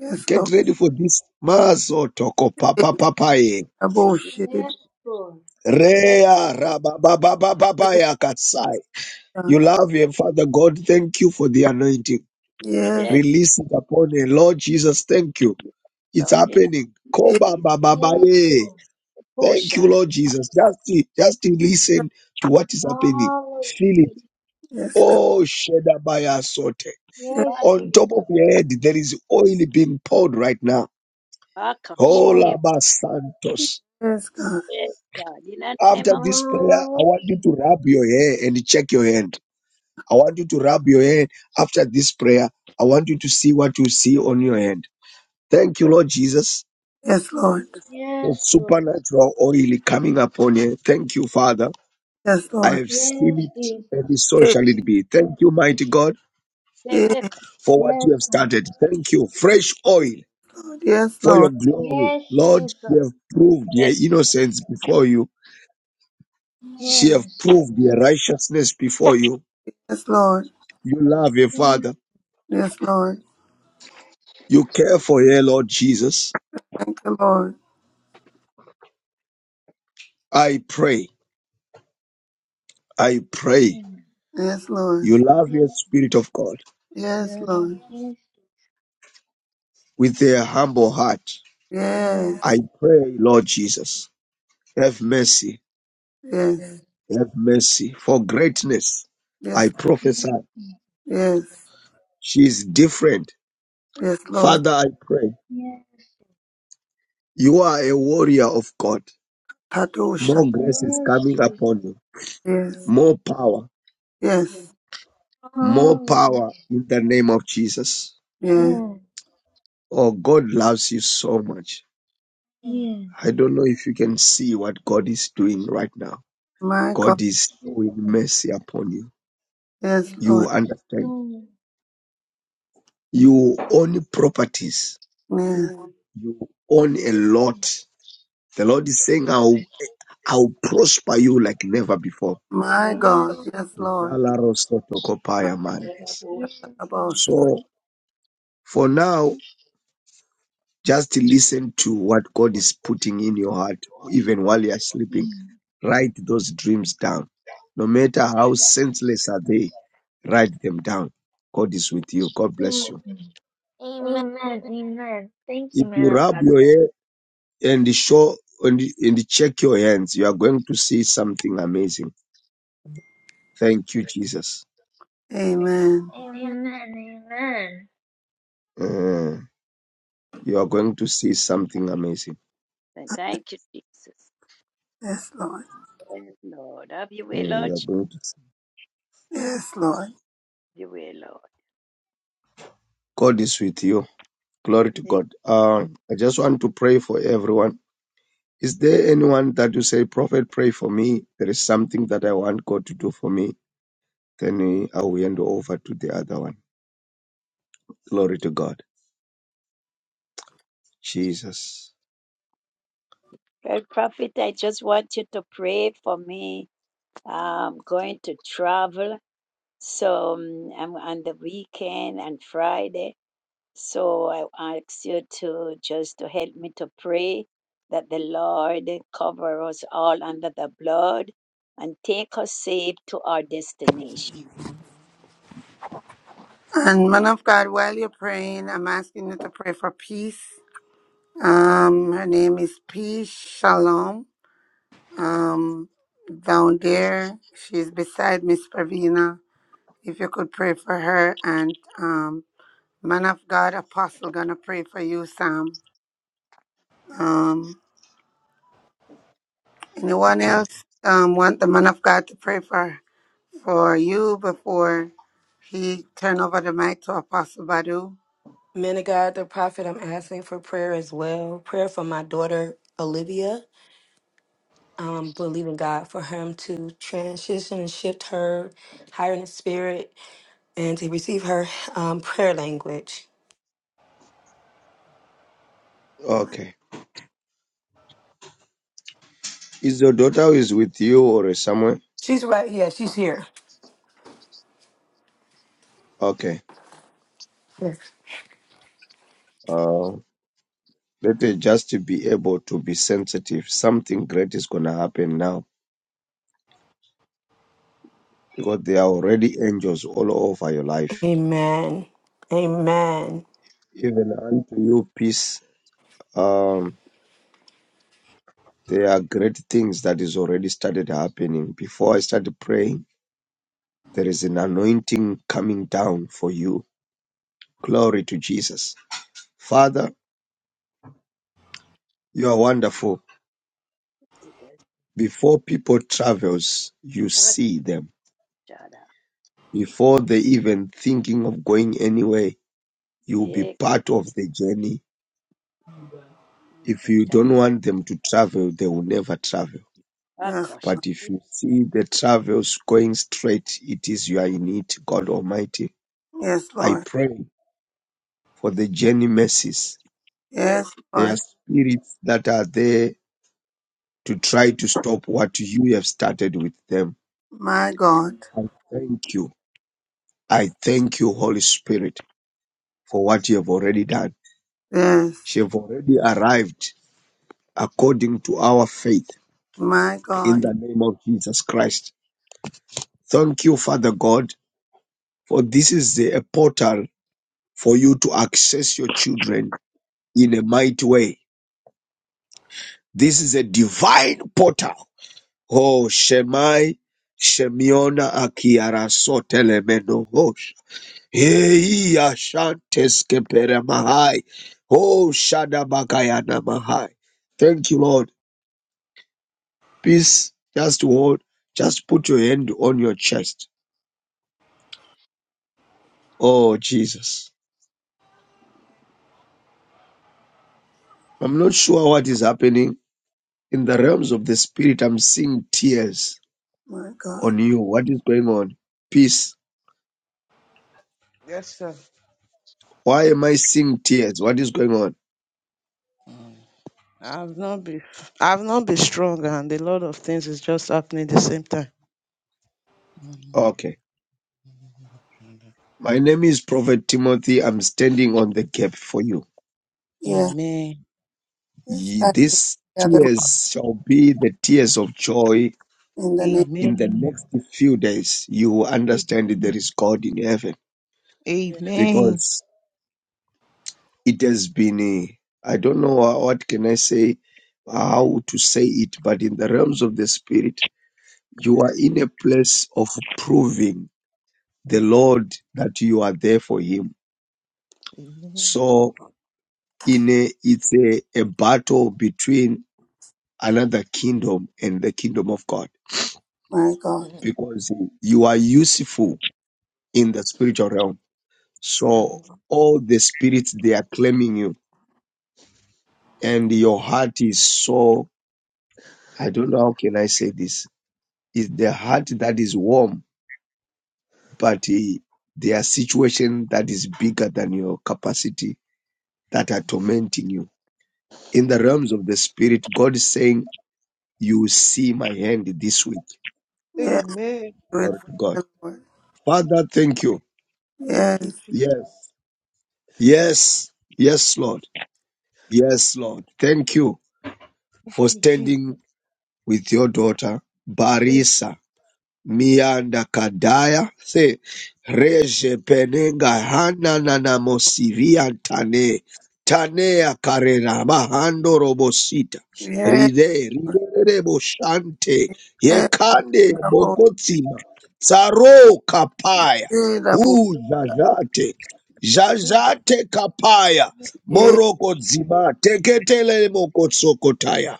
S3: Yes,
S9: get
S3: Lord.
S9: ready for this. Mazo toko
S3: Eh,
S9: papa papaye.
S3: Abo shitty
S6: yes,
S3: bit,
S6: Lord.
S13: Yes,
S9: Rea rabababababaya katsai.
S3: God.
S9: You love your Father God. Thank you for the anointing.
S3: Yes.
S13: yes,
S9: Release it upon her. Lord Jesus, thank you. It's
S13: Lord. In
S9: happening.
S3: Eh,
S9: Koba
S13: his
S9: baba ba,
S6: Yes,
S9: eh.
S6: Lord.
S9: Thank you,
S13: portion,
S9: Lord Jesus. Just, just listen to what is happening.
S6: Hallelujah.
S9: Feel it.
S3: Yes, God.
S9: Oh, Shedabaya Sote.
S3: Yes,
S6: Yes,
S9: On top of
S6: Jesus.
S9: your head, there is oil being poured right now.
S13: shake
S6: Yes.
S9: Hola
S13: it.
S9: Santos.
S3: yes, God.
S13: Yes, God. In the
S9: After
S13: name of
S9: this
S13: Jesus,
S9: prayer, I want you
S6: Hallelujah.
S9: to rub your hair and check your hand. I want you to rub your hand. after this prayer. I want you to see what you see on your hand. Thank you, Lord Jesus.
S3: Yes, Lord.
S9: for
S6: Yes, Lord.
S9: supernatural oil coming upon you. Thank you, Father.
S3: Yes,
S9: I
S13: Lord.
S3: Lord.
S9: have seen
S6: Yes,
S9: it,
S6: Jesus.
S9: and so
S3: Eh,
S9: shall it be. Thank you, mighty God,
S3: eh,
S13: Rebecca.
S9: for what
S6: Yes,
S9: you have
S6: Lord.
S9: started. Thank you, fresh oil
S3: Lord. Yes,
S9: for your
S3: Lord.
S9: glory.
S6: Yes,
S9: Lord, we
S6: Jesus.
S9: have proved
S13: Yes.
S9: your innocence before you. She have
S6: Yes.
S9: proved your righteousness before you.
S3: Yes, Lord.
S9: You love your
S6: Yes,
S9: Father.
S3: Yes, Lord.
S9: You care for her, Lord Jesus.
S3: Thank you, Lord.
S9: I pray, I pray.
S3: Yes, Lord.
S9: You love your
S6: Yes.
S9: Spirit of God
S3: Yes,
S6: yes,
S3: Lord.
S6: yes,
S9: with their humble heart.
S6: yes,
S3: Yes.
S9: I pray, Lord Jesus. Have mercy.
S3: Yes.
S9: Have mercy. For greatness, I
S3: Yes.
S9: prophesy.
S3: Yes.
S9: She is different.
S3: Yes, Lord.
S9: Father, I pray.
S6: yes,
S9: You are a warrior of God.
S3: Tadosha.
S9: More
S6: yes,
S9: grace is
S6: yes,
S9: coming
S6: Jesus.
S9: upon you.
S3: Yes.
S9: More power.
S3: Yes.
S9: More power
S6: Hallelujah.
S9: in the name of Jesus.
S3: Yes.
S9: Oh, God loves you so much.
S6: Yes,
S9: I don't know if you can see what God is doing right now.
S3: My God,
S9: God is
S6: yes.
S9: showing
S6: yes,
S9: mercy upon you.
S3: yes,
S9: You
S3: Lord.
S9: understand.
S6: Mm,
S9: You own properties.
S3: Yes.
S9: You own a lot The Lord is saying, I'll, I'll prosper you like never before.
S3: My God, yes, Lord.
S6: yes,
S3: About-
S9: So for now, just listen to what God is putting in your heart, even while you are sleeping.
S6: mm,
S9: Write those dreams down. No matter how senseless are they, write them down. God is with you. God bless you.
S6: mm.
S3: Amen.
S6: Amen, amen. Thank you,
S9: If you
S6: man of
S9: rub
S6: God.
S9: your hair and show and, and check your hands, you are going to see something amazing. Thank you, Jesus.
S3: Amen. Amen.
S6: Amen, amen.
S9: Mm. You are going to see something amazing.
S13: And thank you, Jesus.
S3: Yes, Lord.
S13: Yes, Lord. Have your way,
S9: Mm,
S13: Lord.
S9: you are
S13: Have
S9: going to see.
S3: Yes, Lord.
S13: your way, Lord.
S9: God is with you. Glory to
S13: The
S9: God. Uh, I just want to pray for everyone. Is there anyone that you say, Prophet, pray for me? There is something that I want God to do for me. Then uh, I will hand over to the other one. Glory to God. Jesus.
S13: great prophet, I just want you to pray for me. I'm going to travel. So um, I'm on the weekend and Friday. So I ask you to just to help me to pray that the Lord cover us all under the blood and take us safe to our destination.
S3: And man of God, while you're praying, I'm asking you to pray for peace. Um, her name is Peace Shalom. Um, down there, she's beside Miss Pravina. If you could pray for her and um, man of God, Apostle, gonna pray for you, Sam. Um, Anyone
S9: Okay.
S3: else um, want the man of God to pray for for you before he turn over the mic to Apostle Badu?
S4: Man of God, the prophet, I'm asking for prayer as well. Prayer for my daughter, Olivia. I'm believing God for him to transition and shift her higher in the spirit and to receive her um, prayer language.
S9: Okay. Is your daughter who is with you or somewhere?
S4: She's right. Yeah, she's here.
S9: Okay.
S4: Yes.
S9: Uh, let her just be able to be sensitive. Something great is going to happen now because they are already angels all over your life.
S4: Amen. Amen.
S9: Even unto you, peace. Um, there are great things that is already started happening. Before I started praying, there is an anointing coming down for you. Glory to Jesus. Father, you are wonderful. Before people travels, you see them. Before they even thinking of going anywhere, you will be
S13: Yes,
S9: part of the journey. If you don't want them to travel, they will never travel
S3: Yes,
S9: But if you see the travels going straight, it is you are in it, God Almighty.
S3: yes,
S9: I
S3: Lord.
S9: pray for the journey mercies.
S3: Yes,
S13: yes,
S9: There are
S3: Lord.
S9: spirits that are there to try to stop what you have started with them.
S3: My God.
S9: I thank you. I thank you, Holy Spirit, for what you have already done.
S3: Yes,
S9: She have already arrived according to our faith
S3: my
S9: in
S3: God.
S9: the name of Jesus Christ. Thank you, Father God, for this is the, a portal for you to access your children in a mighty way. This is a divine portal. Oh, Shemai, Shemiona Akiara Sotelemeno Hosh. Hei Ashantes Kepere Mahai. Oh, Shadabakayana Mahai. Thank you, Lord. Peace. Just hold, just put your hand on your chest. Oh, Jesus. I'm not sure what is happening. In the realms of the spirit, I'm seeing tears
S3: My God.
S9: on you. What is going on? Peace
S14: Yes, sir.
S9: Why am I seeing tears? What is going on?
S14: Mm. I've not been I've not been strong and a lot of things is just happening at the same time.
S9: Okay. My name is Prophet Timothy. I'm standing on the gap for you.
S3: Yes,
S14: Amen.
S3: yes.
S9: Ye-
S3: I think
S9: These
S3: Together
S9: tears shall be the tears of joy
S3: in the name,
S9: in the
S14: Amen.
S9: next few days. You will understand that there is God in heaven
S14: Amen.
S9: because it has been, a, I don't know wha- what can I say, how to say it, but in the realms of the spirit, you are in a place of proving the Lord that you are there for him. So in a, it's a, a battle between another kingdom and the kingdom of God
S3: of my God.
S9: because you are useful in the spiritual realm. So all the spirits they are claiming you and your heart is so, I don't know how can I say this. It's the heart that is warm, but eh, their situation that is bigger than your capacity that are tormenting you. In the realms of the spirit, God is saying, you will see my hand this week.
S3: Yes,
S14: Amen.
S3: do it
S9: Glory
S3: for
S9: to God
S3: the Lord.
S9: Father, thank you.
S14: Thank you,
S3: Yes,
S9: Yes. Yes. Yes, Lord. Yes, Lord. Thank you for
S14: Jesus.
S9: standing with your daughter,
S14: Amen.
S9: Barisa. Mianda Kadaya, se Reje Penenga Hana Nana Mosivia Tane, Tanea Karena Mahando Robosita,
S3: yes,
S9: Ride, Ride Boshante,
S3: yes.
S9: Yekande
S3: the Double,
S9: Bokotsima, Saro Kapaya,
S3: double,
S9: U Jajate,
S14: Thank
S9: Jajate Kapaya,
S3: yes,
S14: you,
S9: Moroko Zima, Teketele Mokotsokotaya,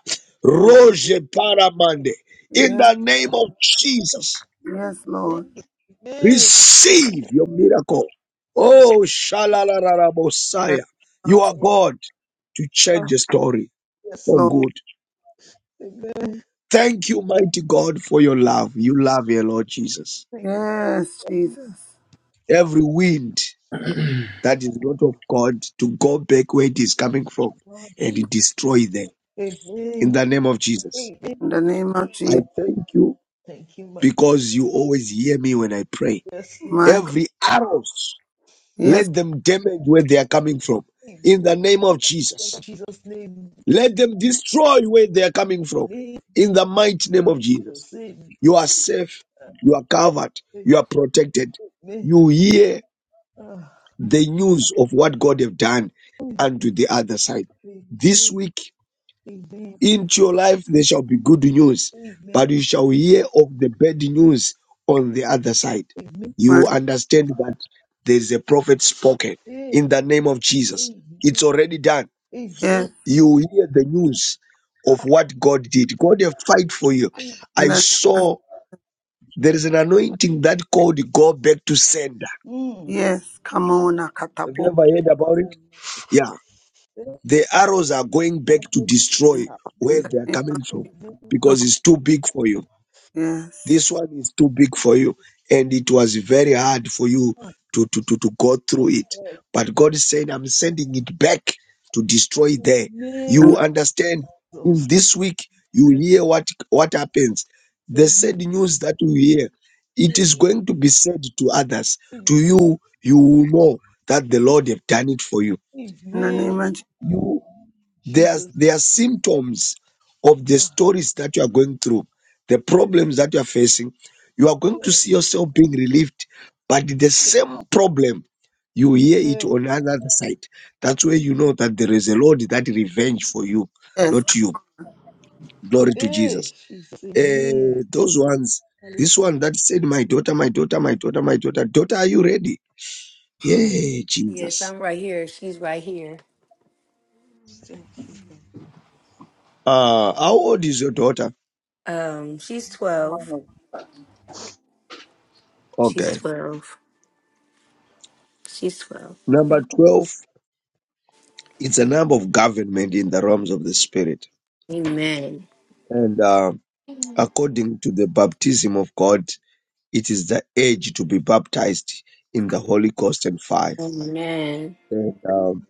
S3: Lord.
S14: Jesus.
S9: Roje Paramande, in
S3: Yes,
S9: the name of Jesus.
S3: yes,
S14: Amen.
S3: Lord.
S14: Amen.
S9: Receive your miracle.
S14: I was-
S9: Oh, Shalalala
S3: Yes,
S9: Messiah, You are
S13: yes.
S9: God to
S14: ah,
S9: change a story
S14: Yes,
S9: for
S3: Lord.
S14: Lord.
S9: good.
S14: Amen.
S9: Thank you, mighty God, for your love. You love your Lord Jesus.
S14: Thank
S3: Yes, Jesus.
S9: Every wind that is not of God to go back where it is coming from
S14: you, God.
S9: and destroy them.
S14: Amen.
S9: In the name of Jesus,
S14: Amen.
S3: In the name of
S9: I
S3: Jesus.
S9: thank you
S14: Thank you, my
S9: because you always hear me when I pray.
S14: yes, Lord.
S3: My God.
S9: Every arrows
S3: Yes,
S9: Let them damage where they are coming from in
S14: Amen.
S9: the name of
S14: In
S9: Jesus.
S14: Jesus' name,
S9: Let them destroy where they are coming from
S14: name,
S9: in the mighty name of
S14: will
S9: Jesus.
S14: save me.
S9: You are safe,
S14: Uh,
S9: you are covered,
S14: save
S9: you are protected.
S14: me.
S9: You hear
S14: Uh,
S9: the news of what God have done
S14: amen. Ah, Amen.
S9: unto the other side. This week
S14: Amen. Amen.
S9: into your life, there shall be good news,
S14: Amen.
S9: but you shall hear of the bad news on the other side.
S14: Amen. Amen.
S9: You
S3: my
S9: understand that there is a prophet spoken in the name of Jesus. It's already done.
S3: yes.
S9: You hear the news of what God did. God will fight for you.
S3: In
S9: I
S3: the name of,
S9: saw there is an anointing that called go back to sender.
S14: Mm.
S3: yes. Come on,
S9: Have you
S3: Akatabo.
S9: ever heard about it? Yeah. The arrows are going back to
S3: In
S9: destroy where
S3: the
S9: they are
S3: name of
S9: coming from
S3: Jesus. Come
S9: because
S3: on.
S9: it's too big for you.
S3: Yes.
S9: This one is too big for you, and it was very hard for you to, to, to, to go through it. But God said, I'm sending it back to destroy there.
S3: In,
S9: You
S3: the,
S9: understand? In this week, you hear what, what happens. The sad news that you hear, it is going to be said to others. To you, you will know that the Lord have done it for you.
S14: Amen. Jesus. Yes. Amen.
S3: in the
S14: Amen.
S3: name of Jesus.
S9: You they are
S14: Jesus.
S9: there are symptoms of the
S14: Ah,
S9: stories that you are going through, the problems that you are facing. You are going to
S14: yeah.
S9: see yourself being relieved, but the same problem you hear it
S14: Amen.
S9: on another side. That's where you know that there is a Lord that revenge for you,
S3: Yes.
S9: not
S3: Come
S9: you. Glory to
S14: Hey,
S9: Jesus.
S14: Jesus.
S9: Eh,
S14: Amen.
S9: those ones,
S14: Hallelujah.
S9: this one that said, "My daughter, my daughter, my daughter, my daughter, daughter, are you ready?" Yeah,
S4: Yes,
S9: Jesus.
S4: I'm right here. She's right here.
S14: Thank you, God.
S9: Uh, how old is your daughter?
S4: Um, she's
S14: Man
S4: 12.
S14: of
S4: She's
S9: Okay.
S4: 12. She's 12.
S9: Number twelve It's an arm of government in the realms of the spirit.
S4: Amen.
S9: And uh, according to the baptism of God, it is the age to be baptized in the Holy Ghost and fire.
S4: Amen.
S9: And um,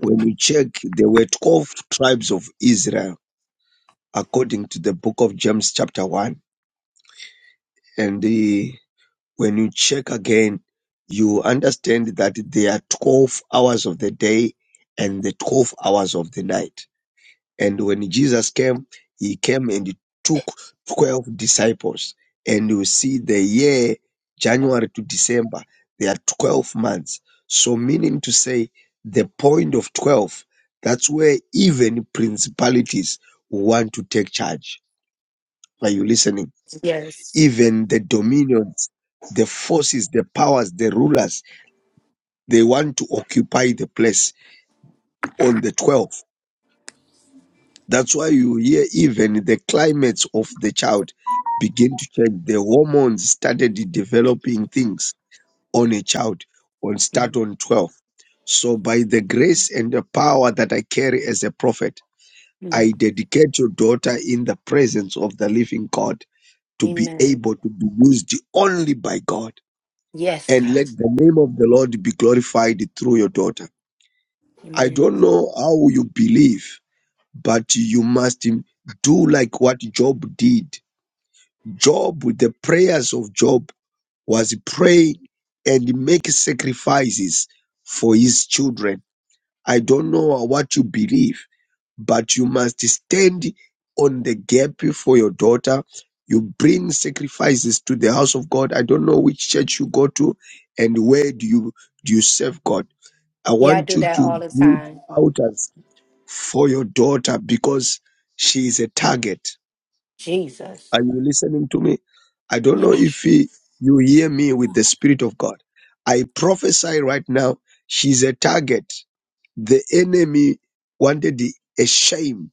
S9: when you check, there were 12 tribes of Israel according to the book of James, chapter 1. And the, when you check again, you understand that there are 12 hours of the day and the 12 hours of the night And when Jesus came, he came and he took 12 disciples. And you see the year, January to December, there are 12 months. So, meaning to say, the point of 12, that's where even principalities want to take charge. Are you listening?
S4: Yes.
S9: Even the dominions, the forces, the powers, the rulers, they want to occupy the place on the 12. That's why you hear even the climates of the child begin to change. The hormones started developing things on a child on start on 12. So by the grace and the power that I carry as a prophet,
S4: Mm.
S9: I dedicate your daughter in the presence of the living God to be
S4: Amen.
S9: able to be used only by God.
S4: Yes,
S9: And
S4: God.
S9: let the name of the Lord be glorified through your daughter. I
S4: Amen.
S9: don't know how you believe but you must do like what Job did. Job, with the prayers of Job, was praying and make sacrifices for his children. I don't know what you believe, but you must stand on the gap for your daughter. You bring sacrifices to the house of God. I don't know which church you go to and where do you do you serve God. I
S4: Yeah, I
S9: want
S4: do
S9: you
S4: that
S9: to
S4: all the
S9: build
S4: time.
S9: altars for your daughter because she is a target.
S4: Jesus.
S9: Are you listening to me? I don't know
S4: Yes.
S9: if he, you hear me with the Spirit of God. I prophesy right now, she's a target. The enemy wanted the, a shame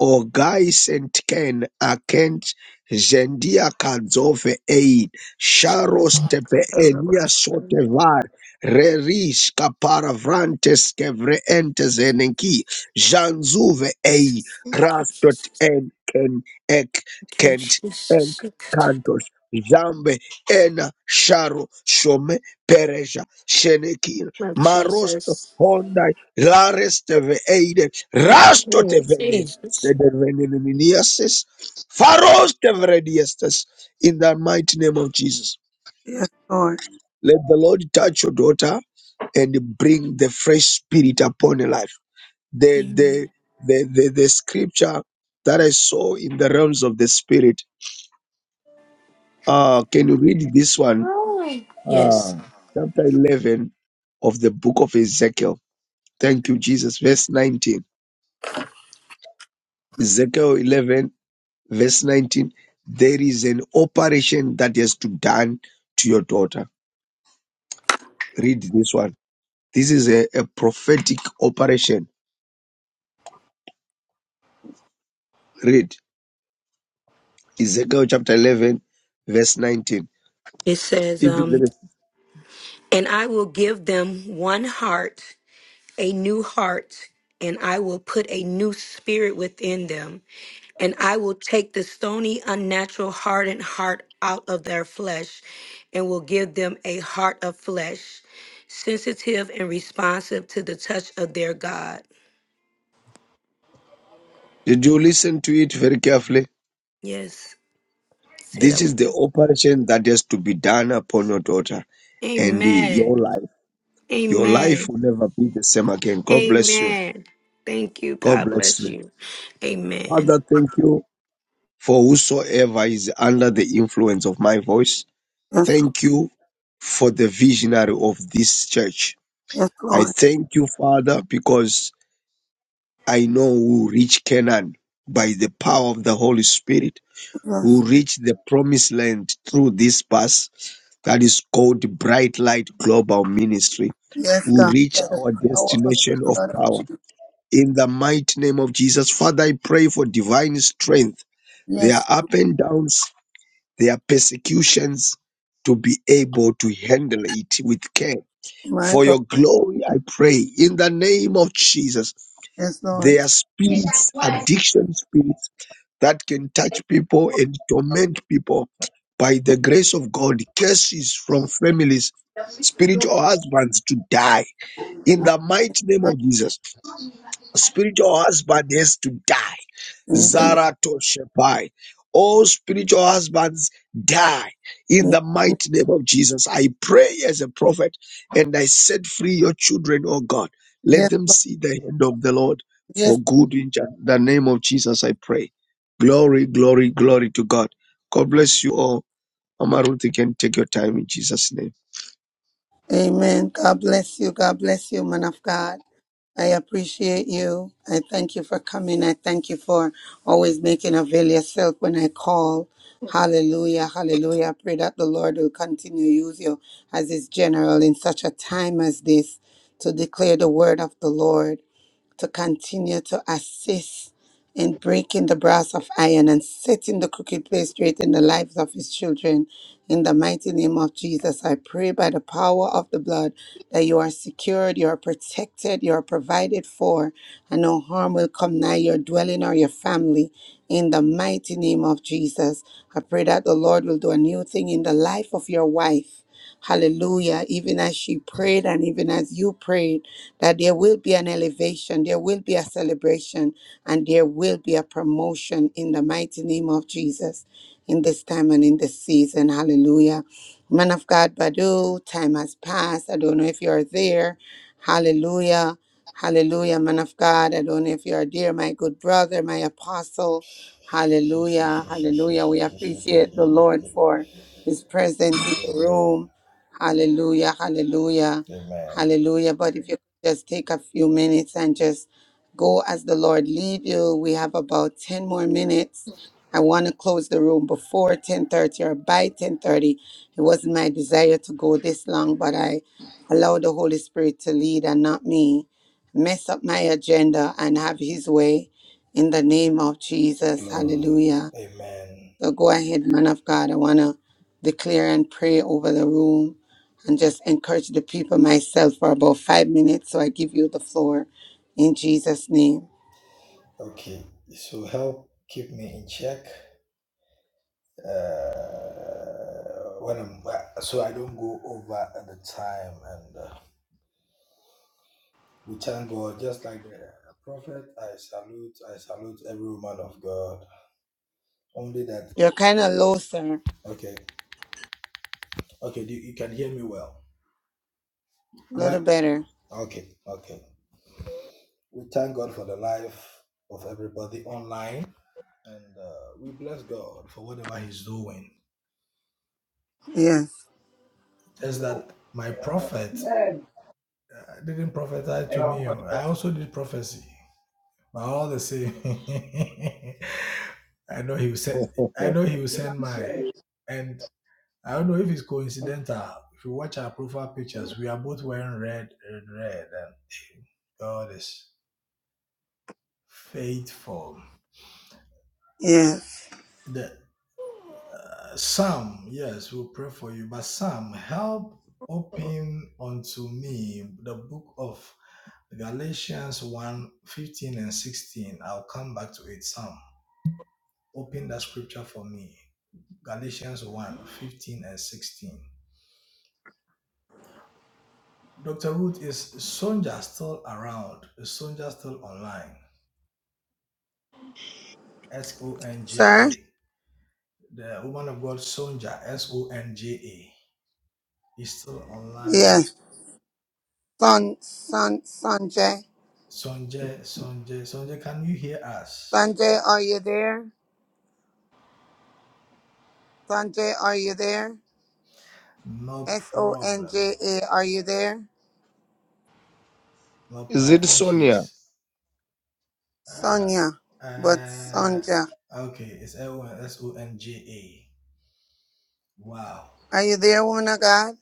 S9: Ogais and Ken Akent Zendia Kadzove Ein Sharos Tepe Enia Sotevar Reris Kaparavrantes Kevreentes Enenki Janzuve Ei Rastot En Ken Ek Kent Enk
S4: Jesus.
S9: Kantos Zambe Ena Sharo Shome Pereja Shenekin
S4: Oh,
S9: Marosto
S4: Jesus.
S9: Honda Laresteve Eide
S3: on.
S9: Rasto
S4: Amen.
S9: Tevene
S4: Jesus.
S9: Stederveneniniasis, Pharos Tevrediestes, in the mighty name of Jesus.
S3: Yes, Lord.
S9: Let the Lord touch your daughter and bring the fresh spirit upon her life. The, the, the, the, the scripture that I saw in the realms of the spirit. Uh, can you read this one?
S4: Oh. Yes.
S9: Uh, chapter 11 of the book of Ezekiel. Thank you, Jesus. Verse 19. Ezekiel 11 verse 19 there is an operation that has to done to your daughter read this one this is a, a prophetic operation read ezekiel chapter 11 verse 19
S4: It says,
S9: if
S4: um,
S9: there is-
S4: and I will give them one heart, a new heart, and I will put a new spirit within them. And I will take the stony, unnatural, hardened heart out of their flesh and will give them a heart of flesh, sensitive and responsive to the touch of their God.
S9: did you listen to it very carefully
S4: Yes, said I
S9: this
S4: will
S9: is the
S4: do.
S9: operation that has to be done upon your daughter and uh, your
S4: Amen.
S9: life your
S4: Amen.
S9: life will never be the same again god bless you
S4: Amen. Thank you.
S9: god
S4: God
S9: bless
S4: bless
S9: you
S4: you. Amen.
S9: father thank you for whosoever is under the influence of my voice
S3: Yes, Lord.
S9: Thank you for the visionary of this church.
S3: Yes,
S9: I
S3: Lord.
S9: thank you, Father, because I know who reach Canaan by the power of the Holy Spirit,
S3: Yes.
S9: who reach the promised land through this bus that is called Bright Light Global Ministry,
S3: Yes,
S9: who
S3: God.
S9: reach
S3: By the
S9: our
S3: power of
S9: destination
S3: the
S9: of
S3: blood of
S9: power.
S3: Jesus.
S9: In the mighty name of Jesus, Father, I pray for divine strength, their
S3: Yes,
S9: up and downs, their persecutions, to be able to handle it with care
S3: my
S9: For
S3: God.
S9: your glory, I pray in the name of Jesus.
S3: Yes,
S9: There
S3: Lord.
S9: are spirits, addiction spirits that can touch people and torment people by the grace of God. Curses from families, spiritual husbands to die in
S3: In
S9: the mighty name of Jesus spiritual husband has to die.
S3: the
S9: Zaratoshepai. All spiritual husbands die in
S3: name.
S9: the mighty name of Jesus. I pray as a prophet and I set free your children, oh God. Let
S3: Yes.
S9: them see the hand of the Lord
S3: Yes.
S9: for good in Ja- the name of Jesus. I pray. Glory, glory, glory to God. God bless you all. Mama Ruth, you can take your time in Jesus' name.
S3: Amen. God bless you. God bless you, man of God. I appreciate you. I thank you for coming. I thank you for always making avail yourself when I call. Hallelujah, hallelujah. I pray that the Lord will continue to use you as his general in such a time as this to declare the word of the Lord to continue to assist in breaking the brass of iron and setting the crooked place straight in the lives of his children. In the mighty name of Jesus, I pray by the power of the blood that you are secured, you are protected, you are provided for, and no harm will come nigh your dwelling or your family. In the mighty name of Jesus, I pray that the Lord will do a new thing in the life of your wife. Hallelujah. Even as she prayed and even as you prayed that there will be an elevation, there will be a celebration, and there will be a promotion in the mighty name of Jesus in this time and in this season. Hallelujah. Man of God, Badu, time has passed. I don't know if you're there. Hallelujah. Hallelujah, man of God. I don't know if you are there, my good brother, my apostle. Hallelujah. Hallelujah. We appreciate the Lord for his presence in the room. Hallelujah. Hallelujah.
S7: Amen.
S3: Hallelujah. But if you could just take a few minutes and just go as the Lord lead you. We have about 10 more minutes. I want to close the room before 10:30 or by 10:30. It wasn't my desire to go this long, but I allowed the Holy Spirit to lead and not me. Mess up my agenda and have his way in the name of Jesus. Hallelujah. So go ahead, man of God. I want to declare and pray over the room and just encourage the people myself for about five minutes. So I give you the floor in Jesus' name.
S7: Amen. The prophet is a real man of God. Only that.
S3: You're kind of low, sir. A
S7: Okay. Okay. You can hear me well. Am I?
S3: little better.
S7: Okay. Okay. what I'm doing.
S3: Yes,
S7: Just that my prophet uh, didn't prophesy to me. oh. I also did prophecy. But all the same, I know he will send. I know he will send my. And I don't know if it's coincidental. If you watch our profile pictures, we are both wearing red red, red, and eh, God is faithful.
S3: yes.
S7: The Sam, yes, we'll pray for you. But Sam, help open unto me the book of Galatians one 15 and 16. I'll come back to it. Sam, open that scripture for me. Galatians one 15 and 16. Dr. Ruth, is Sonja still around? Is Sonja still online? S O N J
S3: Sir?
S7: A. The woman of God, Sonja, S O N J A, is still online
S3: Yes. Son, son, Sanjay.
S7: Sonjay, Sonjay, Sonjay, can you hear us?
S3: Sanjay, are you there? Sanjay, are you there?
S7: No
S3: S O N
S7: problem.
S3: J A, are you there?
S7: No
S9: Is
S7: problem. I
S9: it
S7: think
S9: Sonia?
S7: she's uh
S3: Sonia, but
S7: uh
S3: Sonja.
S7: okay. It's L S O N J A. Wow.
S3: Are you there, woman of God?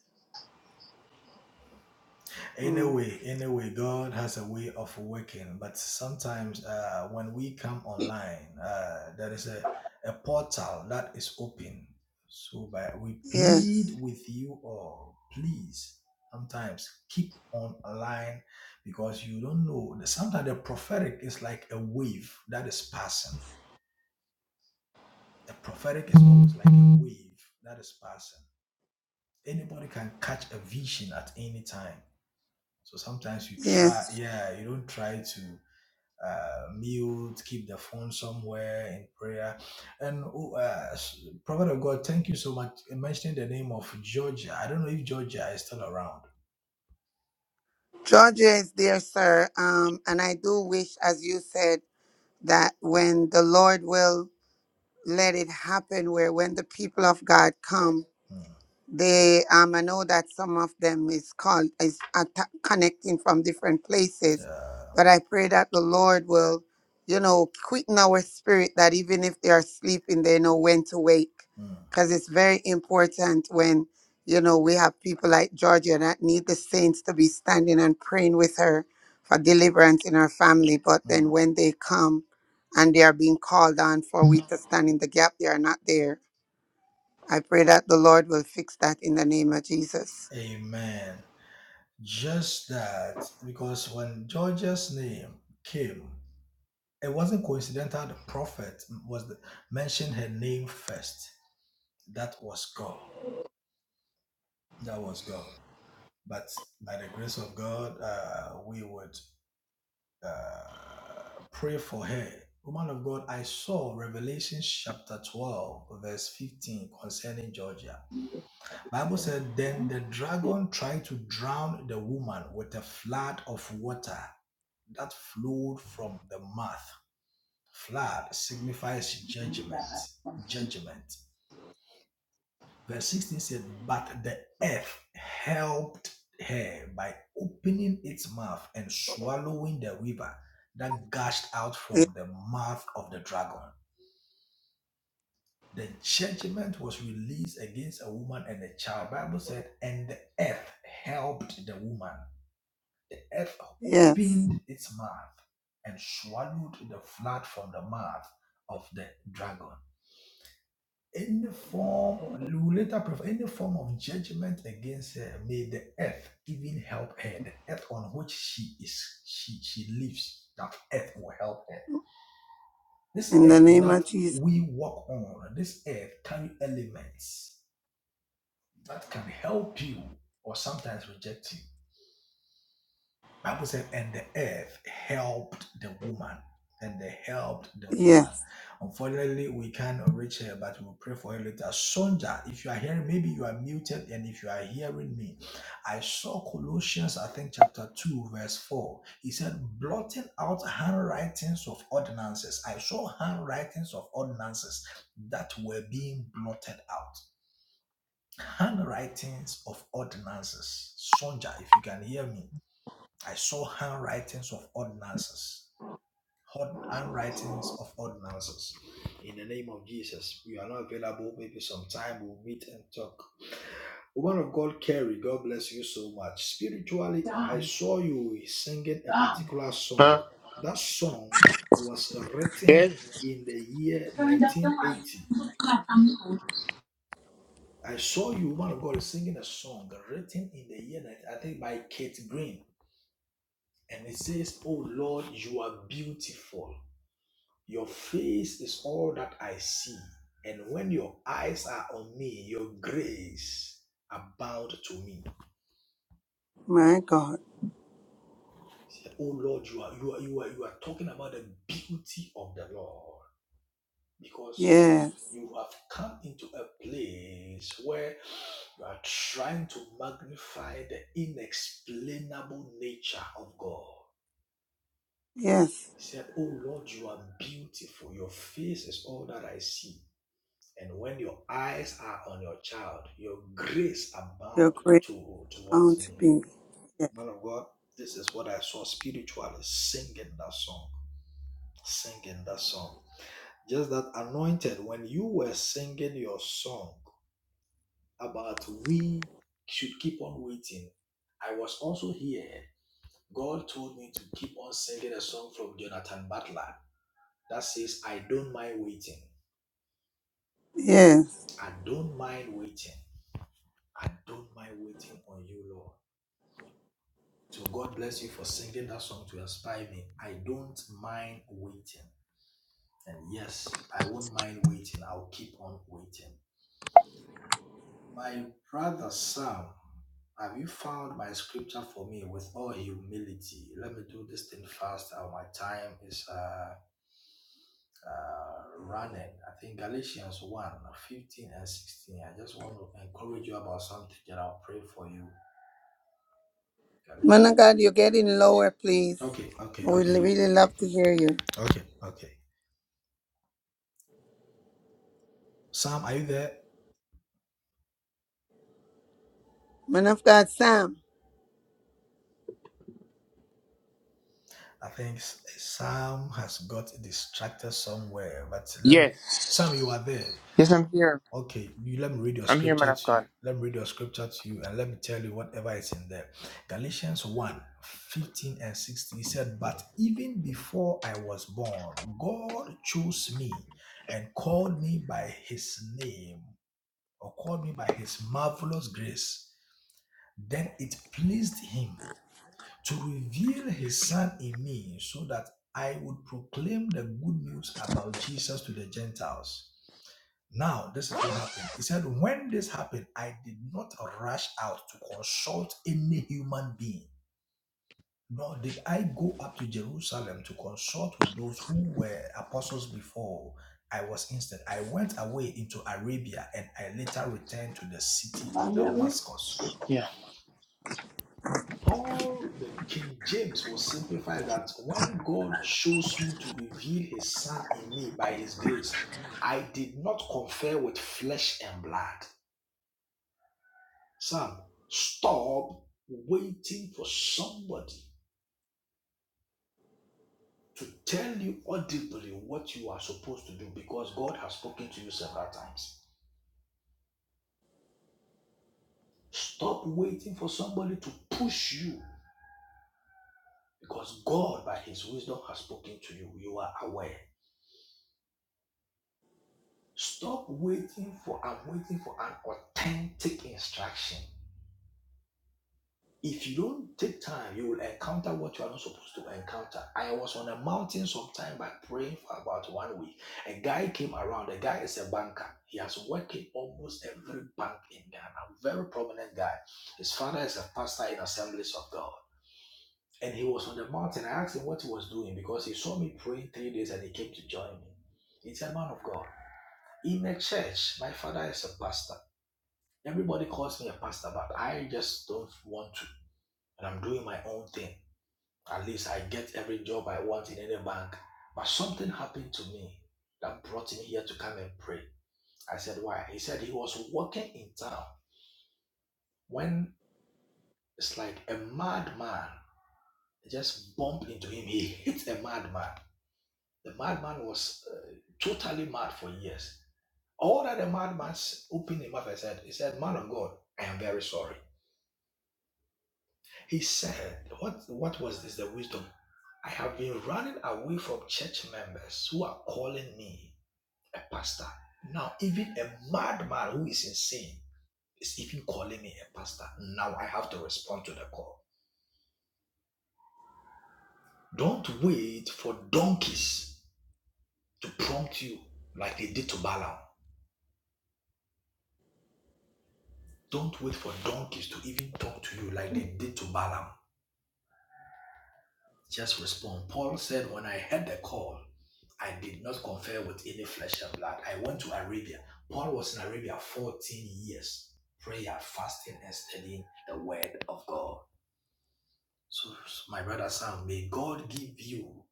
S3: Mm.
S7: Anyway, anyway, God has a way of working, but sometimes uh, when we come online, uh, there is a, a portal that is open. So by, we
S3: Yes,
S7: plead with you all, please, sometimes keep on online because you don't know. Sometimes the prophetic is like a wave that is passing. The prophetic is always like a wave that is passing. Anybody can catch a vision at any time. So sometimes you
S3: yes.
S7: try, yeah, you don't try to uh, mute, keep the phone somewhere in prayer. And oh, uh, s- Prophet of God, thank you so much. You mentioned the name of Georgia. I don't know if Georgia is still around.
S3: Georgia is there, sir. Um, and I do wish, as you said, that when the Lord will let it happen, where when the people of God come,
S7: Mm,
S3: they, um, I know that some of them is called is atta- connecting from different places, but
S7: uh,
S3: I pray that the Lord will, you know, quicken our spirit that even if they are sleeping, they know when to wake,
S7: mm,
S3: because it's very important when you know we have people like Georgia that need the saints to be standing and praying with her for deliverance in her family. But then
S7: mm.
S3: when they come and they are being called on for we to stand in the gap, they are not there I pray that the Lord will fix that in the name of Jesus.
S7: Amen. Just that, because when Georgia's name came, it wasn't coincidental. The prophet was the, mentioned her name first. That was God. That was God. But by the grace of God, uh, we would uh, pray for her. Woman of God, I saw Revelation chapter 12, verse 15 concerning Georgia. Bible said, Then the dragon tried to drown the woman with a flood of water that flowed from the mouth. Flood signifies judgment. Judgment. Verse 16 said, But the earth helped her by opening its mouth and swallowing the river that gushed out
S3: Y-
S7: from the mouth of the dragon. The judgment was released against a woman and a child. Bible said, and the earth helped the woman. The earth
S3: Yes.
S7: opened its mouth and swallowed the flood from the mouth of the dragon. Any form, we later prefer any form of judgment against her, may the earth even help her. The earth on which she is, she, she lives, that earth will help her. This
S3: In the
S7: earth
S3: name
S7: that
S3: of Jesus.
S7: we walk on, this earth carry elements that can help you or sometimes reject you. Bible said, and the earth helped the woman. And they helped the woman.
S3: Yes.
S7: Unfortunately, we can't reach her, but we'll pray for her later. Sonja, if you are hearing, maybe you are muted, and if you are hearing me, I saw Colossians, I think, chapter 2, verse 4. He said, blotting out handwritings of ordinances. I saw handwritings of ordinances that were being blotted out. Handwritings of ordinances. Sonja, if you can hear me I saw handwritings of ordinances. Hod- Handwritings of ordinances. In the name of Jesus, we are not available. Maybe sometime we'll meet and talk. Woman of God, Carrie, God bless you so much. Spiritually, I saw you singing a particular song.
S12: Huh?
S7: That song was written
S12: Yes.
S7: in the year 1980. I saw you, woman of God, singing a song written in the year, 19 I think, by Kate Green. And it says, Oh Lord, you are beautiful. Your face is all that I see. And when your eyes are on me, your grace abound to me.
S3: My God.
S7: Say, Oh Lord, you are you are you are you are talking about the beauty of the Lord because
S3: Yes.
S7: you have come into a place where you are trying to magnify the inexplainable nature of God.
S3: Yes.
S7: He said, Oh Lord, you are beautiful. Your face is all that I see. And when your eyes are on your child, your grace
S3: Your
S7: abound
S3: great
S7: to towards
S3: bounty
S7: me.
S3: be. Yes.
S7: Man of God, this is what I saw spiritually singing that song. Singing that song. Just that anointed, when you were singing your song about we should keep on waiting, I was also here. God told me to keep on singing a song from Jonathan Butler that says, I don't mind waiting.
S3: Yes.
S7: I don't mind waiting. I don't mind waiting on you, Lord. So God bless you for singing that song to inspire me. I don't mind waiting. And yes, I won't mind waiting. I'll keep on waiting. My brother Sam, have you found my scripture for me with all humility? Let me do this thing fast. Uh, my time is uh, uh, running. I think Galatians one uh, 15 and 16. I just want to encourage you about something that I'll pray for you.
S3: Man
S7: Galatians.
S3: of God, you're getting lower, please.
S7: Okay, okay,
S3: We'd
S7: okay,
S3: really love to hear you.
S7: okay, okay. Sam, are you there?
S3: Man of God, Sam.
S7: I think S- Sam has got distracted somewhere, but let me, Sam,
S12: Yes.
S7: you are there.
S12: Yes, I'm here.
S7: Okay, you let me read your
S12: I'm here, man
S7: scripture
S12: of
S7: to you.
S12: God.
S7: Let me read your scripture to you, and let me tell you whatever is in there. Galatians one, 15 and 16. He said, But even before I was born, God chose me and called me by his name, or called me by his marvelous grace. Then it pleased him to reveal his son in me so that I would proclaim the good news about Jesus to the Gentiles. Now, this is what happened. He said, When this happened, I did not rush out to consult any human being, nor did I go up to Jerusalem to consult with those who were apostles before I was instant. I went away into Arabia and I later returned to the city of Damascus.
S12: Yeah.
S7: Paul, the King James, will simplify that when God chose me to reveal his son in me by his grace, I did not confer with flesh and blood. Sam, stop waiting for somebody to tell you audibly what you are supposed to do because God has spoken to you several times. Stop waiting for somebody to push you because God, by his wisdom, has spoken to you. You are aware. Stop waiting for I'm waiting for an authentic instruction. If you don't take time, you will encounter what you are not supposed to encounter. I was on a mountain sometime by praying for about one week. A guy came around. The guy is a banker. He has worked in almost every bank in Ghana. Very prominent guy. His father is a pastor in Assemblies of God. And he was on the mountain. I asked him what he was doing because he saw me praying three days and he came to join me. He's a man of God. In a church, my father is a pastor. Everybody calls me a pastor, but I just don't want to. And I'm doing my own thing. At least I get every job I want in any bank. But something happened to me that brought him here to come and pray. I said, Why? He said he was walking in town when it's like a madman just bumped into him. He hit a madman. The madman was uh, totally mad for years. All that the madman s- opened him up and said, He said, Man of God, I am very sorry. He said, what, what was this? The wisdom. I have been running away from church members who are calling me a pastor. Now, even a madman who is insane is even calling me a pastor. Now I have to respond to the call. Don't wait for donkeys to prompt you like they did to Balaam. Don't wait for donkeys to even talk to you like they did to Balaam. Just respond. Paul said, When I heard the call, I did not confer with any flesh and blood. I went to Arabia. Paul was in Arabia 14 years, prayer, fasting, and studying the word of God. So, my brother Sam, may God give you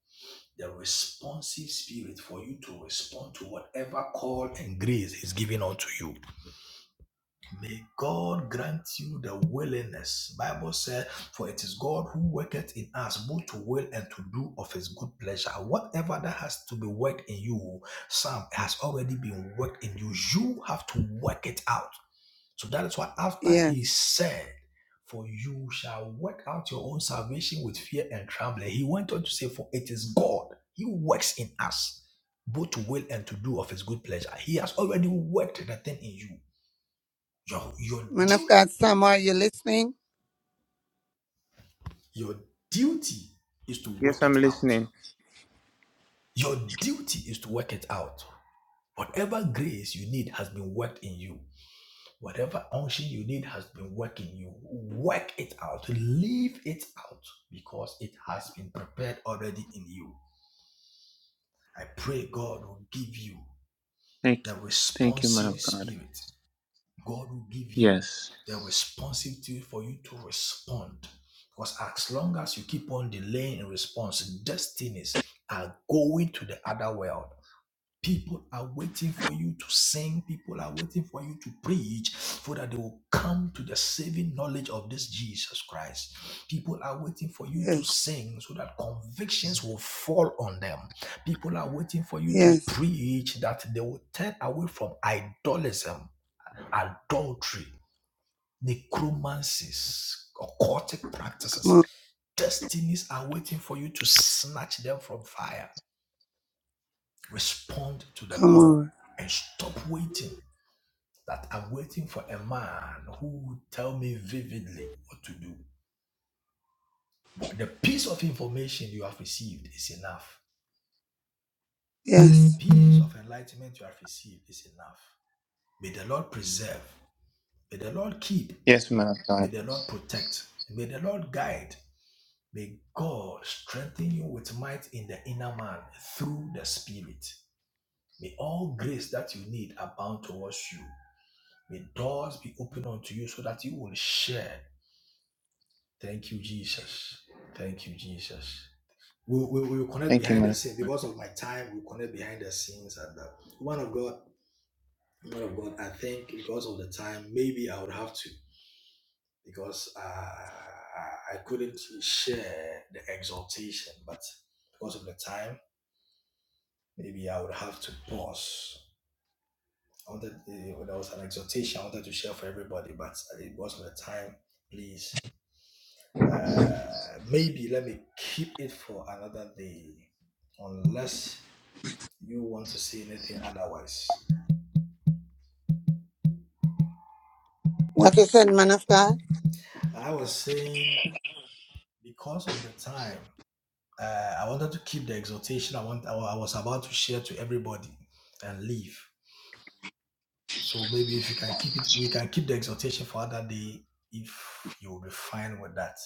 S7: the responsive spirit for you to respond to whatever call and grace is given unto you. May God grant you the willingness. Bible said, For it is God who worketh in us both to will and to do of his good pleasure. Whatever that has to be worked in you, some has already been worked in you. You have to work it out. So that is why after
S3: Yes.
S7: he said, For you shall work out your own salvation with fear and trembling, he went on to say, For it is God, he works in us both to will and to do of his good pleasure. He has already worked the thing in you. Your, your,
S3: Man of
S7: du-
S3: God, Sam, are you listening?
S7: your duty is to
S12: Yes,
S7: work
S12: I'm
S7: it out.
S12: listening.
S7: Your duty is to work it out. Whatever grace you need has been worked in you. Whatever unction you need has been worked in you. Work it out. Leave it out because it has been prepared already in you. I pray God will give you
S12: Thank you.
S7: the
S12: Thank you, man
S7: responsive
S12: of God.
S7: spirit God will give you
S12: Yes.
S7: the responsibility for you to respond. Because as long as you keep on delaying in response, destinies are going to the other world. People are waiting for you to sing. People are waiting for you to preach so that they will come to the saving knowledge of this Jesus Christ. People are waiting for you to
S3: Yes.
S7: sing so that convictions will fall on them. People are waiting for you to
S3: Yes.
S7: preach that they will turn away from idolism adultery, necromancies, occultic
S3: Come on.
S7: practices. Destinies are waiting for you to snatch them from fire. Respond to the
S3: Come
S7: call
S3: on.
S7: and stop waiting. That I'm waiting for a man who will tell me vividly what to do. The piece of information you have received is enough.
S3: Yes.
S7: Piece of enlightenment you have received is enough. May the Lord preserve. May the Lord keep.
S12: Yes, man of
S7: May
S12: God.
S7: the Lord protect. May the Lord guide. May God strengthen you with might in the inner man through the Spirit. May all grace that you need abound towards you. May doors be opened unto you so that you will share. Thank you, Jesus. Thank you, Jesus. We will we, will connect
S12: Thank you,
S7: behind
S12: man.
S7: the
S12: of
S7: scenes because of my time. We'll connect behind the scenes. And uh, one of God, one of God, I think because of the time, maybe I would have to because uh, I couldn't share the exaltation, but because of the time. maybe I would have to pause. I wanted, uh, there was an exhortation I wanted to share for everybody, but it wasn't the time. Please, uh, maybe let me keep it for another day, unless you want to say anything otherwise.
S3: What is it, man of God?
S7: I was saying because of the time, uh, I wanted to keep the exhortation I want. I was about to share to everybody and leave. So maybe if you can keep it, we can keep the exhortation for another day if you will be fine with that.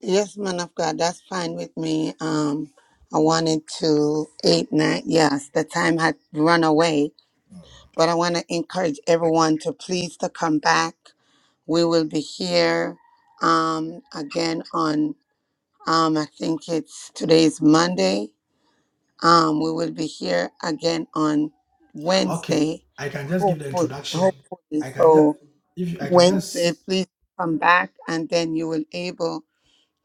S3: Yes, man of God, that's fine with me. Um, I wanted to eight nine. Yes, the time had run away,
S7: Mm.
S3: but I want to encourage everyone to please to come back. We will be here um, again on um, I think it's today's Monday. Um, we will be here again on
S7: Okay,
S3: Wednesday.
S7: I can just give the
S3: Hopefully,
S7: introduction.
S3: hopefully,
S7: I can just
S3: so
S7: if you, I can
S3: Wednesday,
S7: just
S3: please come back, and then you will able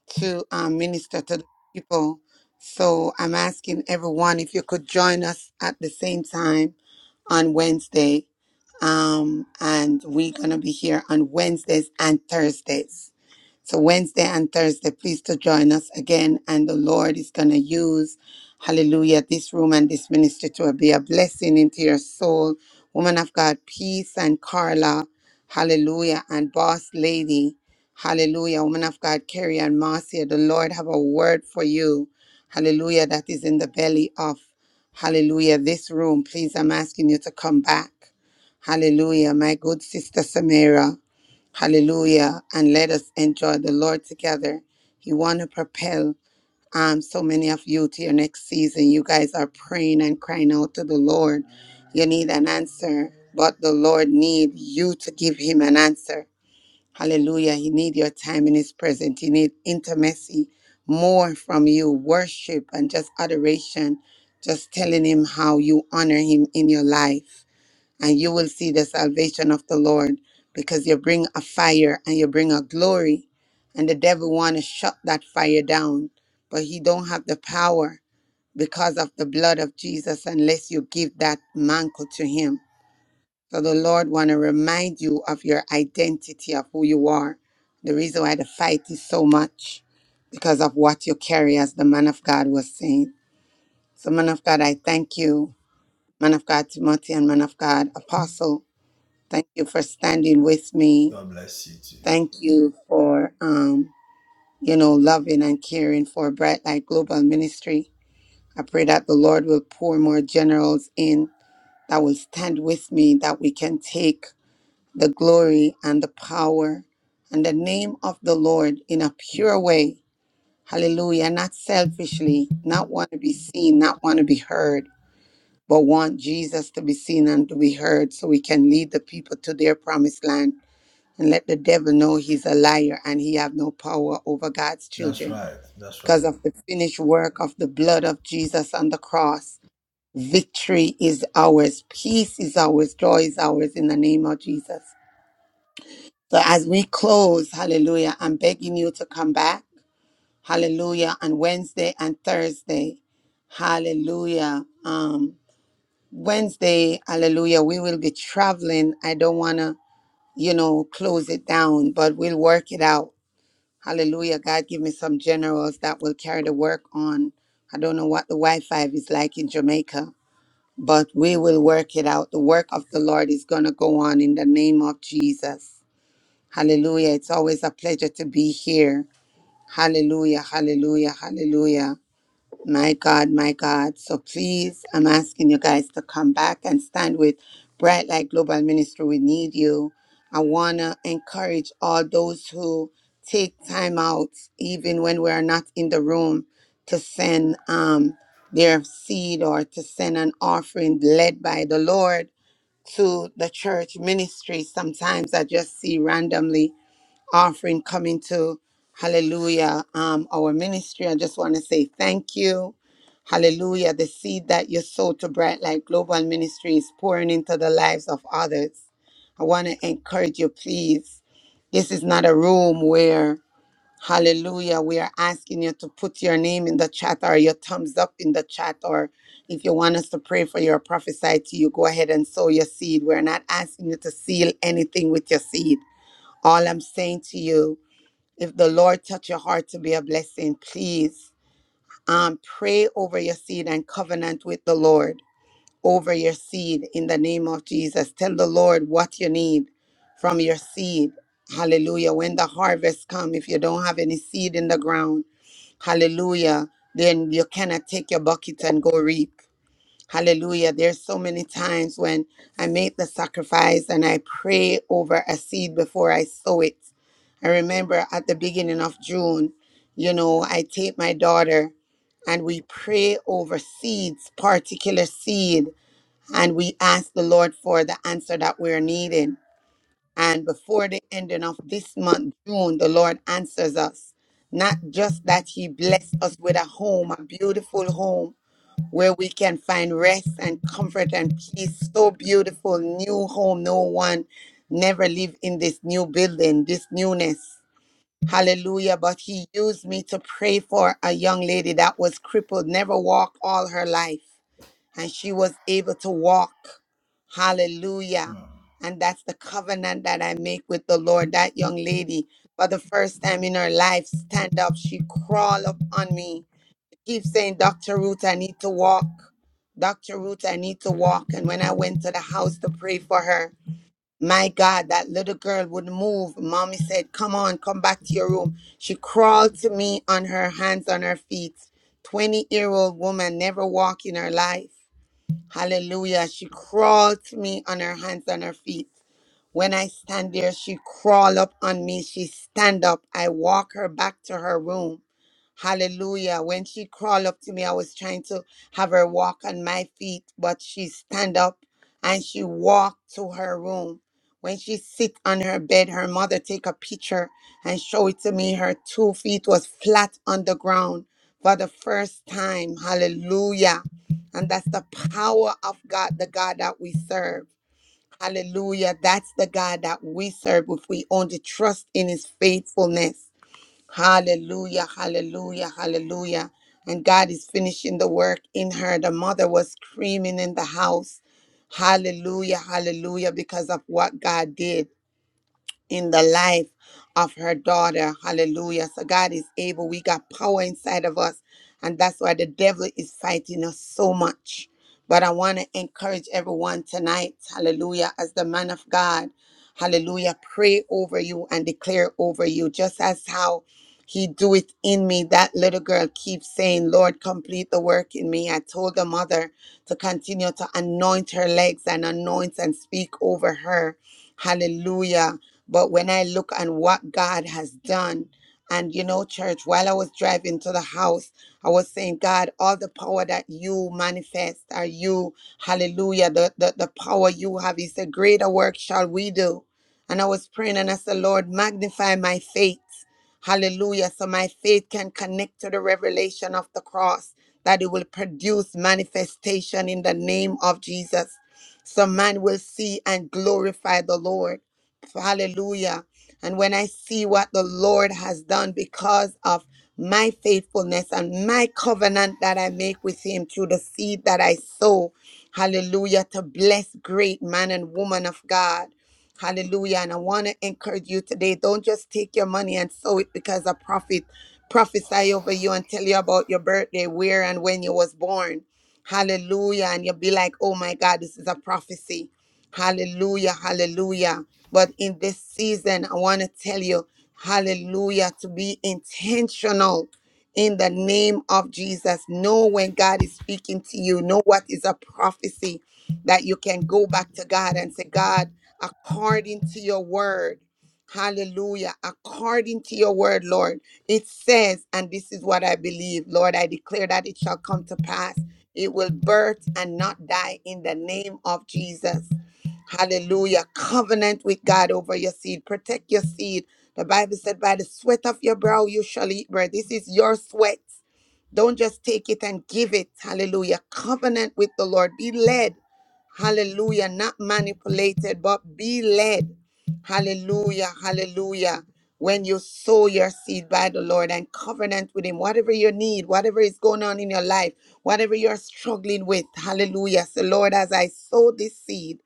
S3: to um, minister to the people. So I'm asking everyone if you could join us at the same time on Wednesday. Um, and we're going to be here on Wednesdays and Thursdays. So Wednesday and Thursday, please to join us again. And the Lord is gonna use, hallelujah, this room and this ministry to be a blessing into your soul. Woman of God, peace and Carla, hallelujah, and boss lady, hallelujah, woman of God, Carrie and Marcia, the Lord have a word for you. Hallelujah, that is in the belly of hallelujah. This room, please, I'm asking you to come back. Hallelujah, my good sister Samira. Hallelujah. And let us enjoy the Lord together. He want to propel um, so many of you to your next season. You guys are praying and crying out to the Lord. You need an answer, but the Lord need you to give him an answer. Hallelujah. He need your time in his presence. He need intimacy, more from you, worship and just adoration, just telling him how you honor him in your life and you will see the salvation of the Lord because you bring a fire and you bring a glory and the devil want to shut that fire down but he don't have the power because of the blood of Jesus unless you give that mantle to him so the Lord want to remind you of your identity of who you are the reason why the fight is so much because of what you carry as the man of God was saying so man of God I thank you man of God Timothy and man of God apostle Thank you for standing with me.
S7: God bless you too.
S3: Thank you for, um, you know, loving and caring for Bright Light Global Ministry. I pray that the Lord will pour more generals in that will stand with me, that we can take the glory and the power and the name of the Lord in a pure way. Hallelujah. Not selfishly, not want to be seen, not want to be heard, but want Jesus to be seen and to be heard so we can lead the people to their promised land and let the devil know he's a liar and he have no power over God's
S7: that's
S3: children.
S7: right. That's
S3: Because
S7: right.
S3: of the finished work of the blood of Jesus on the cross, victory is ours, peace is ours, joy is ours in the name of Jesus. So as we close, hallelujah, I'm begging you to come back, hallelujah, on Wednesday and Thursday, hallelujah. Um, Wednesday, hallelujah, we will be traveling. I don't want to, you know, close it down, but we'll work it out Hallelujah. God, give me some generals that will carry the work on. I don't know what the Wi Fi is like in Jamaica, but we will work it out. The work of the Lord is going to go on in the name of Jesus. Hallelujah. It's always a pleasure to be here. Hallelujah. Hallelujah. Hallelujah. My God, my God. So please, I'm asking you guys to come back and stand with Bright Light Global Ministry. We need you. I want to encourage all those who take time out, even when we are not in the room, to send um, their seed or to send an offering led by the Lord to the church ministry. Sometimes I just see randomly offering coming to hallelujah um our ministry i just want to say thank you hallelujah the seed that you sow to bright light global ministry is pouring into the lives of others i want to encourage you please this is not a room where hallelujah we are asking you to put your name in the chat or your thumbs up in the chat or if you want us to pray for your prophesy to you go ahead and sow your seed we're not asking you to seal anything with your seed all i'm saying to you if the Lord touch your heart to be a blessing, please um, pray over your seed and covenant with the Lord over your seed in the name of Jesus. Tell the Lord what you need from your seed. Hallelujah. When the harvest come, if you don't have any seed in the ground, hallelujah, then you cannot take your bucket and go reap. Hallelujah. There's so many times when I make the sacrifice and I pray over a seed before I sow it. I remember at the beginning of June, you know, I take my daughter and we pray over seeds, particular seed, and we ask the Lord for the answer that we're needing. And before the ending of this month, June, the Lord answers us. Not just that He blessed us with a home, a beautiful home, where we can find rest and comfort and peace. So beautiful, new home. No one never lived in this new building, this newness. Hallelujah. But he used me to pray for a young lady that was crippled, never walked all her life. And she was able to walk. Hallelujah.
S7: Mm.
S3: And that's the covenant that I make with the Lord. That young lady, for the first time in her life, stand up. She crawled up on me keep saying, Dr. Ruth, I need to walk. Dr. Ruth, I need to walk. And when I went to the house to pray for her, my God, that little girl would not move. Mommy said, Come on, come back to your room. She crawled to me on her hands, on her feet. 20 year old woman, never walked in her life. Hallelujah. She crawled to me on her hands, on her feet. When I stand there, she crawl up on me. She stand up. I walk her back to her room. Hallelujah. When she crawled up to me, I was trying to have her walk on my feet, but she stand up and she walked to her room. When she sit on her bed, her mother take a picture and show it to me. Her two feet was flat on the ground for the first time. Hallelujah. And that's the power of God, the God that we serve. Hallelujah. That's the God that we serve if we only trust in his faithfulness. Hallelujah, hallelujah, hallelujah. And God is finishing the work in her. The mother was screaming in the house. Hallelujah, hallelujah, because of what God did in the life of her daughter. Hallelujah. So God is able. We got power inside of us. And that's why the devil is fighting us so much. But I want to encourage everyone tonight. Hallelujah. As the man of God, hallelujah, pray over you and declare over you, just as how he do it in me. That little girl keeps saying, Lord, complete the work in me. I told the mother to continue to anoint her legs and anoint and speak over her Hallelujah. But when I look on what God has done, and you know, church, while I was driving to the house, I was saying, God, all the power that you manifest are you, hallelujah, the, the, the power you have is a greater work shall we do. And I was praying and I said, Lord, magnify my faith. Hallelujah. So my faith can connect to the revelation of the cross, that it will produce manifestation in the name of Jesus. So man will see and glorify the Lord. Hallelujah. And when I see what the Lord has done because of my faithfulness and my covenant that I make with him through the seed that I sow, hallelujah, to bless great man and woman of God. Hallelujah. And I want to encourage you today. Don't just take your money and sow it because a prophet prophesy over you and tell you about your birthday, where and when you was born Hallelujah. And you'll be like, oh my God, this is a prophecy. Hallelujah. Hallelujah. But in this season, I want to tell you, hallelujah, to be intentional in the name of Jesus. Know when God is speaking to you, know what is a prophecy that you can go back to God and say, God, according to your word, hallelujah, according to your word, Lord, it says, and this is what I believe, Lord, I declare that it shall come to pass. It will birth and not die in the name of Jesus. Hallelujah. Covenant with God over your seed. Protect your seed. The Bible said, by the sweat of your brow you shall eat bread. This is your sweat. Don't just take it and give it. Hallelujah. Covenant with the Lord. Be led. Hallelujah. Not manipulated, but be led. Hallelujah. Hallelujah when you sow your seed by the Lord and covenant with Him, whatever you need, whatever is going on in your life, whatever you're struggling with. Hallelujah. So, Lord, as I sow this seed,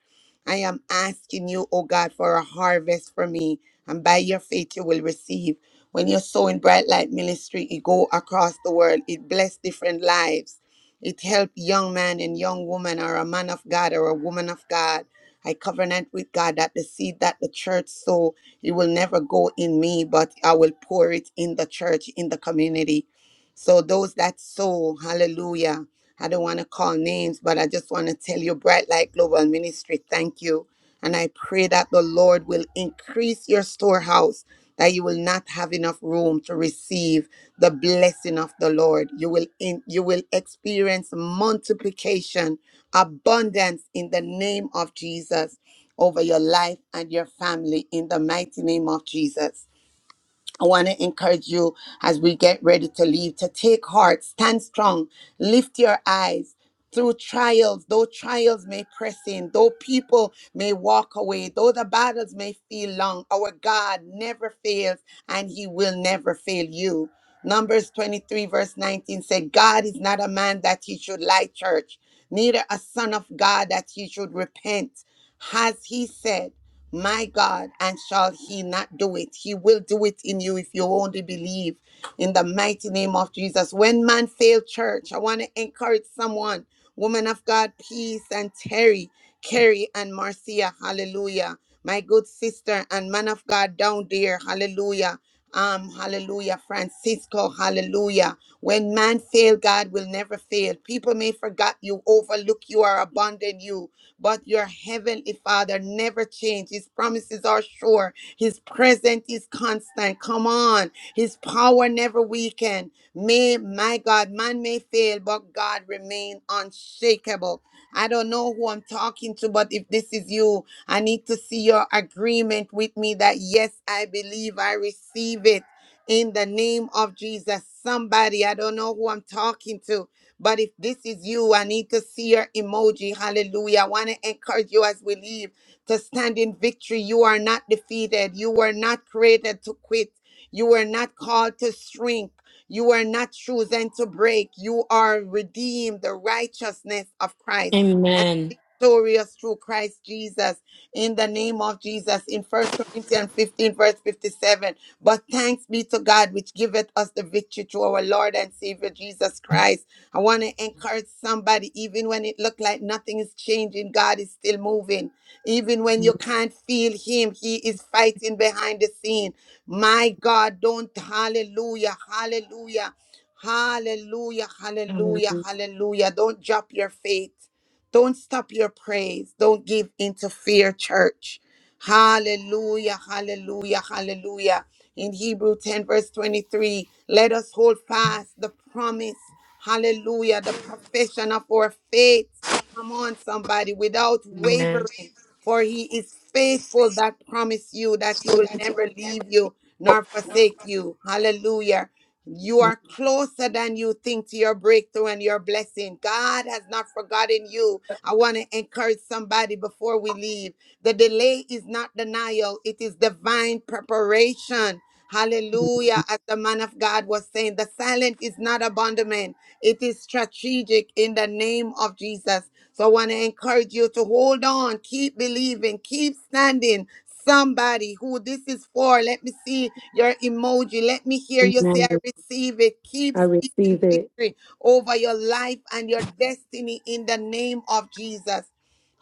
S3: I am asking you, oh God, for a harvest for me. And by your faith, you will receive. When you're sowing Bright Light Ministry, it go across the world. It bless different lives. It help young man and young woman or a man of God or a woman of God. I covenant with God that the seed that the church sow it will never go in me, but I will pour it in the church, in the community. So those that sow, hallelujah. I don't want to call names, but I just want to tell you, Bright Light Global Ministry, thank you. And I pray that the Lord will increase your storehouse, that you will not have enough room to receive the blessing of the Lord. You will in, you will experience multiplication, abundance in the name of Jesus over your life and your family in the mighty name of Jesus. I want to encourage you as we get ready to leave to take heart, stand strong, lift your eyes. Through trials, though trials may press in, though people may walk away, though the battles may feel long, our God never fails and he will never fail you. Numbers 23, verse 19 said, God is not a man that he should lie, church, neither a son of God that he should repent. Has he said, my God, and shall he not do it? He will do it in you if you only believe in the mighty name of Jesus. When man fail church, I want to encourage someone. Woman of God, peace and Terry, Carrie and Marcia, hallelujah. My good sister and man of God down there, hallelujah. Um, hallelujah, Francisco, hallelujah. When man fail, God will never fail. People may forget you, overlook you, or abandon you but your heavenly Father never changes. His promises are sure. His presence is constant. Come on. His power never weaken. May, my God, man may fail, but God remain unshakable. I don't know who I'm talking to, but if this is you, I need to see your agreement with me that yes, I believe I receive it in the name of Jesus. Somebody, I don't know who I'm talking to, but if this is you, I need to see your emoji. Hallelujah. I want to encourage you as we leave to stand in victory. You are not defeated. You were not created to quit. You were not called to shrink. You were not chosen to break. You are redeemed, the righteousness of Christ. and
S4: Amen.
S3: Victorious through Christ Jesus in the name of Jesus in First Corinthians 15, verse 57. But thanks be to God, which giveth us the victory through our Lord and Savior Jesus Christ. I want to encourage somebody, even when it looked like nothing is changing, God is still moving. Even when you can't feel Him, He is fighting behind the scene. My God, don't, hallelujah, hallelujah, hallelujah, hallelujah, hallelujah. Don't drop your faith. Don't stop your praise. Don't give in to fear, church. Hallelujah, hallelujah, hallelujah. In Hebrew 10, verse 23, let us hold fast the promise Hallelujah. The profession of our faith. Come on, somebody, without wavering. For he is faithful that promise you that he will never leave you nor forsake you. Hallelujah. You are closer than you think to your breakthrough and your blessing. God has not forgotten you. I want to encourage somebody before we leave. The delay is not denial, it is divine preparation. Hallelujah. As the man of God was saying, the silent is not abandonment, it is strategic in the name of Jesus. So I want to encourage you to hold on, keep believing, keep standing. Somebody who this is for, let me see your emoji. Let me hear you say, I
S4: Amen.
S3: receive it. Keep
S4: I
S3: speaking
S4: receive it.
S3: victory over your life and your destiny in the name of Jesus.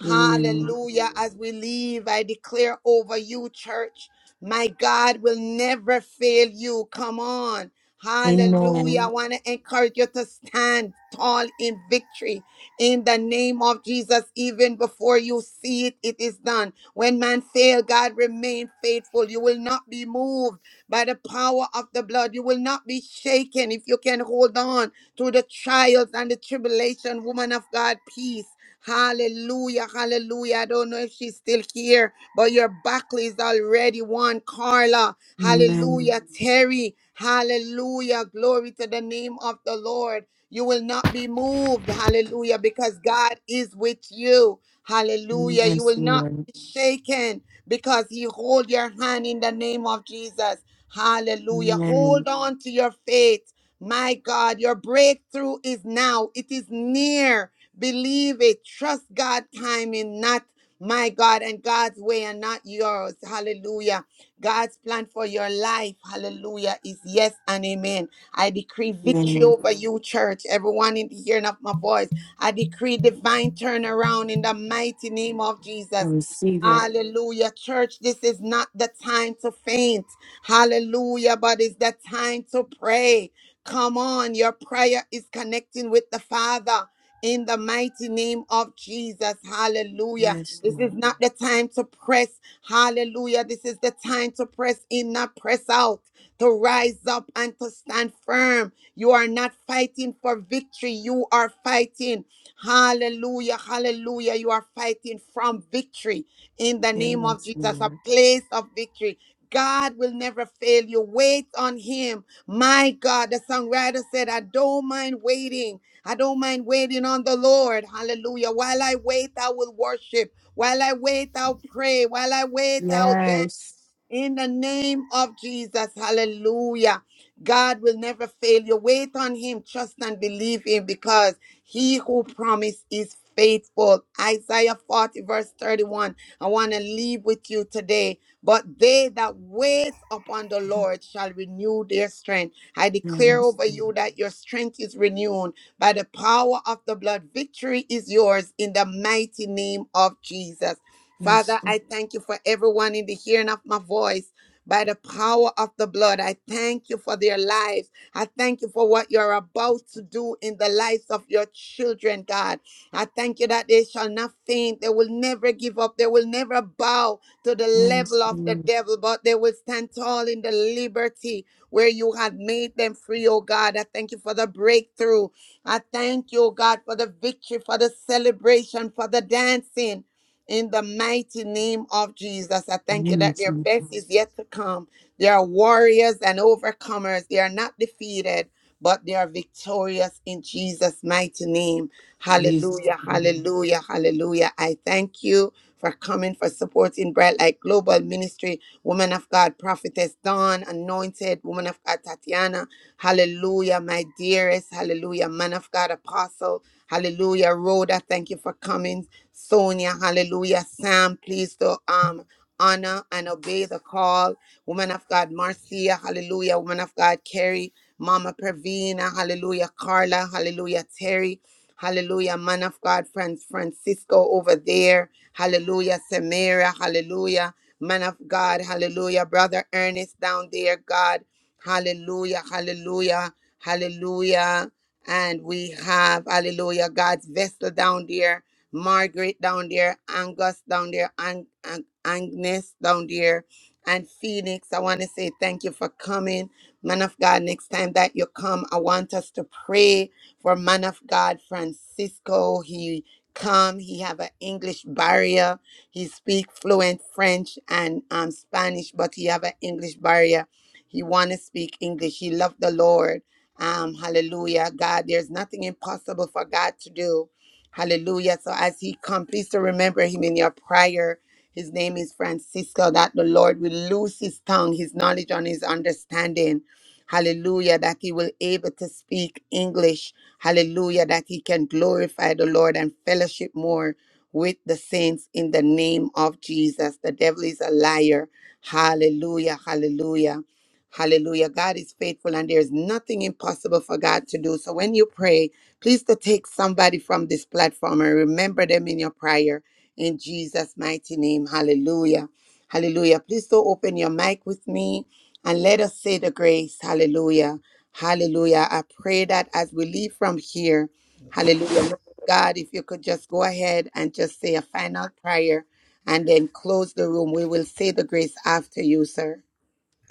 S4: Amen.
S3: Hallelujah. As we leave, I declare over you, church, my God will never fail you. Come on. Hallelujah. I
S4: Amen.
S3: want to encourage you to stand tall in victory in the name of Jesus. Even before you see it, it is done. When man fail, God remain faithful. You will not be moved by the power of the blood. You will not be shaken if you can hold on to the trials and the tribulation. Woman of God, peace. Hallelujah, hallelujah. I don't know if she's still here, but your buckle is already won. Carla,
S4: Amen.
S3: hallelujah. Terry, hallelujah. Glory to the name of the Lord. You will not be moved. Hallelujah. Because God is with you. Hallelujah. You
S4: Yes,
S3: will not
S4: Lord.
S3: be shaken because He hold your hand in the name of Jesus. Hallelujah.
S4: Amen.
S3: Hold on to your faith. My God, your breakthrough is now. It is near. Believe it. Trust God's timing, not my God and God's way and not yours. Hallelujah. God's plan for your life, hallelujah, is yes and amen. I decree victory
S4: Amen.
S3: over you, church. Everyone in the hearing of my voice, I decree divine turnaround in the mighty name of
S4: I
S3: Jesus.
S4: receive it.
S3: Hallelujah, church. This is not the time to faint. Hallelujah, but it's the time to pray. Come on, your prayer is connecting with the Father in the mighty name of Jesus. Hallelujah.
S4: Yes,
S3: This is
S4: Lord.
S3: not the time to press. Hallelujah. This is the time to press in, not press out to rise up and to stand firm. You are not fighting for victory. You are fighting. Hallelujah. Hallelujah. You are fighting from victory in the name of
S4: Yes,
S3: Jesus, a
S4: Lord.
S3: place of victory. God will never fail you. Wait on Him. My God, the songwriter said, I don't mind waiting. I don't mind waiting on the Lord. Hallelujah. While I wait, I will worship. While I wait, I'll pray. While I wait, I'll dance.
S4: Yes.
S3: In the name of Jesus, hallelujah. God will never fail you. Wait on him, trust and believe him because he who promised is faithful. Isaiah 40, verse 31. I want to leave with you today. But they that wait upon the Lord shall renew their strength. I declare
S4: Yes.
S3: over you that your strength is renewed by the power of the blood. Victory is yours in the mighty name of Jesus.
S4: Yes,
S3: Father,
S4: Lord.
S3: I thank you for everyone in the hearing of my voice. By the power of the blood, I thank you for their lives. I thank you for what you're about to do in the lives of your children, God. I thank you that they shall not faint. They will never give up. They will never bow to the
S4: Yes,
S3: level of the
S4: Lord.
S3: devil, but they will stand tall in the liberty where you have made them free, oh God. I thank you for the breakthrough. I thank you, oh God, for the victory, for the celebration, for the dancing. In the mighty name of Jesus, I
S4: In the
S3: thank you
S4: name of
S3: that their best is
S4: Jesus.
S3: yet to come. They are warriors and overcomers. They are not defeated, but they are victorious in Jesus' mighty name.
S4: Jesus.
S3: Hallelujah, hallelujah, hallelujah. I thank you for coming, for supporting Bright Light Global Ministry, Woman of God, Prophetess Dawn, Anointed, Woman of God, Tatiana. Hallelujah, my dearest. Hallelujah, Man of God, Apostle. Hallelujah, Rhoda. Thank you for coming. Sonia, hallelujah. Sam, please to um honor and obey the call. Woman of God, Marcia, hallelujah. Woman of God, Carrie, Mama Pravina, hallelujah. Carla, hallelujah. Terry, hallelujah. Man of God, friends, Francisco over there, hallelujah. Samira, hallelujah. Man of God, hallelujah. Brother Ernest down there, God, hallelujah, hallelujah, hallelujah. And we have, hallelujah, God's vessel down there. Margaret down there, Angus down there, Ang- Ang- Agnes down there, and Phoenix. I want to say thank you for coming. Man of God, next time that you come, I want us to pray for man of God Francisco. He come, he have an English barrier. He speak fluent French and um, Spanish, but he have an English barrier. He want to speak English. He love the Lord. Um, hallelujah. God, there's nothing impossible for God to do. Hallelujah. So as he comes, please to remember him in your prayer. His name is Francisco, that the Lord will loose his tongue, his knowledge and his understanding. Hallelujah. That he will able to speak English. Hallelujah. That he can glorify the Lord and fellowship more with the saints in the name of Jesus. The devil is a liar. Hallelujah. Hallelujah. Hallelujah. God is faithful and there is nothing impossible for God to do. So when you pray, Please to take somebody from this platform and remember them in your prayer in Jesus' mighty name. Hallelujah. Hallelujah. Please to open your mic with me and let us say the grace. Hallelujah. Hallelujah. I pray that as we leave from here, hallelujah. My God, if you could just go ahead and just say a final prayer and then close the room. We will say the grace after you, sir.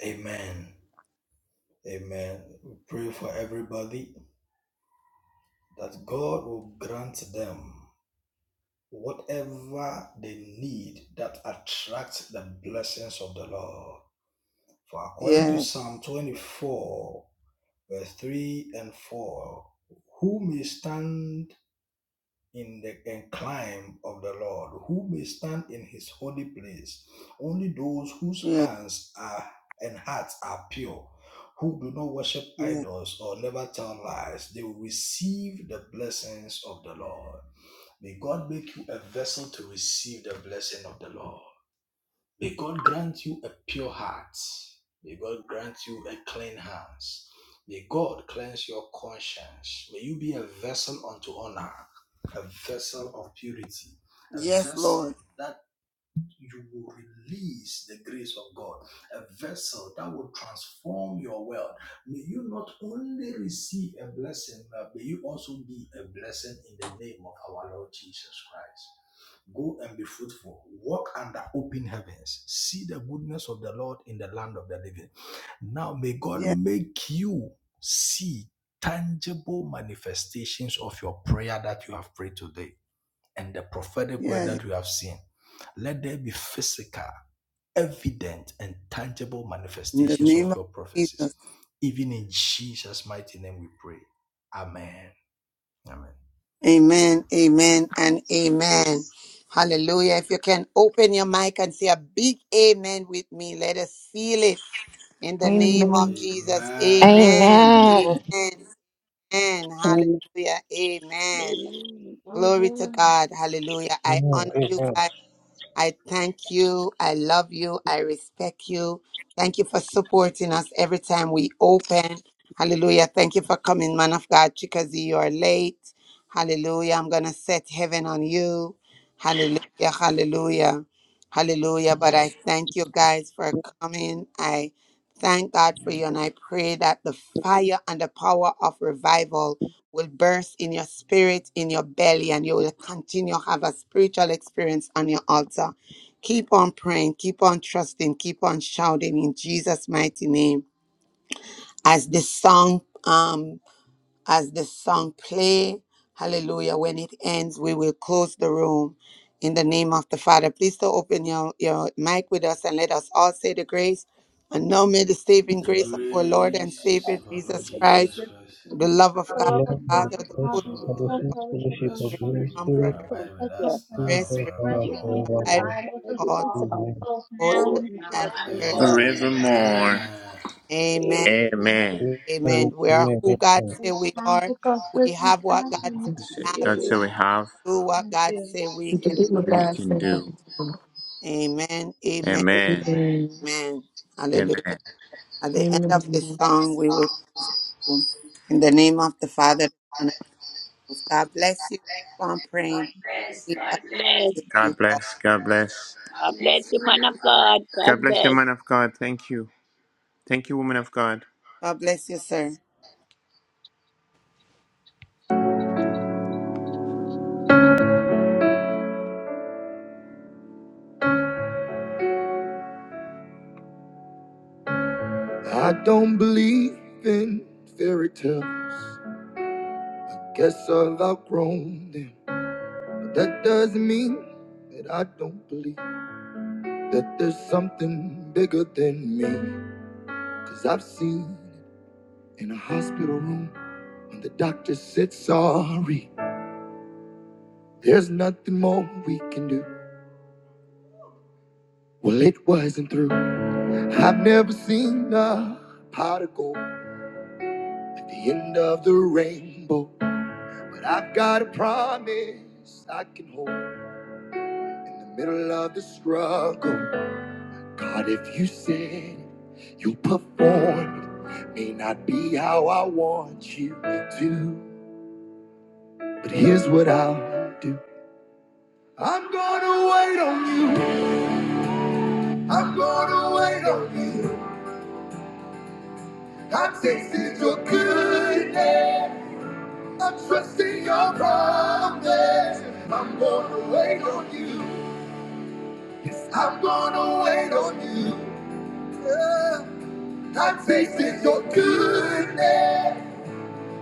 S7: Amen. Amen. We pray for everybody that God will grant them whatever they need that attracts the blessings of the Lord. For according to
S3: Yes.
S7: Psalm 24, verse 3 and 4, who may stand in the incline of the Lord. Who may stand in his holy place? Only those whose
S3: Yes.
S7: hands are and hearts are pure, who do not worship
S3: Yes.
S7: idols or never tell lies, they will receive the blessings of the Lord. May God make you a vessel to receive the blessing of the Lord. May God grant you a pure heart. May God grant you a clean hands. May God cleanse your conscience. May you be a vessel unto honor, a vessel of purity, a
S3: Yes,
S7: vessel
S3: Lord.
S7: that you will release the grace of God, a vessel that will transform your world. May you not only receive a blessing, but may you also be a blessing in the name of our Lord Jesus Christ. Go and be fruitful. Walk under open heavens. See the goodness of the Lord in the land of the living. Now may God
S3: Yes.
S7: make you see tangible manifestations of your prayer that you have prayed today and the prophetic word
S3: Yes.
S7: that we have seen, let there be physical, evident, and tangible
S3: In the
S7: manifestations of
S3: name of
S7: your
S3: Jesus.
S7: prophecies. Even in Jesus' mighty name we pray. Amen. Amen.
S3: Amen, amen, and amen. Hallelujah. If you can open your mic and say a big amen with me, let us seal it in the name
S4: Amen.
S3: of Jesus.
S8: Amen.
S3: Amen,
S7: Amen.
S8: Amen.
S3: amen, amen.
S15: and
S3: Hallelujah, amen.
S13: Amen.
S3: Glory to
S13: Amen.
S3: God. Hallelujah. I honor
S16: No, O
S3: you
S16: God,
S3: guys. I thank you. I love you. I respect you. Thank you for supporting us every time we open. Hallelujah. Thank you for coming, man of God. Chikazi, you are late. Hallelujah. I'm going to set heaven on you. Hallelujah. Hallelujah. Hallelujah. But I thank you guys for coming. I Thank God for you. And I pray that the fire and the power of revival will burst in your spirit, in your belly, and you will continue to have a spiritual experience on your altar. Keep on praying, keep on trusting, keep on shouting in Jesus' mighty name. As this song, um as the song play hallelujah when it ends we will close the room in the name of the father please to open your, your mic with us and let us all say the grace and now may the saving
S13: Yes,
S3: grace of our lord
S13: us
S3: and
S13: In
S3: savior
S7: So, our Lord
S3: jesus
S13: the Jesus
S3: christ
S7: Jesus Christ,
S13: name.
S3: the love of
S13: Yes,
S6: The
S3: god
S16: the
S6: love
S16: Lord
S6: of
S16: of
S13: Lord.
S3: the
S16: the
S6: God,
S3: father
S6: the
S3: the
S13: Yes,
S16: Church
S6: Father,
S3: holy
S6: the
S16: and the
S7: for
S6: full
S16: sweet
S6: fellowship
S16: fellowship
S6: of
S7: rest
S6: the
S16: of
S3: spirit
S16: the
S3: the
S6: Holy
S16: Holy
S13: Lord.
S7: to
S13: Yes,
S6: Spirit,
S16: Spirit,
S3: comforter
S13: Lord.
S7: abide with
S6: the
S7: us
S16: be
S6: Comforter,
S7: now and
S3: rest
S16: with us
S6: let
S16: now
S13: Yes, Lord. Yes, yes,
S7: forevermore.
S16: and
S6: remain and
S13: amen.
S3: revive
S13: And
S6: abide
S13: the
S6: with
S13: head
S6: us
S13: is
S3: all
S13: just
S6: all,
S13: about
S16: forevermore.
S13: it.
S6: both
S3: both
S6: now
S13: Oh,
S6: and
S13: and
S3: now
S6: forever.
S13: how
S3: and
S13: and
S12: God.
S3: forever
S13: for and
S12: Forevermore.
S6: Amen.
S7: Amen.
S3: amen
S12: Amen.
S16: Amen.
S13: amen.
S3: amen we are
S16: Amen.
S3: who god
S16: Amen.
S3: say we
S6: Um,
S3: are
S6: because
S3: we
S6: with the
S3: have what
S6: time
S3: god
S6: and
S3: say
S6: with
S3: we
S13: We say
S3: have and
S12: That's so
S6: the
S12: we
S13: amen.
S12: have.
S3: do what god
S6: future,
S3: say we can
S4: Forgive what
S13: Say
S12: We
S4: God
S12: can
S4: said.
S12: do.
S3: amen amen
S13: amen.
S12: Amen.
S4: Amen.
S3: Amen.
S12: Amen.
S3: Hallelujah. At the end of this
S4: Amen.
S3: song, we will go in the name of the Father, the Son, and the Holy Ghost. God bless you. Keep on
S12: God
S3: praying.
S12: bless.
S3: We appreciate
S13: Amen.
S3: you
S12: God
S3: all.
S12: bless. God
S13: God bless God bless
S12: bless
S13: you, man of God. God
S12: the
S13: bless.
S12: man of God. Thank you. Thank you, woman of God.
S3: God bless you, sir.
S1: I don't believe in fairy tale. Guess I've outgrown them. But that doesn't mean that I don't believe that there's something bigger than me. Cause I've seen it in a hospital room when the doctor said sorry. There's nothing more we can do. Well, it wasn't through. I've never seen a pot of gold at the end of the rainbow. But I've got a promise I can hold in the middle of the struggle. God, if you said it, you'll perform it. May not be how I want you to, but here's what I'll do. I'm gonna wait on you. I'm gonna wait on you. I'm tasting your goodness. I'm trusting your promise. I'm gonna wait on you. Yes, I'm gonna wait on you. Yeah. I'm tasting your goodness.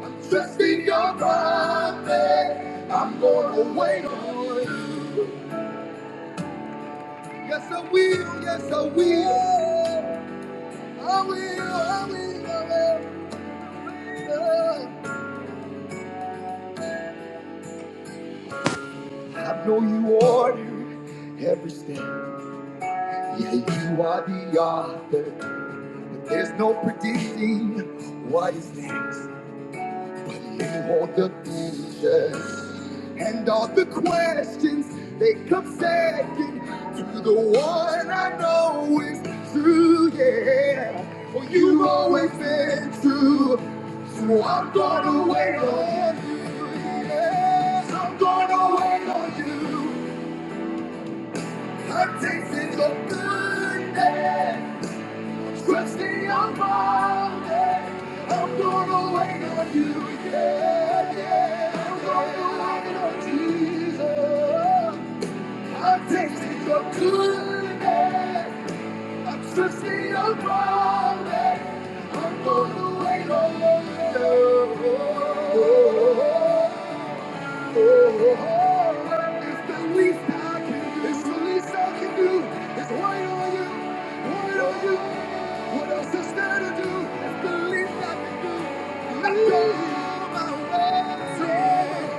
S1: I'm trusting your promise. I'm gonna wait on you. Yes, I will. Yes, I will. I will. I will. I will. I know you order every step. Yeah, you are the author, but there's no predicting what is next. But you hold the future, and all the questions they come second to the one I know is true. Yeah, well, you've always been true, so I'm gonna wait on you. Yeah, I'm gonna wait on you. I'm tasting your goodness, trusting your promise. I'm gonna wait on you, yeah, yeah. I'm gonna wait on Jesus.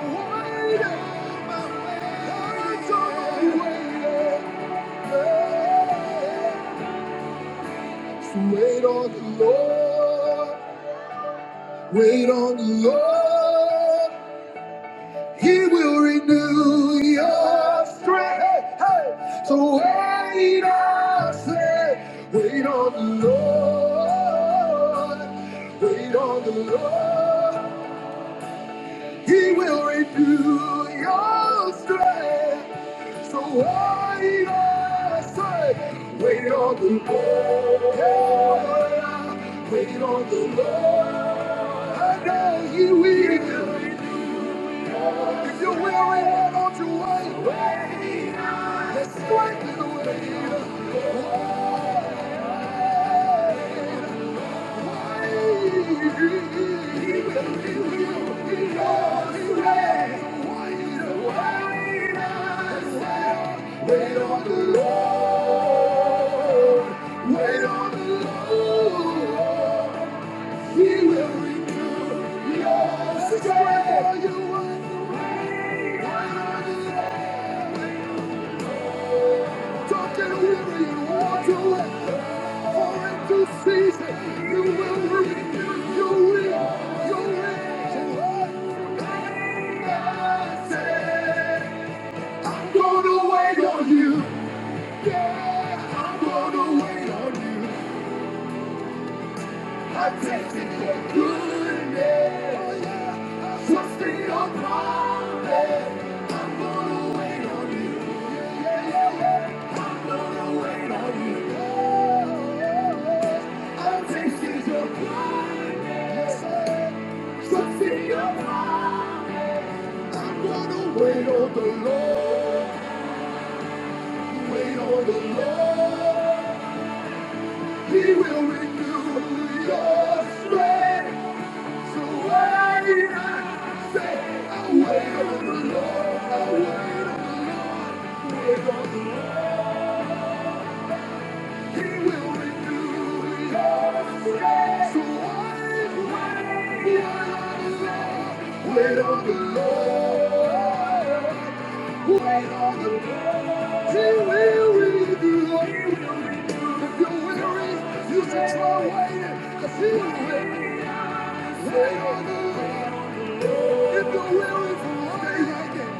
S1: Wait on my way. I'm gonna wait on. the Lord. Wait on the Lord. Wait on the Lord. He will renew your strength. Hey, hey. So wait on, say, wait on the Lord. Wait on the Lord. And we wait for it to season, You will renew your will. Your will. So wait on, say, I'm gonna wait on you. Yeah, I'm gonna wait on you. I taste in your goodness. I trust in your promise. I'm gonna wait on you. Yeah, yeah, yeah. I'm gonna wait on you. Oh, yeah, yeah. I tasted your goodness. Trust in your promise. I'm gonna wait on the Lord. Wait on the Lord. He will renew your strength. Wait on the Lord, wait on the Lord. He will renew. your strength. If you're weary, you should try waiting, 'cause He will. Wait on the Lord. If you're weary, stay like it.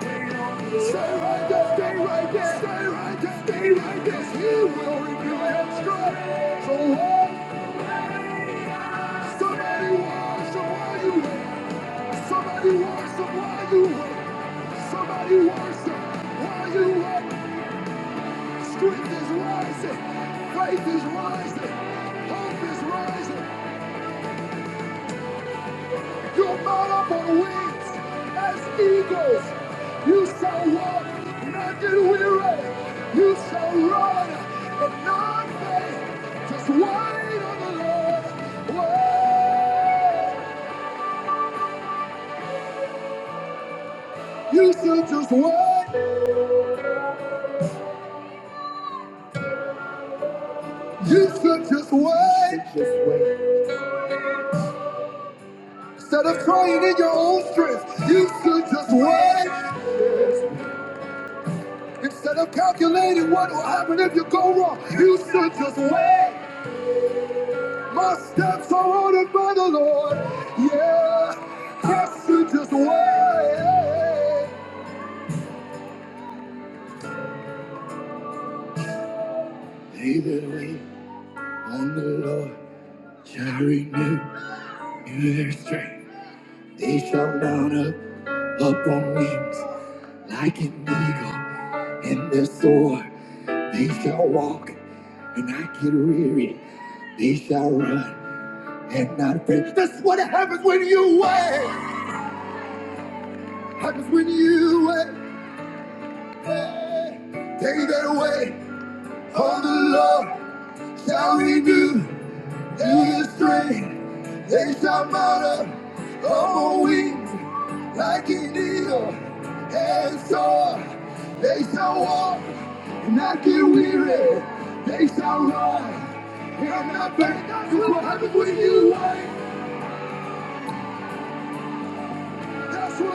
S1: Stay right there, stay right there, stay right there, stay right there. He will renew your strength. So walk, somebody worship while you wait. Somebody worship while you wait. Somebody worship while you wait. Strength is rising, faith is rising, hope is rising. They that wait on the Lord shall renew their strength. They shall mount up up on wings Like an eagle in the soar, they shall walk and not get weary. They shall run and not faint. That's what happens when you wait. Happens when you wait.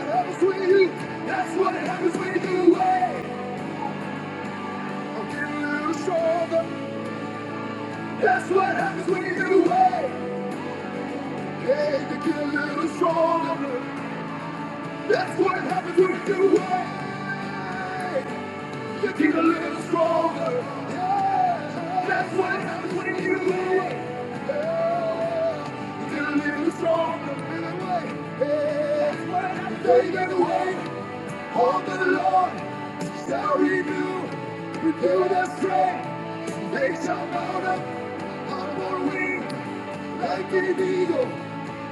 S1: Happens when you. That's what happens when you wait. I'm getting a little stronger. That's what happens when you wait. Hey, you get a little stronger. That's what happens when you wait. keep a little stronger. Yeah. That's what happens when you give away. Yeah. Get a little stronger. little way. Yeah. That's what happens when you give away. Hold the Lord shall renew, renew their strength. They shall mount up on more wings like an eagle.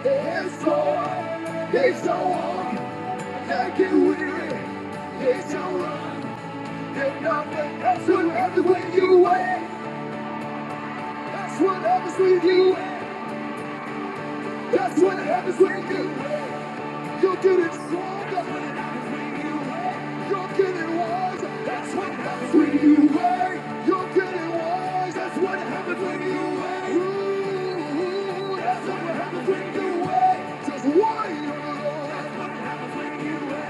S1: They soar, they shall walk, like a weary, they shall run. Hey, y'all, That's what happens when you win. That's what happens when you win. That's what happens when you win. You're getting stronger. That's what happens when you win. You're getting wise. That's what happens when you win. You're getting wise. That's what happens when you win. Ooh, that's what happens when you win. Just why you win. That's what happens when you win.